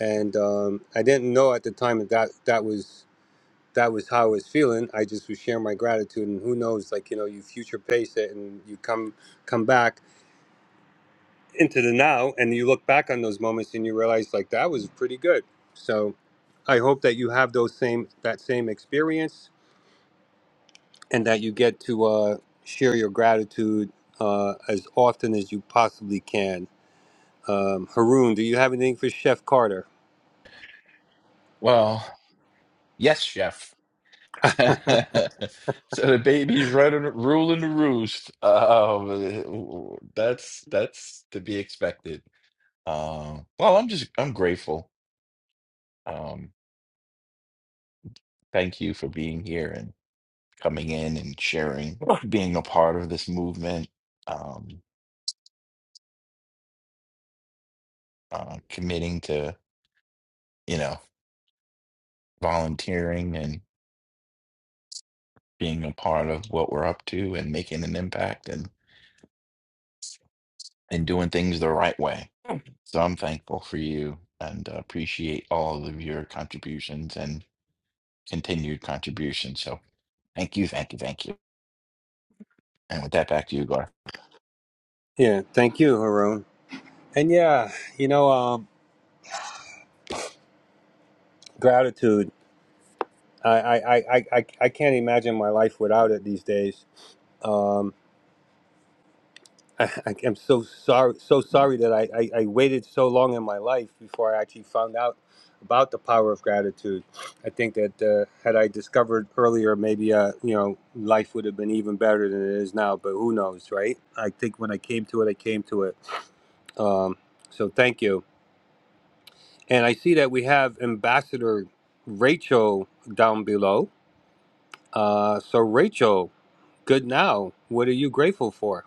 And um, I didn't know at the time that, that that was that was how I was feeling. I just was sharing my gratitude and who knows, like, you know, you future pace it and you come come back into the now and you look back on those moments and you realize like that was pretty good so i hope that you have those same that same experience and that you get to uh, share your gratitude uh, as often as you possibly can um, haroon do you have anything for chef carter Well, yes, chef. so the baby's running, ruling the roost. Uh, that's that's to be expected. Uh, well, I'm just I'm grateful. Um, thank you for being here and coming in and sharing, being a part of this movement, um, uh, committing to, you know, volunteering and being a part of what we're up to and making an impact and and doing things the right way. So I'm thankful for you and uh, appreciate all of your contributions and continued contributions. So thank you, thank you, thank you. And with that, back to you, Gar. yeah thank you haroon and yeah you know um, gratitude I, I, I, I, I I can't imagine my life without it these days Um, I, I, I'm so sorry, so sorry that I, I, I waited so long in my life before I actually found out about the power of gratitude. I think that uh, had I discovered earlier, maybe uh, you know life would have been even better than it is now. But who knows, right? I think when I came to it, I came to it. Um, so thank you. And I see that we have Ambassador Rachel down below. Uh, so Rachel, good now. What are you grateful for?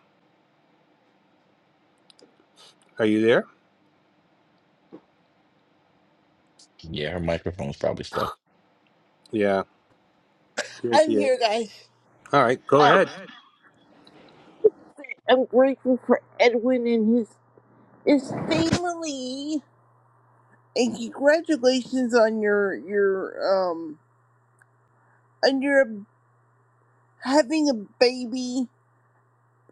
Are you there? Yeah, her microphone's probably stuck. Yeah, here I'm she is. here, guys. All right, go ahead. I'm grateful for Edwin and his his family, and congratulations on your your um on your um, having a baby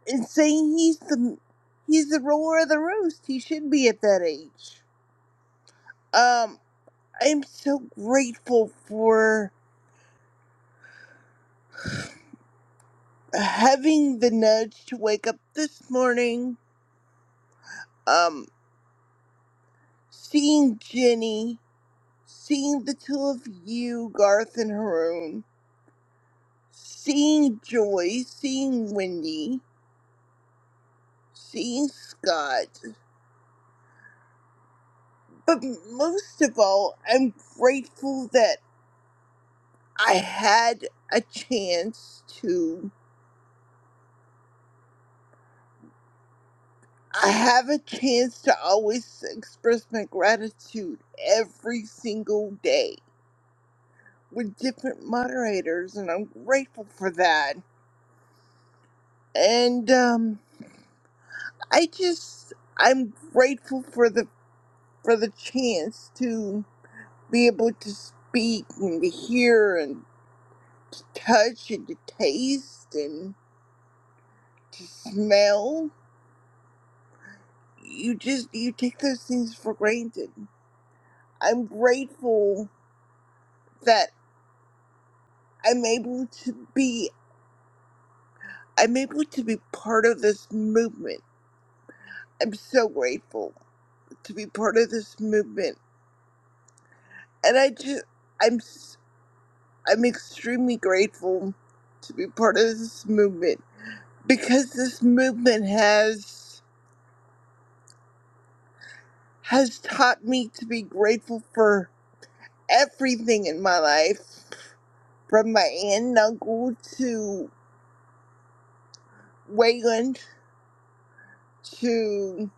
and saying he's the he's the roller of the roast. He should be at that age. Um, I'm so grateful for having the nudge to wake up this morning. Um, seeing Jenny, seeing the two of you, Garth and Haroon seeing Joy, seeing Wendy, seeing Scott, but most of all, I'm grateful that I had a chance to. I have a chance to always express my gratitude every single day with different moderators, and I'm grateful for that. And um, I just, I'm grateful for the for the chance to. be able to speak and to hear and to touch and to taste and to smell. You just you take those things for granted. I'm grateful that I'm able to be I'm able to be part of this movement. I'm so grateful to be part of this movement. And I just I'm s- I'm extremely grateful to be part of this movement because this movement has has taught me to be grateful for everything in my life from my aunt and uncle to Wayland to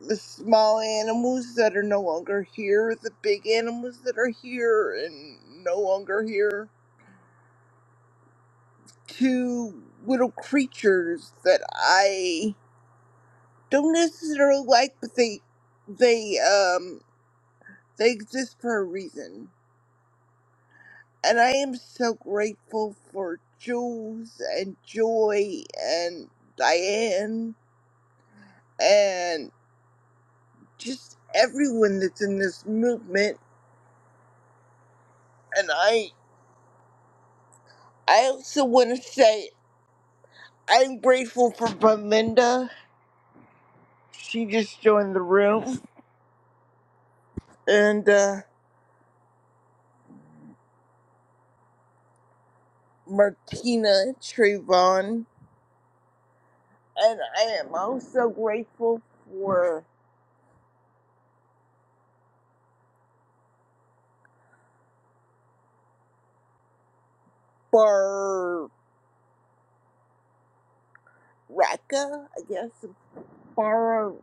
the small animals that are no longer here, the big animals that are here and no longer here, to little creatures that I don't necessarily like, but they they um they exist for a reason And I am so grateful for Jules and Joy and Diane and just everyone that's in this movement. And I, I also want to say I'm grateful for Belinda. She just joined the room. And uh, Martina Trayvon. And I am also grateful for Baraka, I guess. Bar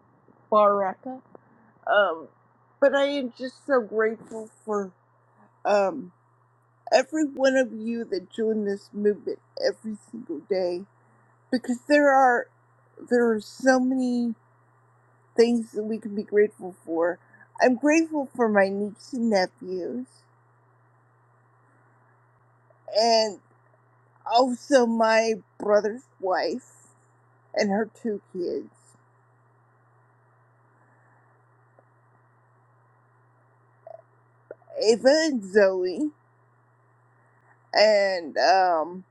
Baraka. Um, but I am just so grateful for um, every one of you that join this movement every single day because there are there are so many things that we can be grateful for. I'm grateful for my niece and nephews and also my brother's wife and her two kids, Ava and Zoe. And um,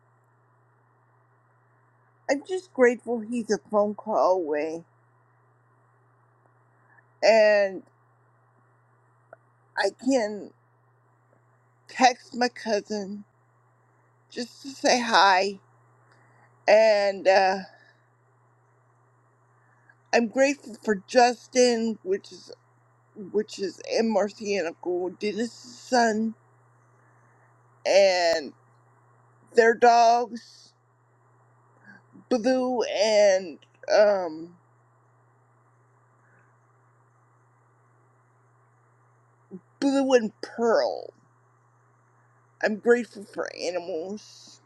I'm just grateful he's a phone call away. and I can text my cousin just to say hi, and uh, I'm grateful for Justin, which is which is in Marcy and Uncle Dennis' son, and their dogs Blue and um Blue and Pearl. I'm grateful for animals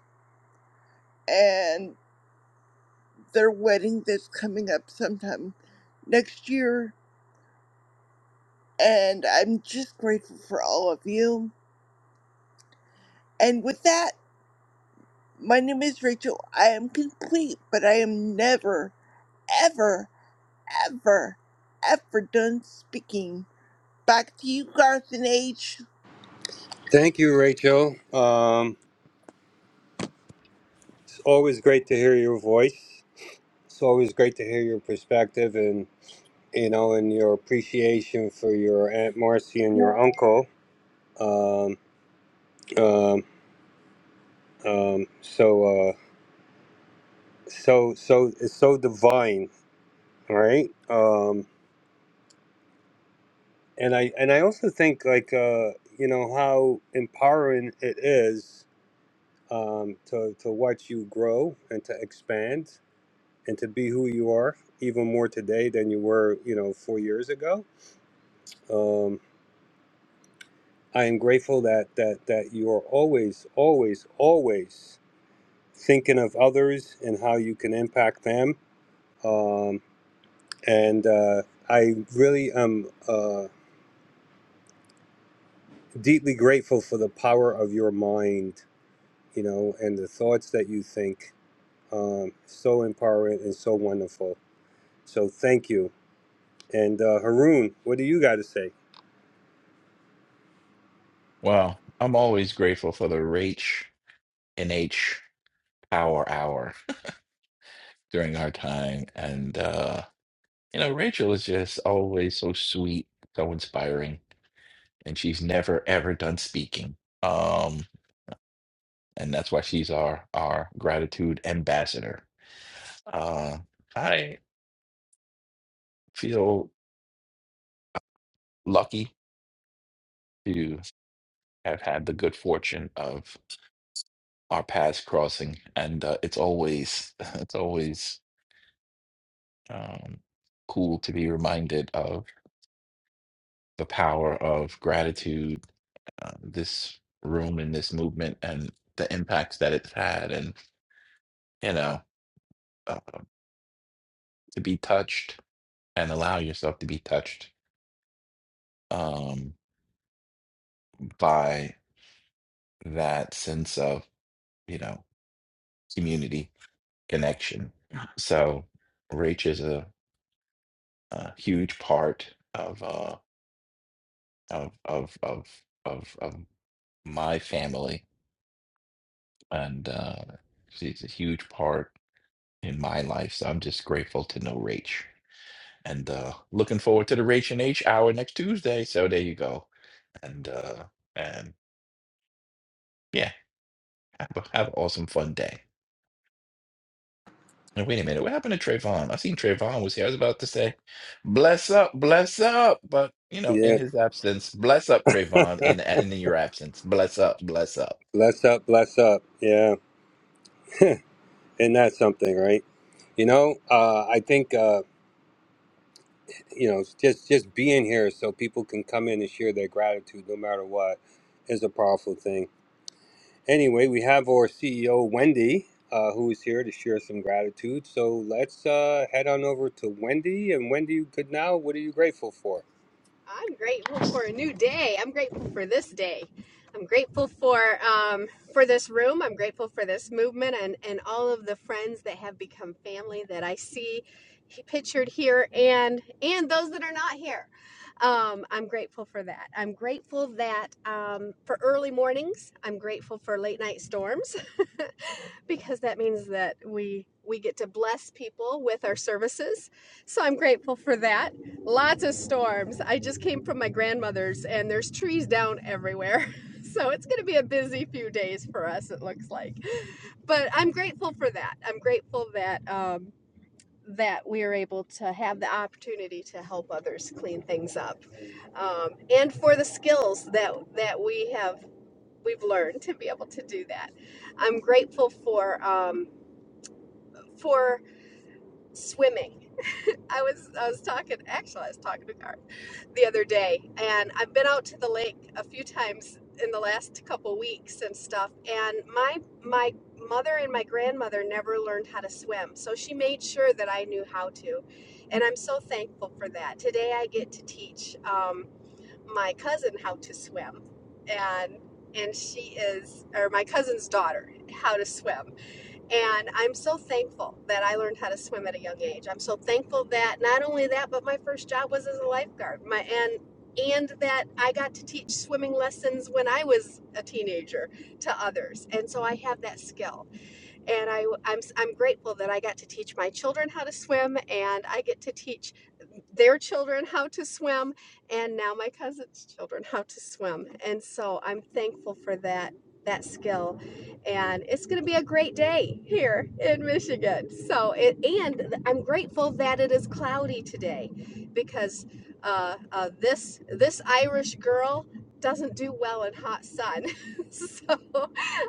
and their wedding that's coming up sometime next year. And I'm just grateful for all of you. And with that. My name is Rachel. I am complete, but I am never, ever, ever, ever done speaking. Back to you, Garson H. Thank you, Rachel. Um, it's always great to hear your voice. It's always great to hear your perspective and you know and your appreciation for your aunt Marcy and your uncle. Um, um, um, so uh, so so it's so divine, right? Um, and I and I also think like uh, you know how empowering it is um, to to watch you grow and to expand and to be who you are even more today than you were you know four years ago um, i am grateful that that that you are always always always thinking of others and how you can impact them um, and uh, i really am uh, deeply grateful for the power of your mind you know and the thoughts that you think um, so empowering and so wonderful so thank you and uh, haroon what do you got to say Well, I'm always grateful for the Rach and H power hour during our time. And, uh, you know, Rachel is just always so sweet, so inspiring, and she's never, ever done speaking. Um, and that's why she's our, our gratitude ambassador. Uh, I feel lucky to have had the good fortune of our paths crossing. And uh, it's always, it's always, um, cool to be reminded of the power of gratitude, uh, this room and this movement, and the impacts that it's had, and you know, uh, to be touched and allow yourself to be touched um, by that sense of you know community connection. So, Rach is a, a huge part of uh, of of of of of my family, and uh, she's a huge part in my life. So I'm just grateful to know Rach. And uh looking forward to the Rach and H hour next Tuesday. So there you go. And uh and yeah, have a, have an awesome fun day. And wait a minute, what happened to Trayvon? I seen Trayvon was here. I was about to say, bless up, bless up, but you know, in yeah his absence, bless up, Trayvon, in in your absence. Bless up, bless up. Bless up, bless up. Yeah. and that's something, right? You know, uh, I think, uh, you know, just, just being here so people can come in and share their gratitude no matter what is a powerful thing. Anyway, we have our CEO, Wendy, uh, who is here to share some gratitude. So let's uh, head on over to Wendy. And Wendy, good now. What are you grateful for? I'm grateful for a new day. I'm grateful for this day. I'm grateful for um, for this room. I'm grateful for this movement and and all of the friends that have become family that I see he- pictured here and and those that are not here. Um, I'm grateful for that. I'm grateful that um, for early mornings. I'm grateful for late night storms. because that means that we we get to bless people with our services. So I'm grateful for that. Lots of storms. I just came from my grandmother's and there's trees down everywhere. So it's going to be a busy few days for us it looks like. But I'm grateful for that. I'm grateful that um that we are able to have the opportunity to help others clean things up um, and for the skills that that we have we've learned to be able to do that i'm grateful for um, for swimming. I was I was talking actually I was talking to Car the other day and I've been out to the lake a few times in the last couple weeks and stuff and my my mother and my grandmother never learned how to swim so she made sure that I knew how to and I'm so thankful for that. Today I get to teach um, my cousin how to swim and and she is or my cousin's daughter how to swim and I'm so thankful that I learned how to swim at a young age. I'm so thankful that not only that, but my first job was as a lifeguard. My and and that I got to teach swimming lessons when I was a teenager to others. And so I have that skill and I, am I'm s- I'm grateful that I got to teach my children how to swim, and I get to teach their children how to swim, and now my cousin's children how to swim, and so I'm thankful for that that skill, and it's going to be a great day here in Michigan. So it and I'm grateful that it is cloudy today, because uh, uh, this this Irish girl doesn't do well in hot sun, so.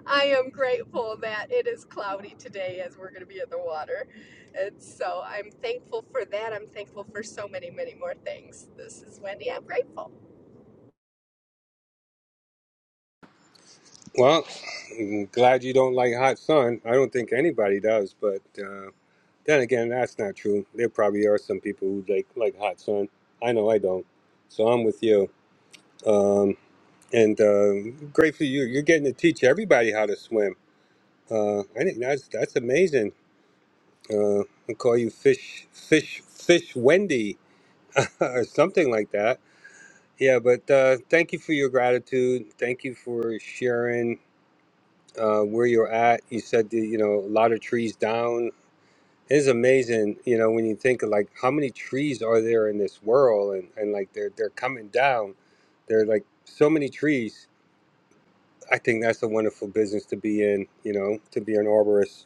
I am grateful that it is cloudy today as we're going to be in the water. And so I'm thankful for that. I'm thankful for so many, many more things. This is Wendy. I'm grateful. Well, I'm glad you don't like hot sun. I don't think anybody does, but. uh, Then again, that's not true. There probably are some people who like like hot sun. I know I don't. So I'm with you. Um, and uh, great for you. You're getting to teach everybody how to swim. Uh, I think that's that's amazing. Uh, I call you fish, fish, fish Wendy, or something like that. Yeah, but uh, thank you for your gratitude. Thank you for sharing uh, where you're at. You said that, you know a lot of trees down. It's amazing, you know, when you think of like how many trees are there in this world and, and like they're they're coming down. There are like so many trees. I think that's a wonderful business to be in, you know, to be an arborist.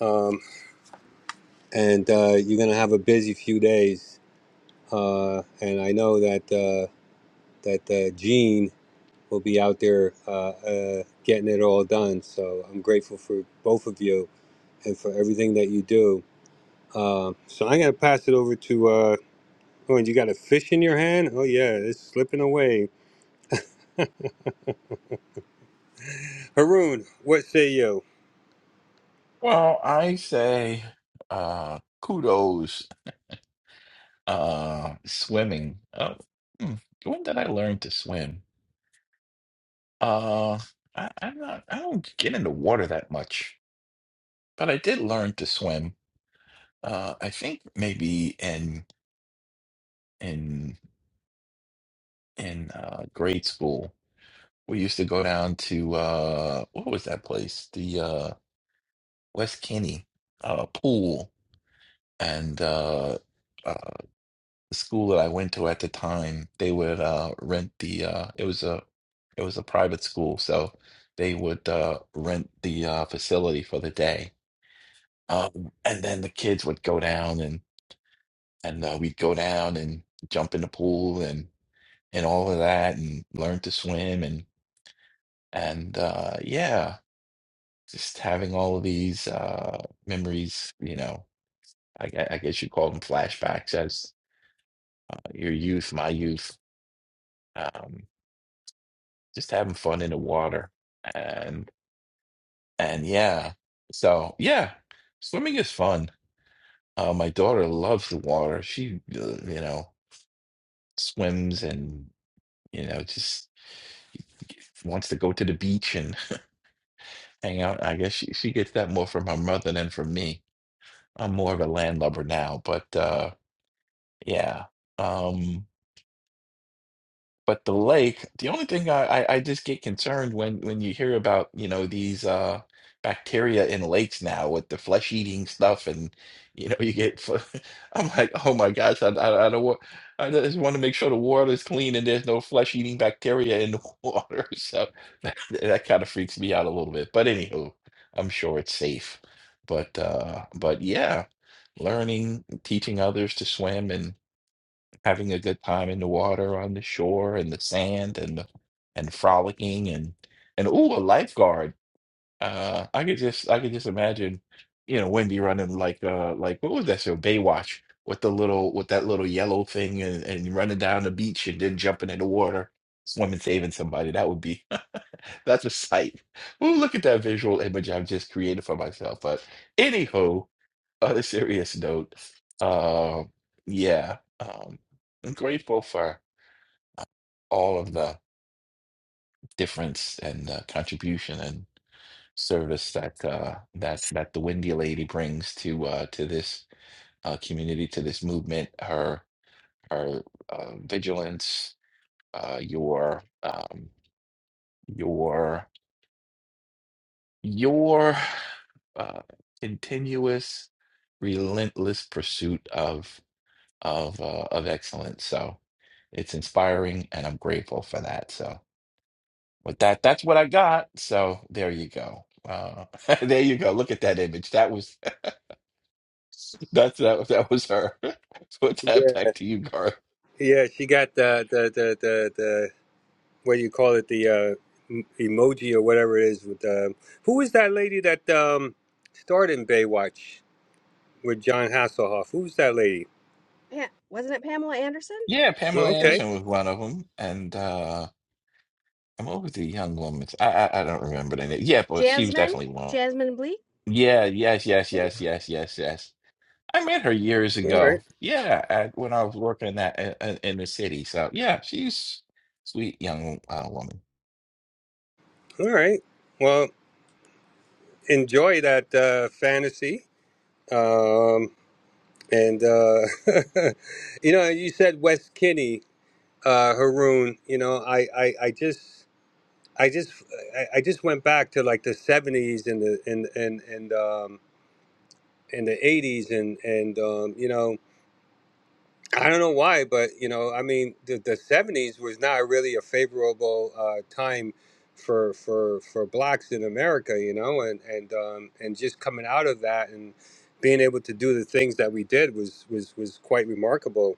Um, and uh, you're gonna have a busy few days. Uh, and I know that uh, that uh, Gene will be out there uh, uh, getting it all done. So I'm grateful for both of you and for everything that you do. Um, so I'm gonna pass it over to. uh, Oh, and you got a fish in your hand? Oh yeah, it's slipping away. Haroon, what say you? Well, I say uh kudos uh swimming. Oh, hmm, when did I learn to swim? Uh, I, I'm not, I don't get in the water that much, but I did learn to swim. Uh, I think maybe in in in uh, grade school, we used to go down to uh, what was that place? The uh, West Kenny uh, pool, and uh, uh, the school that I went to at the time, they would uh, rent the uh, it was a it was a private school, so they would uh, rent the uh, facility for the day Um, and then the kids would go down and and uh, we'd go down and jump in the pool and and all of that and learn to swim and and uh, yeah, just having all of these uh, memories, you know, I, gue- I guess you call them flashbacks as uh, your youth, my youth, um, just having fun in the water and and yeah, so yeah, swimming is fun. Uh, my daughter loves the water. She, uh, you know, swims and you know, just wants to go to the beach and hang out. I guess she, she gets that more from her mother than from me. I'm more of a landlubber now, but uh yeah. Um But the lake, the only thing I, I, I just get concerned when when you hear about, you know, these uh bacteria in lakes now with the flesh-eating stuff and you know you get fl- I'm like, oh my gosh, I, I, I don't want I just want to make sure the water's clean and there's no flesh-eating bacteria in the water. So that, that kind of freaks me out a little bit. But anywho, I'm sure it's safe. But uh but yeah, learning, teaching others to swim and having a good time in the water on the shore and the sand and the, and frolicking and and ooh a lifeguard uh i could just i could just imagine you know wendy running like uh like what was that show baywatch with the little with that little yellow thing and, and running down the beach and then jumping in the water swimming saving somebody that would be that's a sight ooh look at that visual image i've just created for myself but anywho on a serious note, um, yeah, um, I'm grateful for all of the difference and uh, contribution and service that uh, that that the Windy lady brings to uh, to this uh, community, to this movement. Her her uh, vigilance, uh, your um, your your uh, continuous, relentless pursuit of of uh, of excellence. So it's inspiring, and I'm grateful for that. So with that, that's what I got. So there you go. Uh, there you go. Look at that image. That was that's that that was her. Put that Yeah, back to you, Garth. yeah, she got the the the the, the what do you call it? The uh, m- emoji or whatever it is. With the, who is that lady that um starred in Baywatch with John Hasselhoff? Who's that lady? Yeah, wasn't it Pamela Anderson Yeah, Oh, Pamela or okay, Anderson was one of them, and uh, I'm over the young woman. I, I I don't remember the name. Yeah, but she was Jasmine? definitely one. Jasmine Bleak, Yeah. Yes. I Yes. think. Yes. Yes. Yes. Yes. I met her years all ago. right, Yeah, at, when I was working that in, in the city. So yeah, she's sweet young uh, woman. all right. Well, enjoy that uh, fantasy. Um, and uh, you know, you said West Kinney. uh, Haroon, you know, I, I, I just, I just, I, I just went back to like the '70s and the and and and um, and the '80s and and um, you know, I don't know why, but you know, I mean, the, the '70s was not really a favorable uh, time for for for blacks in America, you know, and and um, and just coming out of that and being able to do the things that we did was was was quite remarkable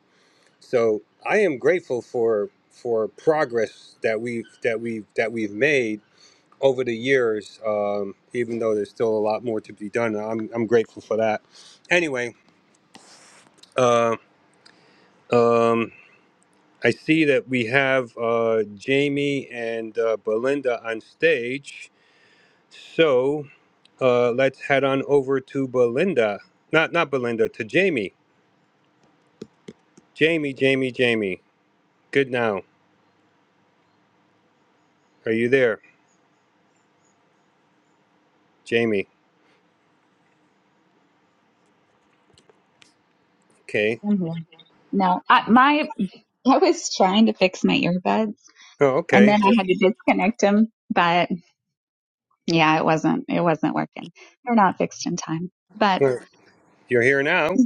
so I am grateful for for progress that we've that we've that we've made over the years. Um, even though there's still a lot more to be done, I'm I'm grateful for that. Anyway, uh, um, I see that we have uh, Jamie and uh, Belinda on stage, so uh, let's head on over to Belinda. Not not Belinda to Jamie. Jamie, Jamie, Jamie. Good now. Are you there, Jamie? Okay. Mhm. No, I, my I was trying to fix my earbuds, Oh, and then okay. I had to disconnect them. But yeah, it wasn't it wasn't working. They're not fixed in time. But You're you're here now.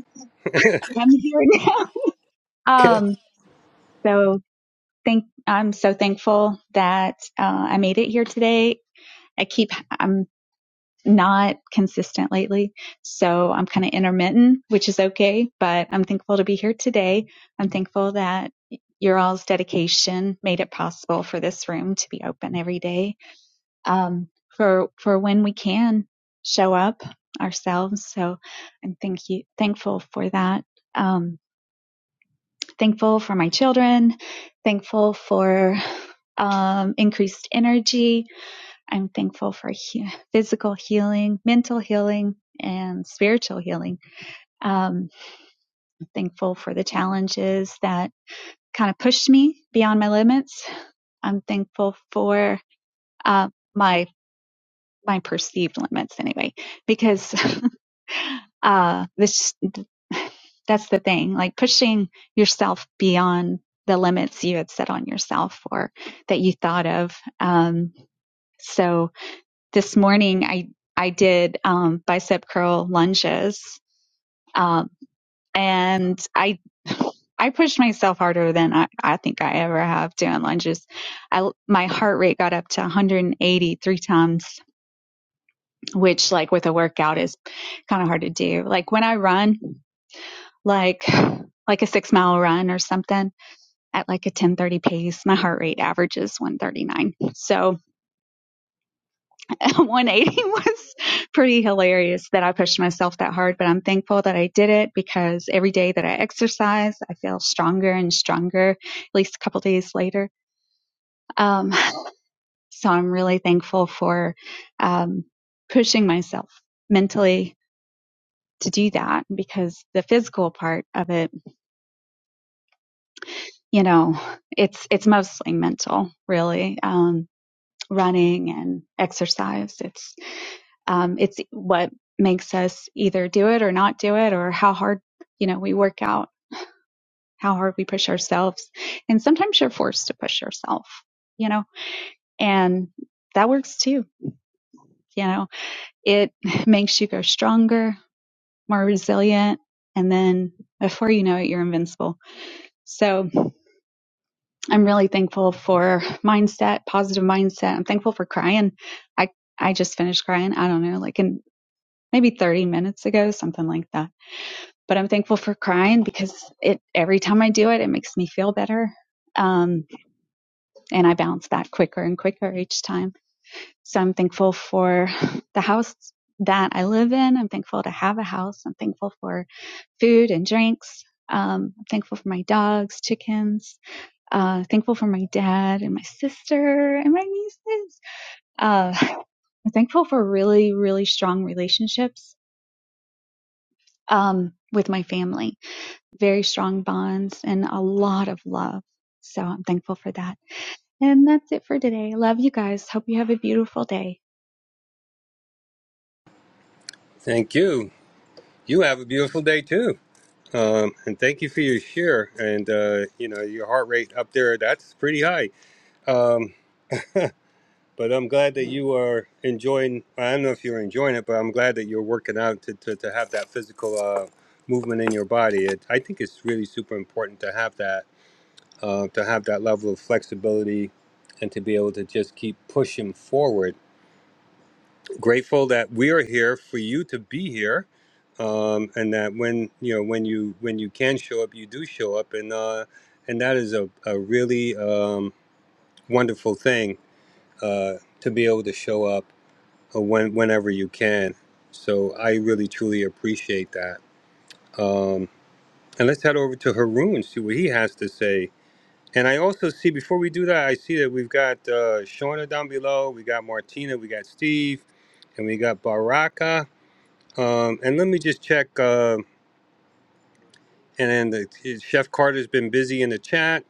I'm here now. Okay. Um, so thank I'm so thankful that uh, I made it here today. I keep I'm not consistent lately. So I'm kind of intermittent, which is okay, but I'm thankful to be here today. I'm thankful that your all's dedication made it possible for this room to be open every day. Um, for, for when we can show up ourselves. So I'm thank you, thankful for that. Um, thankful for my children, thankful for, um, increased energy, I'm thankful for he- physical healing, mental healing, and spiritual healing. Um, I'm thankful for the challenges that kind of pushed me beyond my limits. I'm thankful for uh, my my perceived limits anyway, because uh, this that's the thing. Like pushing yourself beyond the limits you had set on yourself or that you thought of. Um, so this morning I I did um, bicep curl lunges, um, and I I pushed myself harder than I, I think I ever have doing lunges. I my heart rate got up to 180 three times, which like with a workout is kind of hard to do. Like when I run, like like a six mile run or something at like a 10:30 pace, my heart rate averages 139. So 180 was pretty hilarious that I pushed myself that hard, but I'm thankful that I did it because every day that I exercise, I feel stronger and stronger, at least a couple days later. Um, so I'm really thankful for um, pushing myself mentally to do that because the physical part of it, you know, it's it's mostly mental, really. Um, running and exercise. it's. Um, it's what makes us either do it or not do it, or how hard you know we work out, how hard we push ourselves, and sometimes you're forced to push yourself, you know, and that works too. You know, it makes you go stronger, more resilient, and then before you know it, you're invincible. So I'm really thankful for mindset, positive mindset. I'm thankful for crying. I I just finished crying. I don't know, like in maybe 30 minutes ago, something like that but I'm thankful for crying because it every time I do it, it makes me feel better. Um, and I bounce back quicker and quicker each time. So I'm thankful for the house that I live in. I'm thankful to have a house. I'm thankful for food and drinks. Um, I'm thankful for my dogs, chickens. Uh, thankful for my dad and my sister and my nieces. Uh, I'm thankful for really, really strong relationships um, with my family very strong bonds and a lot of love. So I'm thankful for that. And that's it for today. Love you guys. Hope you have a beautiful day. Thank you. You have a beautiful day too. Um, and thank you for your share and uh, you know your heart rate up there. That's pretty high. Um, but I'm glad that you are enjoying. I don't know if you're enjoying it, but I'm glad that you're working out to, to, to have that physical uh, movement in your body. It, I think it's really super important to have that uh, to have that level of flexibility and to be able to just keep pushing forward grateful that we are here for you to be here um, and that when you know when you when you can show up you do show up and uh, and that is a, a really um, wonderful thing uh, to be able to show up uh, when, whenever you can so i really truly appreciate that um, and let's head over to haroon and see what he has to say and i also see before we do that i see that we've got uh, shauna down below we got martina we got steve and we got baraka Um, and let me just check. Uh, and then the, Chef Carter's been busy in the chat.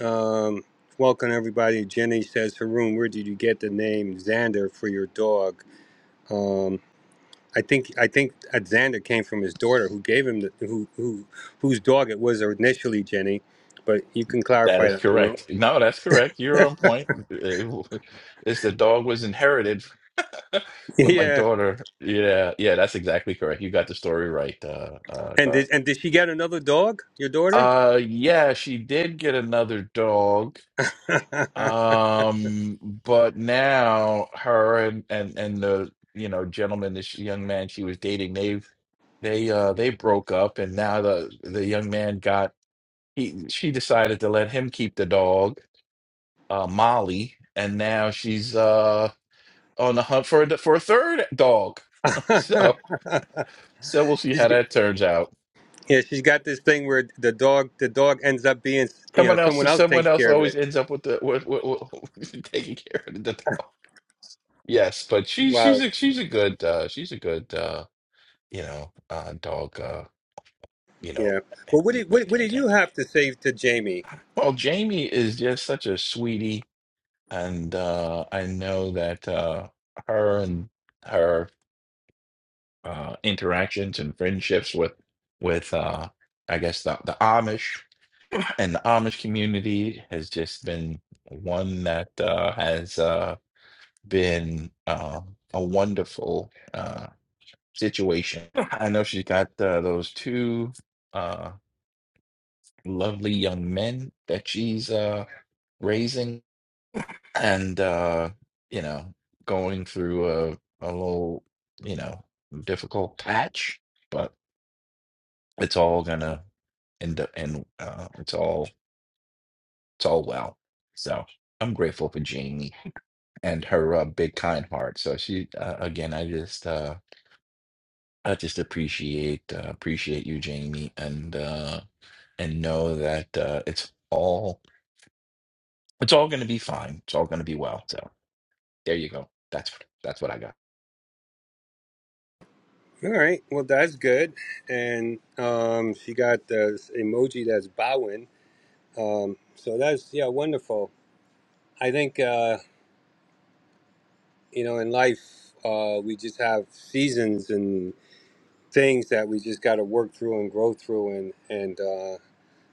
Um, welcome everybody. Jenny says, Haroon, where did you get the name Xander for your dog? Um, I think I think uh, Xander came from his daughter, who gave him the, who who whose dog it was initially, Jenny. But you can That clarify is that, Haroon. correct. No, that's correct. You're on point. It's the dog was inherited from my yeah. daughter. Yeah, yeah, that's exactly correct. You got the story right, uh, uh, And Carl. did and did she get another dog? Your daughter? Uh, yeah, she did get another dog. Um, but now her and and and the you know gentleman, this young man she was dating, they've they uh they broke up, and now the the young man got he she decided to let him keep the dog, uh Molly, and now she's uh on the hunt for a for a third dog. So so we'll see how that turns out. Yeah, she's got this thing where the dog the dog ends up being you know Someone else, someone else someone takes else care of always it. ends up with the with, with, with taking care of the dog. Yes, but she she's Wow. a she's a good uh she's a good uh you know uh dog uh you know Yeah. Well, what did what, what did maintainer. you have to say to Jamie? Well, Jamie is just such a sweetie and uh I know that uh her and her uh interactions and friendships with with uh I guess the the Amish and the Amish community has just been one that uh has uh been uh, a wonderful uh, situation. I know she's got uh, those two uh, lovely young men that she's uh, raising, and uh, you know, going through a a little you know difficult patch, but it's all gonna end up, and uh, it's all it's all well. So I'm grateful for Jamie and her uh, big kind heart. So she uh, again, I just uh, I just appreciate uh, appreciate you, Jamie, and. uh and know that uh, it's all it's all going to be fine. It's all going to be well. So there you go. That's that's what I got. All right. Well, that's good. And um, she got this emoji that's bowing. Um, so that's yeah wonderful. I think uh, you know in life uh, we just have seasons and things that we just got to work through and grow through and and. uh,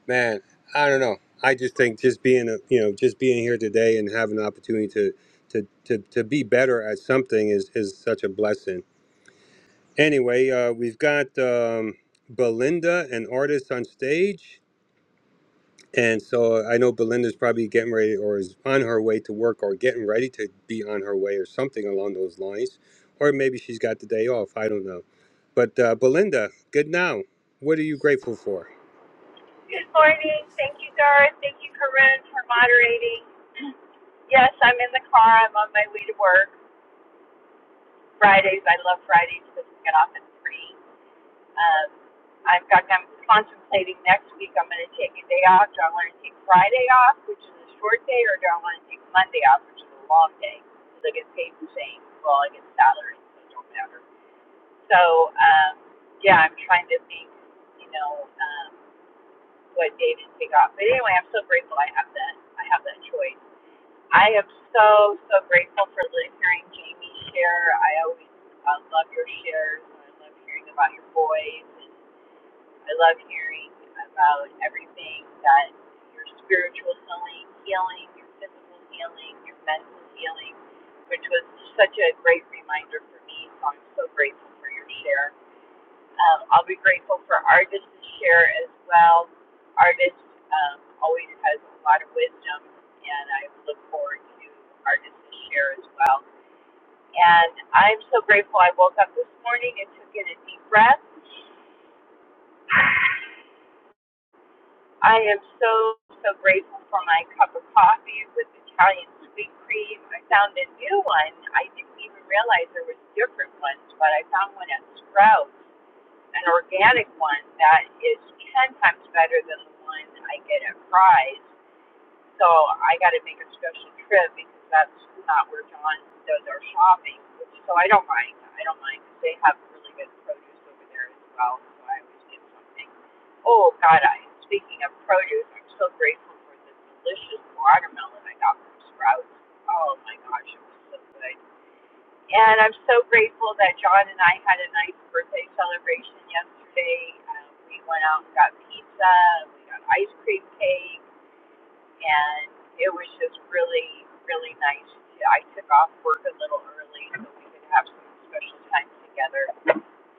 man i don't know i just think just being a, you know just being here today and having an opportunity to to to, to be better at something is is such a blessing anyway uh, we've got um, belinda an artist on stage and so uh, i know belinda's probably getting ready or is on her way to work or getting ready to be on her way or something along those lines or maybe she's got the day off i don't know but uh, belinda good now what are you grateful for Good morning. Thank you, Doris. Thank you, Corinne, for moderating. Yes, I'm in the car. I'm on my way to work. Fridays, I love Fridays because we get off at 3. Um, I- in fact, I'm contemplating next week I'm going to take a day off. Do I want to take Friday off, which is a short day, or do I want to take Monday off, which is a long day? Because I get paid the same. Well, I get salary, so it don't matter. So, um, yeah, I'm trying to think, you know. Um, what David pick up. But anyway, I'm so grateful I have that. I have that choice. I am so so grateful for li- hearing Jamie share. I always uh, love your shares. I love hearing about your voice. And I love hearing about everything that your spiritual healing, healing, your physical healing, your mental healing, which was such a great reminder for me. So I'm so grateful for your share. Um, I'll be grateful for artists to share as well. Artists um, always has a lot of wisdom, and I look forward to artists to share as well. And I'm so grateful I woke up this morning and took in a deep breath. I am so, so grateful for my cup of coffee with Italian sweet cream. I found a new one. I didn't even realize there was different ones, but I found one at Sprouts an organic one that is 10 times better than the one I get at Fry's. So I got to make a special trip because that's not where John does our shopping. so I don't mind. I don't mind because they have really good produce over there as well. So I always get something. Oh, God, I speaking of produce, I'm so grateful for the delicious watermelon I got from Sprouts. Oh, my gosh, it was so good. And I'm so grateful that John and I had a nice birthday celebration yesterday. Um, we went out and got pizza, we got ice cream cake, and it was just really, really nice. I took off work a little early so we could have some special time together.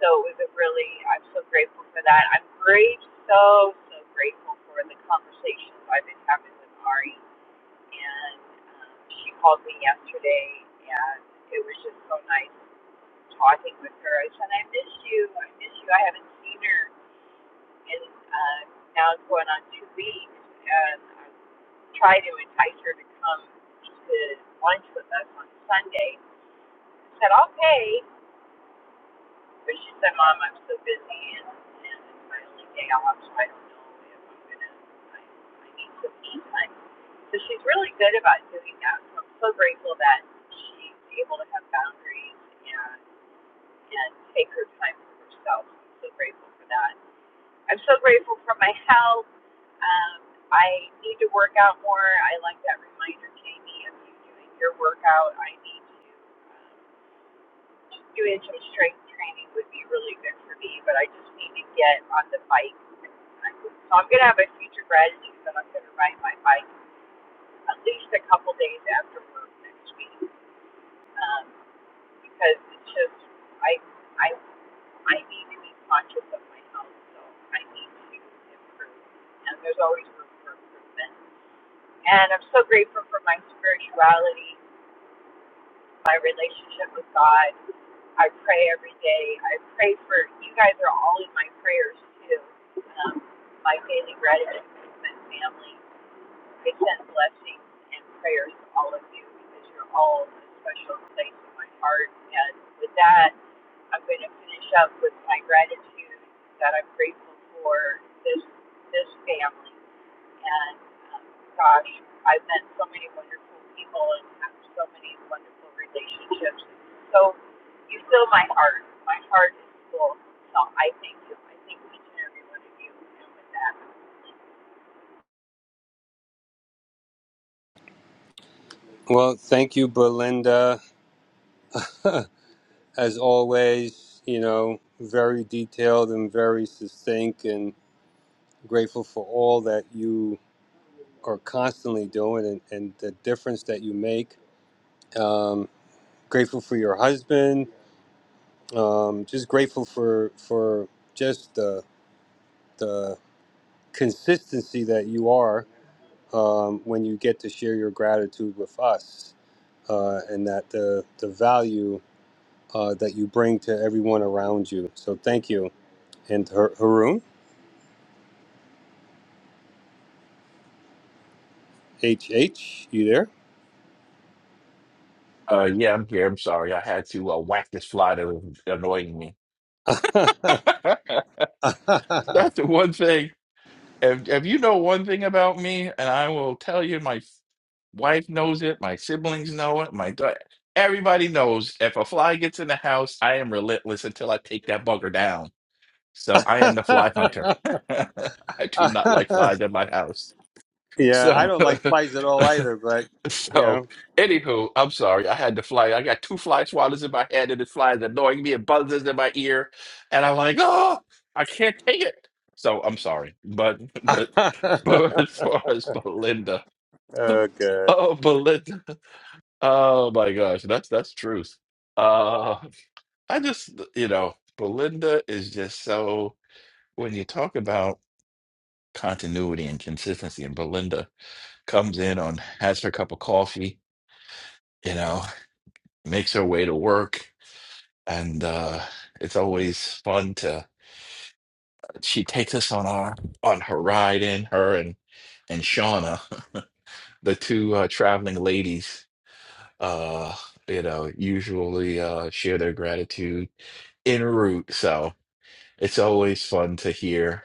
So it was a really, I'm so grateful for that. I'm great, so, so grateful for the conversations I've been having with Ari. And um, she called me yesterday, and it was just so nice talking with her. I said, I miss you. I miss you. I haven't seen her in uh, now it's going on two weeks. And I tried to entice her to come to lunch with us on Sunday. I said, okay. But she said, Mom, I'm so busy and, and it's my only day off, so I don't know if I'm going to, I, I need some me time. So she's really good about doing that. So I'm so grateful that she's able to have boundaries and. and take her time for herself. I'm so grateful for that. I'm so grateful for my health. Um, I need to work out more. I like that reminder, Jamie, of you doing your workout. I need to um, doing some strength training would be really good for me, but I just need to get on the bike. So I'm gonna have a future gratitude that I'm gonna ride my bike at least a couple days after work next week um, because it's just I I I need to be conscious of my health, so I need to improve. And there's always room for improvement. And I'm so grateful for my spirituality, my relationship with God. I pray every day. I pray for you guys are all in my prayers too. Um, my daily gratitude movement family. Big send blessings and prayers to all of you because you're all a special place in my heart. And with that, I'm going to finish up with my gratitude that I'm grateful for this this family. And um, gosh, I've met so many wonderful people and have so many wonderful relationships. So you fill my heart. My heart is full. So I thank you. I thank each and every one of you. And with that. well thank you belinda as always, you know, very detailed and very succinct and grateful for all that you are constantly doing and, and the difference that you make. Um, grateful for your husband. Um, just grateful for for just the the consistency that you are um, when you get to share your gratitude with us, uh, and that the the value uh, that you bring to everyone around you. So thank you, and Har- Haroon. H H, you there? Uh, yeah, I'm here. I'm sorry. I had to uh, whack this fly that was annoying me. That's the one thing. If, if you know one thing about me, and I will tell you, my f- wife knows it, my siblings know it, my da- everybody knows. If a fly gets in the house, I am relentless until I take that bugger down. So I am the fly hunter. I do not like flies in my house. yeah, I So, don't like flies at all either, but you so know. anywho, I'm sorry. I had to fly. I got two fly swatters in my head, and it's flies annoying me. It buzzes in my ear, and I'm like, oh, I can't take it. So I'm sorry, but but but as far as Belinda, oh, good. oh Belinda, oh my gosh, that's that's truth. Uh, I just you know Belinda is just so when you talk about continuity and consistency, and Belinda comes in on has her cup of coffee, you know, makes her way to work, and uh, it's always fun to. She takes us on our on her ride in her and and Shauna, the two uh, traveling ladies. Uh, you know, usually uh, share their gratitude en route, so it's always fun to hear.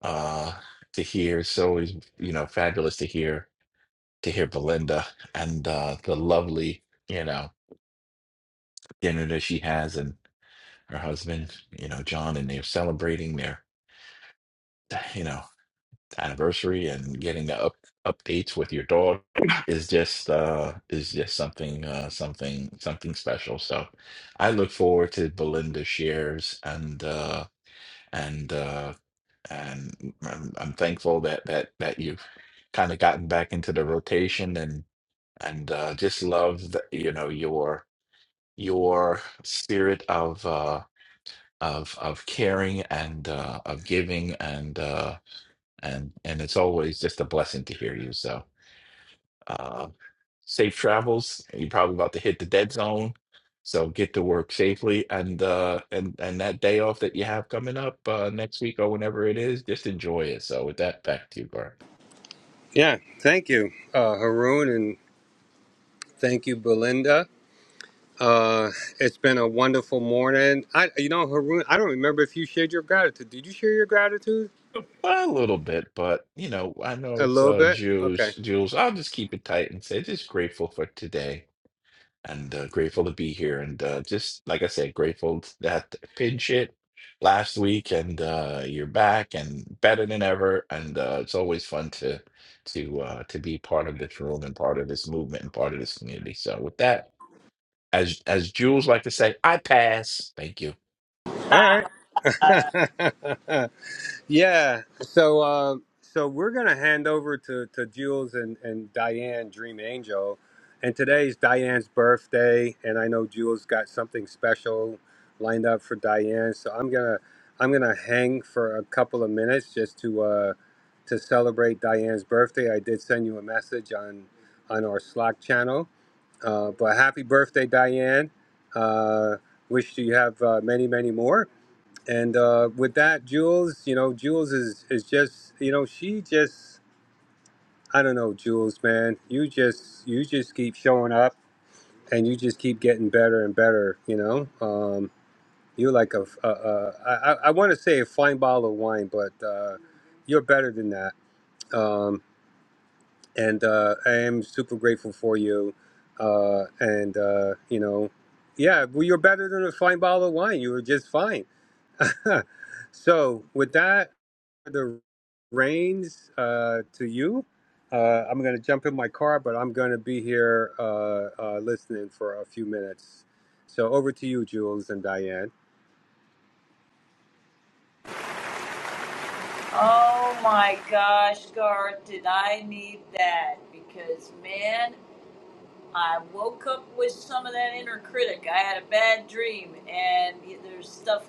Uh, to hear, it's always you know fabulous to hear to hear Belinda and uh, the lovely you know. dinner that she has and her husband, you know, John, and they're celebrating their, you know, anniversary and getting the up, updates with your dog is just uh is just something uh something something special. So I look forward to Belinda shares and uh and uh and I'm, I'm thankful that that that you've kind of gotten back into the rotation and and uh just love the, you know your your spirit of uh of of caring and uh, of giving and uh, and and it's always just a blessing to hear you. So uh, safe travels. You're probably about to hit the dead zone, so get to work safely and uh, and and that day off that you have coming up uh, next week or whenever it is, just enjoy it. So with that, back to you, Bart. Yeah, thank you, uh, Haroon, and thank you, Belinda. Uh, it's been a wonderful morning. I, you know, Haroon, I don't remember if you shared your gratitude. Did you share your gratitude? A little bit, but you know, I know A it's little uh bit. Jules. Okay. Jules, I'll just keep it tight and say just grateful for today and uh, grateful to be here. And uh, just like I said, grateful t- that pin shit last week, and uh, you're back and better than ever. And uh, it's always fun to to uh, to be part of this room and part of this movement and part of this community. So with that, as as Jules like to say, I pass. Thank you. All right. Yeah. So uh, so we're gonna hand over to, to Jules and, and Diane Dream Angel. And today's Diane's birthday and I know Jules got something special lined up for Diane. So I'm gonna I'm gonna hang for a couple of minutes just to uh, to celebrate Diane's birthday. I did send you a message on on our Slack channel. Uh, but happy birthday, Diane. Uh, wish you have uh, many, many more. And uh, with that, Jules, you know, Jules is is just, you know, she just, I don't know, Jules, man. You just, you just keep showing up, and you just keep getting better and better. You know, um, you're like a, a, a I, I I want to say a fine bottle of wine, but uh, you're better than that. Um, and uh, I am super grateful for you. Uh, and uh, you know, yeah, well, you're better than a fine bottle of wine. You were just fine so with that, the reins uh, to you. Uh, I'm going to jump in my car, but I'm going to be here uh, uh, listening for a few minutes. So over to you, Jules and Diane. Oh my gosh, Garth, did I need that? Because, man, I woke up with some of that inner critic. I had a bad dream, and there's stuff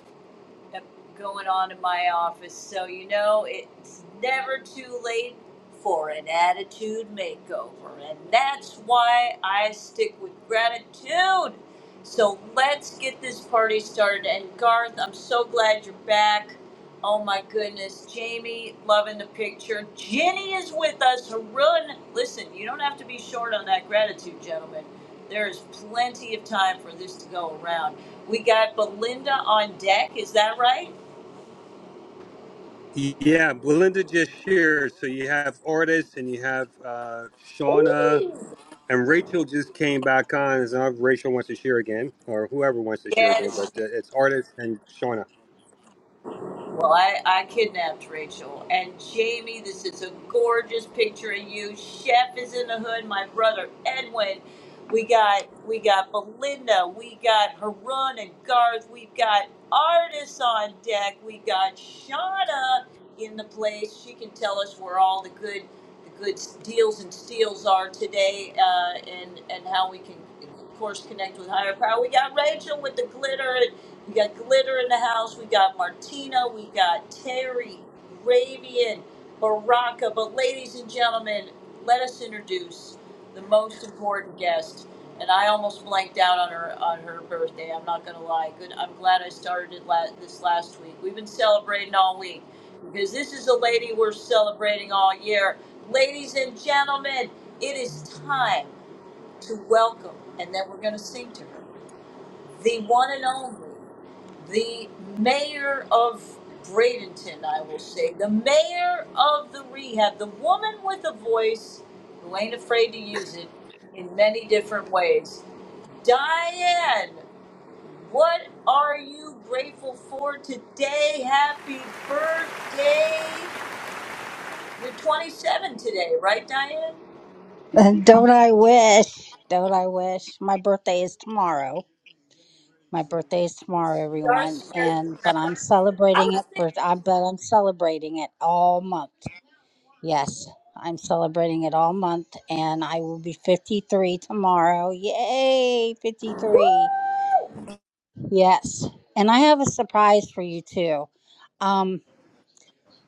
going on in my office. So, you know, it's never too late for an attitude makeover. And that's why I stick with gratitude. So, let's get this party started. And, Garth, I'm so glad you're back. Oh my goodness, Jamie, loving the picture. Jenny is with us. Harun, listen, you don't have to be short on that gratitude, gentlemen. There is plenty of time for this to go around. We got Belinda on deck, is that right? Yeah, Belinda just shared. So you have artists and you have uh, Shauna and Rachel just came back on. As long Rachel wants to share again, or whoever wants to share again, Yes, but uh, it's artists and Shauna. Well, I, I kidnapped Rachel. And Jamie, this is a gorgeous picture of you. Chef is in the hood, my brother Edwin. We got we got Belinda, we got Harun and Garth, we've got artists on deck, we got Shauna in the place. She can tell us where all the good the good deals and steals are today, uh, and and how we can of course connect with higher power. We got Rachel with the glitter we got Glitter in the house. We got Martina. We got Terry, Ravian, Baraka. But ladies and gentlemen, let us introduce the most important guest. And I almost blanked out on her on her birthday. I'm not gonna lie. Good. I'm glad I started it la- this last week. We've been celebrating all week because this is a lady we're celebrating all year. Ladies and gentlemen, it is time to welcome, and then we're gonna sing to her the one and only, the mayor of Bradenton, I will say, the mayor of the rehab, the woman with a voice who ain't afraid to use it in many different ways. Diane, what are you grateful for today? Happy birthday! You're 27 today, right, Diane? Uh, Don't I wish? Don't I wish? My birthday is tomorrow. My birthday is tomorrow, everyone. And Starstruck. but I'm I celebrating was it thinking, for. I but I'm celebrating it all month. Yes, I'm celebrating it all month, and I will be 53 tomorrow. Yay, woo! 53! Yes, and I have a surprise for you too. Um,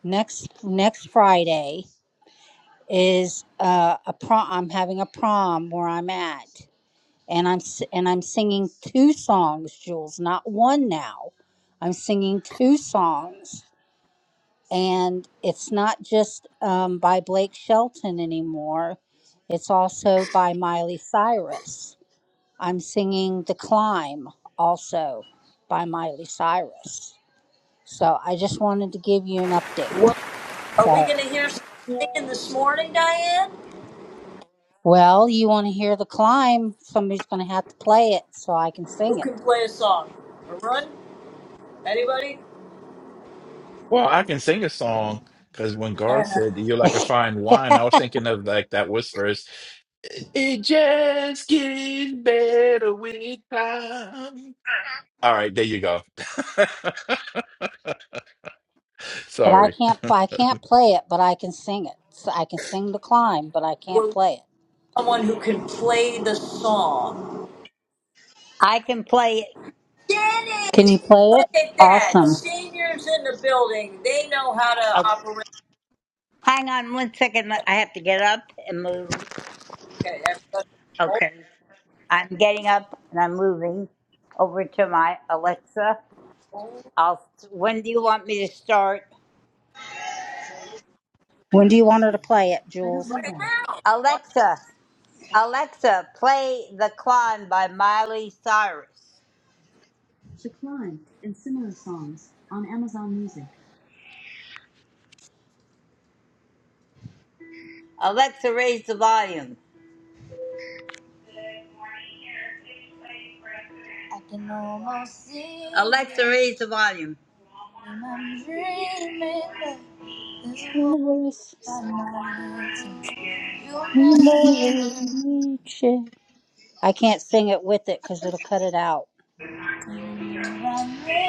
next next Friday is uh, a prom. I'm having a prom where I'm at. and I'm s- and I'm singing two songs, Jules, not one now. I'm singing two songs, and it's not just um, by Blake Shelton anymore. It's also by Miley Cyrus. I'm singing "The Climb" also by Miley Cyrus. So I just wanted to give you an update. What, are we So, going to hear some singing this morning, Diane? well, you want to hear "The Climb"? Somebody's going to have to play it so I can Who sing can play a song? Arun? Anybody? Well, I can sing a song. Because when Garth said you're like a it. fine wine, I was thinking of like that was first. It just gets better with time. All right, there you go. But I Sorry. can't I can't play it, but I can sing it. So I can sing the climb, but I We're can't looking for play it. someone who can play the song. I can play it. Jenny! Can you play it? Look at that! Awesome. Seniors in the building, they know how to Oh, operate. hang on one second. I have to get up and move. Okay, everybody, hold Okay. I'm getting up and I'm moving over to my Alexa. I'll. When do you want me to start? When do you want her to play it, I don't Jules? know right that. now. One Alexa, Alexa, play "The Climb" by Miley Cyrus. The Climb and similar songs on Amazon Music. Alexa, raise the volume. I can almost see. Alexa, raise the volume. And I'm dreaming that there's a voice on my head. You'll never I can't sing it with it because it'll cut it out.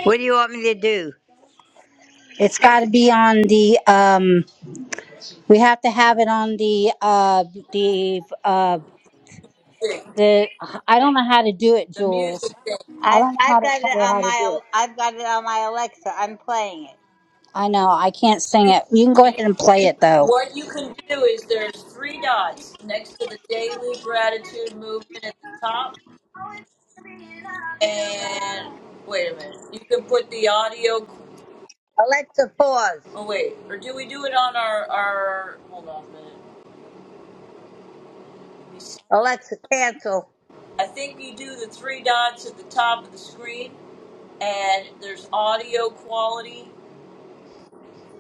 What do you want me to do? It's got to be on the um. We have to have it on the uh the uh thing, the. I don't know how to do it, the music Jules. thing. I I've don't know how I've to got it tell her on how to my do it. Al- I've got it on my Alexa. I'm playing I know I can't sing You- it. You can go ahead Jenny, and play it though. What you can do is there's three dots next to the daily gratitude movement at the top, it. and wait a minute, you can put the audio Alexa, pause. Oh wait, or do we do it on our our? Hold on a minute. Let me see. Alexa, cancel. I think you do the three dots at the top of the screen, and there's audio quality,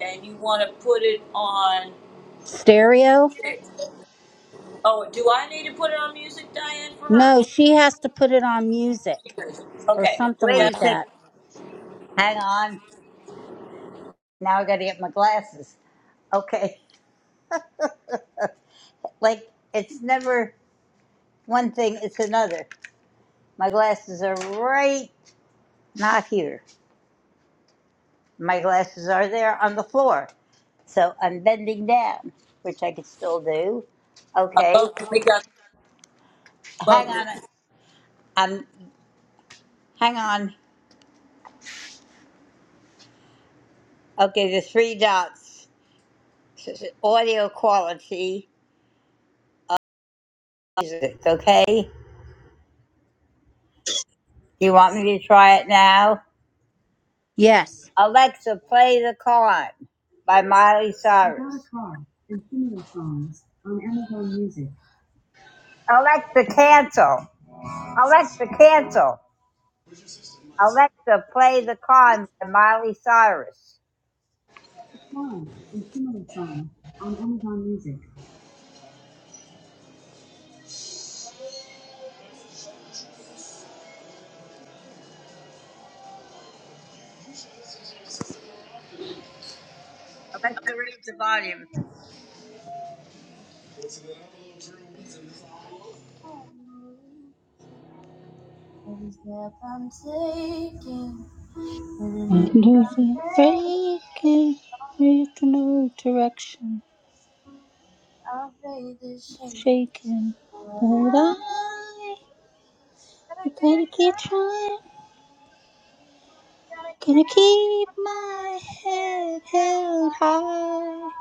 and you want to put it on Stereo? music. Oh, do I need to put it on music, Diane, for her? No, she has to put it on music or Okay. something Yeah, Wait a like I second. that. Hang on. Now I got to get my glasses. Okay. Like it's never one thing; it's another. My glasses are right not here. My glasses are there on the floor. So I'm bending down, which I could still do. Okay. love. We got Hang love. It. on. um, Hang on. Okay, the three dots. S- s- Audio quality. Music. Okay. You want me to try it now? Yes. Alexa, play "The Climb" by Miley Cyrus. About a car and similar songs on Amazon Music. Alexa, cancel. Alexa, cancel. Alexa, play "The Climb" by Miley Cyrus. The Climb and similar songs on Amazon Music. Alexa, raise the volume. Every step I'm taking, every move And I'm if I'm making, faking, make no direction, I will fade the shame. shaking. for it. But I, Gotta you gotta get keep down, trying, gotta gonna get down. keep my head held high.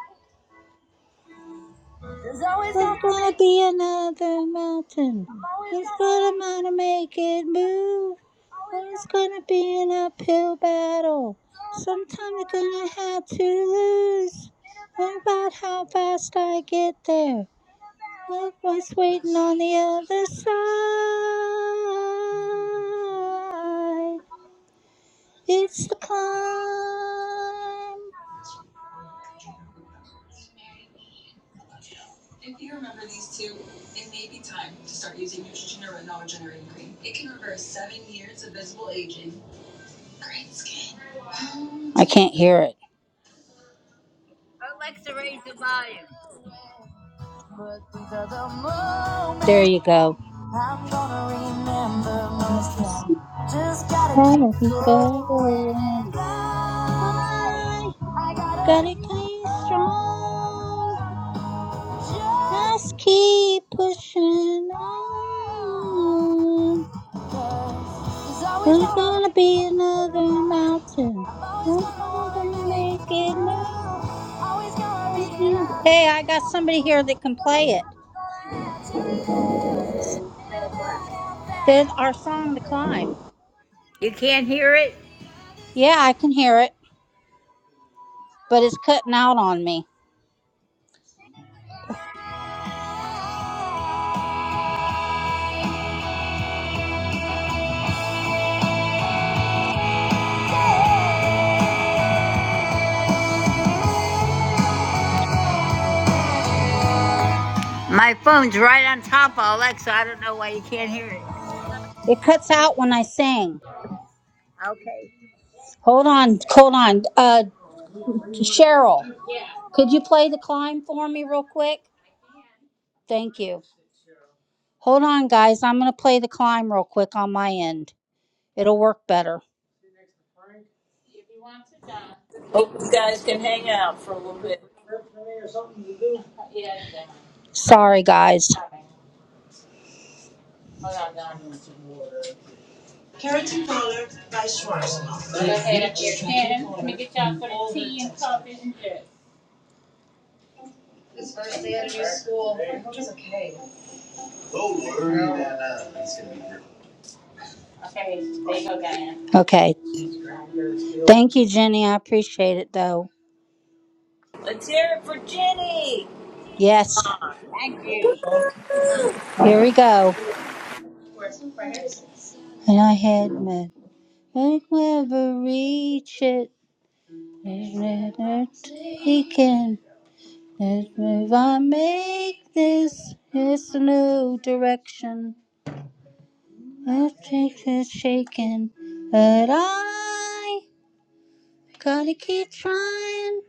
There's always There's gonna gonna be, be another mountain. I'm always It's gonna, gonna make it move. Or always gonna. it's be. gonna be an uphill battle. Sometimes you Sometimes you're gonna laugh, have to lose. and What about about how fast I get there? What was waiting on the other side? It's the climb. I can't hear it. But these are the There moments you go. I'm gonna And remember you're most. Yeah. missing. Just gotta How did keep you going. go And I I, I gotta gotta keep stay strong. going. just Just keep pushing on. 'cause there's always There's gonna gonna be another mountain. Not gonna make it move. Hey, I got somebody here that can play it. Did our song "The Climb"? You can't hear it? Yeah, I can hear it, but it's cutting out on me. My phone's right on top of Alexa. I don't know why you can't hear it. It cuts out when I sing. Okay. Hold on, hold on. Uh, Cheryl, could you play "The Climb" for me real quick? Thank you. Hold on, guys. I'm going to play the climb real quick on my end. It'll work better. Hope you guys can hang out for a little bit. Sorry, guys. Okay. Thank you, Jenny. I appreciate it, though. Let's hear it for Jenny. Yes. Come on. Thank you. Here we go. And I had my I never reach it. It's never taken. Let's move Make this. It's a new direction. i us take this shaking. But I gotta keep trying.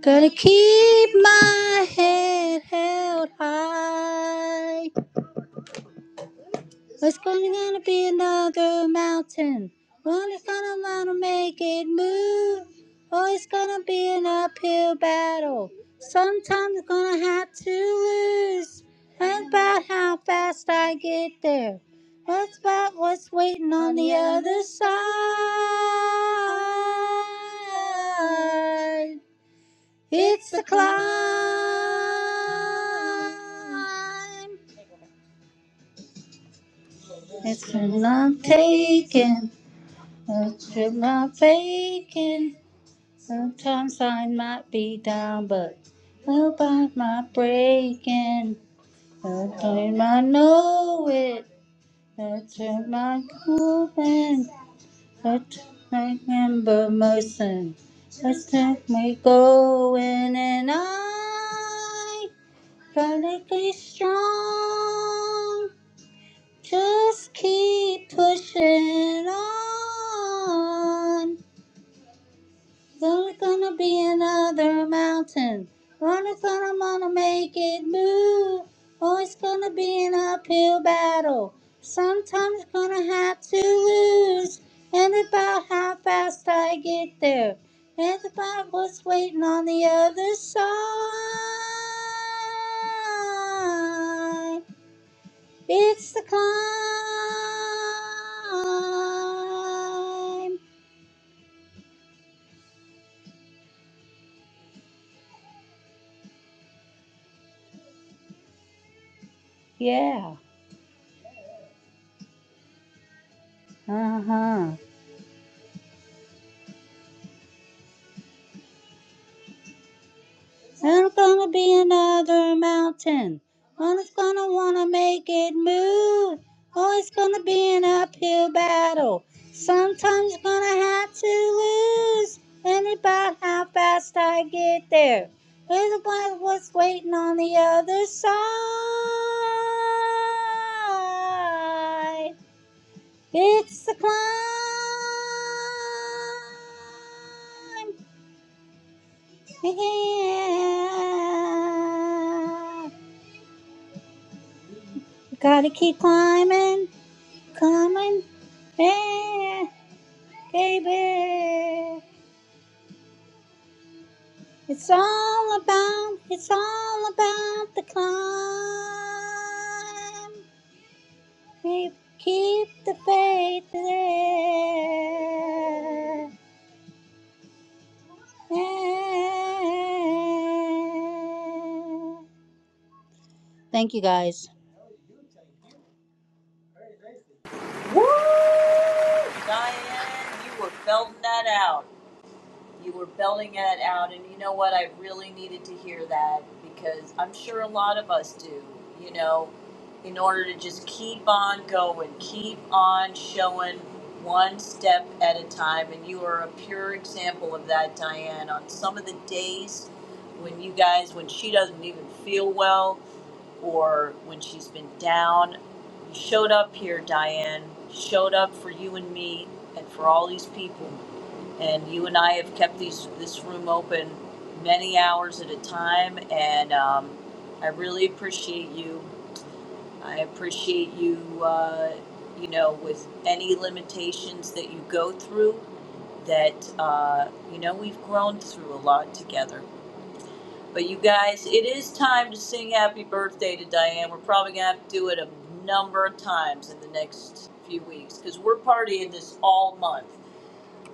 Gonna keep my head held high. It's gonna, be another mountain. One is gonna wanna make it move. Oh, it's gonna be an uphill battle. Sometimes I'm gonna have to lose. And about how fast I get there. That's about what's waiting on, on the, the other side. It's the climb. It's a long taking, a trip not faking. Sometimes I might be down, but hope I might breaking. A time I know it, a time I going, a time I remember most. Let's take me going, and I. Gotta be strong. Just keep pushing on. There's gonna be another mountain. Gonna, gonna, wanna make it move. Always gonna be an uphill battle. Sometimes gonna have to lose. And about how fast I get there. And about what's waiting on the other side. It's the climb. Yeah. Uh huh. There's gonna be another mountain. One it's gonna wanna make it move. Oh, it's gonna be an uphill battle. Sometimes gonna have to lose. And about how fast I get there. Is what what's waiting on the other side. It's the climb. Yeah. Gotta keep climbing, climbing. Yeah, baby. It's all about, it's all about the climb. Keep, keep the faith there. Yeah. Thank you guys. Woo! Diane, you were belting that out. You were belting it out, and you know what? I really needed to hear that because I'm sure a lot of us do, you know, in order to just keep on going, keep on showing one step at a time. And you are a pure example of that, Diane. On some of the days when you guys, when she doesn't even feel well or when she's been down, you showed up here, Diane, showed up for you and me and for all these people and you and I have kept these this room open many hours at a time, and um, I really appreciate you. I appreciate you. Uh, you know, with any limitations that you go through, that uh, you know we've grown through a lot together. But you guys, it is time to sing happy birthday to Diane. We're probably gonna have to do it a number of times in the next few weeks because we're partying this all month.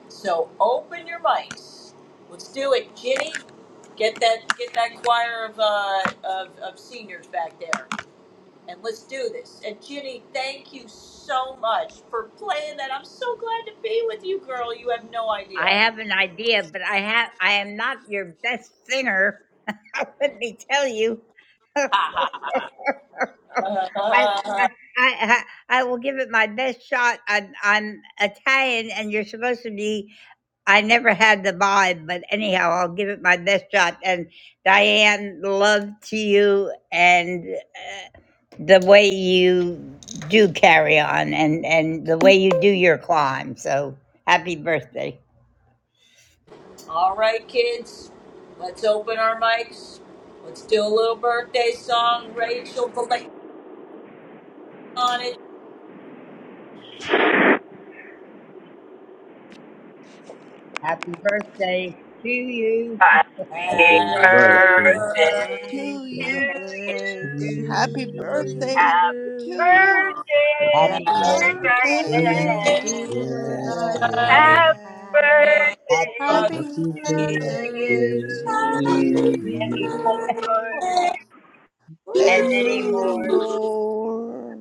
So open your mics. Let's do it, Ginny. Get that get that choir of uh, of, of seniors back there, and let's do this. And Ginny, thank you so much for playing that. I'm so glad to be with you, girl. You have no I idea. have an idea, but I have I am not your best singer. Let me tell you. I, Ha ha ha. I Uh, I I will give it my best shot. I'm, I'm Italian, and you're supposed to be. I never had the vibe, but anyhow, I'll give it my best shot. And Diane, love to you, and uh, the way you do carry on, and and the way you do your climb. So happy birthday. All right, kids. Let's open our mics. Let's do a little birthday song. Rachel, put play on it. Happy birthday to you. Happy Say Happy Happy birthday birthday. birthday To to you. to you. Happy to you. birthday Happy you. to you. birthday, Happy Happy dear Say birthday birthday, Happy did Diane. to dear Allah. Diane. birthday. Happy I am. And birthday Happy fuck Happy Happy it. to birthday birthday birthday to to you. to Happy you. you. you. birthday. And And many many, many more. Woo. more.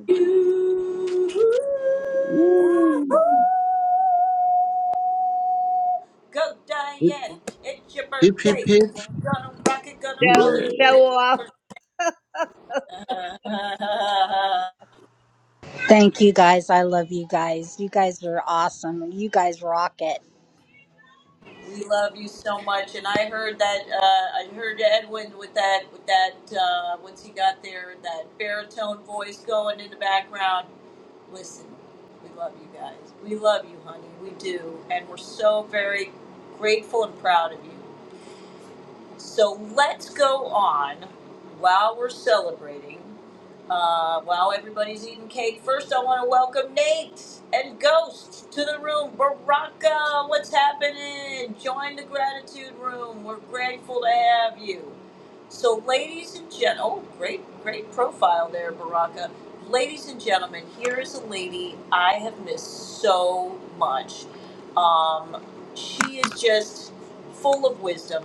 Go Diane, it's your Hip hip birthday. hip. Gonna rock it, gonna roll So it. It's show off. your birthday. Thank you guys. I love you guys. You guys are awesome. You guys rock it. we love you so much, and I heard that uh, I heard Edwin with that with that uh, once he got there that baritone voice going in the background. listen, we love you guys. We love you, honey. We do. And we're so very grateful and proud of you. So let's go on while we're celebrating. Uh, while everybody's eating cake, first I want to welcome Nate and Ghost to the room. Baraka, what's happening? Join the gratitude room. We're grateful to have you. So, ladies and gentlemen, oh, great, great profile there, Baraka. Ladies and gentlemen, here is a lady I have missed so much. Um, she is just full of wisdom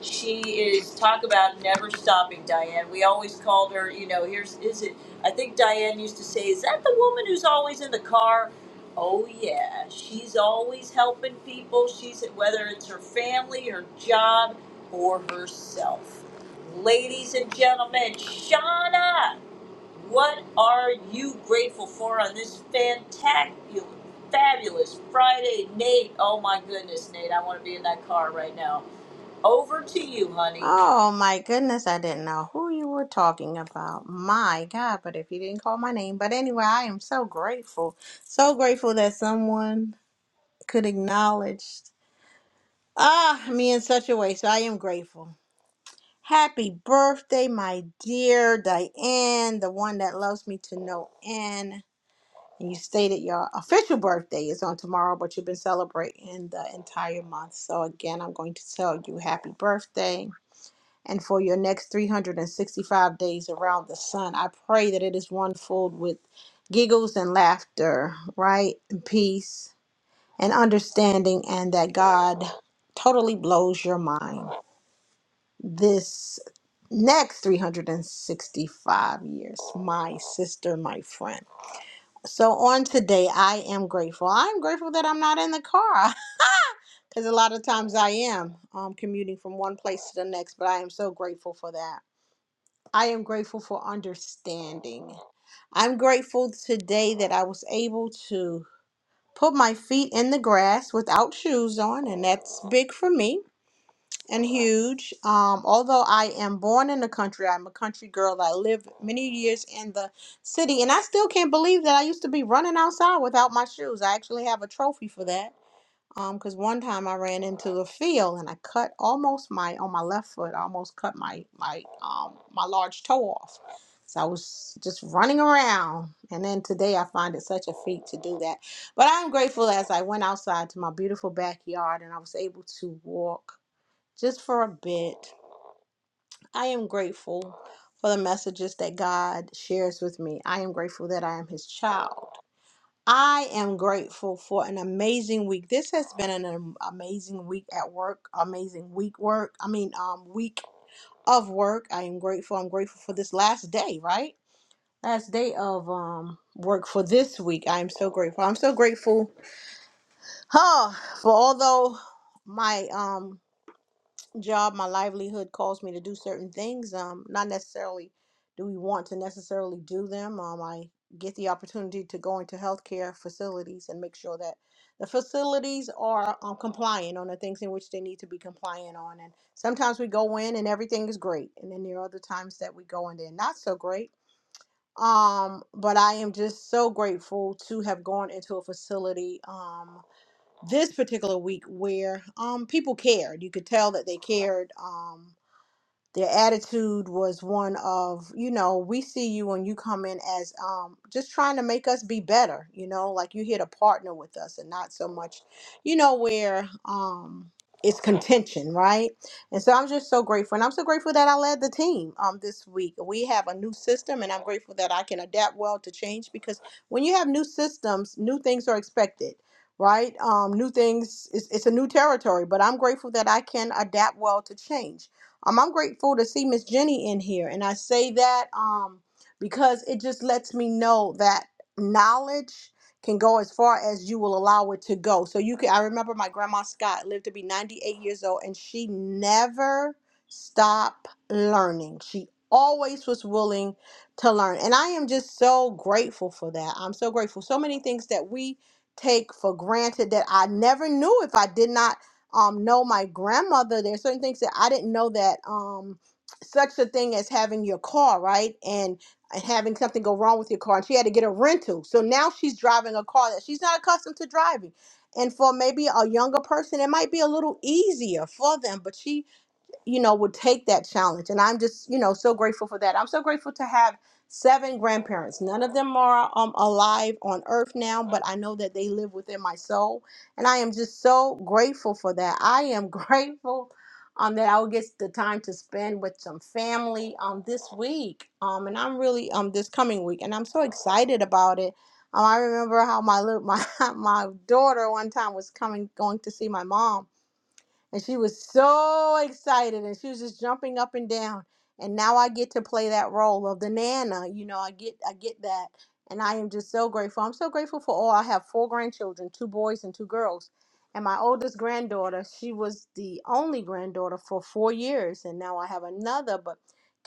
she is talk about never stopping diane we always called her you know here's is it i think diane used to say is that the woman who's always in the car oh yeah she's always helping people she's whether it's her family her job or herself ladies and gentlemen shauna what are you grateful for on this fantabulous, fabulous Friday, Nate? Oh my goodness, Nate, I want to be in that car right now. Over to you, honey. Oh my goodness, I didn't know who you were talking about. My God, but if you didn't call my name. But anyway, I am so grateful. So grateful that someone could acknowledge ah me in such a way. So I am grateful. Happy birthday, my dear Diane, the one that loves me to no end. And you stated your official birthday is on tomorrow, but you've been celebrating the entire month. So again, I'm going to tell you happy birthday. and for your next 365 days around the sun. I pray that it is one filled with giggles and laughter, right? And peace and understanding, and that God totally blows your mind this next 365 years, my sister, my friend. So, on today, I am grateful. I'm grateful that I'm not in the car because a lot of times I am um, commuting from one place to the next, but I am so grateful for that. I am grateful for understanding. I'm grateful today that I was able to put my feet in the grass without shoes on, and that's big for me and huge. Um, although I am born in the country, I'm a country girl. I lived many years in the city, and I still can't believe that I used to be running outside without my shoes. I actually have a trophy for that. Um, because one time I ran into a field and I cut almost my on my left foot, I almost cut my my um my large toe off. So I was just running around, and then today I find it such a feat to do that. But I'm grateful as I went outside to my beautiful backyard and I was able to walk just for a bit. I am grateful for the messages that God shares with me. I am grateful that I am His child. I am grateful for an amazing week. This has been an am- amazing week at work, amazing week work. I mean, um, week of work. I am grateful. I'm grateful for this last day, right? Last day of um work for this week. I am so grateful. I'm so grateful, huh? For although my um job, my livelihood calls me to do certain things. Um, not necessarily do we want to necessarily do them. Um, I get the opportunity to go into healthcare facilities and make sure that the facilities are um, compliant on the things in which they need to be compliant on. And sometimes we go in and everything is great, and then there are other times that we go in there not so great. Um, but I am just so grateful to have gone into a facility. Um, this particular week where um people cared. You could tell that they cared. Um, their attitude was one of, you know, we see you when you come in as um, just trying to make us be better, you know, like you're here to partner with us and not so much, you know, where um, it's contention, right? And so I'm just so grateful. And I'm so grateful that I led the team um, this week. We have a new system, and I'm grateful that I can adapt well to change because when you have new systems, new things are expected right? Um, new things, it's, it's a new territory, but I'm grateful that I can adapt well to change. Um, I'm grateful to see Miss Jenny in here, and I say that um because it just lets me know that knowledge can go as far as you will allow it to go. So you can. I remember my grandma Scott lived to be 98 years old, and she never stopped learning. She always was willing to learn, and I am just so grateful for that. I'm so grateful. So many things that we take for granted that I never knew if I did not um, know my grandmother. There's certain things that I didn't know that um, such a thing as having your car, right? And and having something go wrong with your car. And she had to get a rental. So now she's driving a car that she's not accustomed to driving. And for maybe a younger person, it might be a little easier for them, but she you know, would take that challenge. And I'm just, you know, so grateful for that. I'm so grateful to have seven grandparents. None of them are um, alive on earth now, but I know that they live within my soul. And I am just so grateful for that. I am grateful um, that I will get the time to spend with some family um, this week. Um, and I'm really, um, this coming week, and I'm so excited about it. Um, I remember how my, lit- my my daughter one time was coming going to see my mom and she was so excited and she was just jumping up and down. And now I get to play that role of the nana. You know, I get I get that. And I am just so grateful. I'm so grateful for all. I have four grandchildren, two boys and two girls. And my oldest granddaughter, she was the only granddaughter for four years. And now I have another, but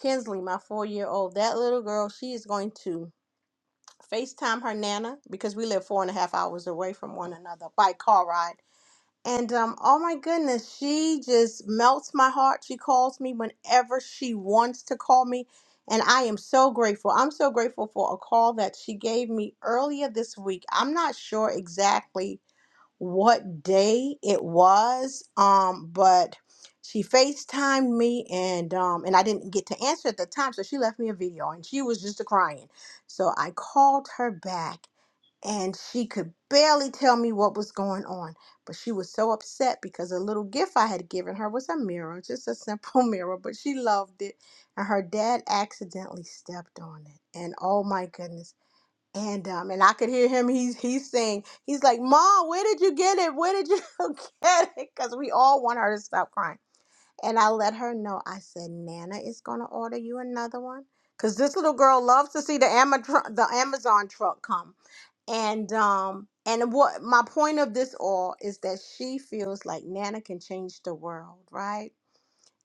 Kinsley, my four year old, that little girl, she is going to FaceTime her nana because we live four and a half hours away from one another by car ride and um, oh my goodness, she just melts my heart. She calls me whenever she wants to call me. And I am so grateful. I'm so grateful for a call that she gave me earlier this week. I'm not sure exactly what day it was, um, but she FaceTimed me and um, and I didn't get to answer at the time, so she left me a video and she was just crying. So I called her back and she could barely tell me what was going on. But she was so upset because a little gift I had given her was a mirror, just a simple mirror, but she loved it. And her dad accidentally stepped on it. And oh my goodness. And um, and I could hear him. He's he's saying he's like, "Mom, where did you get it? Where did you get it?" Because we all want her to stop crying. And I let her know. I said, "Nana is gonna order you another one, because this little girl loves to see the Amazon the Amazon truck come." And um and what my point of this all is that she feels like Nana can change the world, right?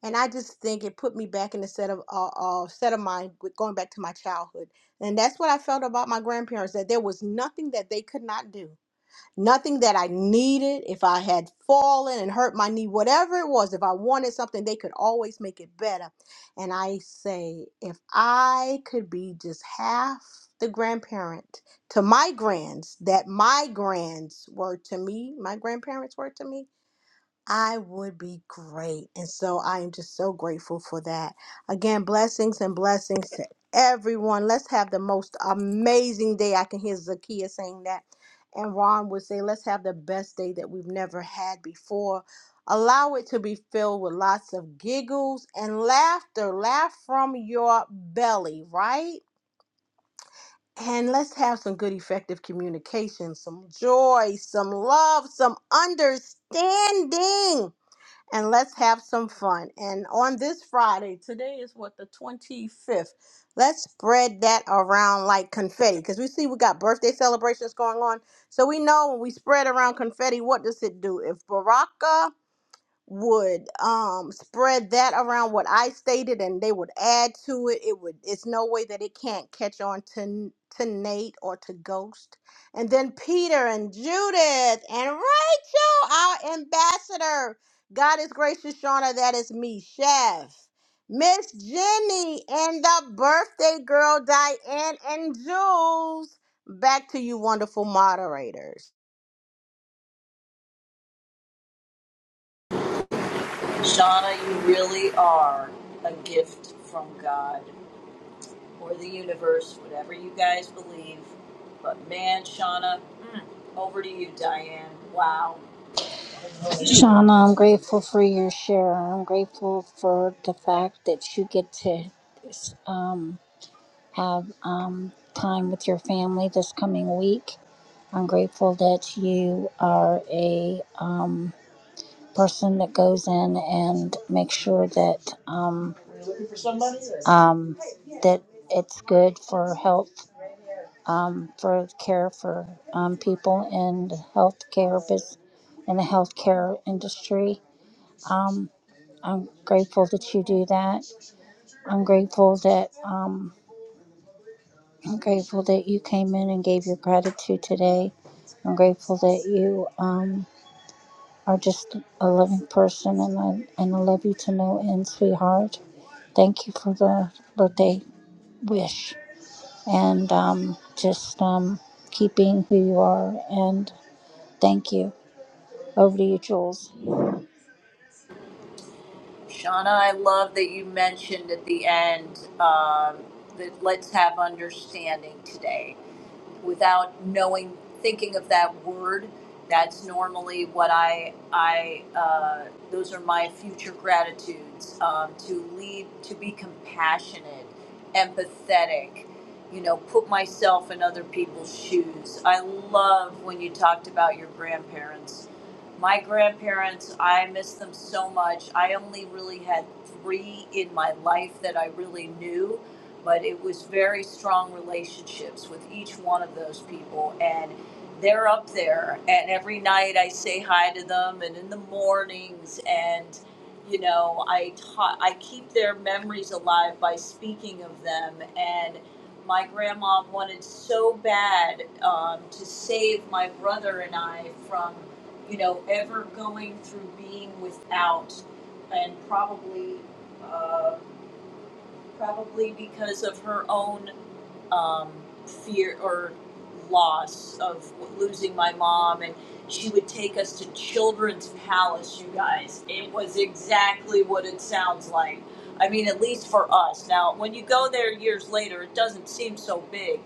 and I just think it put me back in the set of uh, uh, set of mind with going back to my childhood, and that's what I felt about my grandparents that there was nothing that they could not do, nothing that I needed. If I had fallen and hurt my knee, whatever it was, if I wanted something, they could always make it better. And I say, if I could be just half the grandparent to my grands that my grands were to me, my grandparents were to me I would be great. And so I am just so grateful for that. Again, blessings and blessings to everyone. Let's have the most amazing day. I can hear Zakia saying that. And Ron would say, let's have the best day that we've never had before. Allow it to be filled with lots of giggles and laughter. Laugh from your belly, right? And let's have some good, effective communication, some joy, some love, some understanding and let's have some fun. And on this Friday, today is what the 25th. Let's spread that around like confetti because we see we got birthday celebrations going on. So we know when we spread around confetti, what does it do? If Baraka would um spread that around what I stated and they would add to it it would it's no way that it can't catch on to to Nate or to Ghost and then Peter and Judith and Rachel our ambassador God is gracious Shauna that is me chef Miss Jenny and the birthday girl Diane and Jules back to you wonderful moderators Shauna, you really are a gift from God or the universe, whatever you guys believe. But man, Shauna, mm, over to you, Diane. Wow. Shauna, I'm grateful for your share. I'm grateful for the fact that you get to talk under a um, person um, good for health um, um, people in the healthcare business, in the healthcare industry. Um, I'm grateful that you do that. I'm grateful that um, I'm grateful that you came in and gave your gratitude today. I'm grateful that you um, are just a loving person, and I and I love you to no end, sweetheart. Thank you for the birthday wish, and um, just um, keep being who you are. And thank you. Over to you, Jules. Shauna, I love that you mentioned at the end um, that let's have understanding today. without knowing, thinking of that word. That's normally what I, I, uh, those are my future gratitudes um, to lead, to be compassionate, empathetic, you know, put myself in other people's shoes. I love when you talked about your grandparents. My grandparents, I miss them so much. I only really had three in my life that I really knew but it was very strong relationships with each one of those people and they're up there and every night I say hi to them and in the mornings and you know I ta- I keep their memories alive by speaking of them and my grandma wanted so bad um, to save my brother and I from you know ever going through being without and probably uh, probably because of her own um, fear or loss of losing my mom and she would take us to children's palace you guys it was exactly what it sounds like i mean at least for us now when you go there years later it doesn't seem so big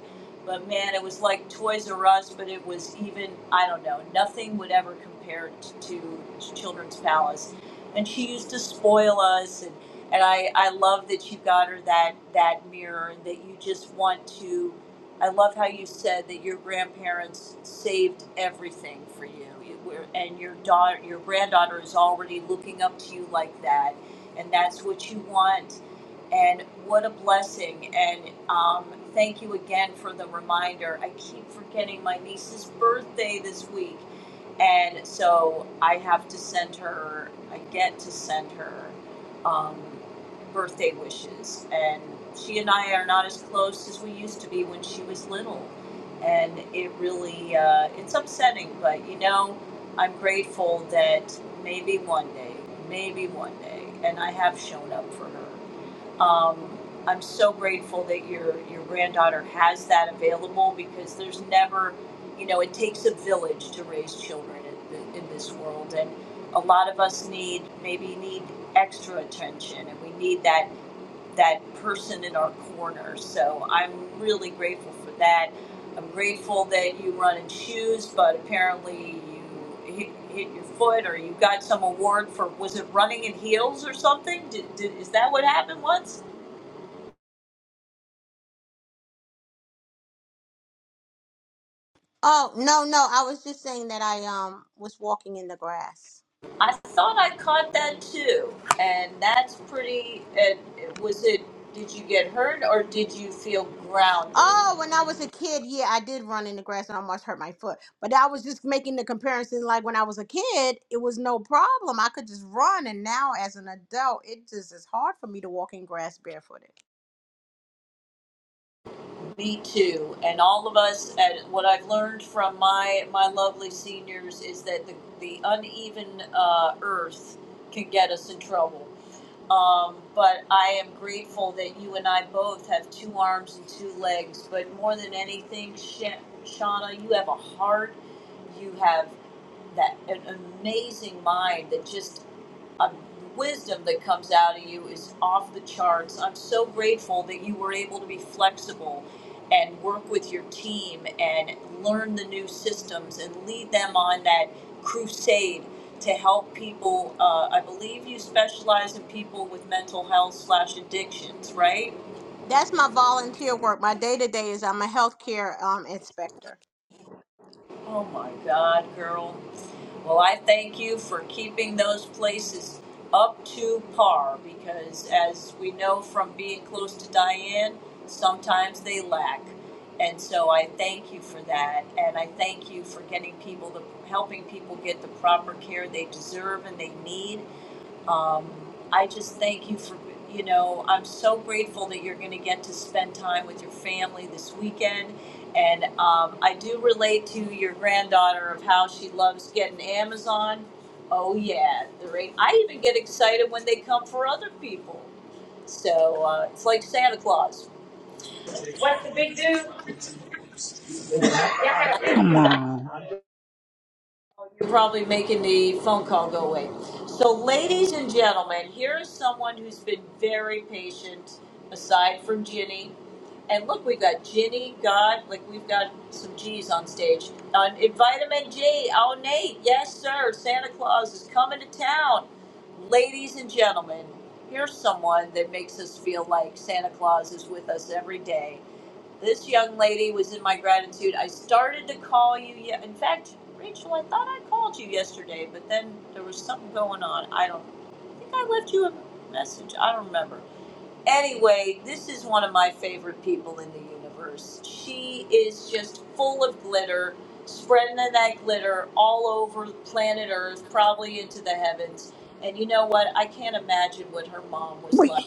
but man it was like toys r us but it was even i don't know nothing would ever compare t- to children's palace and she used to spoil us and and I, I love that you got her that that mirror and that you just want to I love how you said that your grandparents saved everything for you. You were, and your daughter your granddaughter is already looking up to you like that and that's what you want and what a blessing and um, thank you again for the reminder. I keep forgetting my niece's birthday this week and so I have to send her. I get to send her um, birthday wishes, and she and I are not as close as we used to be when she was little, and it really uh, it's upsetting. But you know, I'm grateful that maybe one day, maybe one day, and I have shown up for her. Um, I'm so grateful that your your granddaughter has that available because there's never, you know, it takes a village to raise children in, th- in this world, and a lot of us need maybe need extra attention, and we need that that person in our corner. So I'm really grateful for that. I'm grateful that you run in shoes, but apparently you hit, hit your foot or you got some award for was it running in heels or something? Did, did, is that what happened once? Oh, no, no. I was just saying that I um was walking in the grass. I thought I caught that too, and that's pretty. And was it? Did you get hurt, or did you feel grounded? Oh, when I was a kid, yeah, I did run in the grass and almost hurt my foot. But I was just making the comparison like when I was a kid, it was no problem. I could just run and now as an adult, it just is hard for me to walk in grass barefooted. Me too. And all of us, and what I've learned from my my lovely seniors is that the, the uneven uh, earth can get us in trouble. Um, but I am grateful that you and I both have two arms and two legs. But more than anything, Sha- Shauna, you have a heart. You have that an amazing mind that just uh, wisdom that comes out of you is off the charts. I'm so grateful that you were able to be flexible and work with your team and learn the new systems and lead them on that crusade to help people. Uh, I believe you specialize in people with mental health slash addictions, right? That's my volunteer work. My day-to-day is I'm a healthcare um inspector. Oh my God, girl. Well, I thank you for keeping those places up to par because, as we know from being close to Diane, sometimes they lack. And so I thank you for that. And I thank you for getting people the helping people get the proper care they deserve and they need. Um, I just thank you for, you know, I'm so grateful that you're going to get to spend time with your family this weekend. And um, I do relate to your granddaughter of how she loves getting Amazon. Oh, yeah. The rate. I even get excited when they come for other people. So uh, it's like Santa Claus. You're probably making the phone call go away. So, ladies and gentlemen, here is someone who's been very patient, aside from Ginny. And look, we've got Ginny, God, like we've got some G's on stage. On Vitamin G, oh, Nate, yes, sir, Santa Claus is coming to town. Ladies and gentlemen, here's someone that makes us feel like Santa Claus is with us every day. This young lady was in my gratitude. I started to call you. Ye- in fact, Rachel, I thought I called you yesterday, but then there was something going on. I don't I think I left you a message. I don't remember. Anyway, this is one of my favorite people in the universe. She is just full of glitter, spreading that glitter all over planet Earth, probably into the heavens. And you know what? I can't imagine what her mom was Wait, like.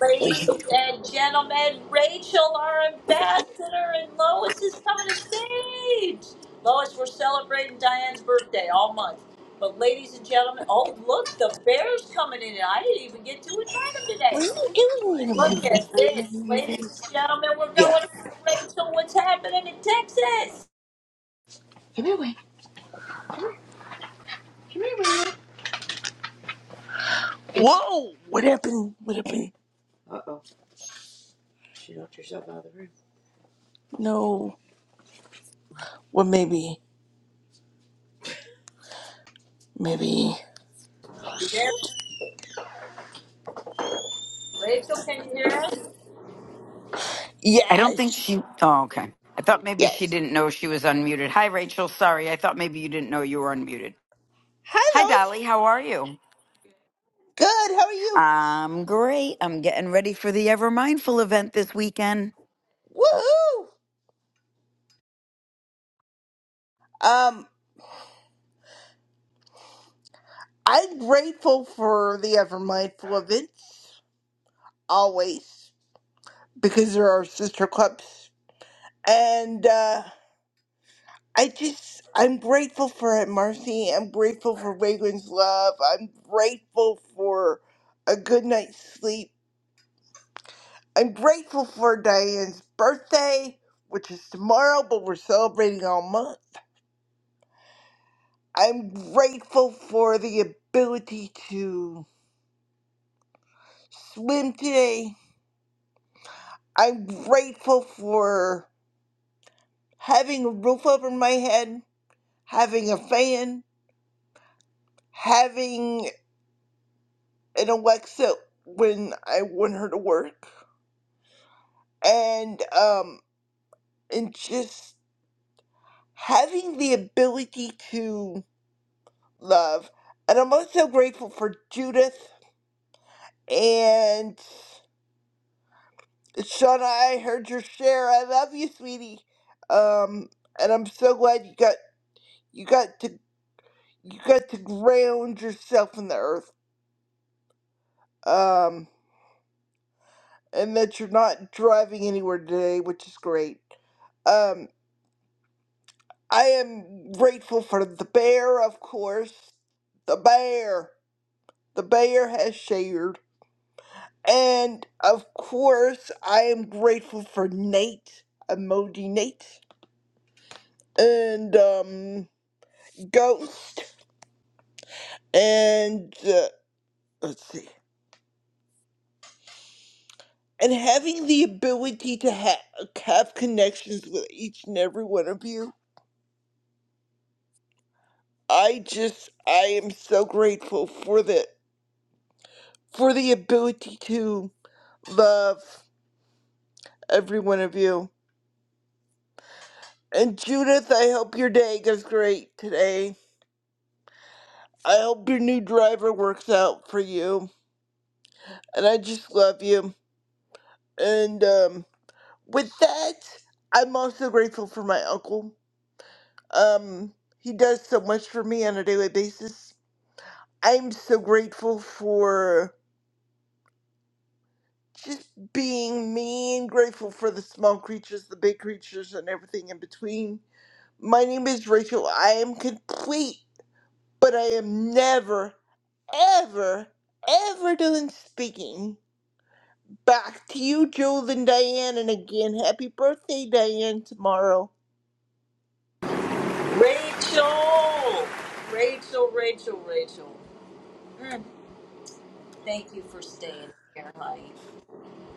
Ladies wait, and gentlemen, Rachel, our ambassador, and Lois is coming to stage. Lois, we're celebrating Diane's birthday all month. But ladies and gentlemen, oh look, the bear's coming in, and I didn't even get to invite him what today. are you doing? in your Look face? at Right this, in your ladies face. and gentlemen, we're Yeah. going over to Rachel. What's happening in Texas? Come here, wait. Whoa! What happened? What happened? Uh oh. No. Well, maybe. Maybe. You There, Rachel, can you hear us? I don't think Yes. she. Oh, okay. I thought maybe she Yes. didn't know she was unmuted. Hi, Rachel. Sorry. I thought maybe you didn't know you were unmuted. Hi, Hi, Lois. Dolly. How are you? good. How are you? I'm great. I'm getting ready for the Ever Mindful event this weekend. Woohoo! Um, I'm grateful for the Ever Mindful events always because there are sister clubs, and uh, I just I'm grateful for Aunt Marcy. I'm grateful for Vagrant's love. I'm grateful for a good night's sleep. I'm grateful for Diane's birthday, which is tomorrow, but we're celebrating all month. I'm grateful for the ability to swim today. I'm grateful for having a roof over my head, having a fan, having an Alexa when I want her to work, and um, and just having the ability to love. And I'm also grateful for Judith And Shauna, I heard your share. I love you, sweetie. Um, and I'm so glad you got you got to you got to ground yourself in the earth. Um, and that you're not driving anywhere today, which is great. Um, I am grateful for the bear, of course. The bear, the bear has shared, and of course, I am grateful for Nate, emoji Nate, and um. Ghost and uh, let's see. And having the ability to ha- have connections with each and every one of you, I just I am so grateful for the for the ability to love every one of you. And Judith, I hope your day goes great today. I hope your new driver works out for you. And I just love you. And um, with that, I'm also grateful for my uncle Um, he does so much for me on a daily basis. I'm so grateful for just being me and grateful for the small creatures, the big creatures, and everything in between. My name is Rachel. I am complete, but I am never, ever, ever done speaking. Back to you, Jules and Diane. And again, happy birthday, Diane, tomorrow. Rachel, Rachel, Rachel, Rachel. Mm, thank you for staying here, honey.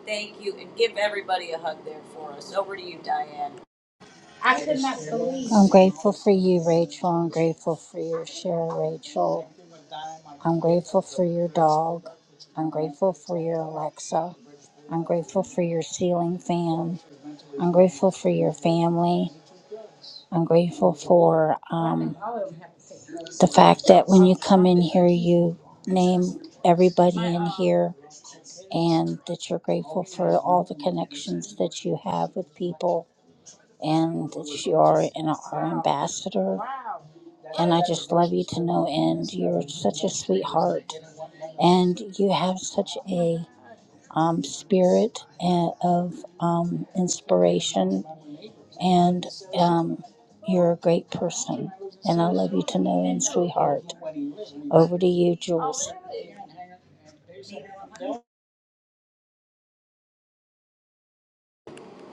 Thank you, and give everybody a hug there for us. Over to you, Diane. I'm grateful for you, Rachel. I'm grateful for your share, Rachel. I'm grateful for your dog. I'm grateful for your Alexa. I'm grateful for your ceiling fan. I'm grateful for your family. I'm grateful for um, the fact that when you come in here, you name everybody in here and that you're grateful for all the connections that you have with people and that you are an our ambassador. And I just love you to no end. You're such a sweetheart and you have such a um, spirit a- of um, inspiration and um, you're a great person. And I love you to no end, sweetheart. Over to you, Jules.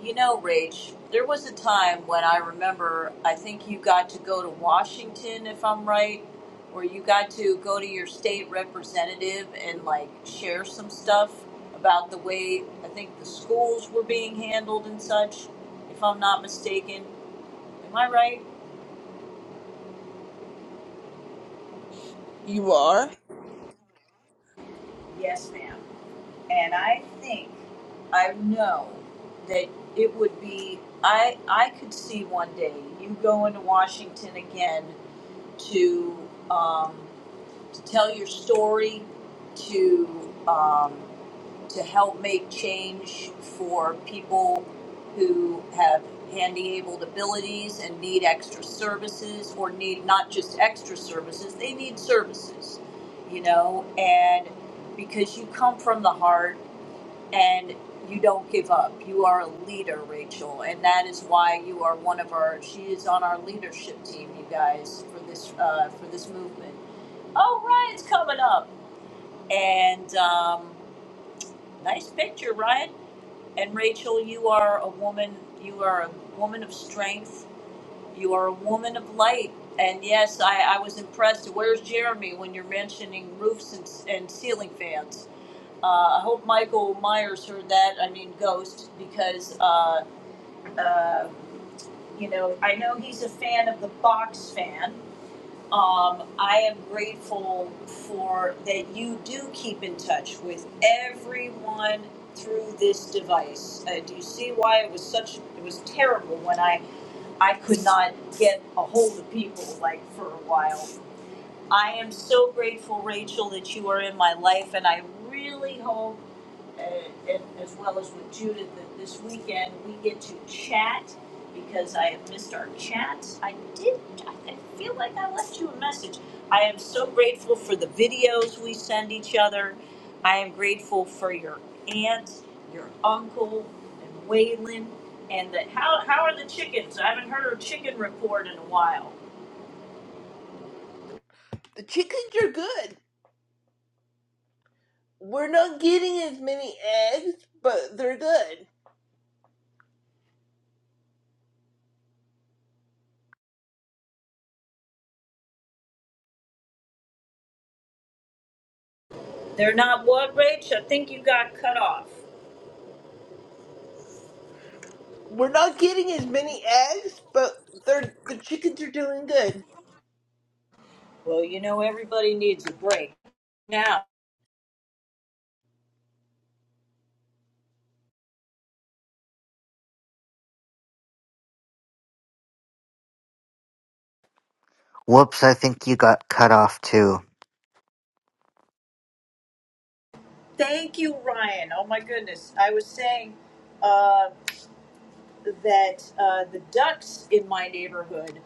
You know, Rach, there was a time when I remember, I think you got to go to Washington, if I'm right, where you got to go to your state representative and like share some stuff about the way I think the schools were being handled and such, if I'm not mistaken. Am I right? You are? Yes, ma'am. and I think I know that it would be I I could see one day you going to Washington again to um, to tell your story to um, to help make change for people who have handy abled abilities and need extra services or need not just extra services they need services you know and because you come from the heart and you don't give up. You are a leader, Rachel, and that is why you are one of our. She is on our leadership team, you guys, for this uh, for this movement. Oh, Ryan's coming up, and um, nice picture, Ryan. And Rachel, you are a woman. You are a woman of strength. You are a woman of light. And yes, I, I was impressed. Where's Jeremy when you're mentioning roofs and, and ceiling fans? Uh, I hope Michael Myers heard that. I mean, Ghost, because uh, uh, you know I know he's a fan of the box fan. Um, I am grateful for that you do keep in touch with everyone through this device. Uh, do you see why it was such? It was terrible when I I could not get a hold of people like for a while. I am so grateful, Rachel, that you are in my life, and I really hope and, and as well as with Judith, that this weekend we get to chat because I have missed our chats. I did, I I feel like I left you a message. I am so grateful for the videos we send each other. I am grateful for your aunt, your uncle, and Waylon. And the, how, how are the chickens? I haven't heard a chicken report in a while. The chickens are good. We're not getting as many eggs, but they're good. They're not what, Rach? I think you got cut off. We're not getting as many eggs, but they're the chickens are doing good. Well, you know, everybody needs a break now. Whoops, I think you got cut off too. Thank you, Ryan. Oh my goodness. I was saying uh, that uh, the ducks in my neighborhood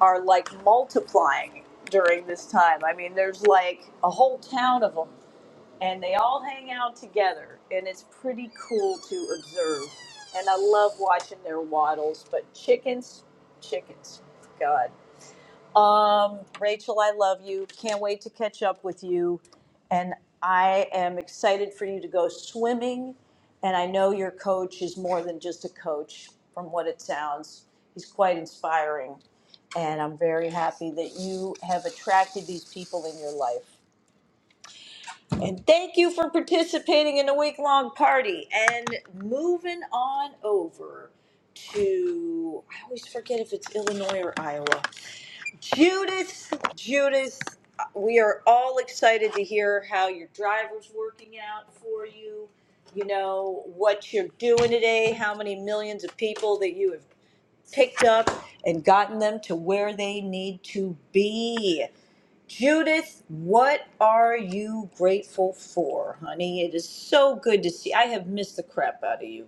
are like multiplying during this time. I mean, there's like a whole town of them, and they all hang out together, and it's pretty cool to observe. And I love watching their waddles, but chickens, chickens, God. Um, Rachel, I love you. Can't wait to catch up with you. And I am excited for you to go swimming. And I know your coach is more than just a coach, from what it sounds. He's quite inspiring. And I'm very happy that you have attracted these people in your life. And thank you for participating in a week long party. And moving on over to, I always forget if it's Illinois or Iowa. Judith, Judith, we are all excited to hear how your driver's working out for you. You know, what you're doing today, how many millions of people that you have picked up and gotten them to where they need to be. Judith, what are you grateful for, honey? It is so good to see. I have missed the crap out of you.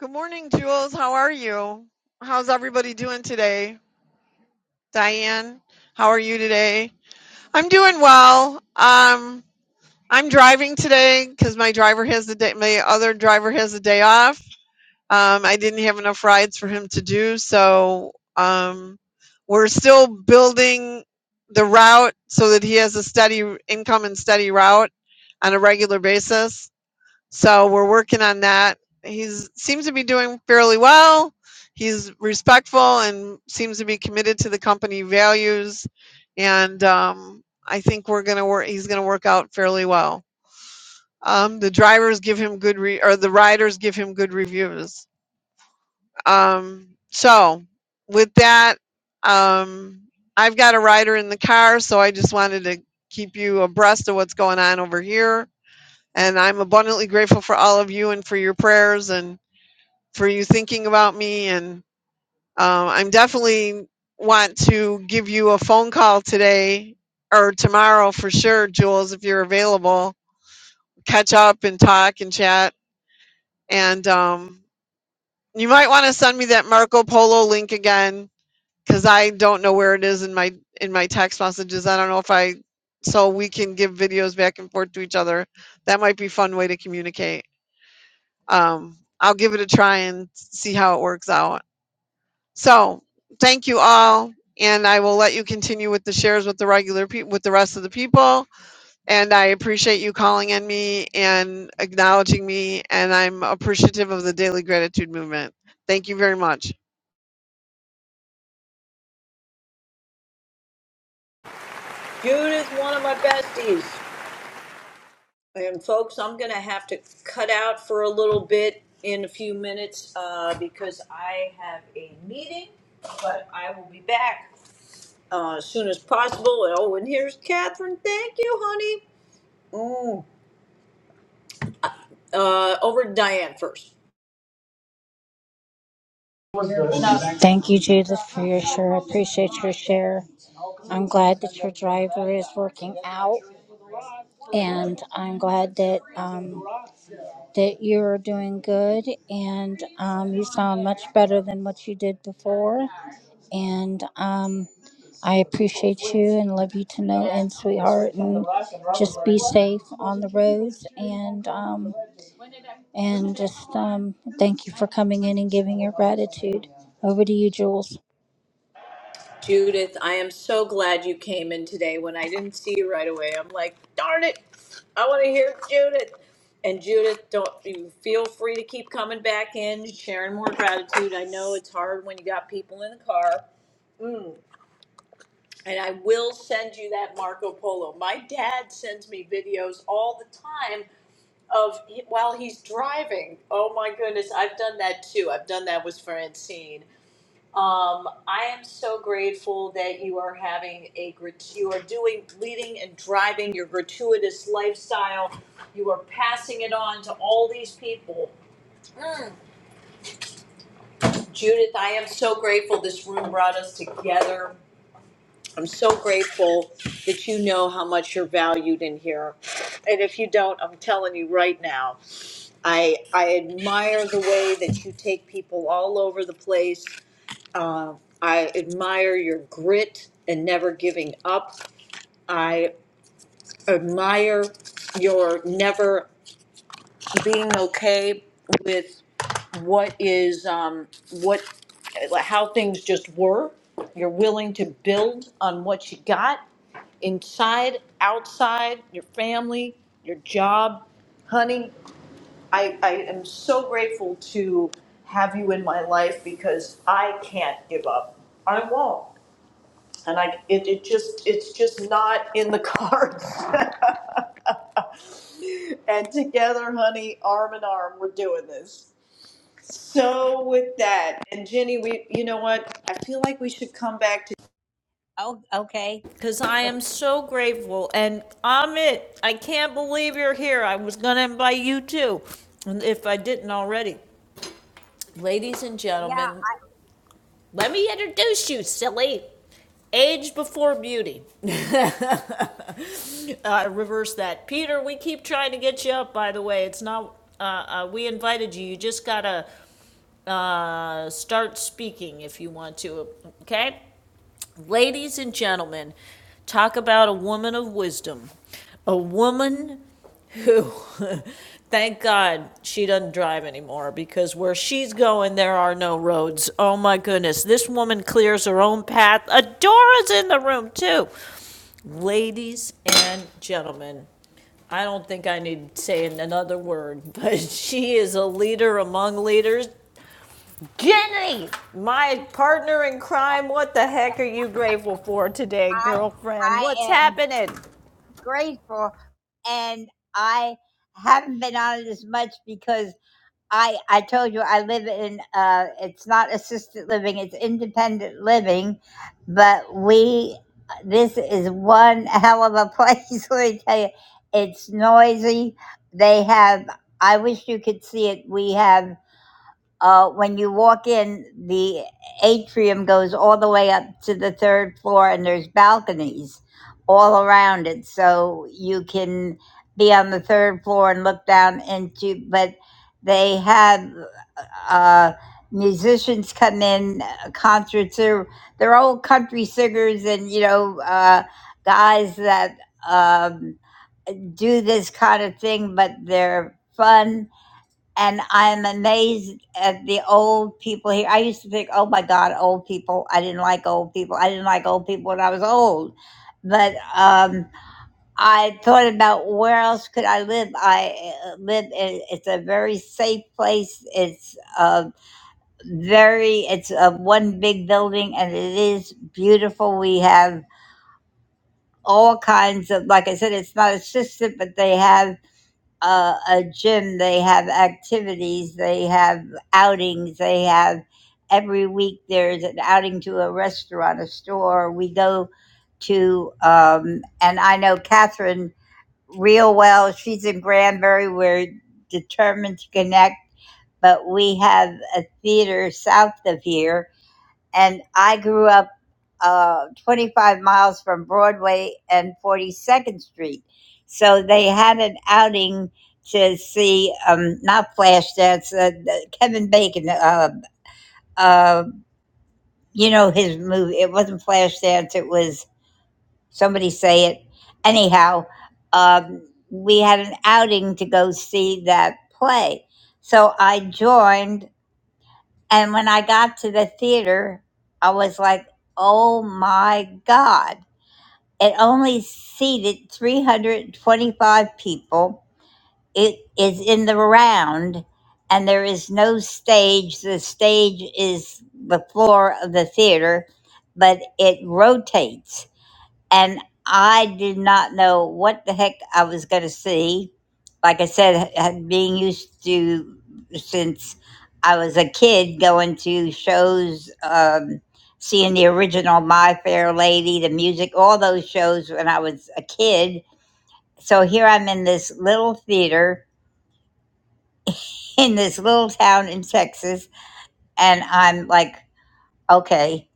Good morning, Jules. How are you? How's everybody doing today? Diane, how are you today? I'm doing well. Um, I'm driving today because my driver has the day, my other driver has a day off. Um, I didn't have enough rides for him to do, so um, we're still building the route so that he has a steady income and steady route on a regular basis. So we're working on that. He seems to be doing fairly well. He's respectful and seems to be committed to the company values, and um, I think we're gonna work. He's gonna work out fairly well. Um, the drivers give him good re- or the riders give him good reviews. Um, so with that, um, I've got a rider in the car, so I just wanted to keep you abreast of what's going on over here. And I'm abundantly grateful for all of you and for your prayers and for you thinking about me. And um, I'm definitely want to give you a phone call today or tomorrow for sure, Jules, if you're available. Catch up and talk and chat and um, You might want to send me that Marco Polo link again because I don't know where it is in my in my text messages. I don't know if I so we can give videos back and forth to each other. That might be a fun way to communicate. Um, I'll give it a try and see how it works out. So thank you all, and I will let you continue with the shares with the regular people with the rest of the people. And I appreciate you calling in me and acknowledging me, and I'm appreciative of the daily gratitude movement. Thank you very much. Judith, one of my besties. And folks, I'm going to have to cut out for a little bit in a few minutes uh, because I have a meeting, but I will be back uh, as soon as possible. And, oh, and here's Catherine. Thank you, honey. Mm. Uh, over to Diane first. Thank you, Jesus, for your share. I appreciate your share. I'm glad that your driver is working out, and I'm glad that um, that you're doing good, and um, you sound much better than what you did before. And um, I appreciate you and love you to know, and sweetheart, and just be safe on the roads, and um, and just um, thank you for coming in and giving your gratitude. Over to you, Jules. Judith, I am so glad you came in today. When I didn't see you right away, I'm like, darn it, I want to hear Judith. And Judith, don't you feel free to keep coming back in, sharing more gratitude. I know it's hard when you got people in the car Mm. And I will send you that Marco Polo. My dad sends me videos all the time of while he's driving. Oh my goodness, I've done that too. I've done that with Francine. Um, I am so grateful that you are having a grat- you are doing leading and driving your gratuitous lifestyle. You are passing it on to all these people. Mm. Judith, I am so grateful this room brought us together I'm so grateful that you know how much you're valued in here. And if you don't, I'm telling you right now, I I admire the way that you take people all over the place. Uh, I admire your grit and never giving up. I admire your never being okay with what is um, what how things just were. You're willing to build on what you got inside, outside, your family, your job. Honey, I, I am so grateful to have you in my life because I can't give up. I won't. And I, it, it just, it's just not in the cards. and together, honey, arm in arm, we're doing this. So with that, and Jenny, we, you know what? I feel like we should come back to. Oh, okay. because I am so grateful. And Amit, I can't believe you're here. I was going to invite you too, and if I didn't already. Ladies and Yeah, gentlemen, let me introduce you, silly. Age before beauty. Uh, reverse that. Peter, we keep trying to get you up, by the way. It's not. Uh, uh, we invited you. You just gotta uh, start speaking if you want to, okay? Ladies and gentlemen, talk about a woman of wisdom. A woman who thank god she doesn't drive anymore because where she's going there are no roads oh my goodness this woman clears her own path adora's in the room too ladies and gentlemen i don't think i need to say another word but she is a leader among leaders jenny my partner in crime what the heck are you grateful for today I girlfriend I what's am happening grateful, and I haven't been on it as much because I I told you I live in uh it's not assisted living, it's independent living, but we this is one hell of a place, let me tell you. It's noisy. They have I wish you could see it. We have uh, when you walk in, the atrium goes all the way up to the third floor, and there's balconies all around it. So you can be on the third floor and look down into, but they have uh, musicians come in, uh, concerts. They're, they're old country singers and, you know, uh, guys that um, do this kind of thing, but they're fun and I'm amazed at the old people here. I used to think, oh my God, old people. I didn't like old people. I didn't like old people when I was old. But um, I thought about where else could I live. I uh, live. In, it's a very safe place. It's uh, very. It's a one big building, and it is beautiful. We have all kinds of. Like I said, it's not assisted, but they have uh, a gym. They have activities, they have outings, they have every week there's an outing to a restaurant, a store. We go to, um, and I know Catherine real well. She's in Granbury. We're determined to connect, but we have a theater south of here and I grew up uh, 25 miles from Broadway and 42nd Street. So they had an outing to see, um, not Flashdance, uh, Kevin Bacon. Uh, uh, you know his movie. It wasn't Flashdance. It was somebody say it. Anyhow, um, we had an outing to go see that play. So I joined and when I got to the theater, I was like, oh my God. It only seated 325 people. It is in the round, and there is no stage. The stage is the floor of the theater, but it rotates and I did not know what the heck I was going to see. Like I said, h- being used to since I was a kid going to shows, um, seeing the original My Fair Lady, the music, all those shows when I was a kid. So here I'm in this little theater in this little town in Texas, and I'm like, okay,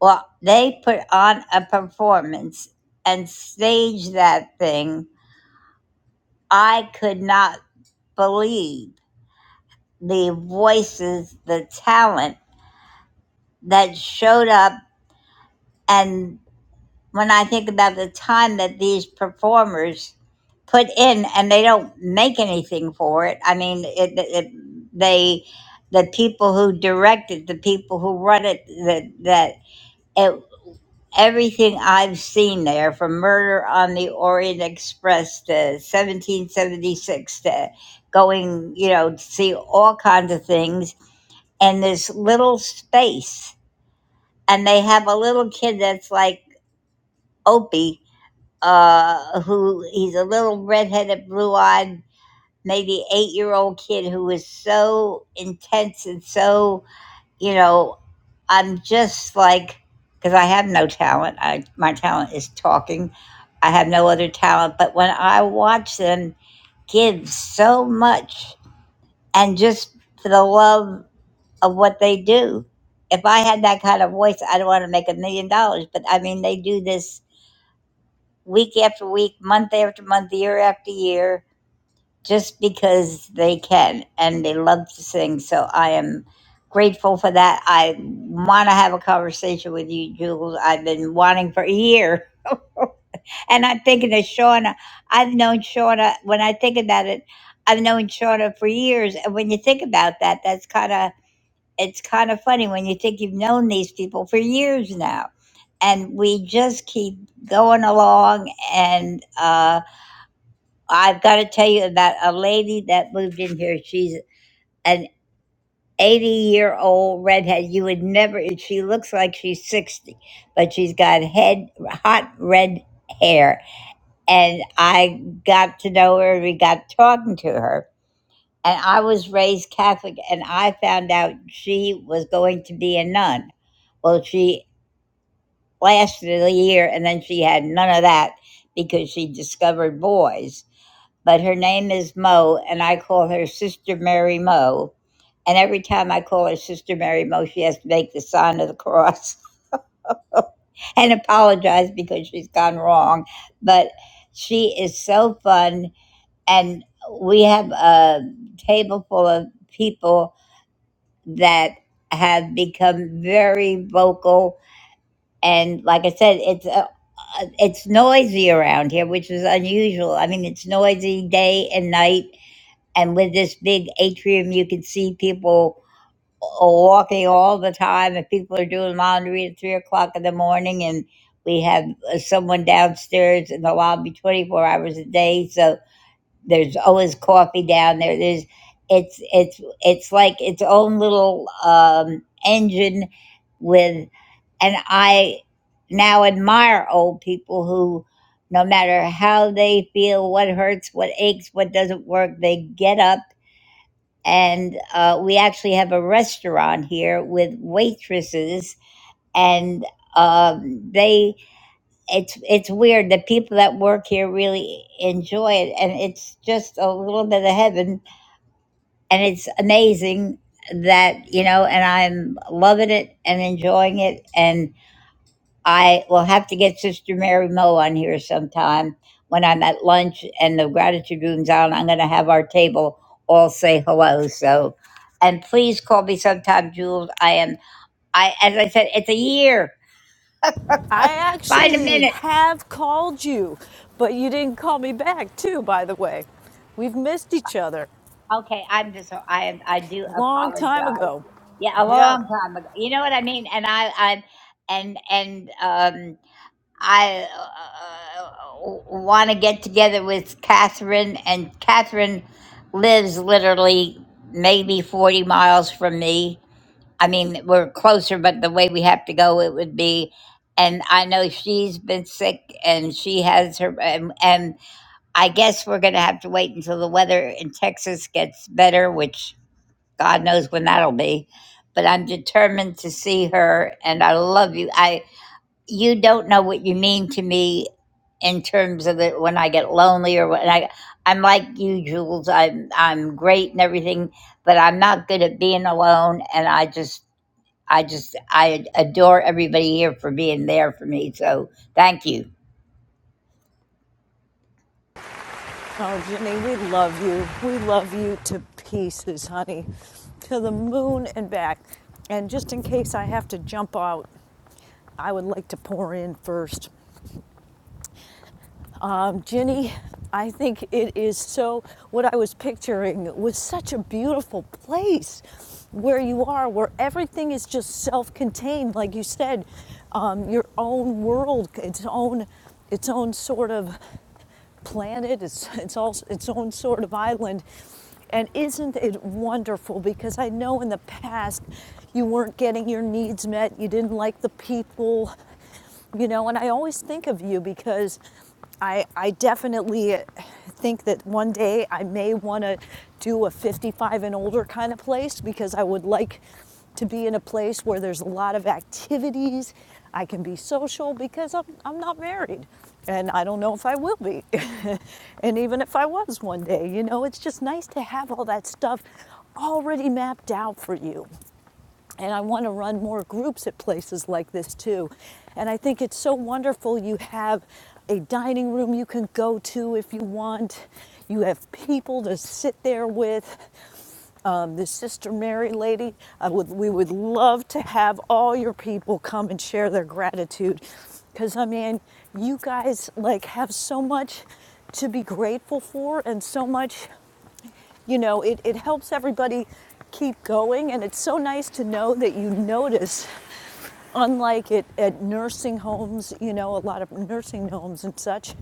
well, they put on a performance and stage that thing I could not believe the voices, the talent that showed up. And when I think about the time that these performers put in and they don't make anything for it, I mean, it, it, they, the people who direct it, the people who run it, that, that, it everything I've seen there from Murder on the Orient Express to 1776 to going, you know, to see all kinds of things in this little space. And they have a little kid that's like Opie, uh, who he's a little redheaded, blue eyed, maybe eight year old kid who is so intense and so you know, I'm just like, because I have no talent. I my talent is talking. I have no other talent. But when I watch them give so much, and just for the love of what they do, if I had that kind of voice, I'd want to make a million dollars. But I mean, they do this week after week, month after month, year after year just because they can and they love to sing. So I am grateful for that. I want to have a conversation with you, Jules. I've been wanting for a year. And I'm thinking of Shauna. I've known Shauna, when I think about it, I've known Shauna for years. And when you think about that, that's kind of, it's kind of funny when you think you've known these people for years now. And we just keep going along and, uh, I've got to tell you about a lady that moved in here. She's an 80 year old redhead. You would never, she looks like she's 60, but she's got head, hot red hair. And I got to know her, we got talking to her. And I was raised Catholic, and I found out she was going to be a nun. Well, she lasted a year, and then she had none of that because she discovered boys. But her name is Mo, and I call her Sister Mary Mo And every time I call her Sister Mary Mo, she has to make the sign of the cross and apologize because she's gone wrong. But she is so fun. And we have a table full of people that have become very vocal. And like I said, it's a, it's noisy around here, which is unusual. I mean, it's noisy day and night. And with this big atrium, you can see people walking all the time and people are doing laundry at three o'clock in the morning and we have uh, someone downstairs in the lobby 24 hours a day so there's always coffee down there there's it's it's it's like its own little um, engine with and i now admire old people who no matter how they feel what hurts what aches what doesn't work they get up and uh, we actually have a restaurant here with waitresses and um, they it's it's weird the people that work here really enjoy it and it's just a little bit of heaven and it's amazing that you know and i'm loving it and enjoying it and I will have to get Sister Mary Mo on here sometime when I'm at lunch and the gratitude room's on. I'm going to have our table all say hello. So, and please call me sometime, Jules. I am. I as I said, it's a year. I Find a actually minute. have called you, but you didn't call me back, too, by the way. We've missed each other Okay, I'm just. so, I am. I do a long time apologize. ago. Yeah, a Yeah. long time ago. You know what I mean. And I. I'm. And and um. I uh, want to get together with Catherine, and Catherine lives literally maybe 40 miles from me. I mean, we're closer, but the way we have to go, it would be. And I know she's been sick and she has her, and, and I guess we're going to have to wait until the weather in Texas gets better, which God knows when that'll be. But I'm determined to see her, and I love you. I you don't know what you mean to me in terms of it when I get lonely or when I I'm like you, Jules. I'm I'm great and everything, but I'm not good at being alone. And I just I just I adore everybody here for being there for me. So thank you. Oh, Jenny, we love you. We love you to pieces, honey, to the moon and back. And just in case I have to jump out, I would like to pour in first. Jenny, I think it is so. What I was picturing was such a beautiful place where you are, where everything is just self contained. Like you said, um, your own world, its own. Its own sort of planet, its, its, all, its own sort of island. And isn't it wonderful? Because I know in the past you weren't getting your needs met, you didn't like the people, you know and i always think of you because i i definitely think that one day i may want to do a 55 and older kind of place because i would like to be in a place where there's a lot of activities i can be social because i'm, I'm not married and i don't know if i will be and even if i was one day you know it's just nice to have all that stuff already mapped out for you and I want to run more groups at places like this too. And I think it's so wonderful you have a dining room you can go to if you want. You have people to sit there with. Um, the Sister Mary lady, I would, we would love to have all your people come and share their gratitude. Because, I mean, you guys like have so much to be grateful for and so much you know, it, it helps everybody keep going, and it's so nice to know that you notice. Unlike it at nursing homes, you know, a lot of nursing homes and such,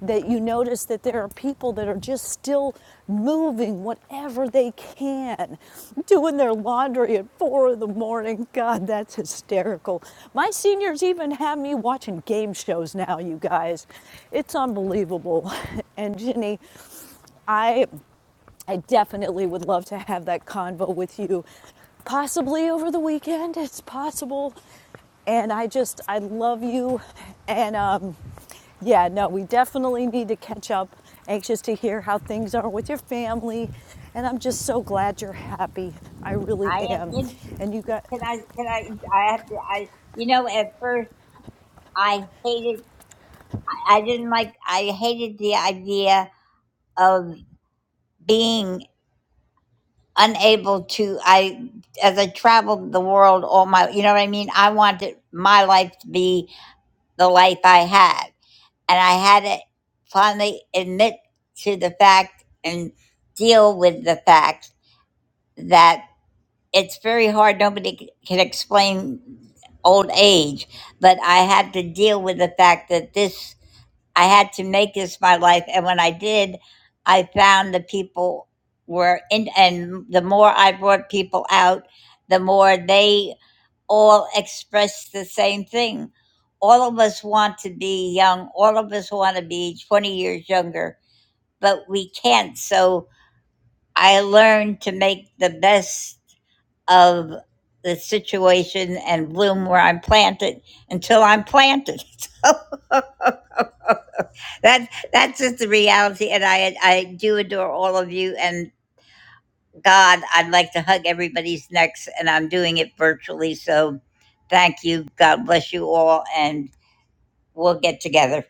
that you notice that there are people that are just still moving whatever they can, doing their laundry at four in the morning. God, that's hysterical. My seniors even have me watching game shows now, you guys. It's unbelievable. And Ginny, I I definitely would love to have that convo with you, possibly over the weekend. It's possible. And I just, I love you. And um, yeah, no, we definitely need to catch up. Anxious to hear how things are with your family. And I'm just so glad you're happy. I really I am am. in. And you got, Can I? Can I? I have to. I. You know, at first I hated. I didn't like. I hated the idea of being unable to i as i traveled the world all my you know what i mean i wanted my life to be the life i had and i had to finally admit to the fact and deal with the fact that it's very hard nobody c- can explain old age but i had to deal with the fact that this I had to make this my life. And when I did, I found the people were in, and the more I brought people out, the more they all expressed the same thing. All of us want to be young, all of us want to be 20 years younger, but we can't. So I learned to make the best of the situation and bloom where I'm planted until I'm planted. That that's just the reality, and I I do adore all of you. And God, I'd like to hug everybody's necks, and I'm doing it virtually. So, thank you. God bless you all, and we'll get together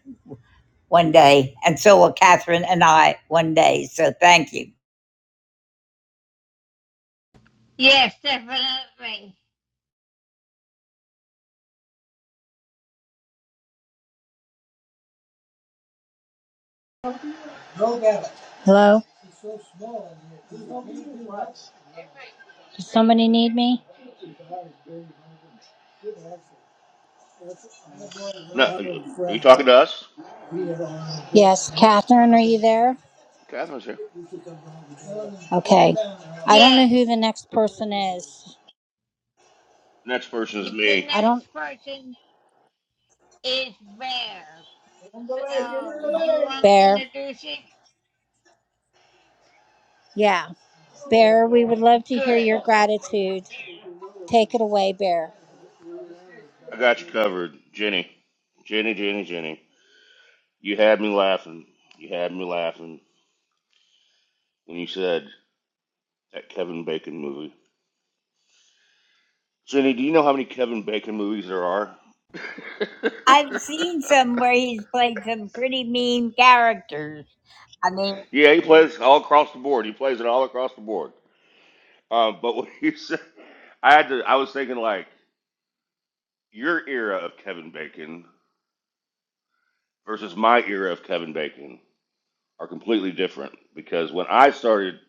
one day, and so will Catherine and I one day. So, thank you. Hello, me. No, are you are you talking to us? Yes, Catherine, are you there? Catherine's here. Okay. I don't know Yes, who the next person is. Next person is the me. I don't, next person is Bear. So you want to Bear. introduce it? Yeah, Bear, we would love to hear Good. your gratitude. Take it away, Bear. I got you covered, Jenny. Jenny, Jenny, Jenny. You had me laughing. You had me laughing when you said that Kevin Bacon movie. Jenny, do you know how many Kevin Bacon movies there are? I've seen some where he's played some pretty mean characters. I mean, yeah, he plays all across the board. He plays it all across the board. Um, but what you said, I had to. I was thinking like your era of Kevin Bacon versus my era of Kevin Bacon. are completely different because when I started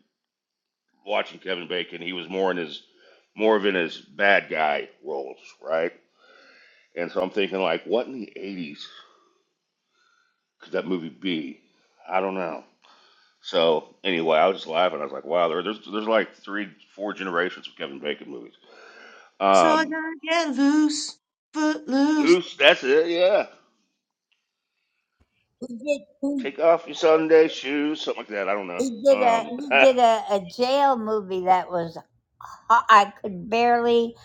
watching Kevin Bacon, he was more in his more of in his bad guy roles, right? And so I'm thinking like, what in the '80s could that movie be? I don't know. So anyway, I was just laughing. I was like, wow, there, there's there's like three, four generations of Kevin Bacon movies. So I Um, gotta get loose, foot loose. loose, that's it, yeah. he did he, Take off your Sunday shoes, something like that. I don't know. he did a he did a, a jail movie that was I I could barely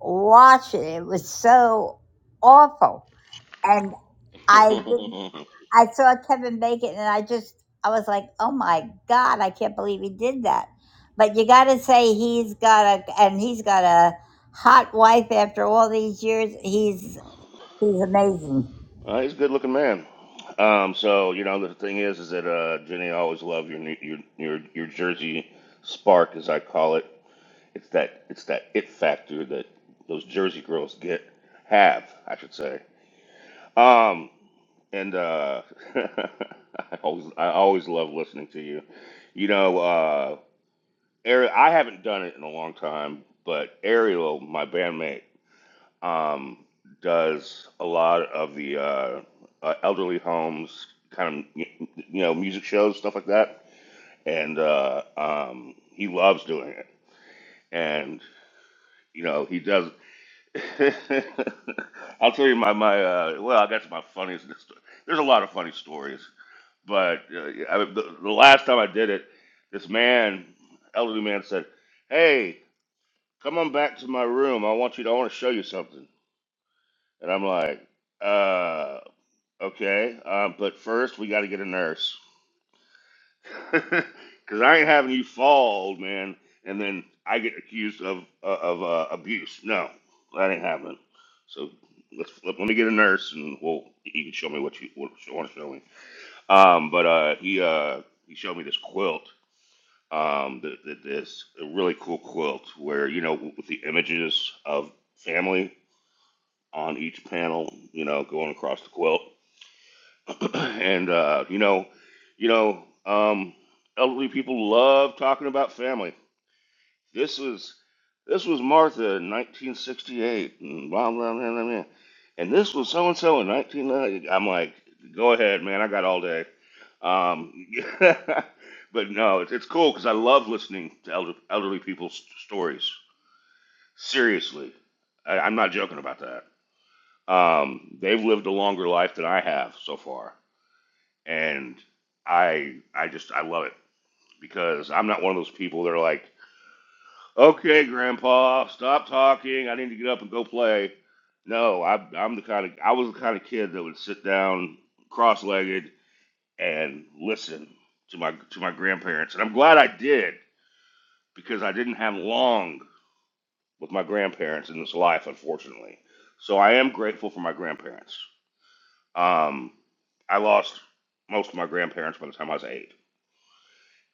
watch it. It was so awful. And I didn't, Um, I saw Kevin Bacon and I just I was like, "Oh my god, I can't believe he did that." But you got to say he's got a and he's got a hot wife after all these years. He's he's amazing. Uh, he's a good looking man. Um, so you know the thing is, is that uh, Jenny, I always love your new- your your your Jersey spark, as I call it. It's that it's that it factor that those Jersey girls get have, I should say. Um, and uh, I always I always love listening to you. You know, uh, Ari- I haven't done it in a long time, but Ariel, my bandmate um, does a lot of the uh, uh, elderly homes, kind of you know music shows, stuff like that, and uh, um, he loves doing it. And you know he does. I'll tell you my my uh, well, I guess my funniest. There's a lot of funny stories, but uh, I, the, the last time I did it, this man, elderly man, said, "Hey, come on back to my room. I want you. To, I want to show you something." And I'm like, uh, Okay, um, but first we got to get a nurse, because I ain't having you fall, old man, and then I get accused of uh, of uh, abuse. No, that ain't happening. So let's let, let me get a nurse, and well, you can show me what you, what you want to show me. Um, but uh, he uh, he showed me this quilt, um, th th this a really cool quilt where you know with the images of family on each panel, you know, going across the quilt and uh, you know, you know, um, elderly people love talking about family. This was this was Martha in 1968, and blah blah blah blah, blah. and this was so and so in 1990. I'm like, go ahead, man, I got all day. Um, but no, it's, it's cool because I love listening to elder, elderly people's stories. Seriously, I, I'm not joking about that. Um, they've lived a longer life than I have so far and I I just I love it because I'm not one of those people that are like, okay, Grandpa, stop talking. I need to get up and go play. No, I, I'm the kind of I was the kind of kid that would sit down cross-legged and listen to my to my grandparents, and I'm glad I did because I didn't have long with my grandparents in this life, unfortunately. So I am grateful for my grandparents. Um, I lost most of my grandparents by the time I was eight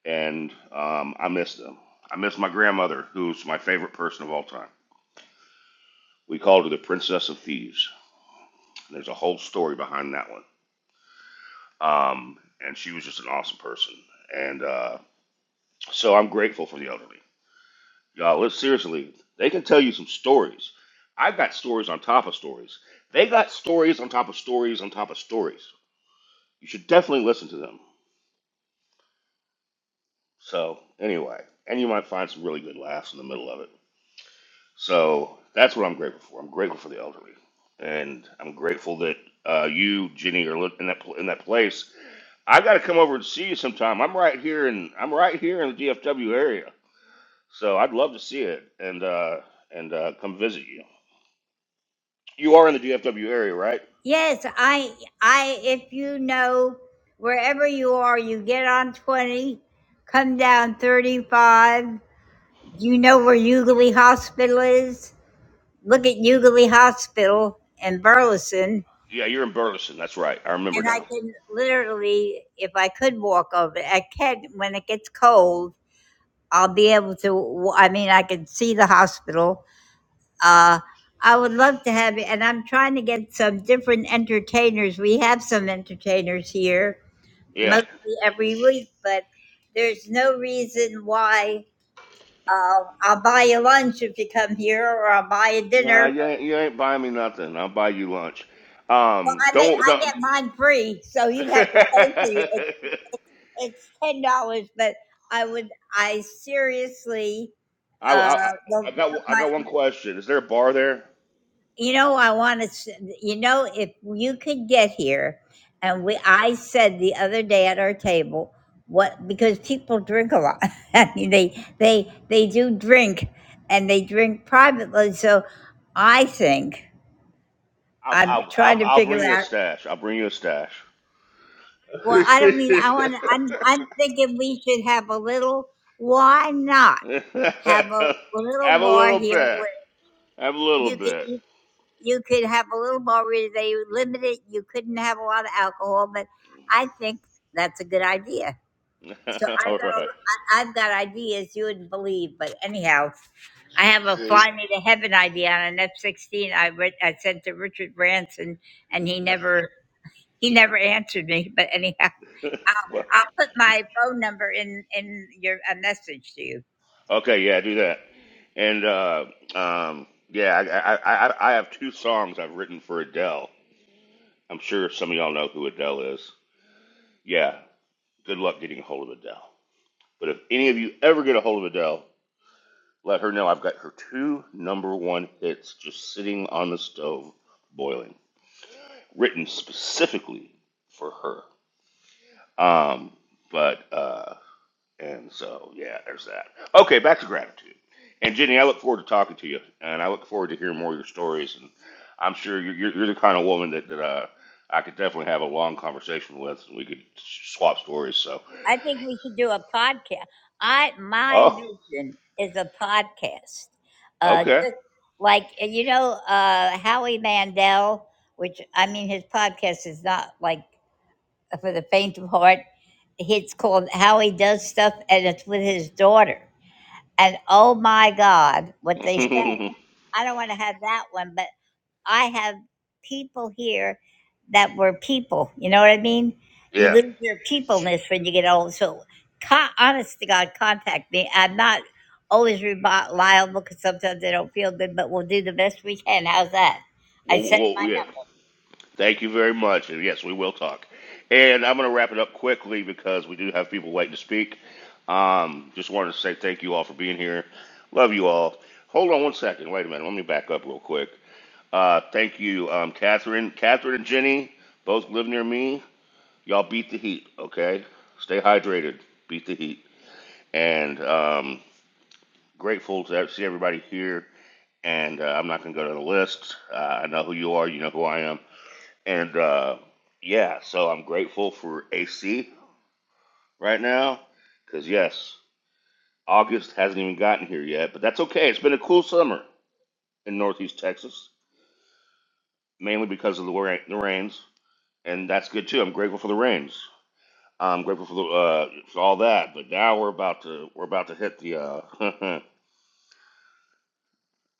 and um, I miss them. I miss my grandmother, who's my favorite person of all time. We called her the Princess of Thieves. And there's a whole story behind that one. Um, and she was just an awesome person. And uh, so I'm grateful for the elderly. Y'all, let's seriously, they can tell you some stories. I've got stories on top of stories. They got stories on top of stories on top of stories. You should definitely listen to them. So, anyway, and you might find some really good laughs in the middle of it. So that's what I'm grateful for. I'm grateful for the elderly, and I'm grateful that uh, you, Jenny, are li- in that pl- in that place. I've got to come over and see you sometime. I'm right here, and I'm right here in the DFW area, so I'd love to see it and uh, and uh, come visit you. You are in the DFW area, right? Yes, I I if you know wherever you are, you get on 20, come down 35 You know where Euclid Hospital is? Look at Euclid Hospital in Burleson. Yeah, you're in Burleson. That's right. I remember And I now. can literally, if I could walk over, I can when it gets cold. I'll be able to. I mean, I can see the hospital. Uh, I would love to have it, and I'm trying to get some different entertainers. We have some entertainers here, Yeah. mostly every week, but there's no reason why uh, I'll buy you lunch if you come here, or I'll buy you Nah, dinner you ain't, you ain't buying me nothing. I'll buy you lunch. Well, Um, I mean, don't I don't. get mine free, so you'd have to pay for you. It, it's ten dollars, but I would, I seriously, I, uh, I, I will got put I my, got one question. Is there a bar there? you know, I want to, you know, if you could get here, and we, I said the other day at our table, what because people drink a lot. I mean, they they they do drink, and they drink privately. So I think I'll I'm I'll trying I'll, to I'll figure bring you a out. stash. I'll bring you a stash. Well, I don't mean I want to. I'm I'm thinking we should have a little. Why not have a Have little a bar little here bit. where Have a little you could bit. you, you could have a little bar where they limit it. You couldn't have a lot of alcohol, but I think that's a good idea. So I've got All a, right. I- I've got ideas you wouldn't believe, but anyhow, I have a See. fly me to heaven idea on an F sixteen. I re- I sent to Richard Branson, and he never he never answered me. But anyhow. I'll, well. I'll put my phone number in in your a message to you. Okay. Yeah. Do that. And uh, um, yeah, I, I I I have two songs I've written for Adele. I'm sure some of y'all know who Adele is. Yeah. Good luck getting a hold of Adele. But if any of you ever get a hold of Adele, Let her know I've got her two number one hits just sitting on the stove boiling, written specifically for her. Um, but, uh, and so, yeah, there's that. Okay, back to gratitude. And Jenny, I look forward to talking to you, and I look forward to hearing more of your stories. And I'm sure you're, you're, you're the kind of woman that, that uh, I could definitely have a long conversation with, and we could swap stories. So, I think we should do a podcast. I my oh, vision is a podcast, uh, okay, just like uh, you know uh, Howie Mandel, which I mean his podcast is not like for the faint of heart. It's called Howie Does Stuff, and it's with his daughter. And oh my God, what they said! I don't want to have that one, but. I have people here that were people. You know what I mean? You yeah. lose your peopleness when you get old. So, con- honest to God, contact me. I'm not always reliable because sometimes I don't feel good, but we'll do the best we can. How's that? I Well, sent well, well, yeah. Thank you very much. And yes, we will talk. And I'm going to wrap it up quickly because we do have people waiting to speak. Um, just wanted to say thank you all for being here. Love you all. Hold on one second. Wait a minute. Let me back up real quick. Uh, thank you, um, Catherine. Catherine and Jenny both live near me. Y'all beat the heat, okay? Stay hydrated. Beat the heat. And um, grateful to see everybody here. And uh, I'm not going to go to the list. Uh, I know who you are. You know who I am. And uh, yeah, so I'm grateful for AC right now because, yes, August hasn't even gotten here yet, but that's okay. It's been a cool summer in Northeast Texas, mainly because of the, ra- the rains, and that's good too. I'm grateful for the rains. I'm grateful for the uh, for all that, but now we're about to we're about to hit the. Uh,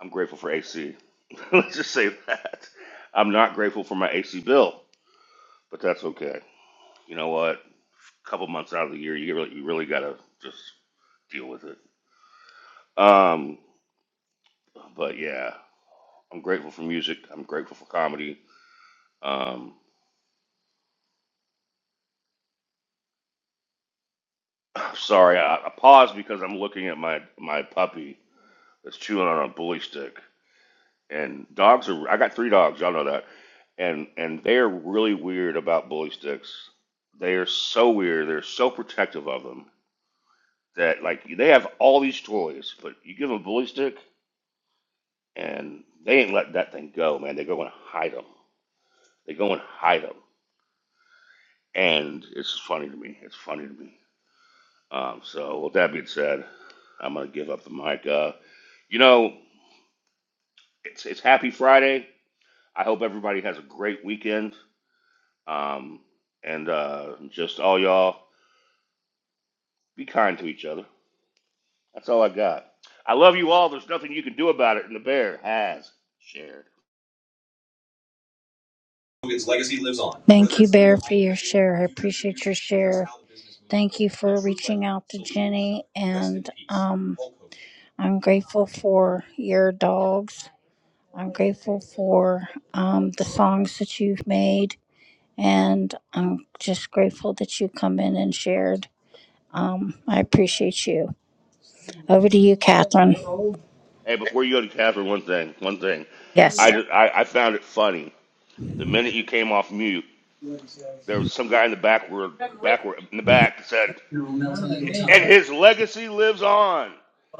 I'm grateful for AC. Let's just say that I'm not grateful for my AC bill, but that's okay. You know what? couple months out of the year, you really, you really gotta just deal with it. Um, but yeah, I'm grateful for music. I'm grateful for comedy. Um, sorry, I, I paused because I'm looking at my my puppy that's chewing on a bully stick. And dogs are. I got three dogs. Y'all know that. And and they are really weird about bully sticks. They are so weird. They're so protective of them that like they have all these toys, but you give them a bully stick. and they ain't let that thing go, man. They go and hide them. They go and hide them, and it's funny to me. It's funny to me. Um, so with that being said, I'm gonna give up the mic. Uh, you know, it's it's Happy Friday. I hope everybody has a great weekend. Um, and uh, just all y'all be kind to each other. That's all I got. I love you all. There's nothing you can do about it, and the bear has shared. Thank you, Bear, for your share. I appreciate your share. Thank you for reaching out to Jenny, and um, I'm grateful for your dogs. I'm grateful for um, the songs that you've made, and I'm just grateful that you come in and shared. Um, I appreciate you. Over to you, Catherine. Hey, before you go to Catherine, one thing, one thing. I, Yes. just, I I found it funny The minute you came off mute, there was some guy in the backward, backward in the back that said, "And his legacy lives on."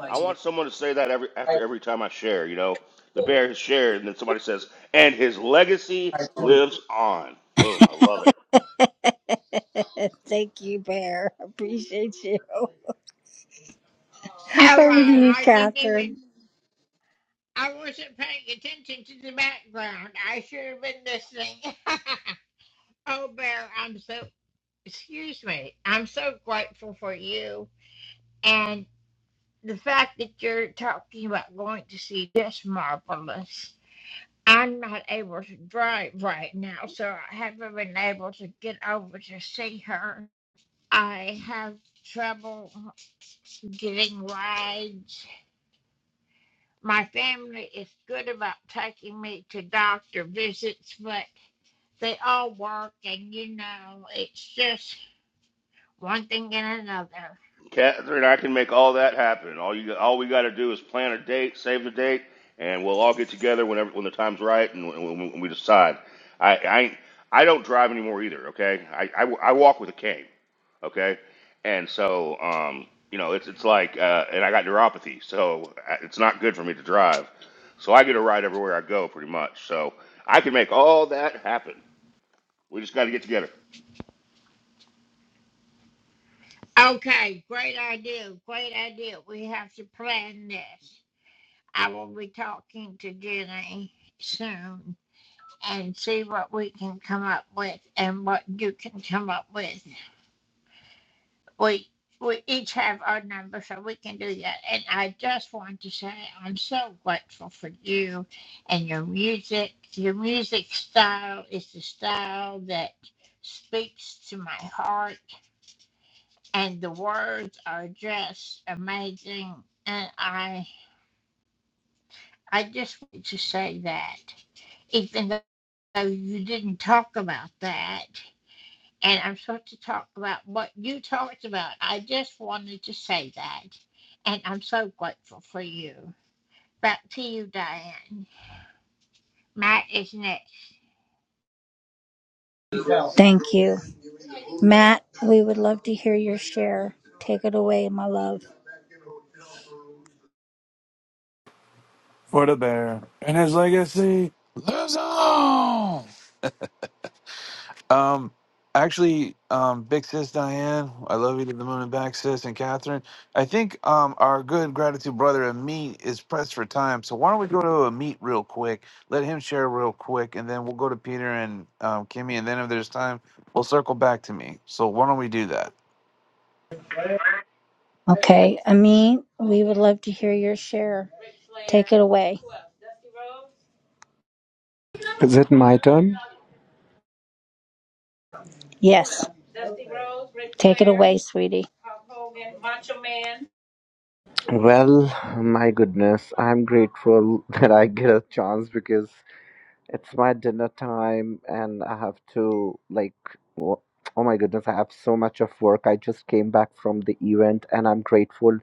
I want someone to say that every after every time I share. You know, the bear has shared, and then somebody says, "And his legacy lives on." Boom! I love it. Thank you, Bear. Appreciate you. Over to you, Catherine. Great. I'm so grateful for you. and. the fact that you're talking about going to see this marvelous. I'm not able to drive right now, so I haven't been able to get over to see her. Catherine, I can make all that happen. All you, all we got to do is plan a date, save the date, and we'll all get together whenever when the time's right and when, when we decide. I, I, ain't- I don't drive anymore either. Okay, I, I, I walk with a cane. Okay, and so um, you know, it's it's like, uh, and I got neuropathy, so I- it's not good for me to drive. So I get a ride everywhere I go, pretty much. So I can make all that happen. We just got to get together. Thank you. Matt, we would love to hear your share. Take it away, my love. for the bear and his legacy lives on. Um, actually, um, big sis Diane, I love you to the moon and back, sis, and Catherine. I think um our good gratitude brother Amit is pressed for time, so why don't we go to Amit real quick? Let him share real quick, and then we'll go to Peter and um, Kimmy, and then if there's time, we'll circle back to me. So why don't we do that? Okay. Amin, we would love to hear your share. Away. Is it my turn? Yes. Hey, sweetie. Well, my goodness, I'm grateful that I get a chance because it's my dinner time and I have to, like, wo- oh my goodness, I have so much of work. I just came back from the event and I'm grateful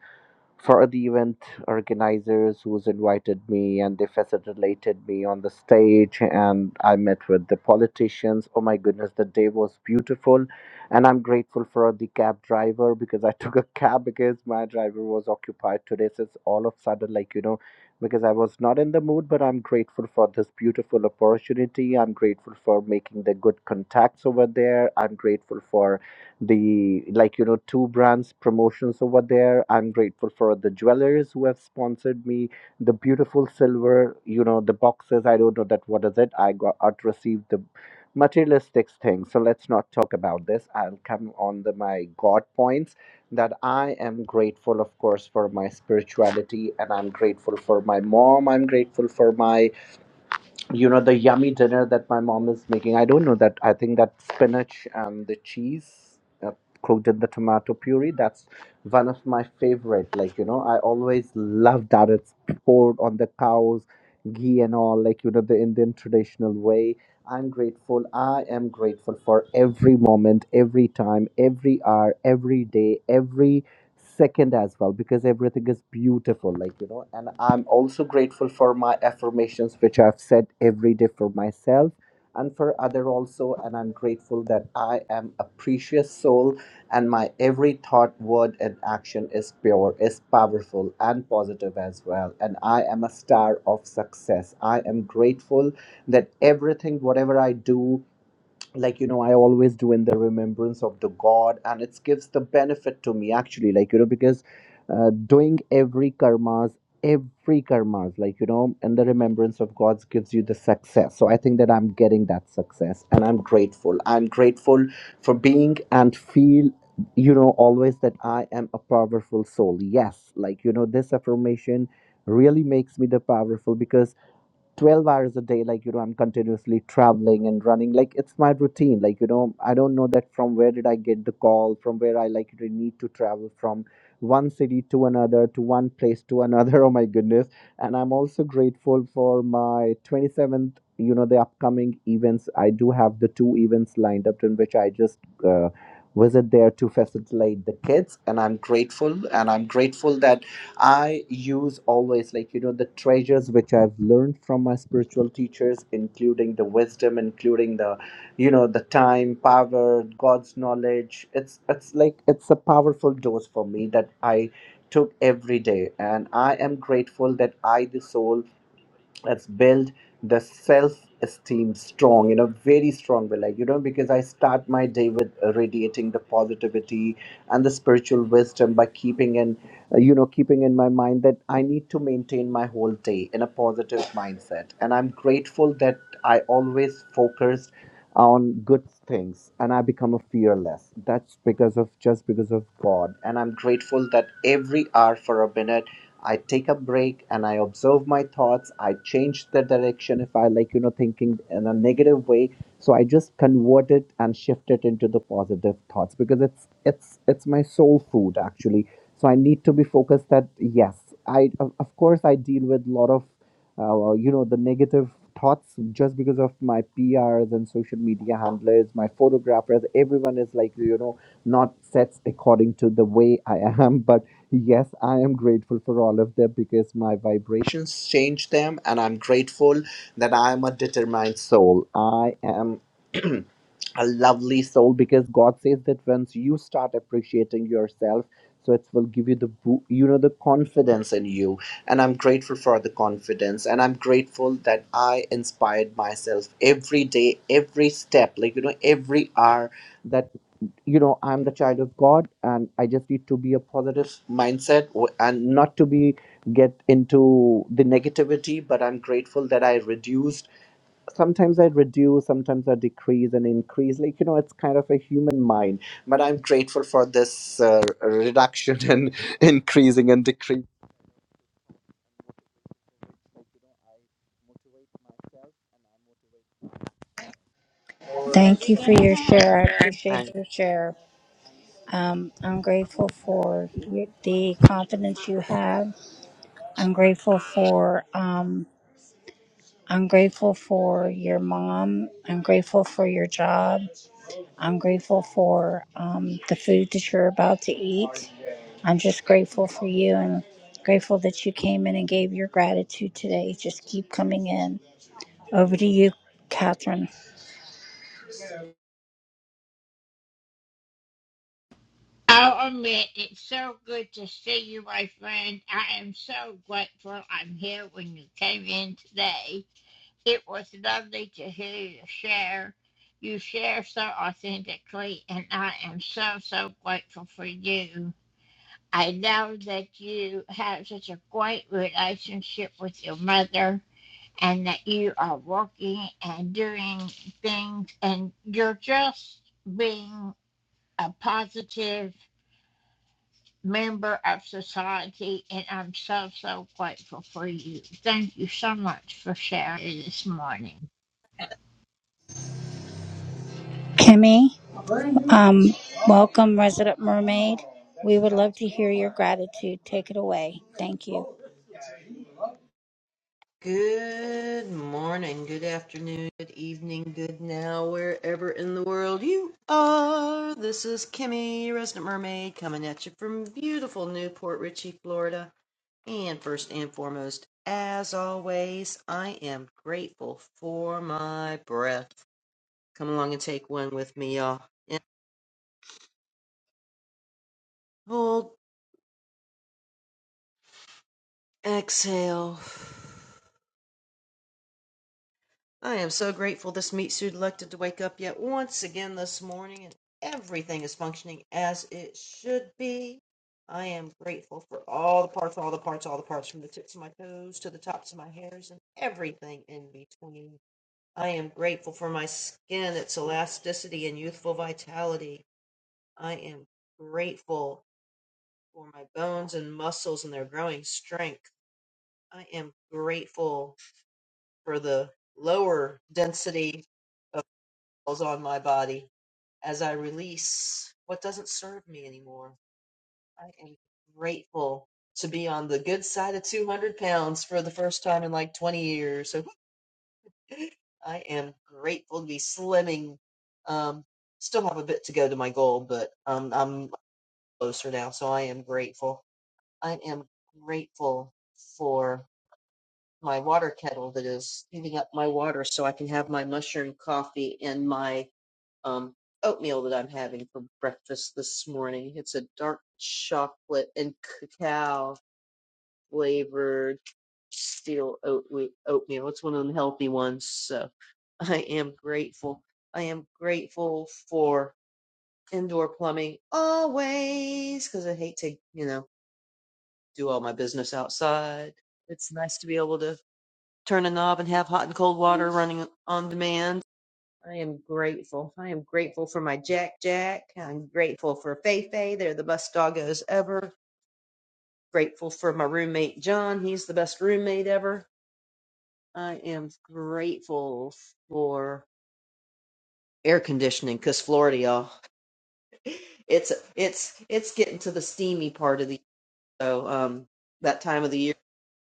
for the event organizers who's invited me and they facilitated me on the stage and i met with the politicians oh my goodness the day was beautiful and i'm grateful for the cab driver because i took a cab because my driver was occupied today so it's all of a sudden like you know because i was not in the mood but i'm grateful for this beautiful opportunity i'm grateful for making the good contacts over there i'm grateful for the like you know two brands promotions over there i'm grateful for the jewelers who have sponsored me the beautiful silver you know the boxes i don't know that what is it i got out received the materialistic thing so let's not talk about this i'll come on the my god points that i am grateful of course for my spirituality and i'm grateful for my mom i'm grateful for my you know the yummy dinner that my mom is making i don't know that i think that spinach and the cheese uh, cooked in the tomato puree that's one of my favorite like you know i always love that it's poured on the cows ghee and all like you know the indian traditional way i'm grateful i am grateful for every moment every time every hour every day every second as well because everything is beautiful like you know and i'm also grateful for my affirmations which i've said every day for myself and for other also and i'm grateful that i am a precious soul and my every thought word and action is pure is powerful and positive as well and i am a star of success i am grateful that everything whatever i do like you know i always do in the remembrance of the god and it gives the benefit to me actually like you know because uh, doing every karmas every karmas like you know and the remembrance of god's gives you the success so i think that i'm getting that success and i'm grateful i'm grateful for being and feel you know always that i am a powerful soul yes like you know this affirmation really makes me the powerful because 12 hours a day like you know i'm continuously traveling and running like it's my routine like you know i don't know that from where did i get the call from where i like really need to travel from one city to another to one place to another oh my goodness and i'm also grateful for my 27th you know the upcoming events i do have the two events lined up in which i just uh, visit there to facilitate the kids and i'm grateful and i'm grateful that I use always, like, you know, the treasures which I've learned from my spiritual teachers, including the wisdom, including the, you know, the time, power, God's knowledge. It's, it's like, it's a powerful dose for me that I took every day. And I am grateful that I, the soul, has built the self esteem strong, you know, very strong, but like, you know, because I start my day with radiating the positivity and the spiritual wisdom by keeping in uh, you know keeping in my mind that i need to maintain my whole day in a positive mindset and i'm grateful that i always focused on good things and i become a fearless that's because of just because of god and i'm grateful that every hour for a minute i take a break and i observe my thoughts i change the direction if i like you know thinking in a negative way so i just convert it and shift it into the positive thoughts because it's it's it's my soul food actually so i need to be focused that yes i of of course i deal with a lot of uh, you know the negative thoughts just because of my prs and social media handlers my photographers everyone is like you know not sets according to the way i am but yes i am grateful for all of them because my vibrations change them and i'm grateful that i am a determined soul i am a lovely soul because god says that once you start appreciating yourself so it will give you the bo- you know the confidence in you and i'm grateful for the confidence and i'm grateful that i inspired myself every day every step like you know every hour that you know i'm the child of god and i just need to be a positive mindset w- and not to be get into the negativity but i'm grateful that i reduced sometimes I reduce, sometimes I decrease and increase. Like, you know, it's kind of a human mind. But I'm grateful for this uh, reduction and increasing and decreasing. Thank you for your share. I appreciate your share. Um, I'm grateful for y- the confidence you have. I'm grateful for. Um, I'm grateful for your mom. I'm grateful for your job. I'm grateful for um, the food that you're about to eat. I'm just grateful for you and grateful that you came in and gave your gratitude today. Just keep coming in. Over to you, Catherine. Kimmy, um, welcome, Resident Mermaid. We would love to hear your gratitude. Take it away. Thank you. Good morning, good afternoon, good evening, good now, wherever in the world you are. This is Kimmy, your resident mermaid, coming at you from beautiful Newport Richey, Florida. And first and foremost, as always, I am grateful for my breath. Come along and take one with me, y'all. And hold, exhale. I am so grateful this meat suit elected to wake up yet once again this morning and everything is functioning as it should be. I am grateful for all the parts, all the parts, all the parts, from the tips of my toes to the tops of my hairs and everything in between. I am grateful for my skin, its elasticity and youthful vitality. I am grateful for my bones and muscles and their growing strength. I am grateful for the lower density calls on my body as I release what doesn't serve me anymore. I am grateful to be on the good side of 200 pounds for the first time in like 20 years. So I am grateful to be slimming. Um, still have a bit to go to my goal, but um, I'm closer now. So I am grateful. I am grateful for my water kettle that is heating up my water so I can have my mushroom coffee and my um, oatmeal that I'm having for breakfast this morning. It's a dark chocolate and cacao flavored steel oatmeal. It's one of the healthy ones. So I am grateful. I am grateful for indoor plumbing always because I hate to, you know, do all my business outside. It's nice to be able to turn a knob and have hot and cold water running on demand I am grateful. I am grateful for my Jack Jack. I'm grateful for Fei Fei. They're the best doggos ever. Grateful for my roommate John. He's the best roommate ever. I am grateful for air conditioning because Florida, y'all, it's it's it's getting to the steamy part of the so um that time of the year.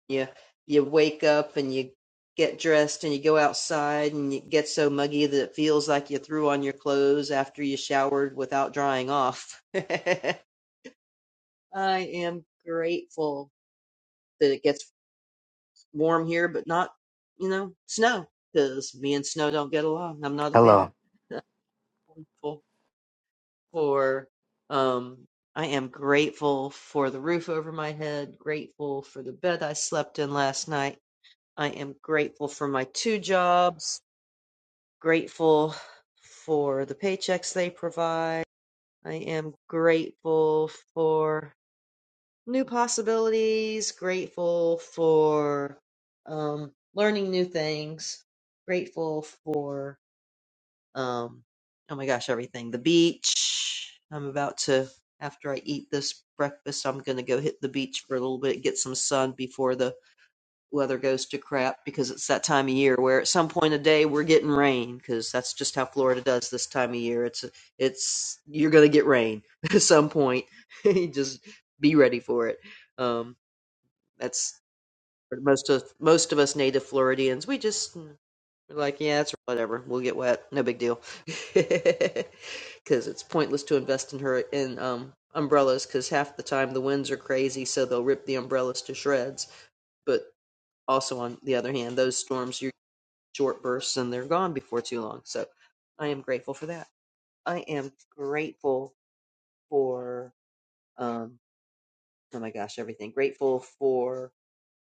you you wake up and you get dressed and you go outside and it gets so muggy that it feels like you threw on your clothes after you showered without drying off. I am grateful that it gets warm here, but not, you know, snow, because me and snow don't get along. I'm not a Hello. fan. Grateful for, um, I am grateful for the roof over my head, grateful for the bed I slept in last night I am grateful for my two jobs, grateful for the paychecks they provide. I am grateful for new possibilities, grateful for um, learning new things, grateful for, um, oh my gosh, everything. The beach. I'm about to, after I eat this breakfast, I'm going to go hit the beach for a little bit, get some sun before the weather goes to crap because it's that time of year where at some point of day we're getting rain because that's just how Florida does this time of year. It's it's you're gonna get rain at some point. You just be ready for it. Um, that's for most of most of us native Floridians. We just mm, we're like, yeah, it's whatever. We'll get wet. No big deal. Because it's pointless to invest in her in um umbrellas because half the time the winds are crazy, so they'll rip the umbrellas to shreds But also, on the other hand, those storms are short bursts and they're gone before too long. So I am grateful for that. I am grateful for, um, oh my gosh, everything. Grateful for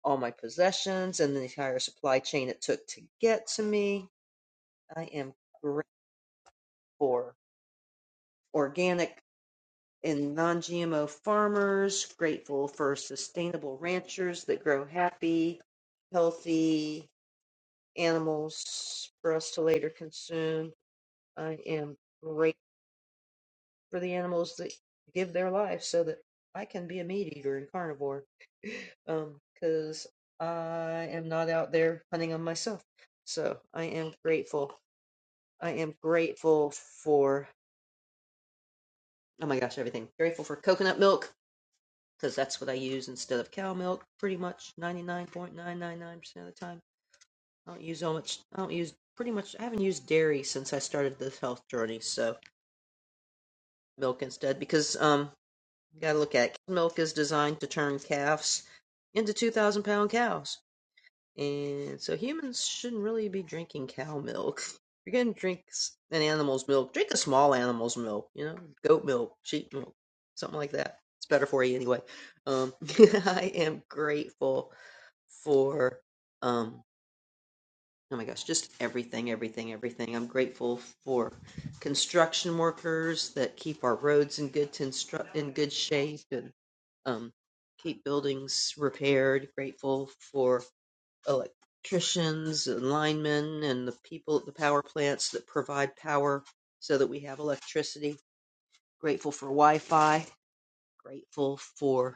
all my possessions and the entire supply chain it took to get to me. I am grateful for organic and non GMO farmers, grateful for sustainable ranchers that grow happy, healthy animals for us to later consume I am grateful for the animals that give their life so that I can be a meat eater and carnivore. Um, because I am not out there hunting on myself. So I am grateful. I am grateful for, oh my gosh, everything. Grateful for coconut milk because that's what I use instead of cow milk pretty much 99.999% of the time. I don't use so much, I don't use pretty much, I haven't used dairy since I started this health journey. So milk instead because, um got to look at it. milk is designed to turn calves into 2,000 pound cows. And so humans shouldn't really be drinking cow milk. If you're going to drink an animal's milk, drink a small animal's milk, you know, goat milk, sheep milk, something like that. It's better for you anyway. Um, I am grateful for. Um, oh my gosh, just everything, everything, everything. I'm grateful for construction workers that keep our roads in good to instru- in good shape and um, keep buildings repaired. Grateful for electricians and linemen and the people at the power plants that provide power so that we have electricity. Grateful for Wi-Fi. Grateful for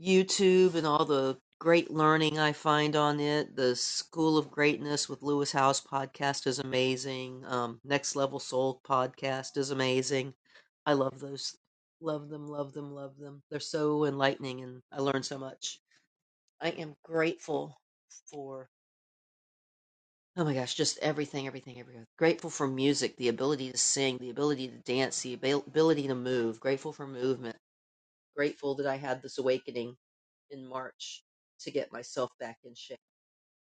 YouTube and all the great learning I find on it. The School of Greatness with Lewis House podcast is amazing. Um, Next Level Soul podcast is amazing. I love those. Love them, love them, love them. They're so enlightening and I learn so much. I am grateful for, oh my gosh, just everything, everything, everything. Grateful for music, the ability to sing, the ability to dance, the abil- ability to move. Grateful for movement grateful that I had this awakening in March to get myself back in shape.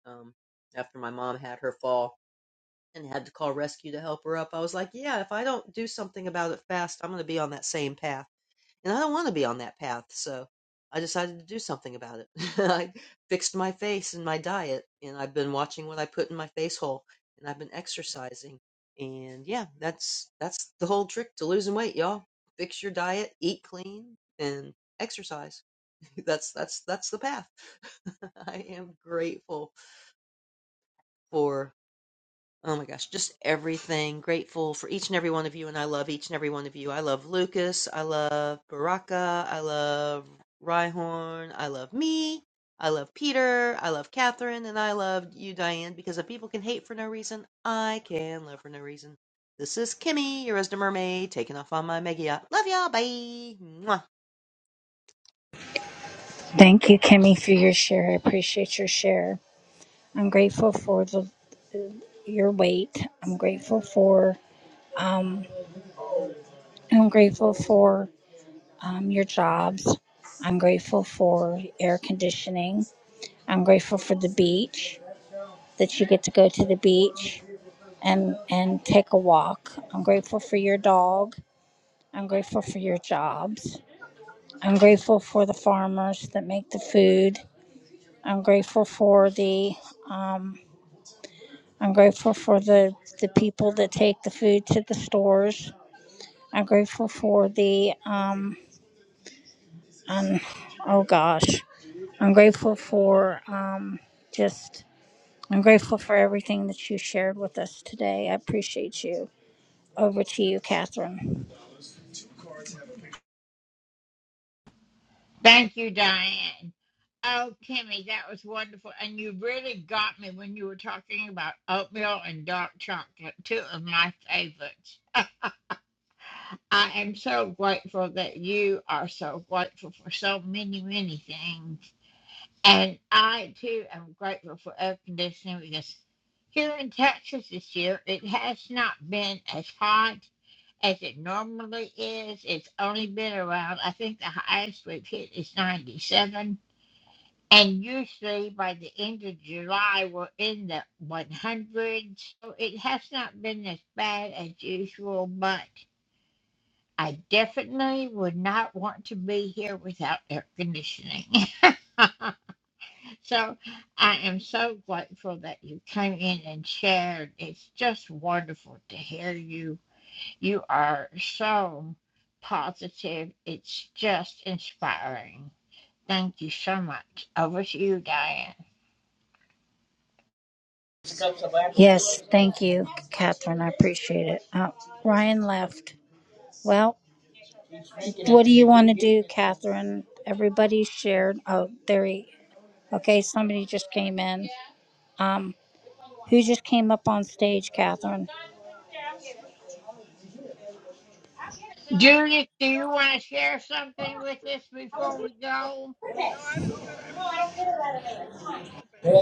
Um, after my mom had her fall and had to call rescue to help her up, I was like, yeah, if I don't do something about it fast, I'm going to be on that same path and I don't want to be on that path. So I decided to do something about it. I fixed my face and my diet, and I've been watching what I put in my face hole, and I've been exercising. And yeah, that's that's the whole trick to losing weight, y'all. Fix your diet, eat clean, and exercise. That's that's that's the path. I am grateful for. Oh my gosh, just everything. Grateful for each and every one of you, and I love each and every one of you. I love Lucas. I love Baraka. I love Rhyhorn. I love me. I love Peter. I love Catherine. And I love you, Diane, because if people can hate for no reason, I can love for no reason. This is Kimmy, your resident mermaid, taking off on my mega yacht. Love y'all. Bye. Mwah. Thank you, Kimmy, for your share. I appreciate your share. I'm grateful for the your weight. I'm grateful for um, I'm grateful for um, your jobs. I'm grateful for air conditioning. I'm grateful for the beach that you get to go to the beach and and take a walk. I'm grateful for your dog. I'm grateful for your jobs. I'm grateful for the farmers that make the food. I'm grateful for the um, I'm grateful for the, the people that take the food to the stores. I'm grateful for the, um, um oh gosh, I'm grateful for um, just, I'm grateful for everything that you shared with us today. I appreciate you. Over to you, Catherine. Yes, thank you, Catherine. I appreciate it. Uh, Ryan left. Well, what do you want to do, Catherine? Everybody shared. Oh, there he. Okay, somebody just came in. Um. Who just came up on stage, Catherine? No, I was good. I was just gonna listen if you were still open.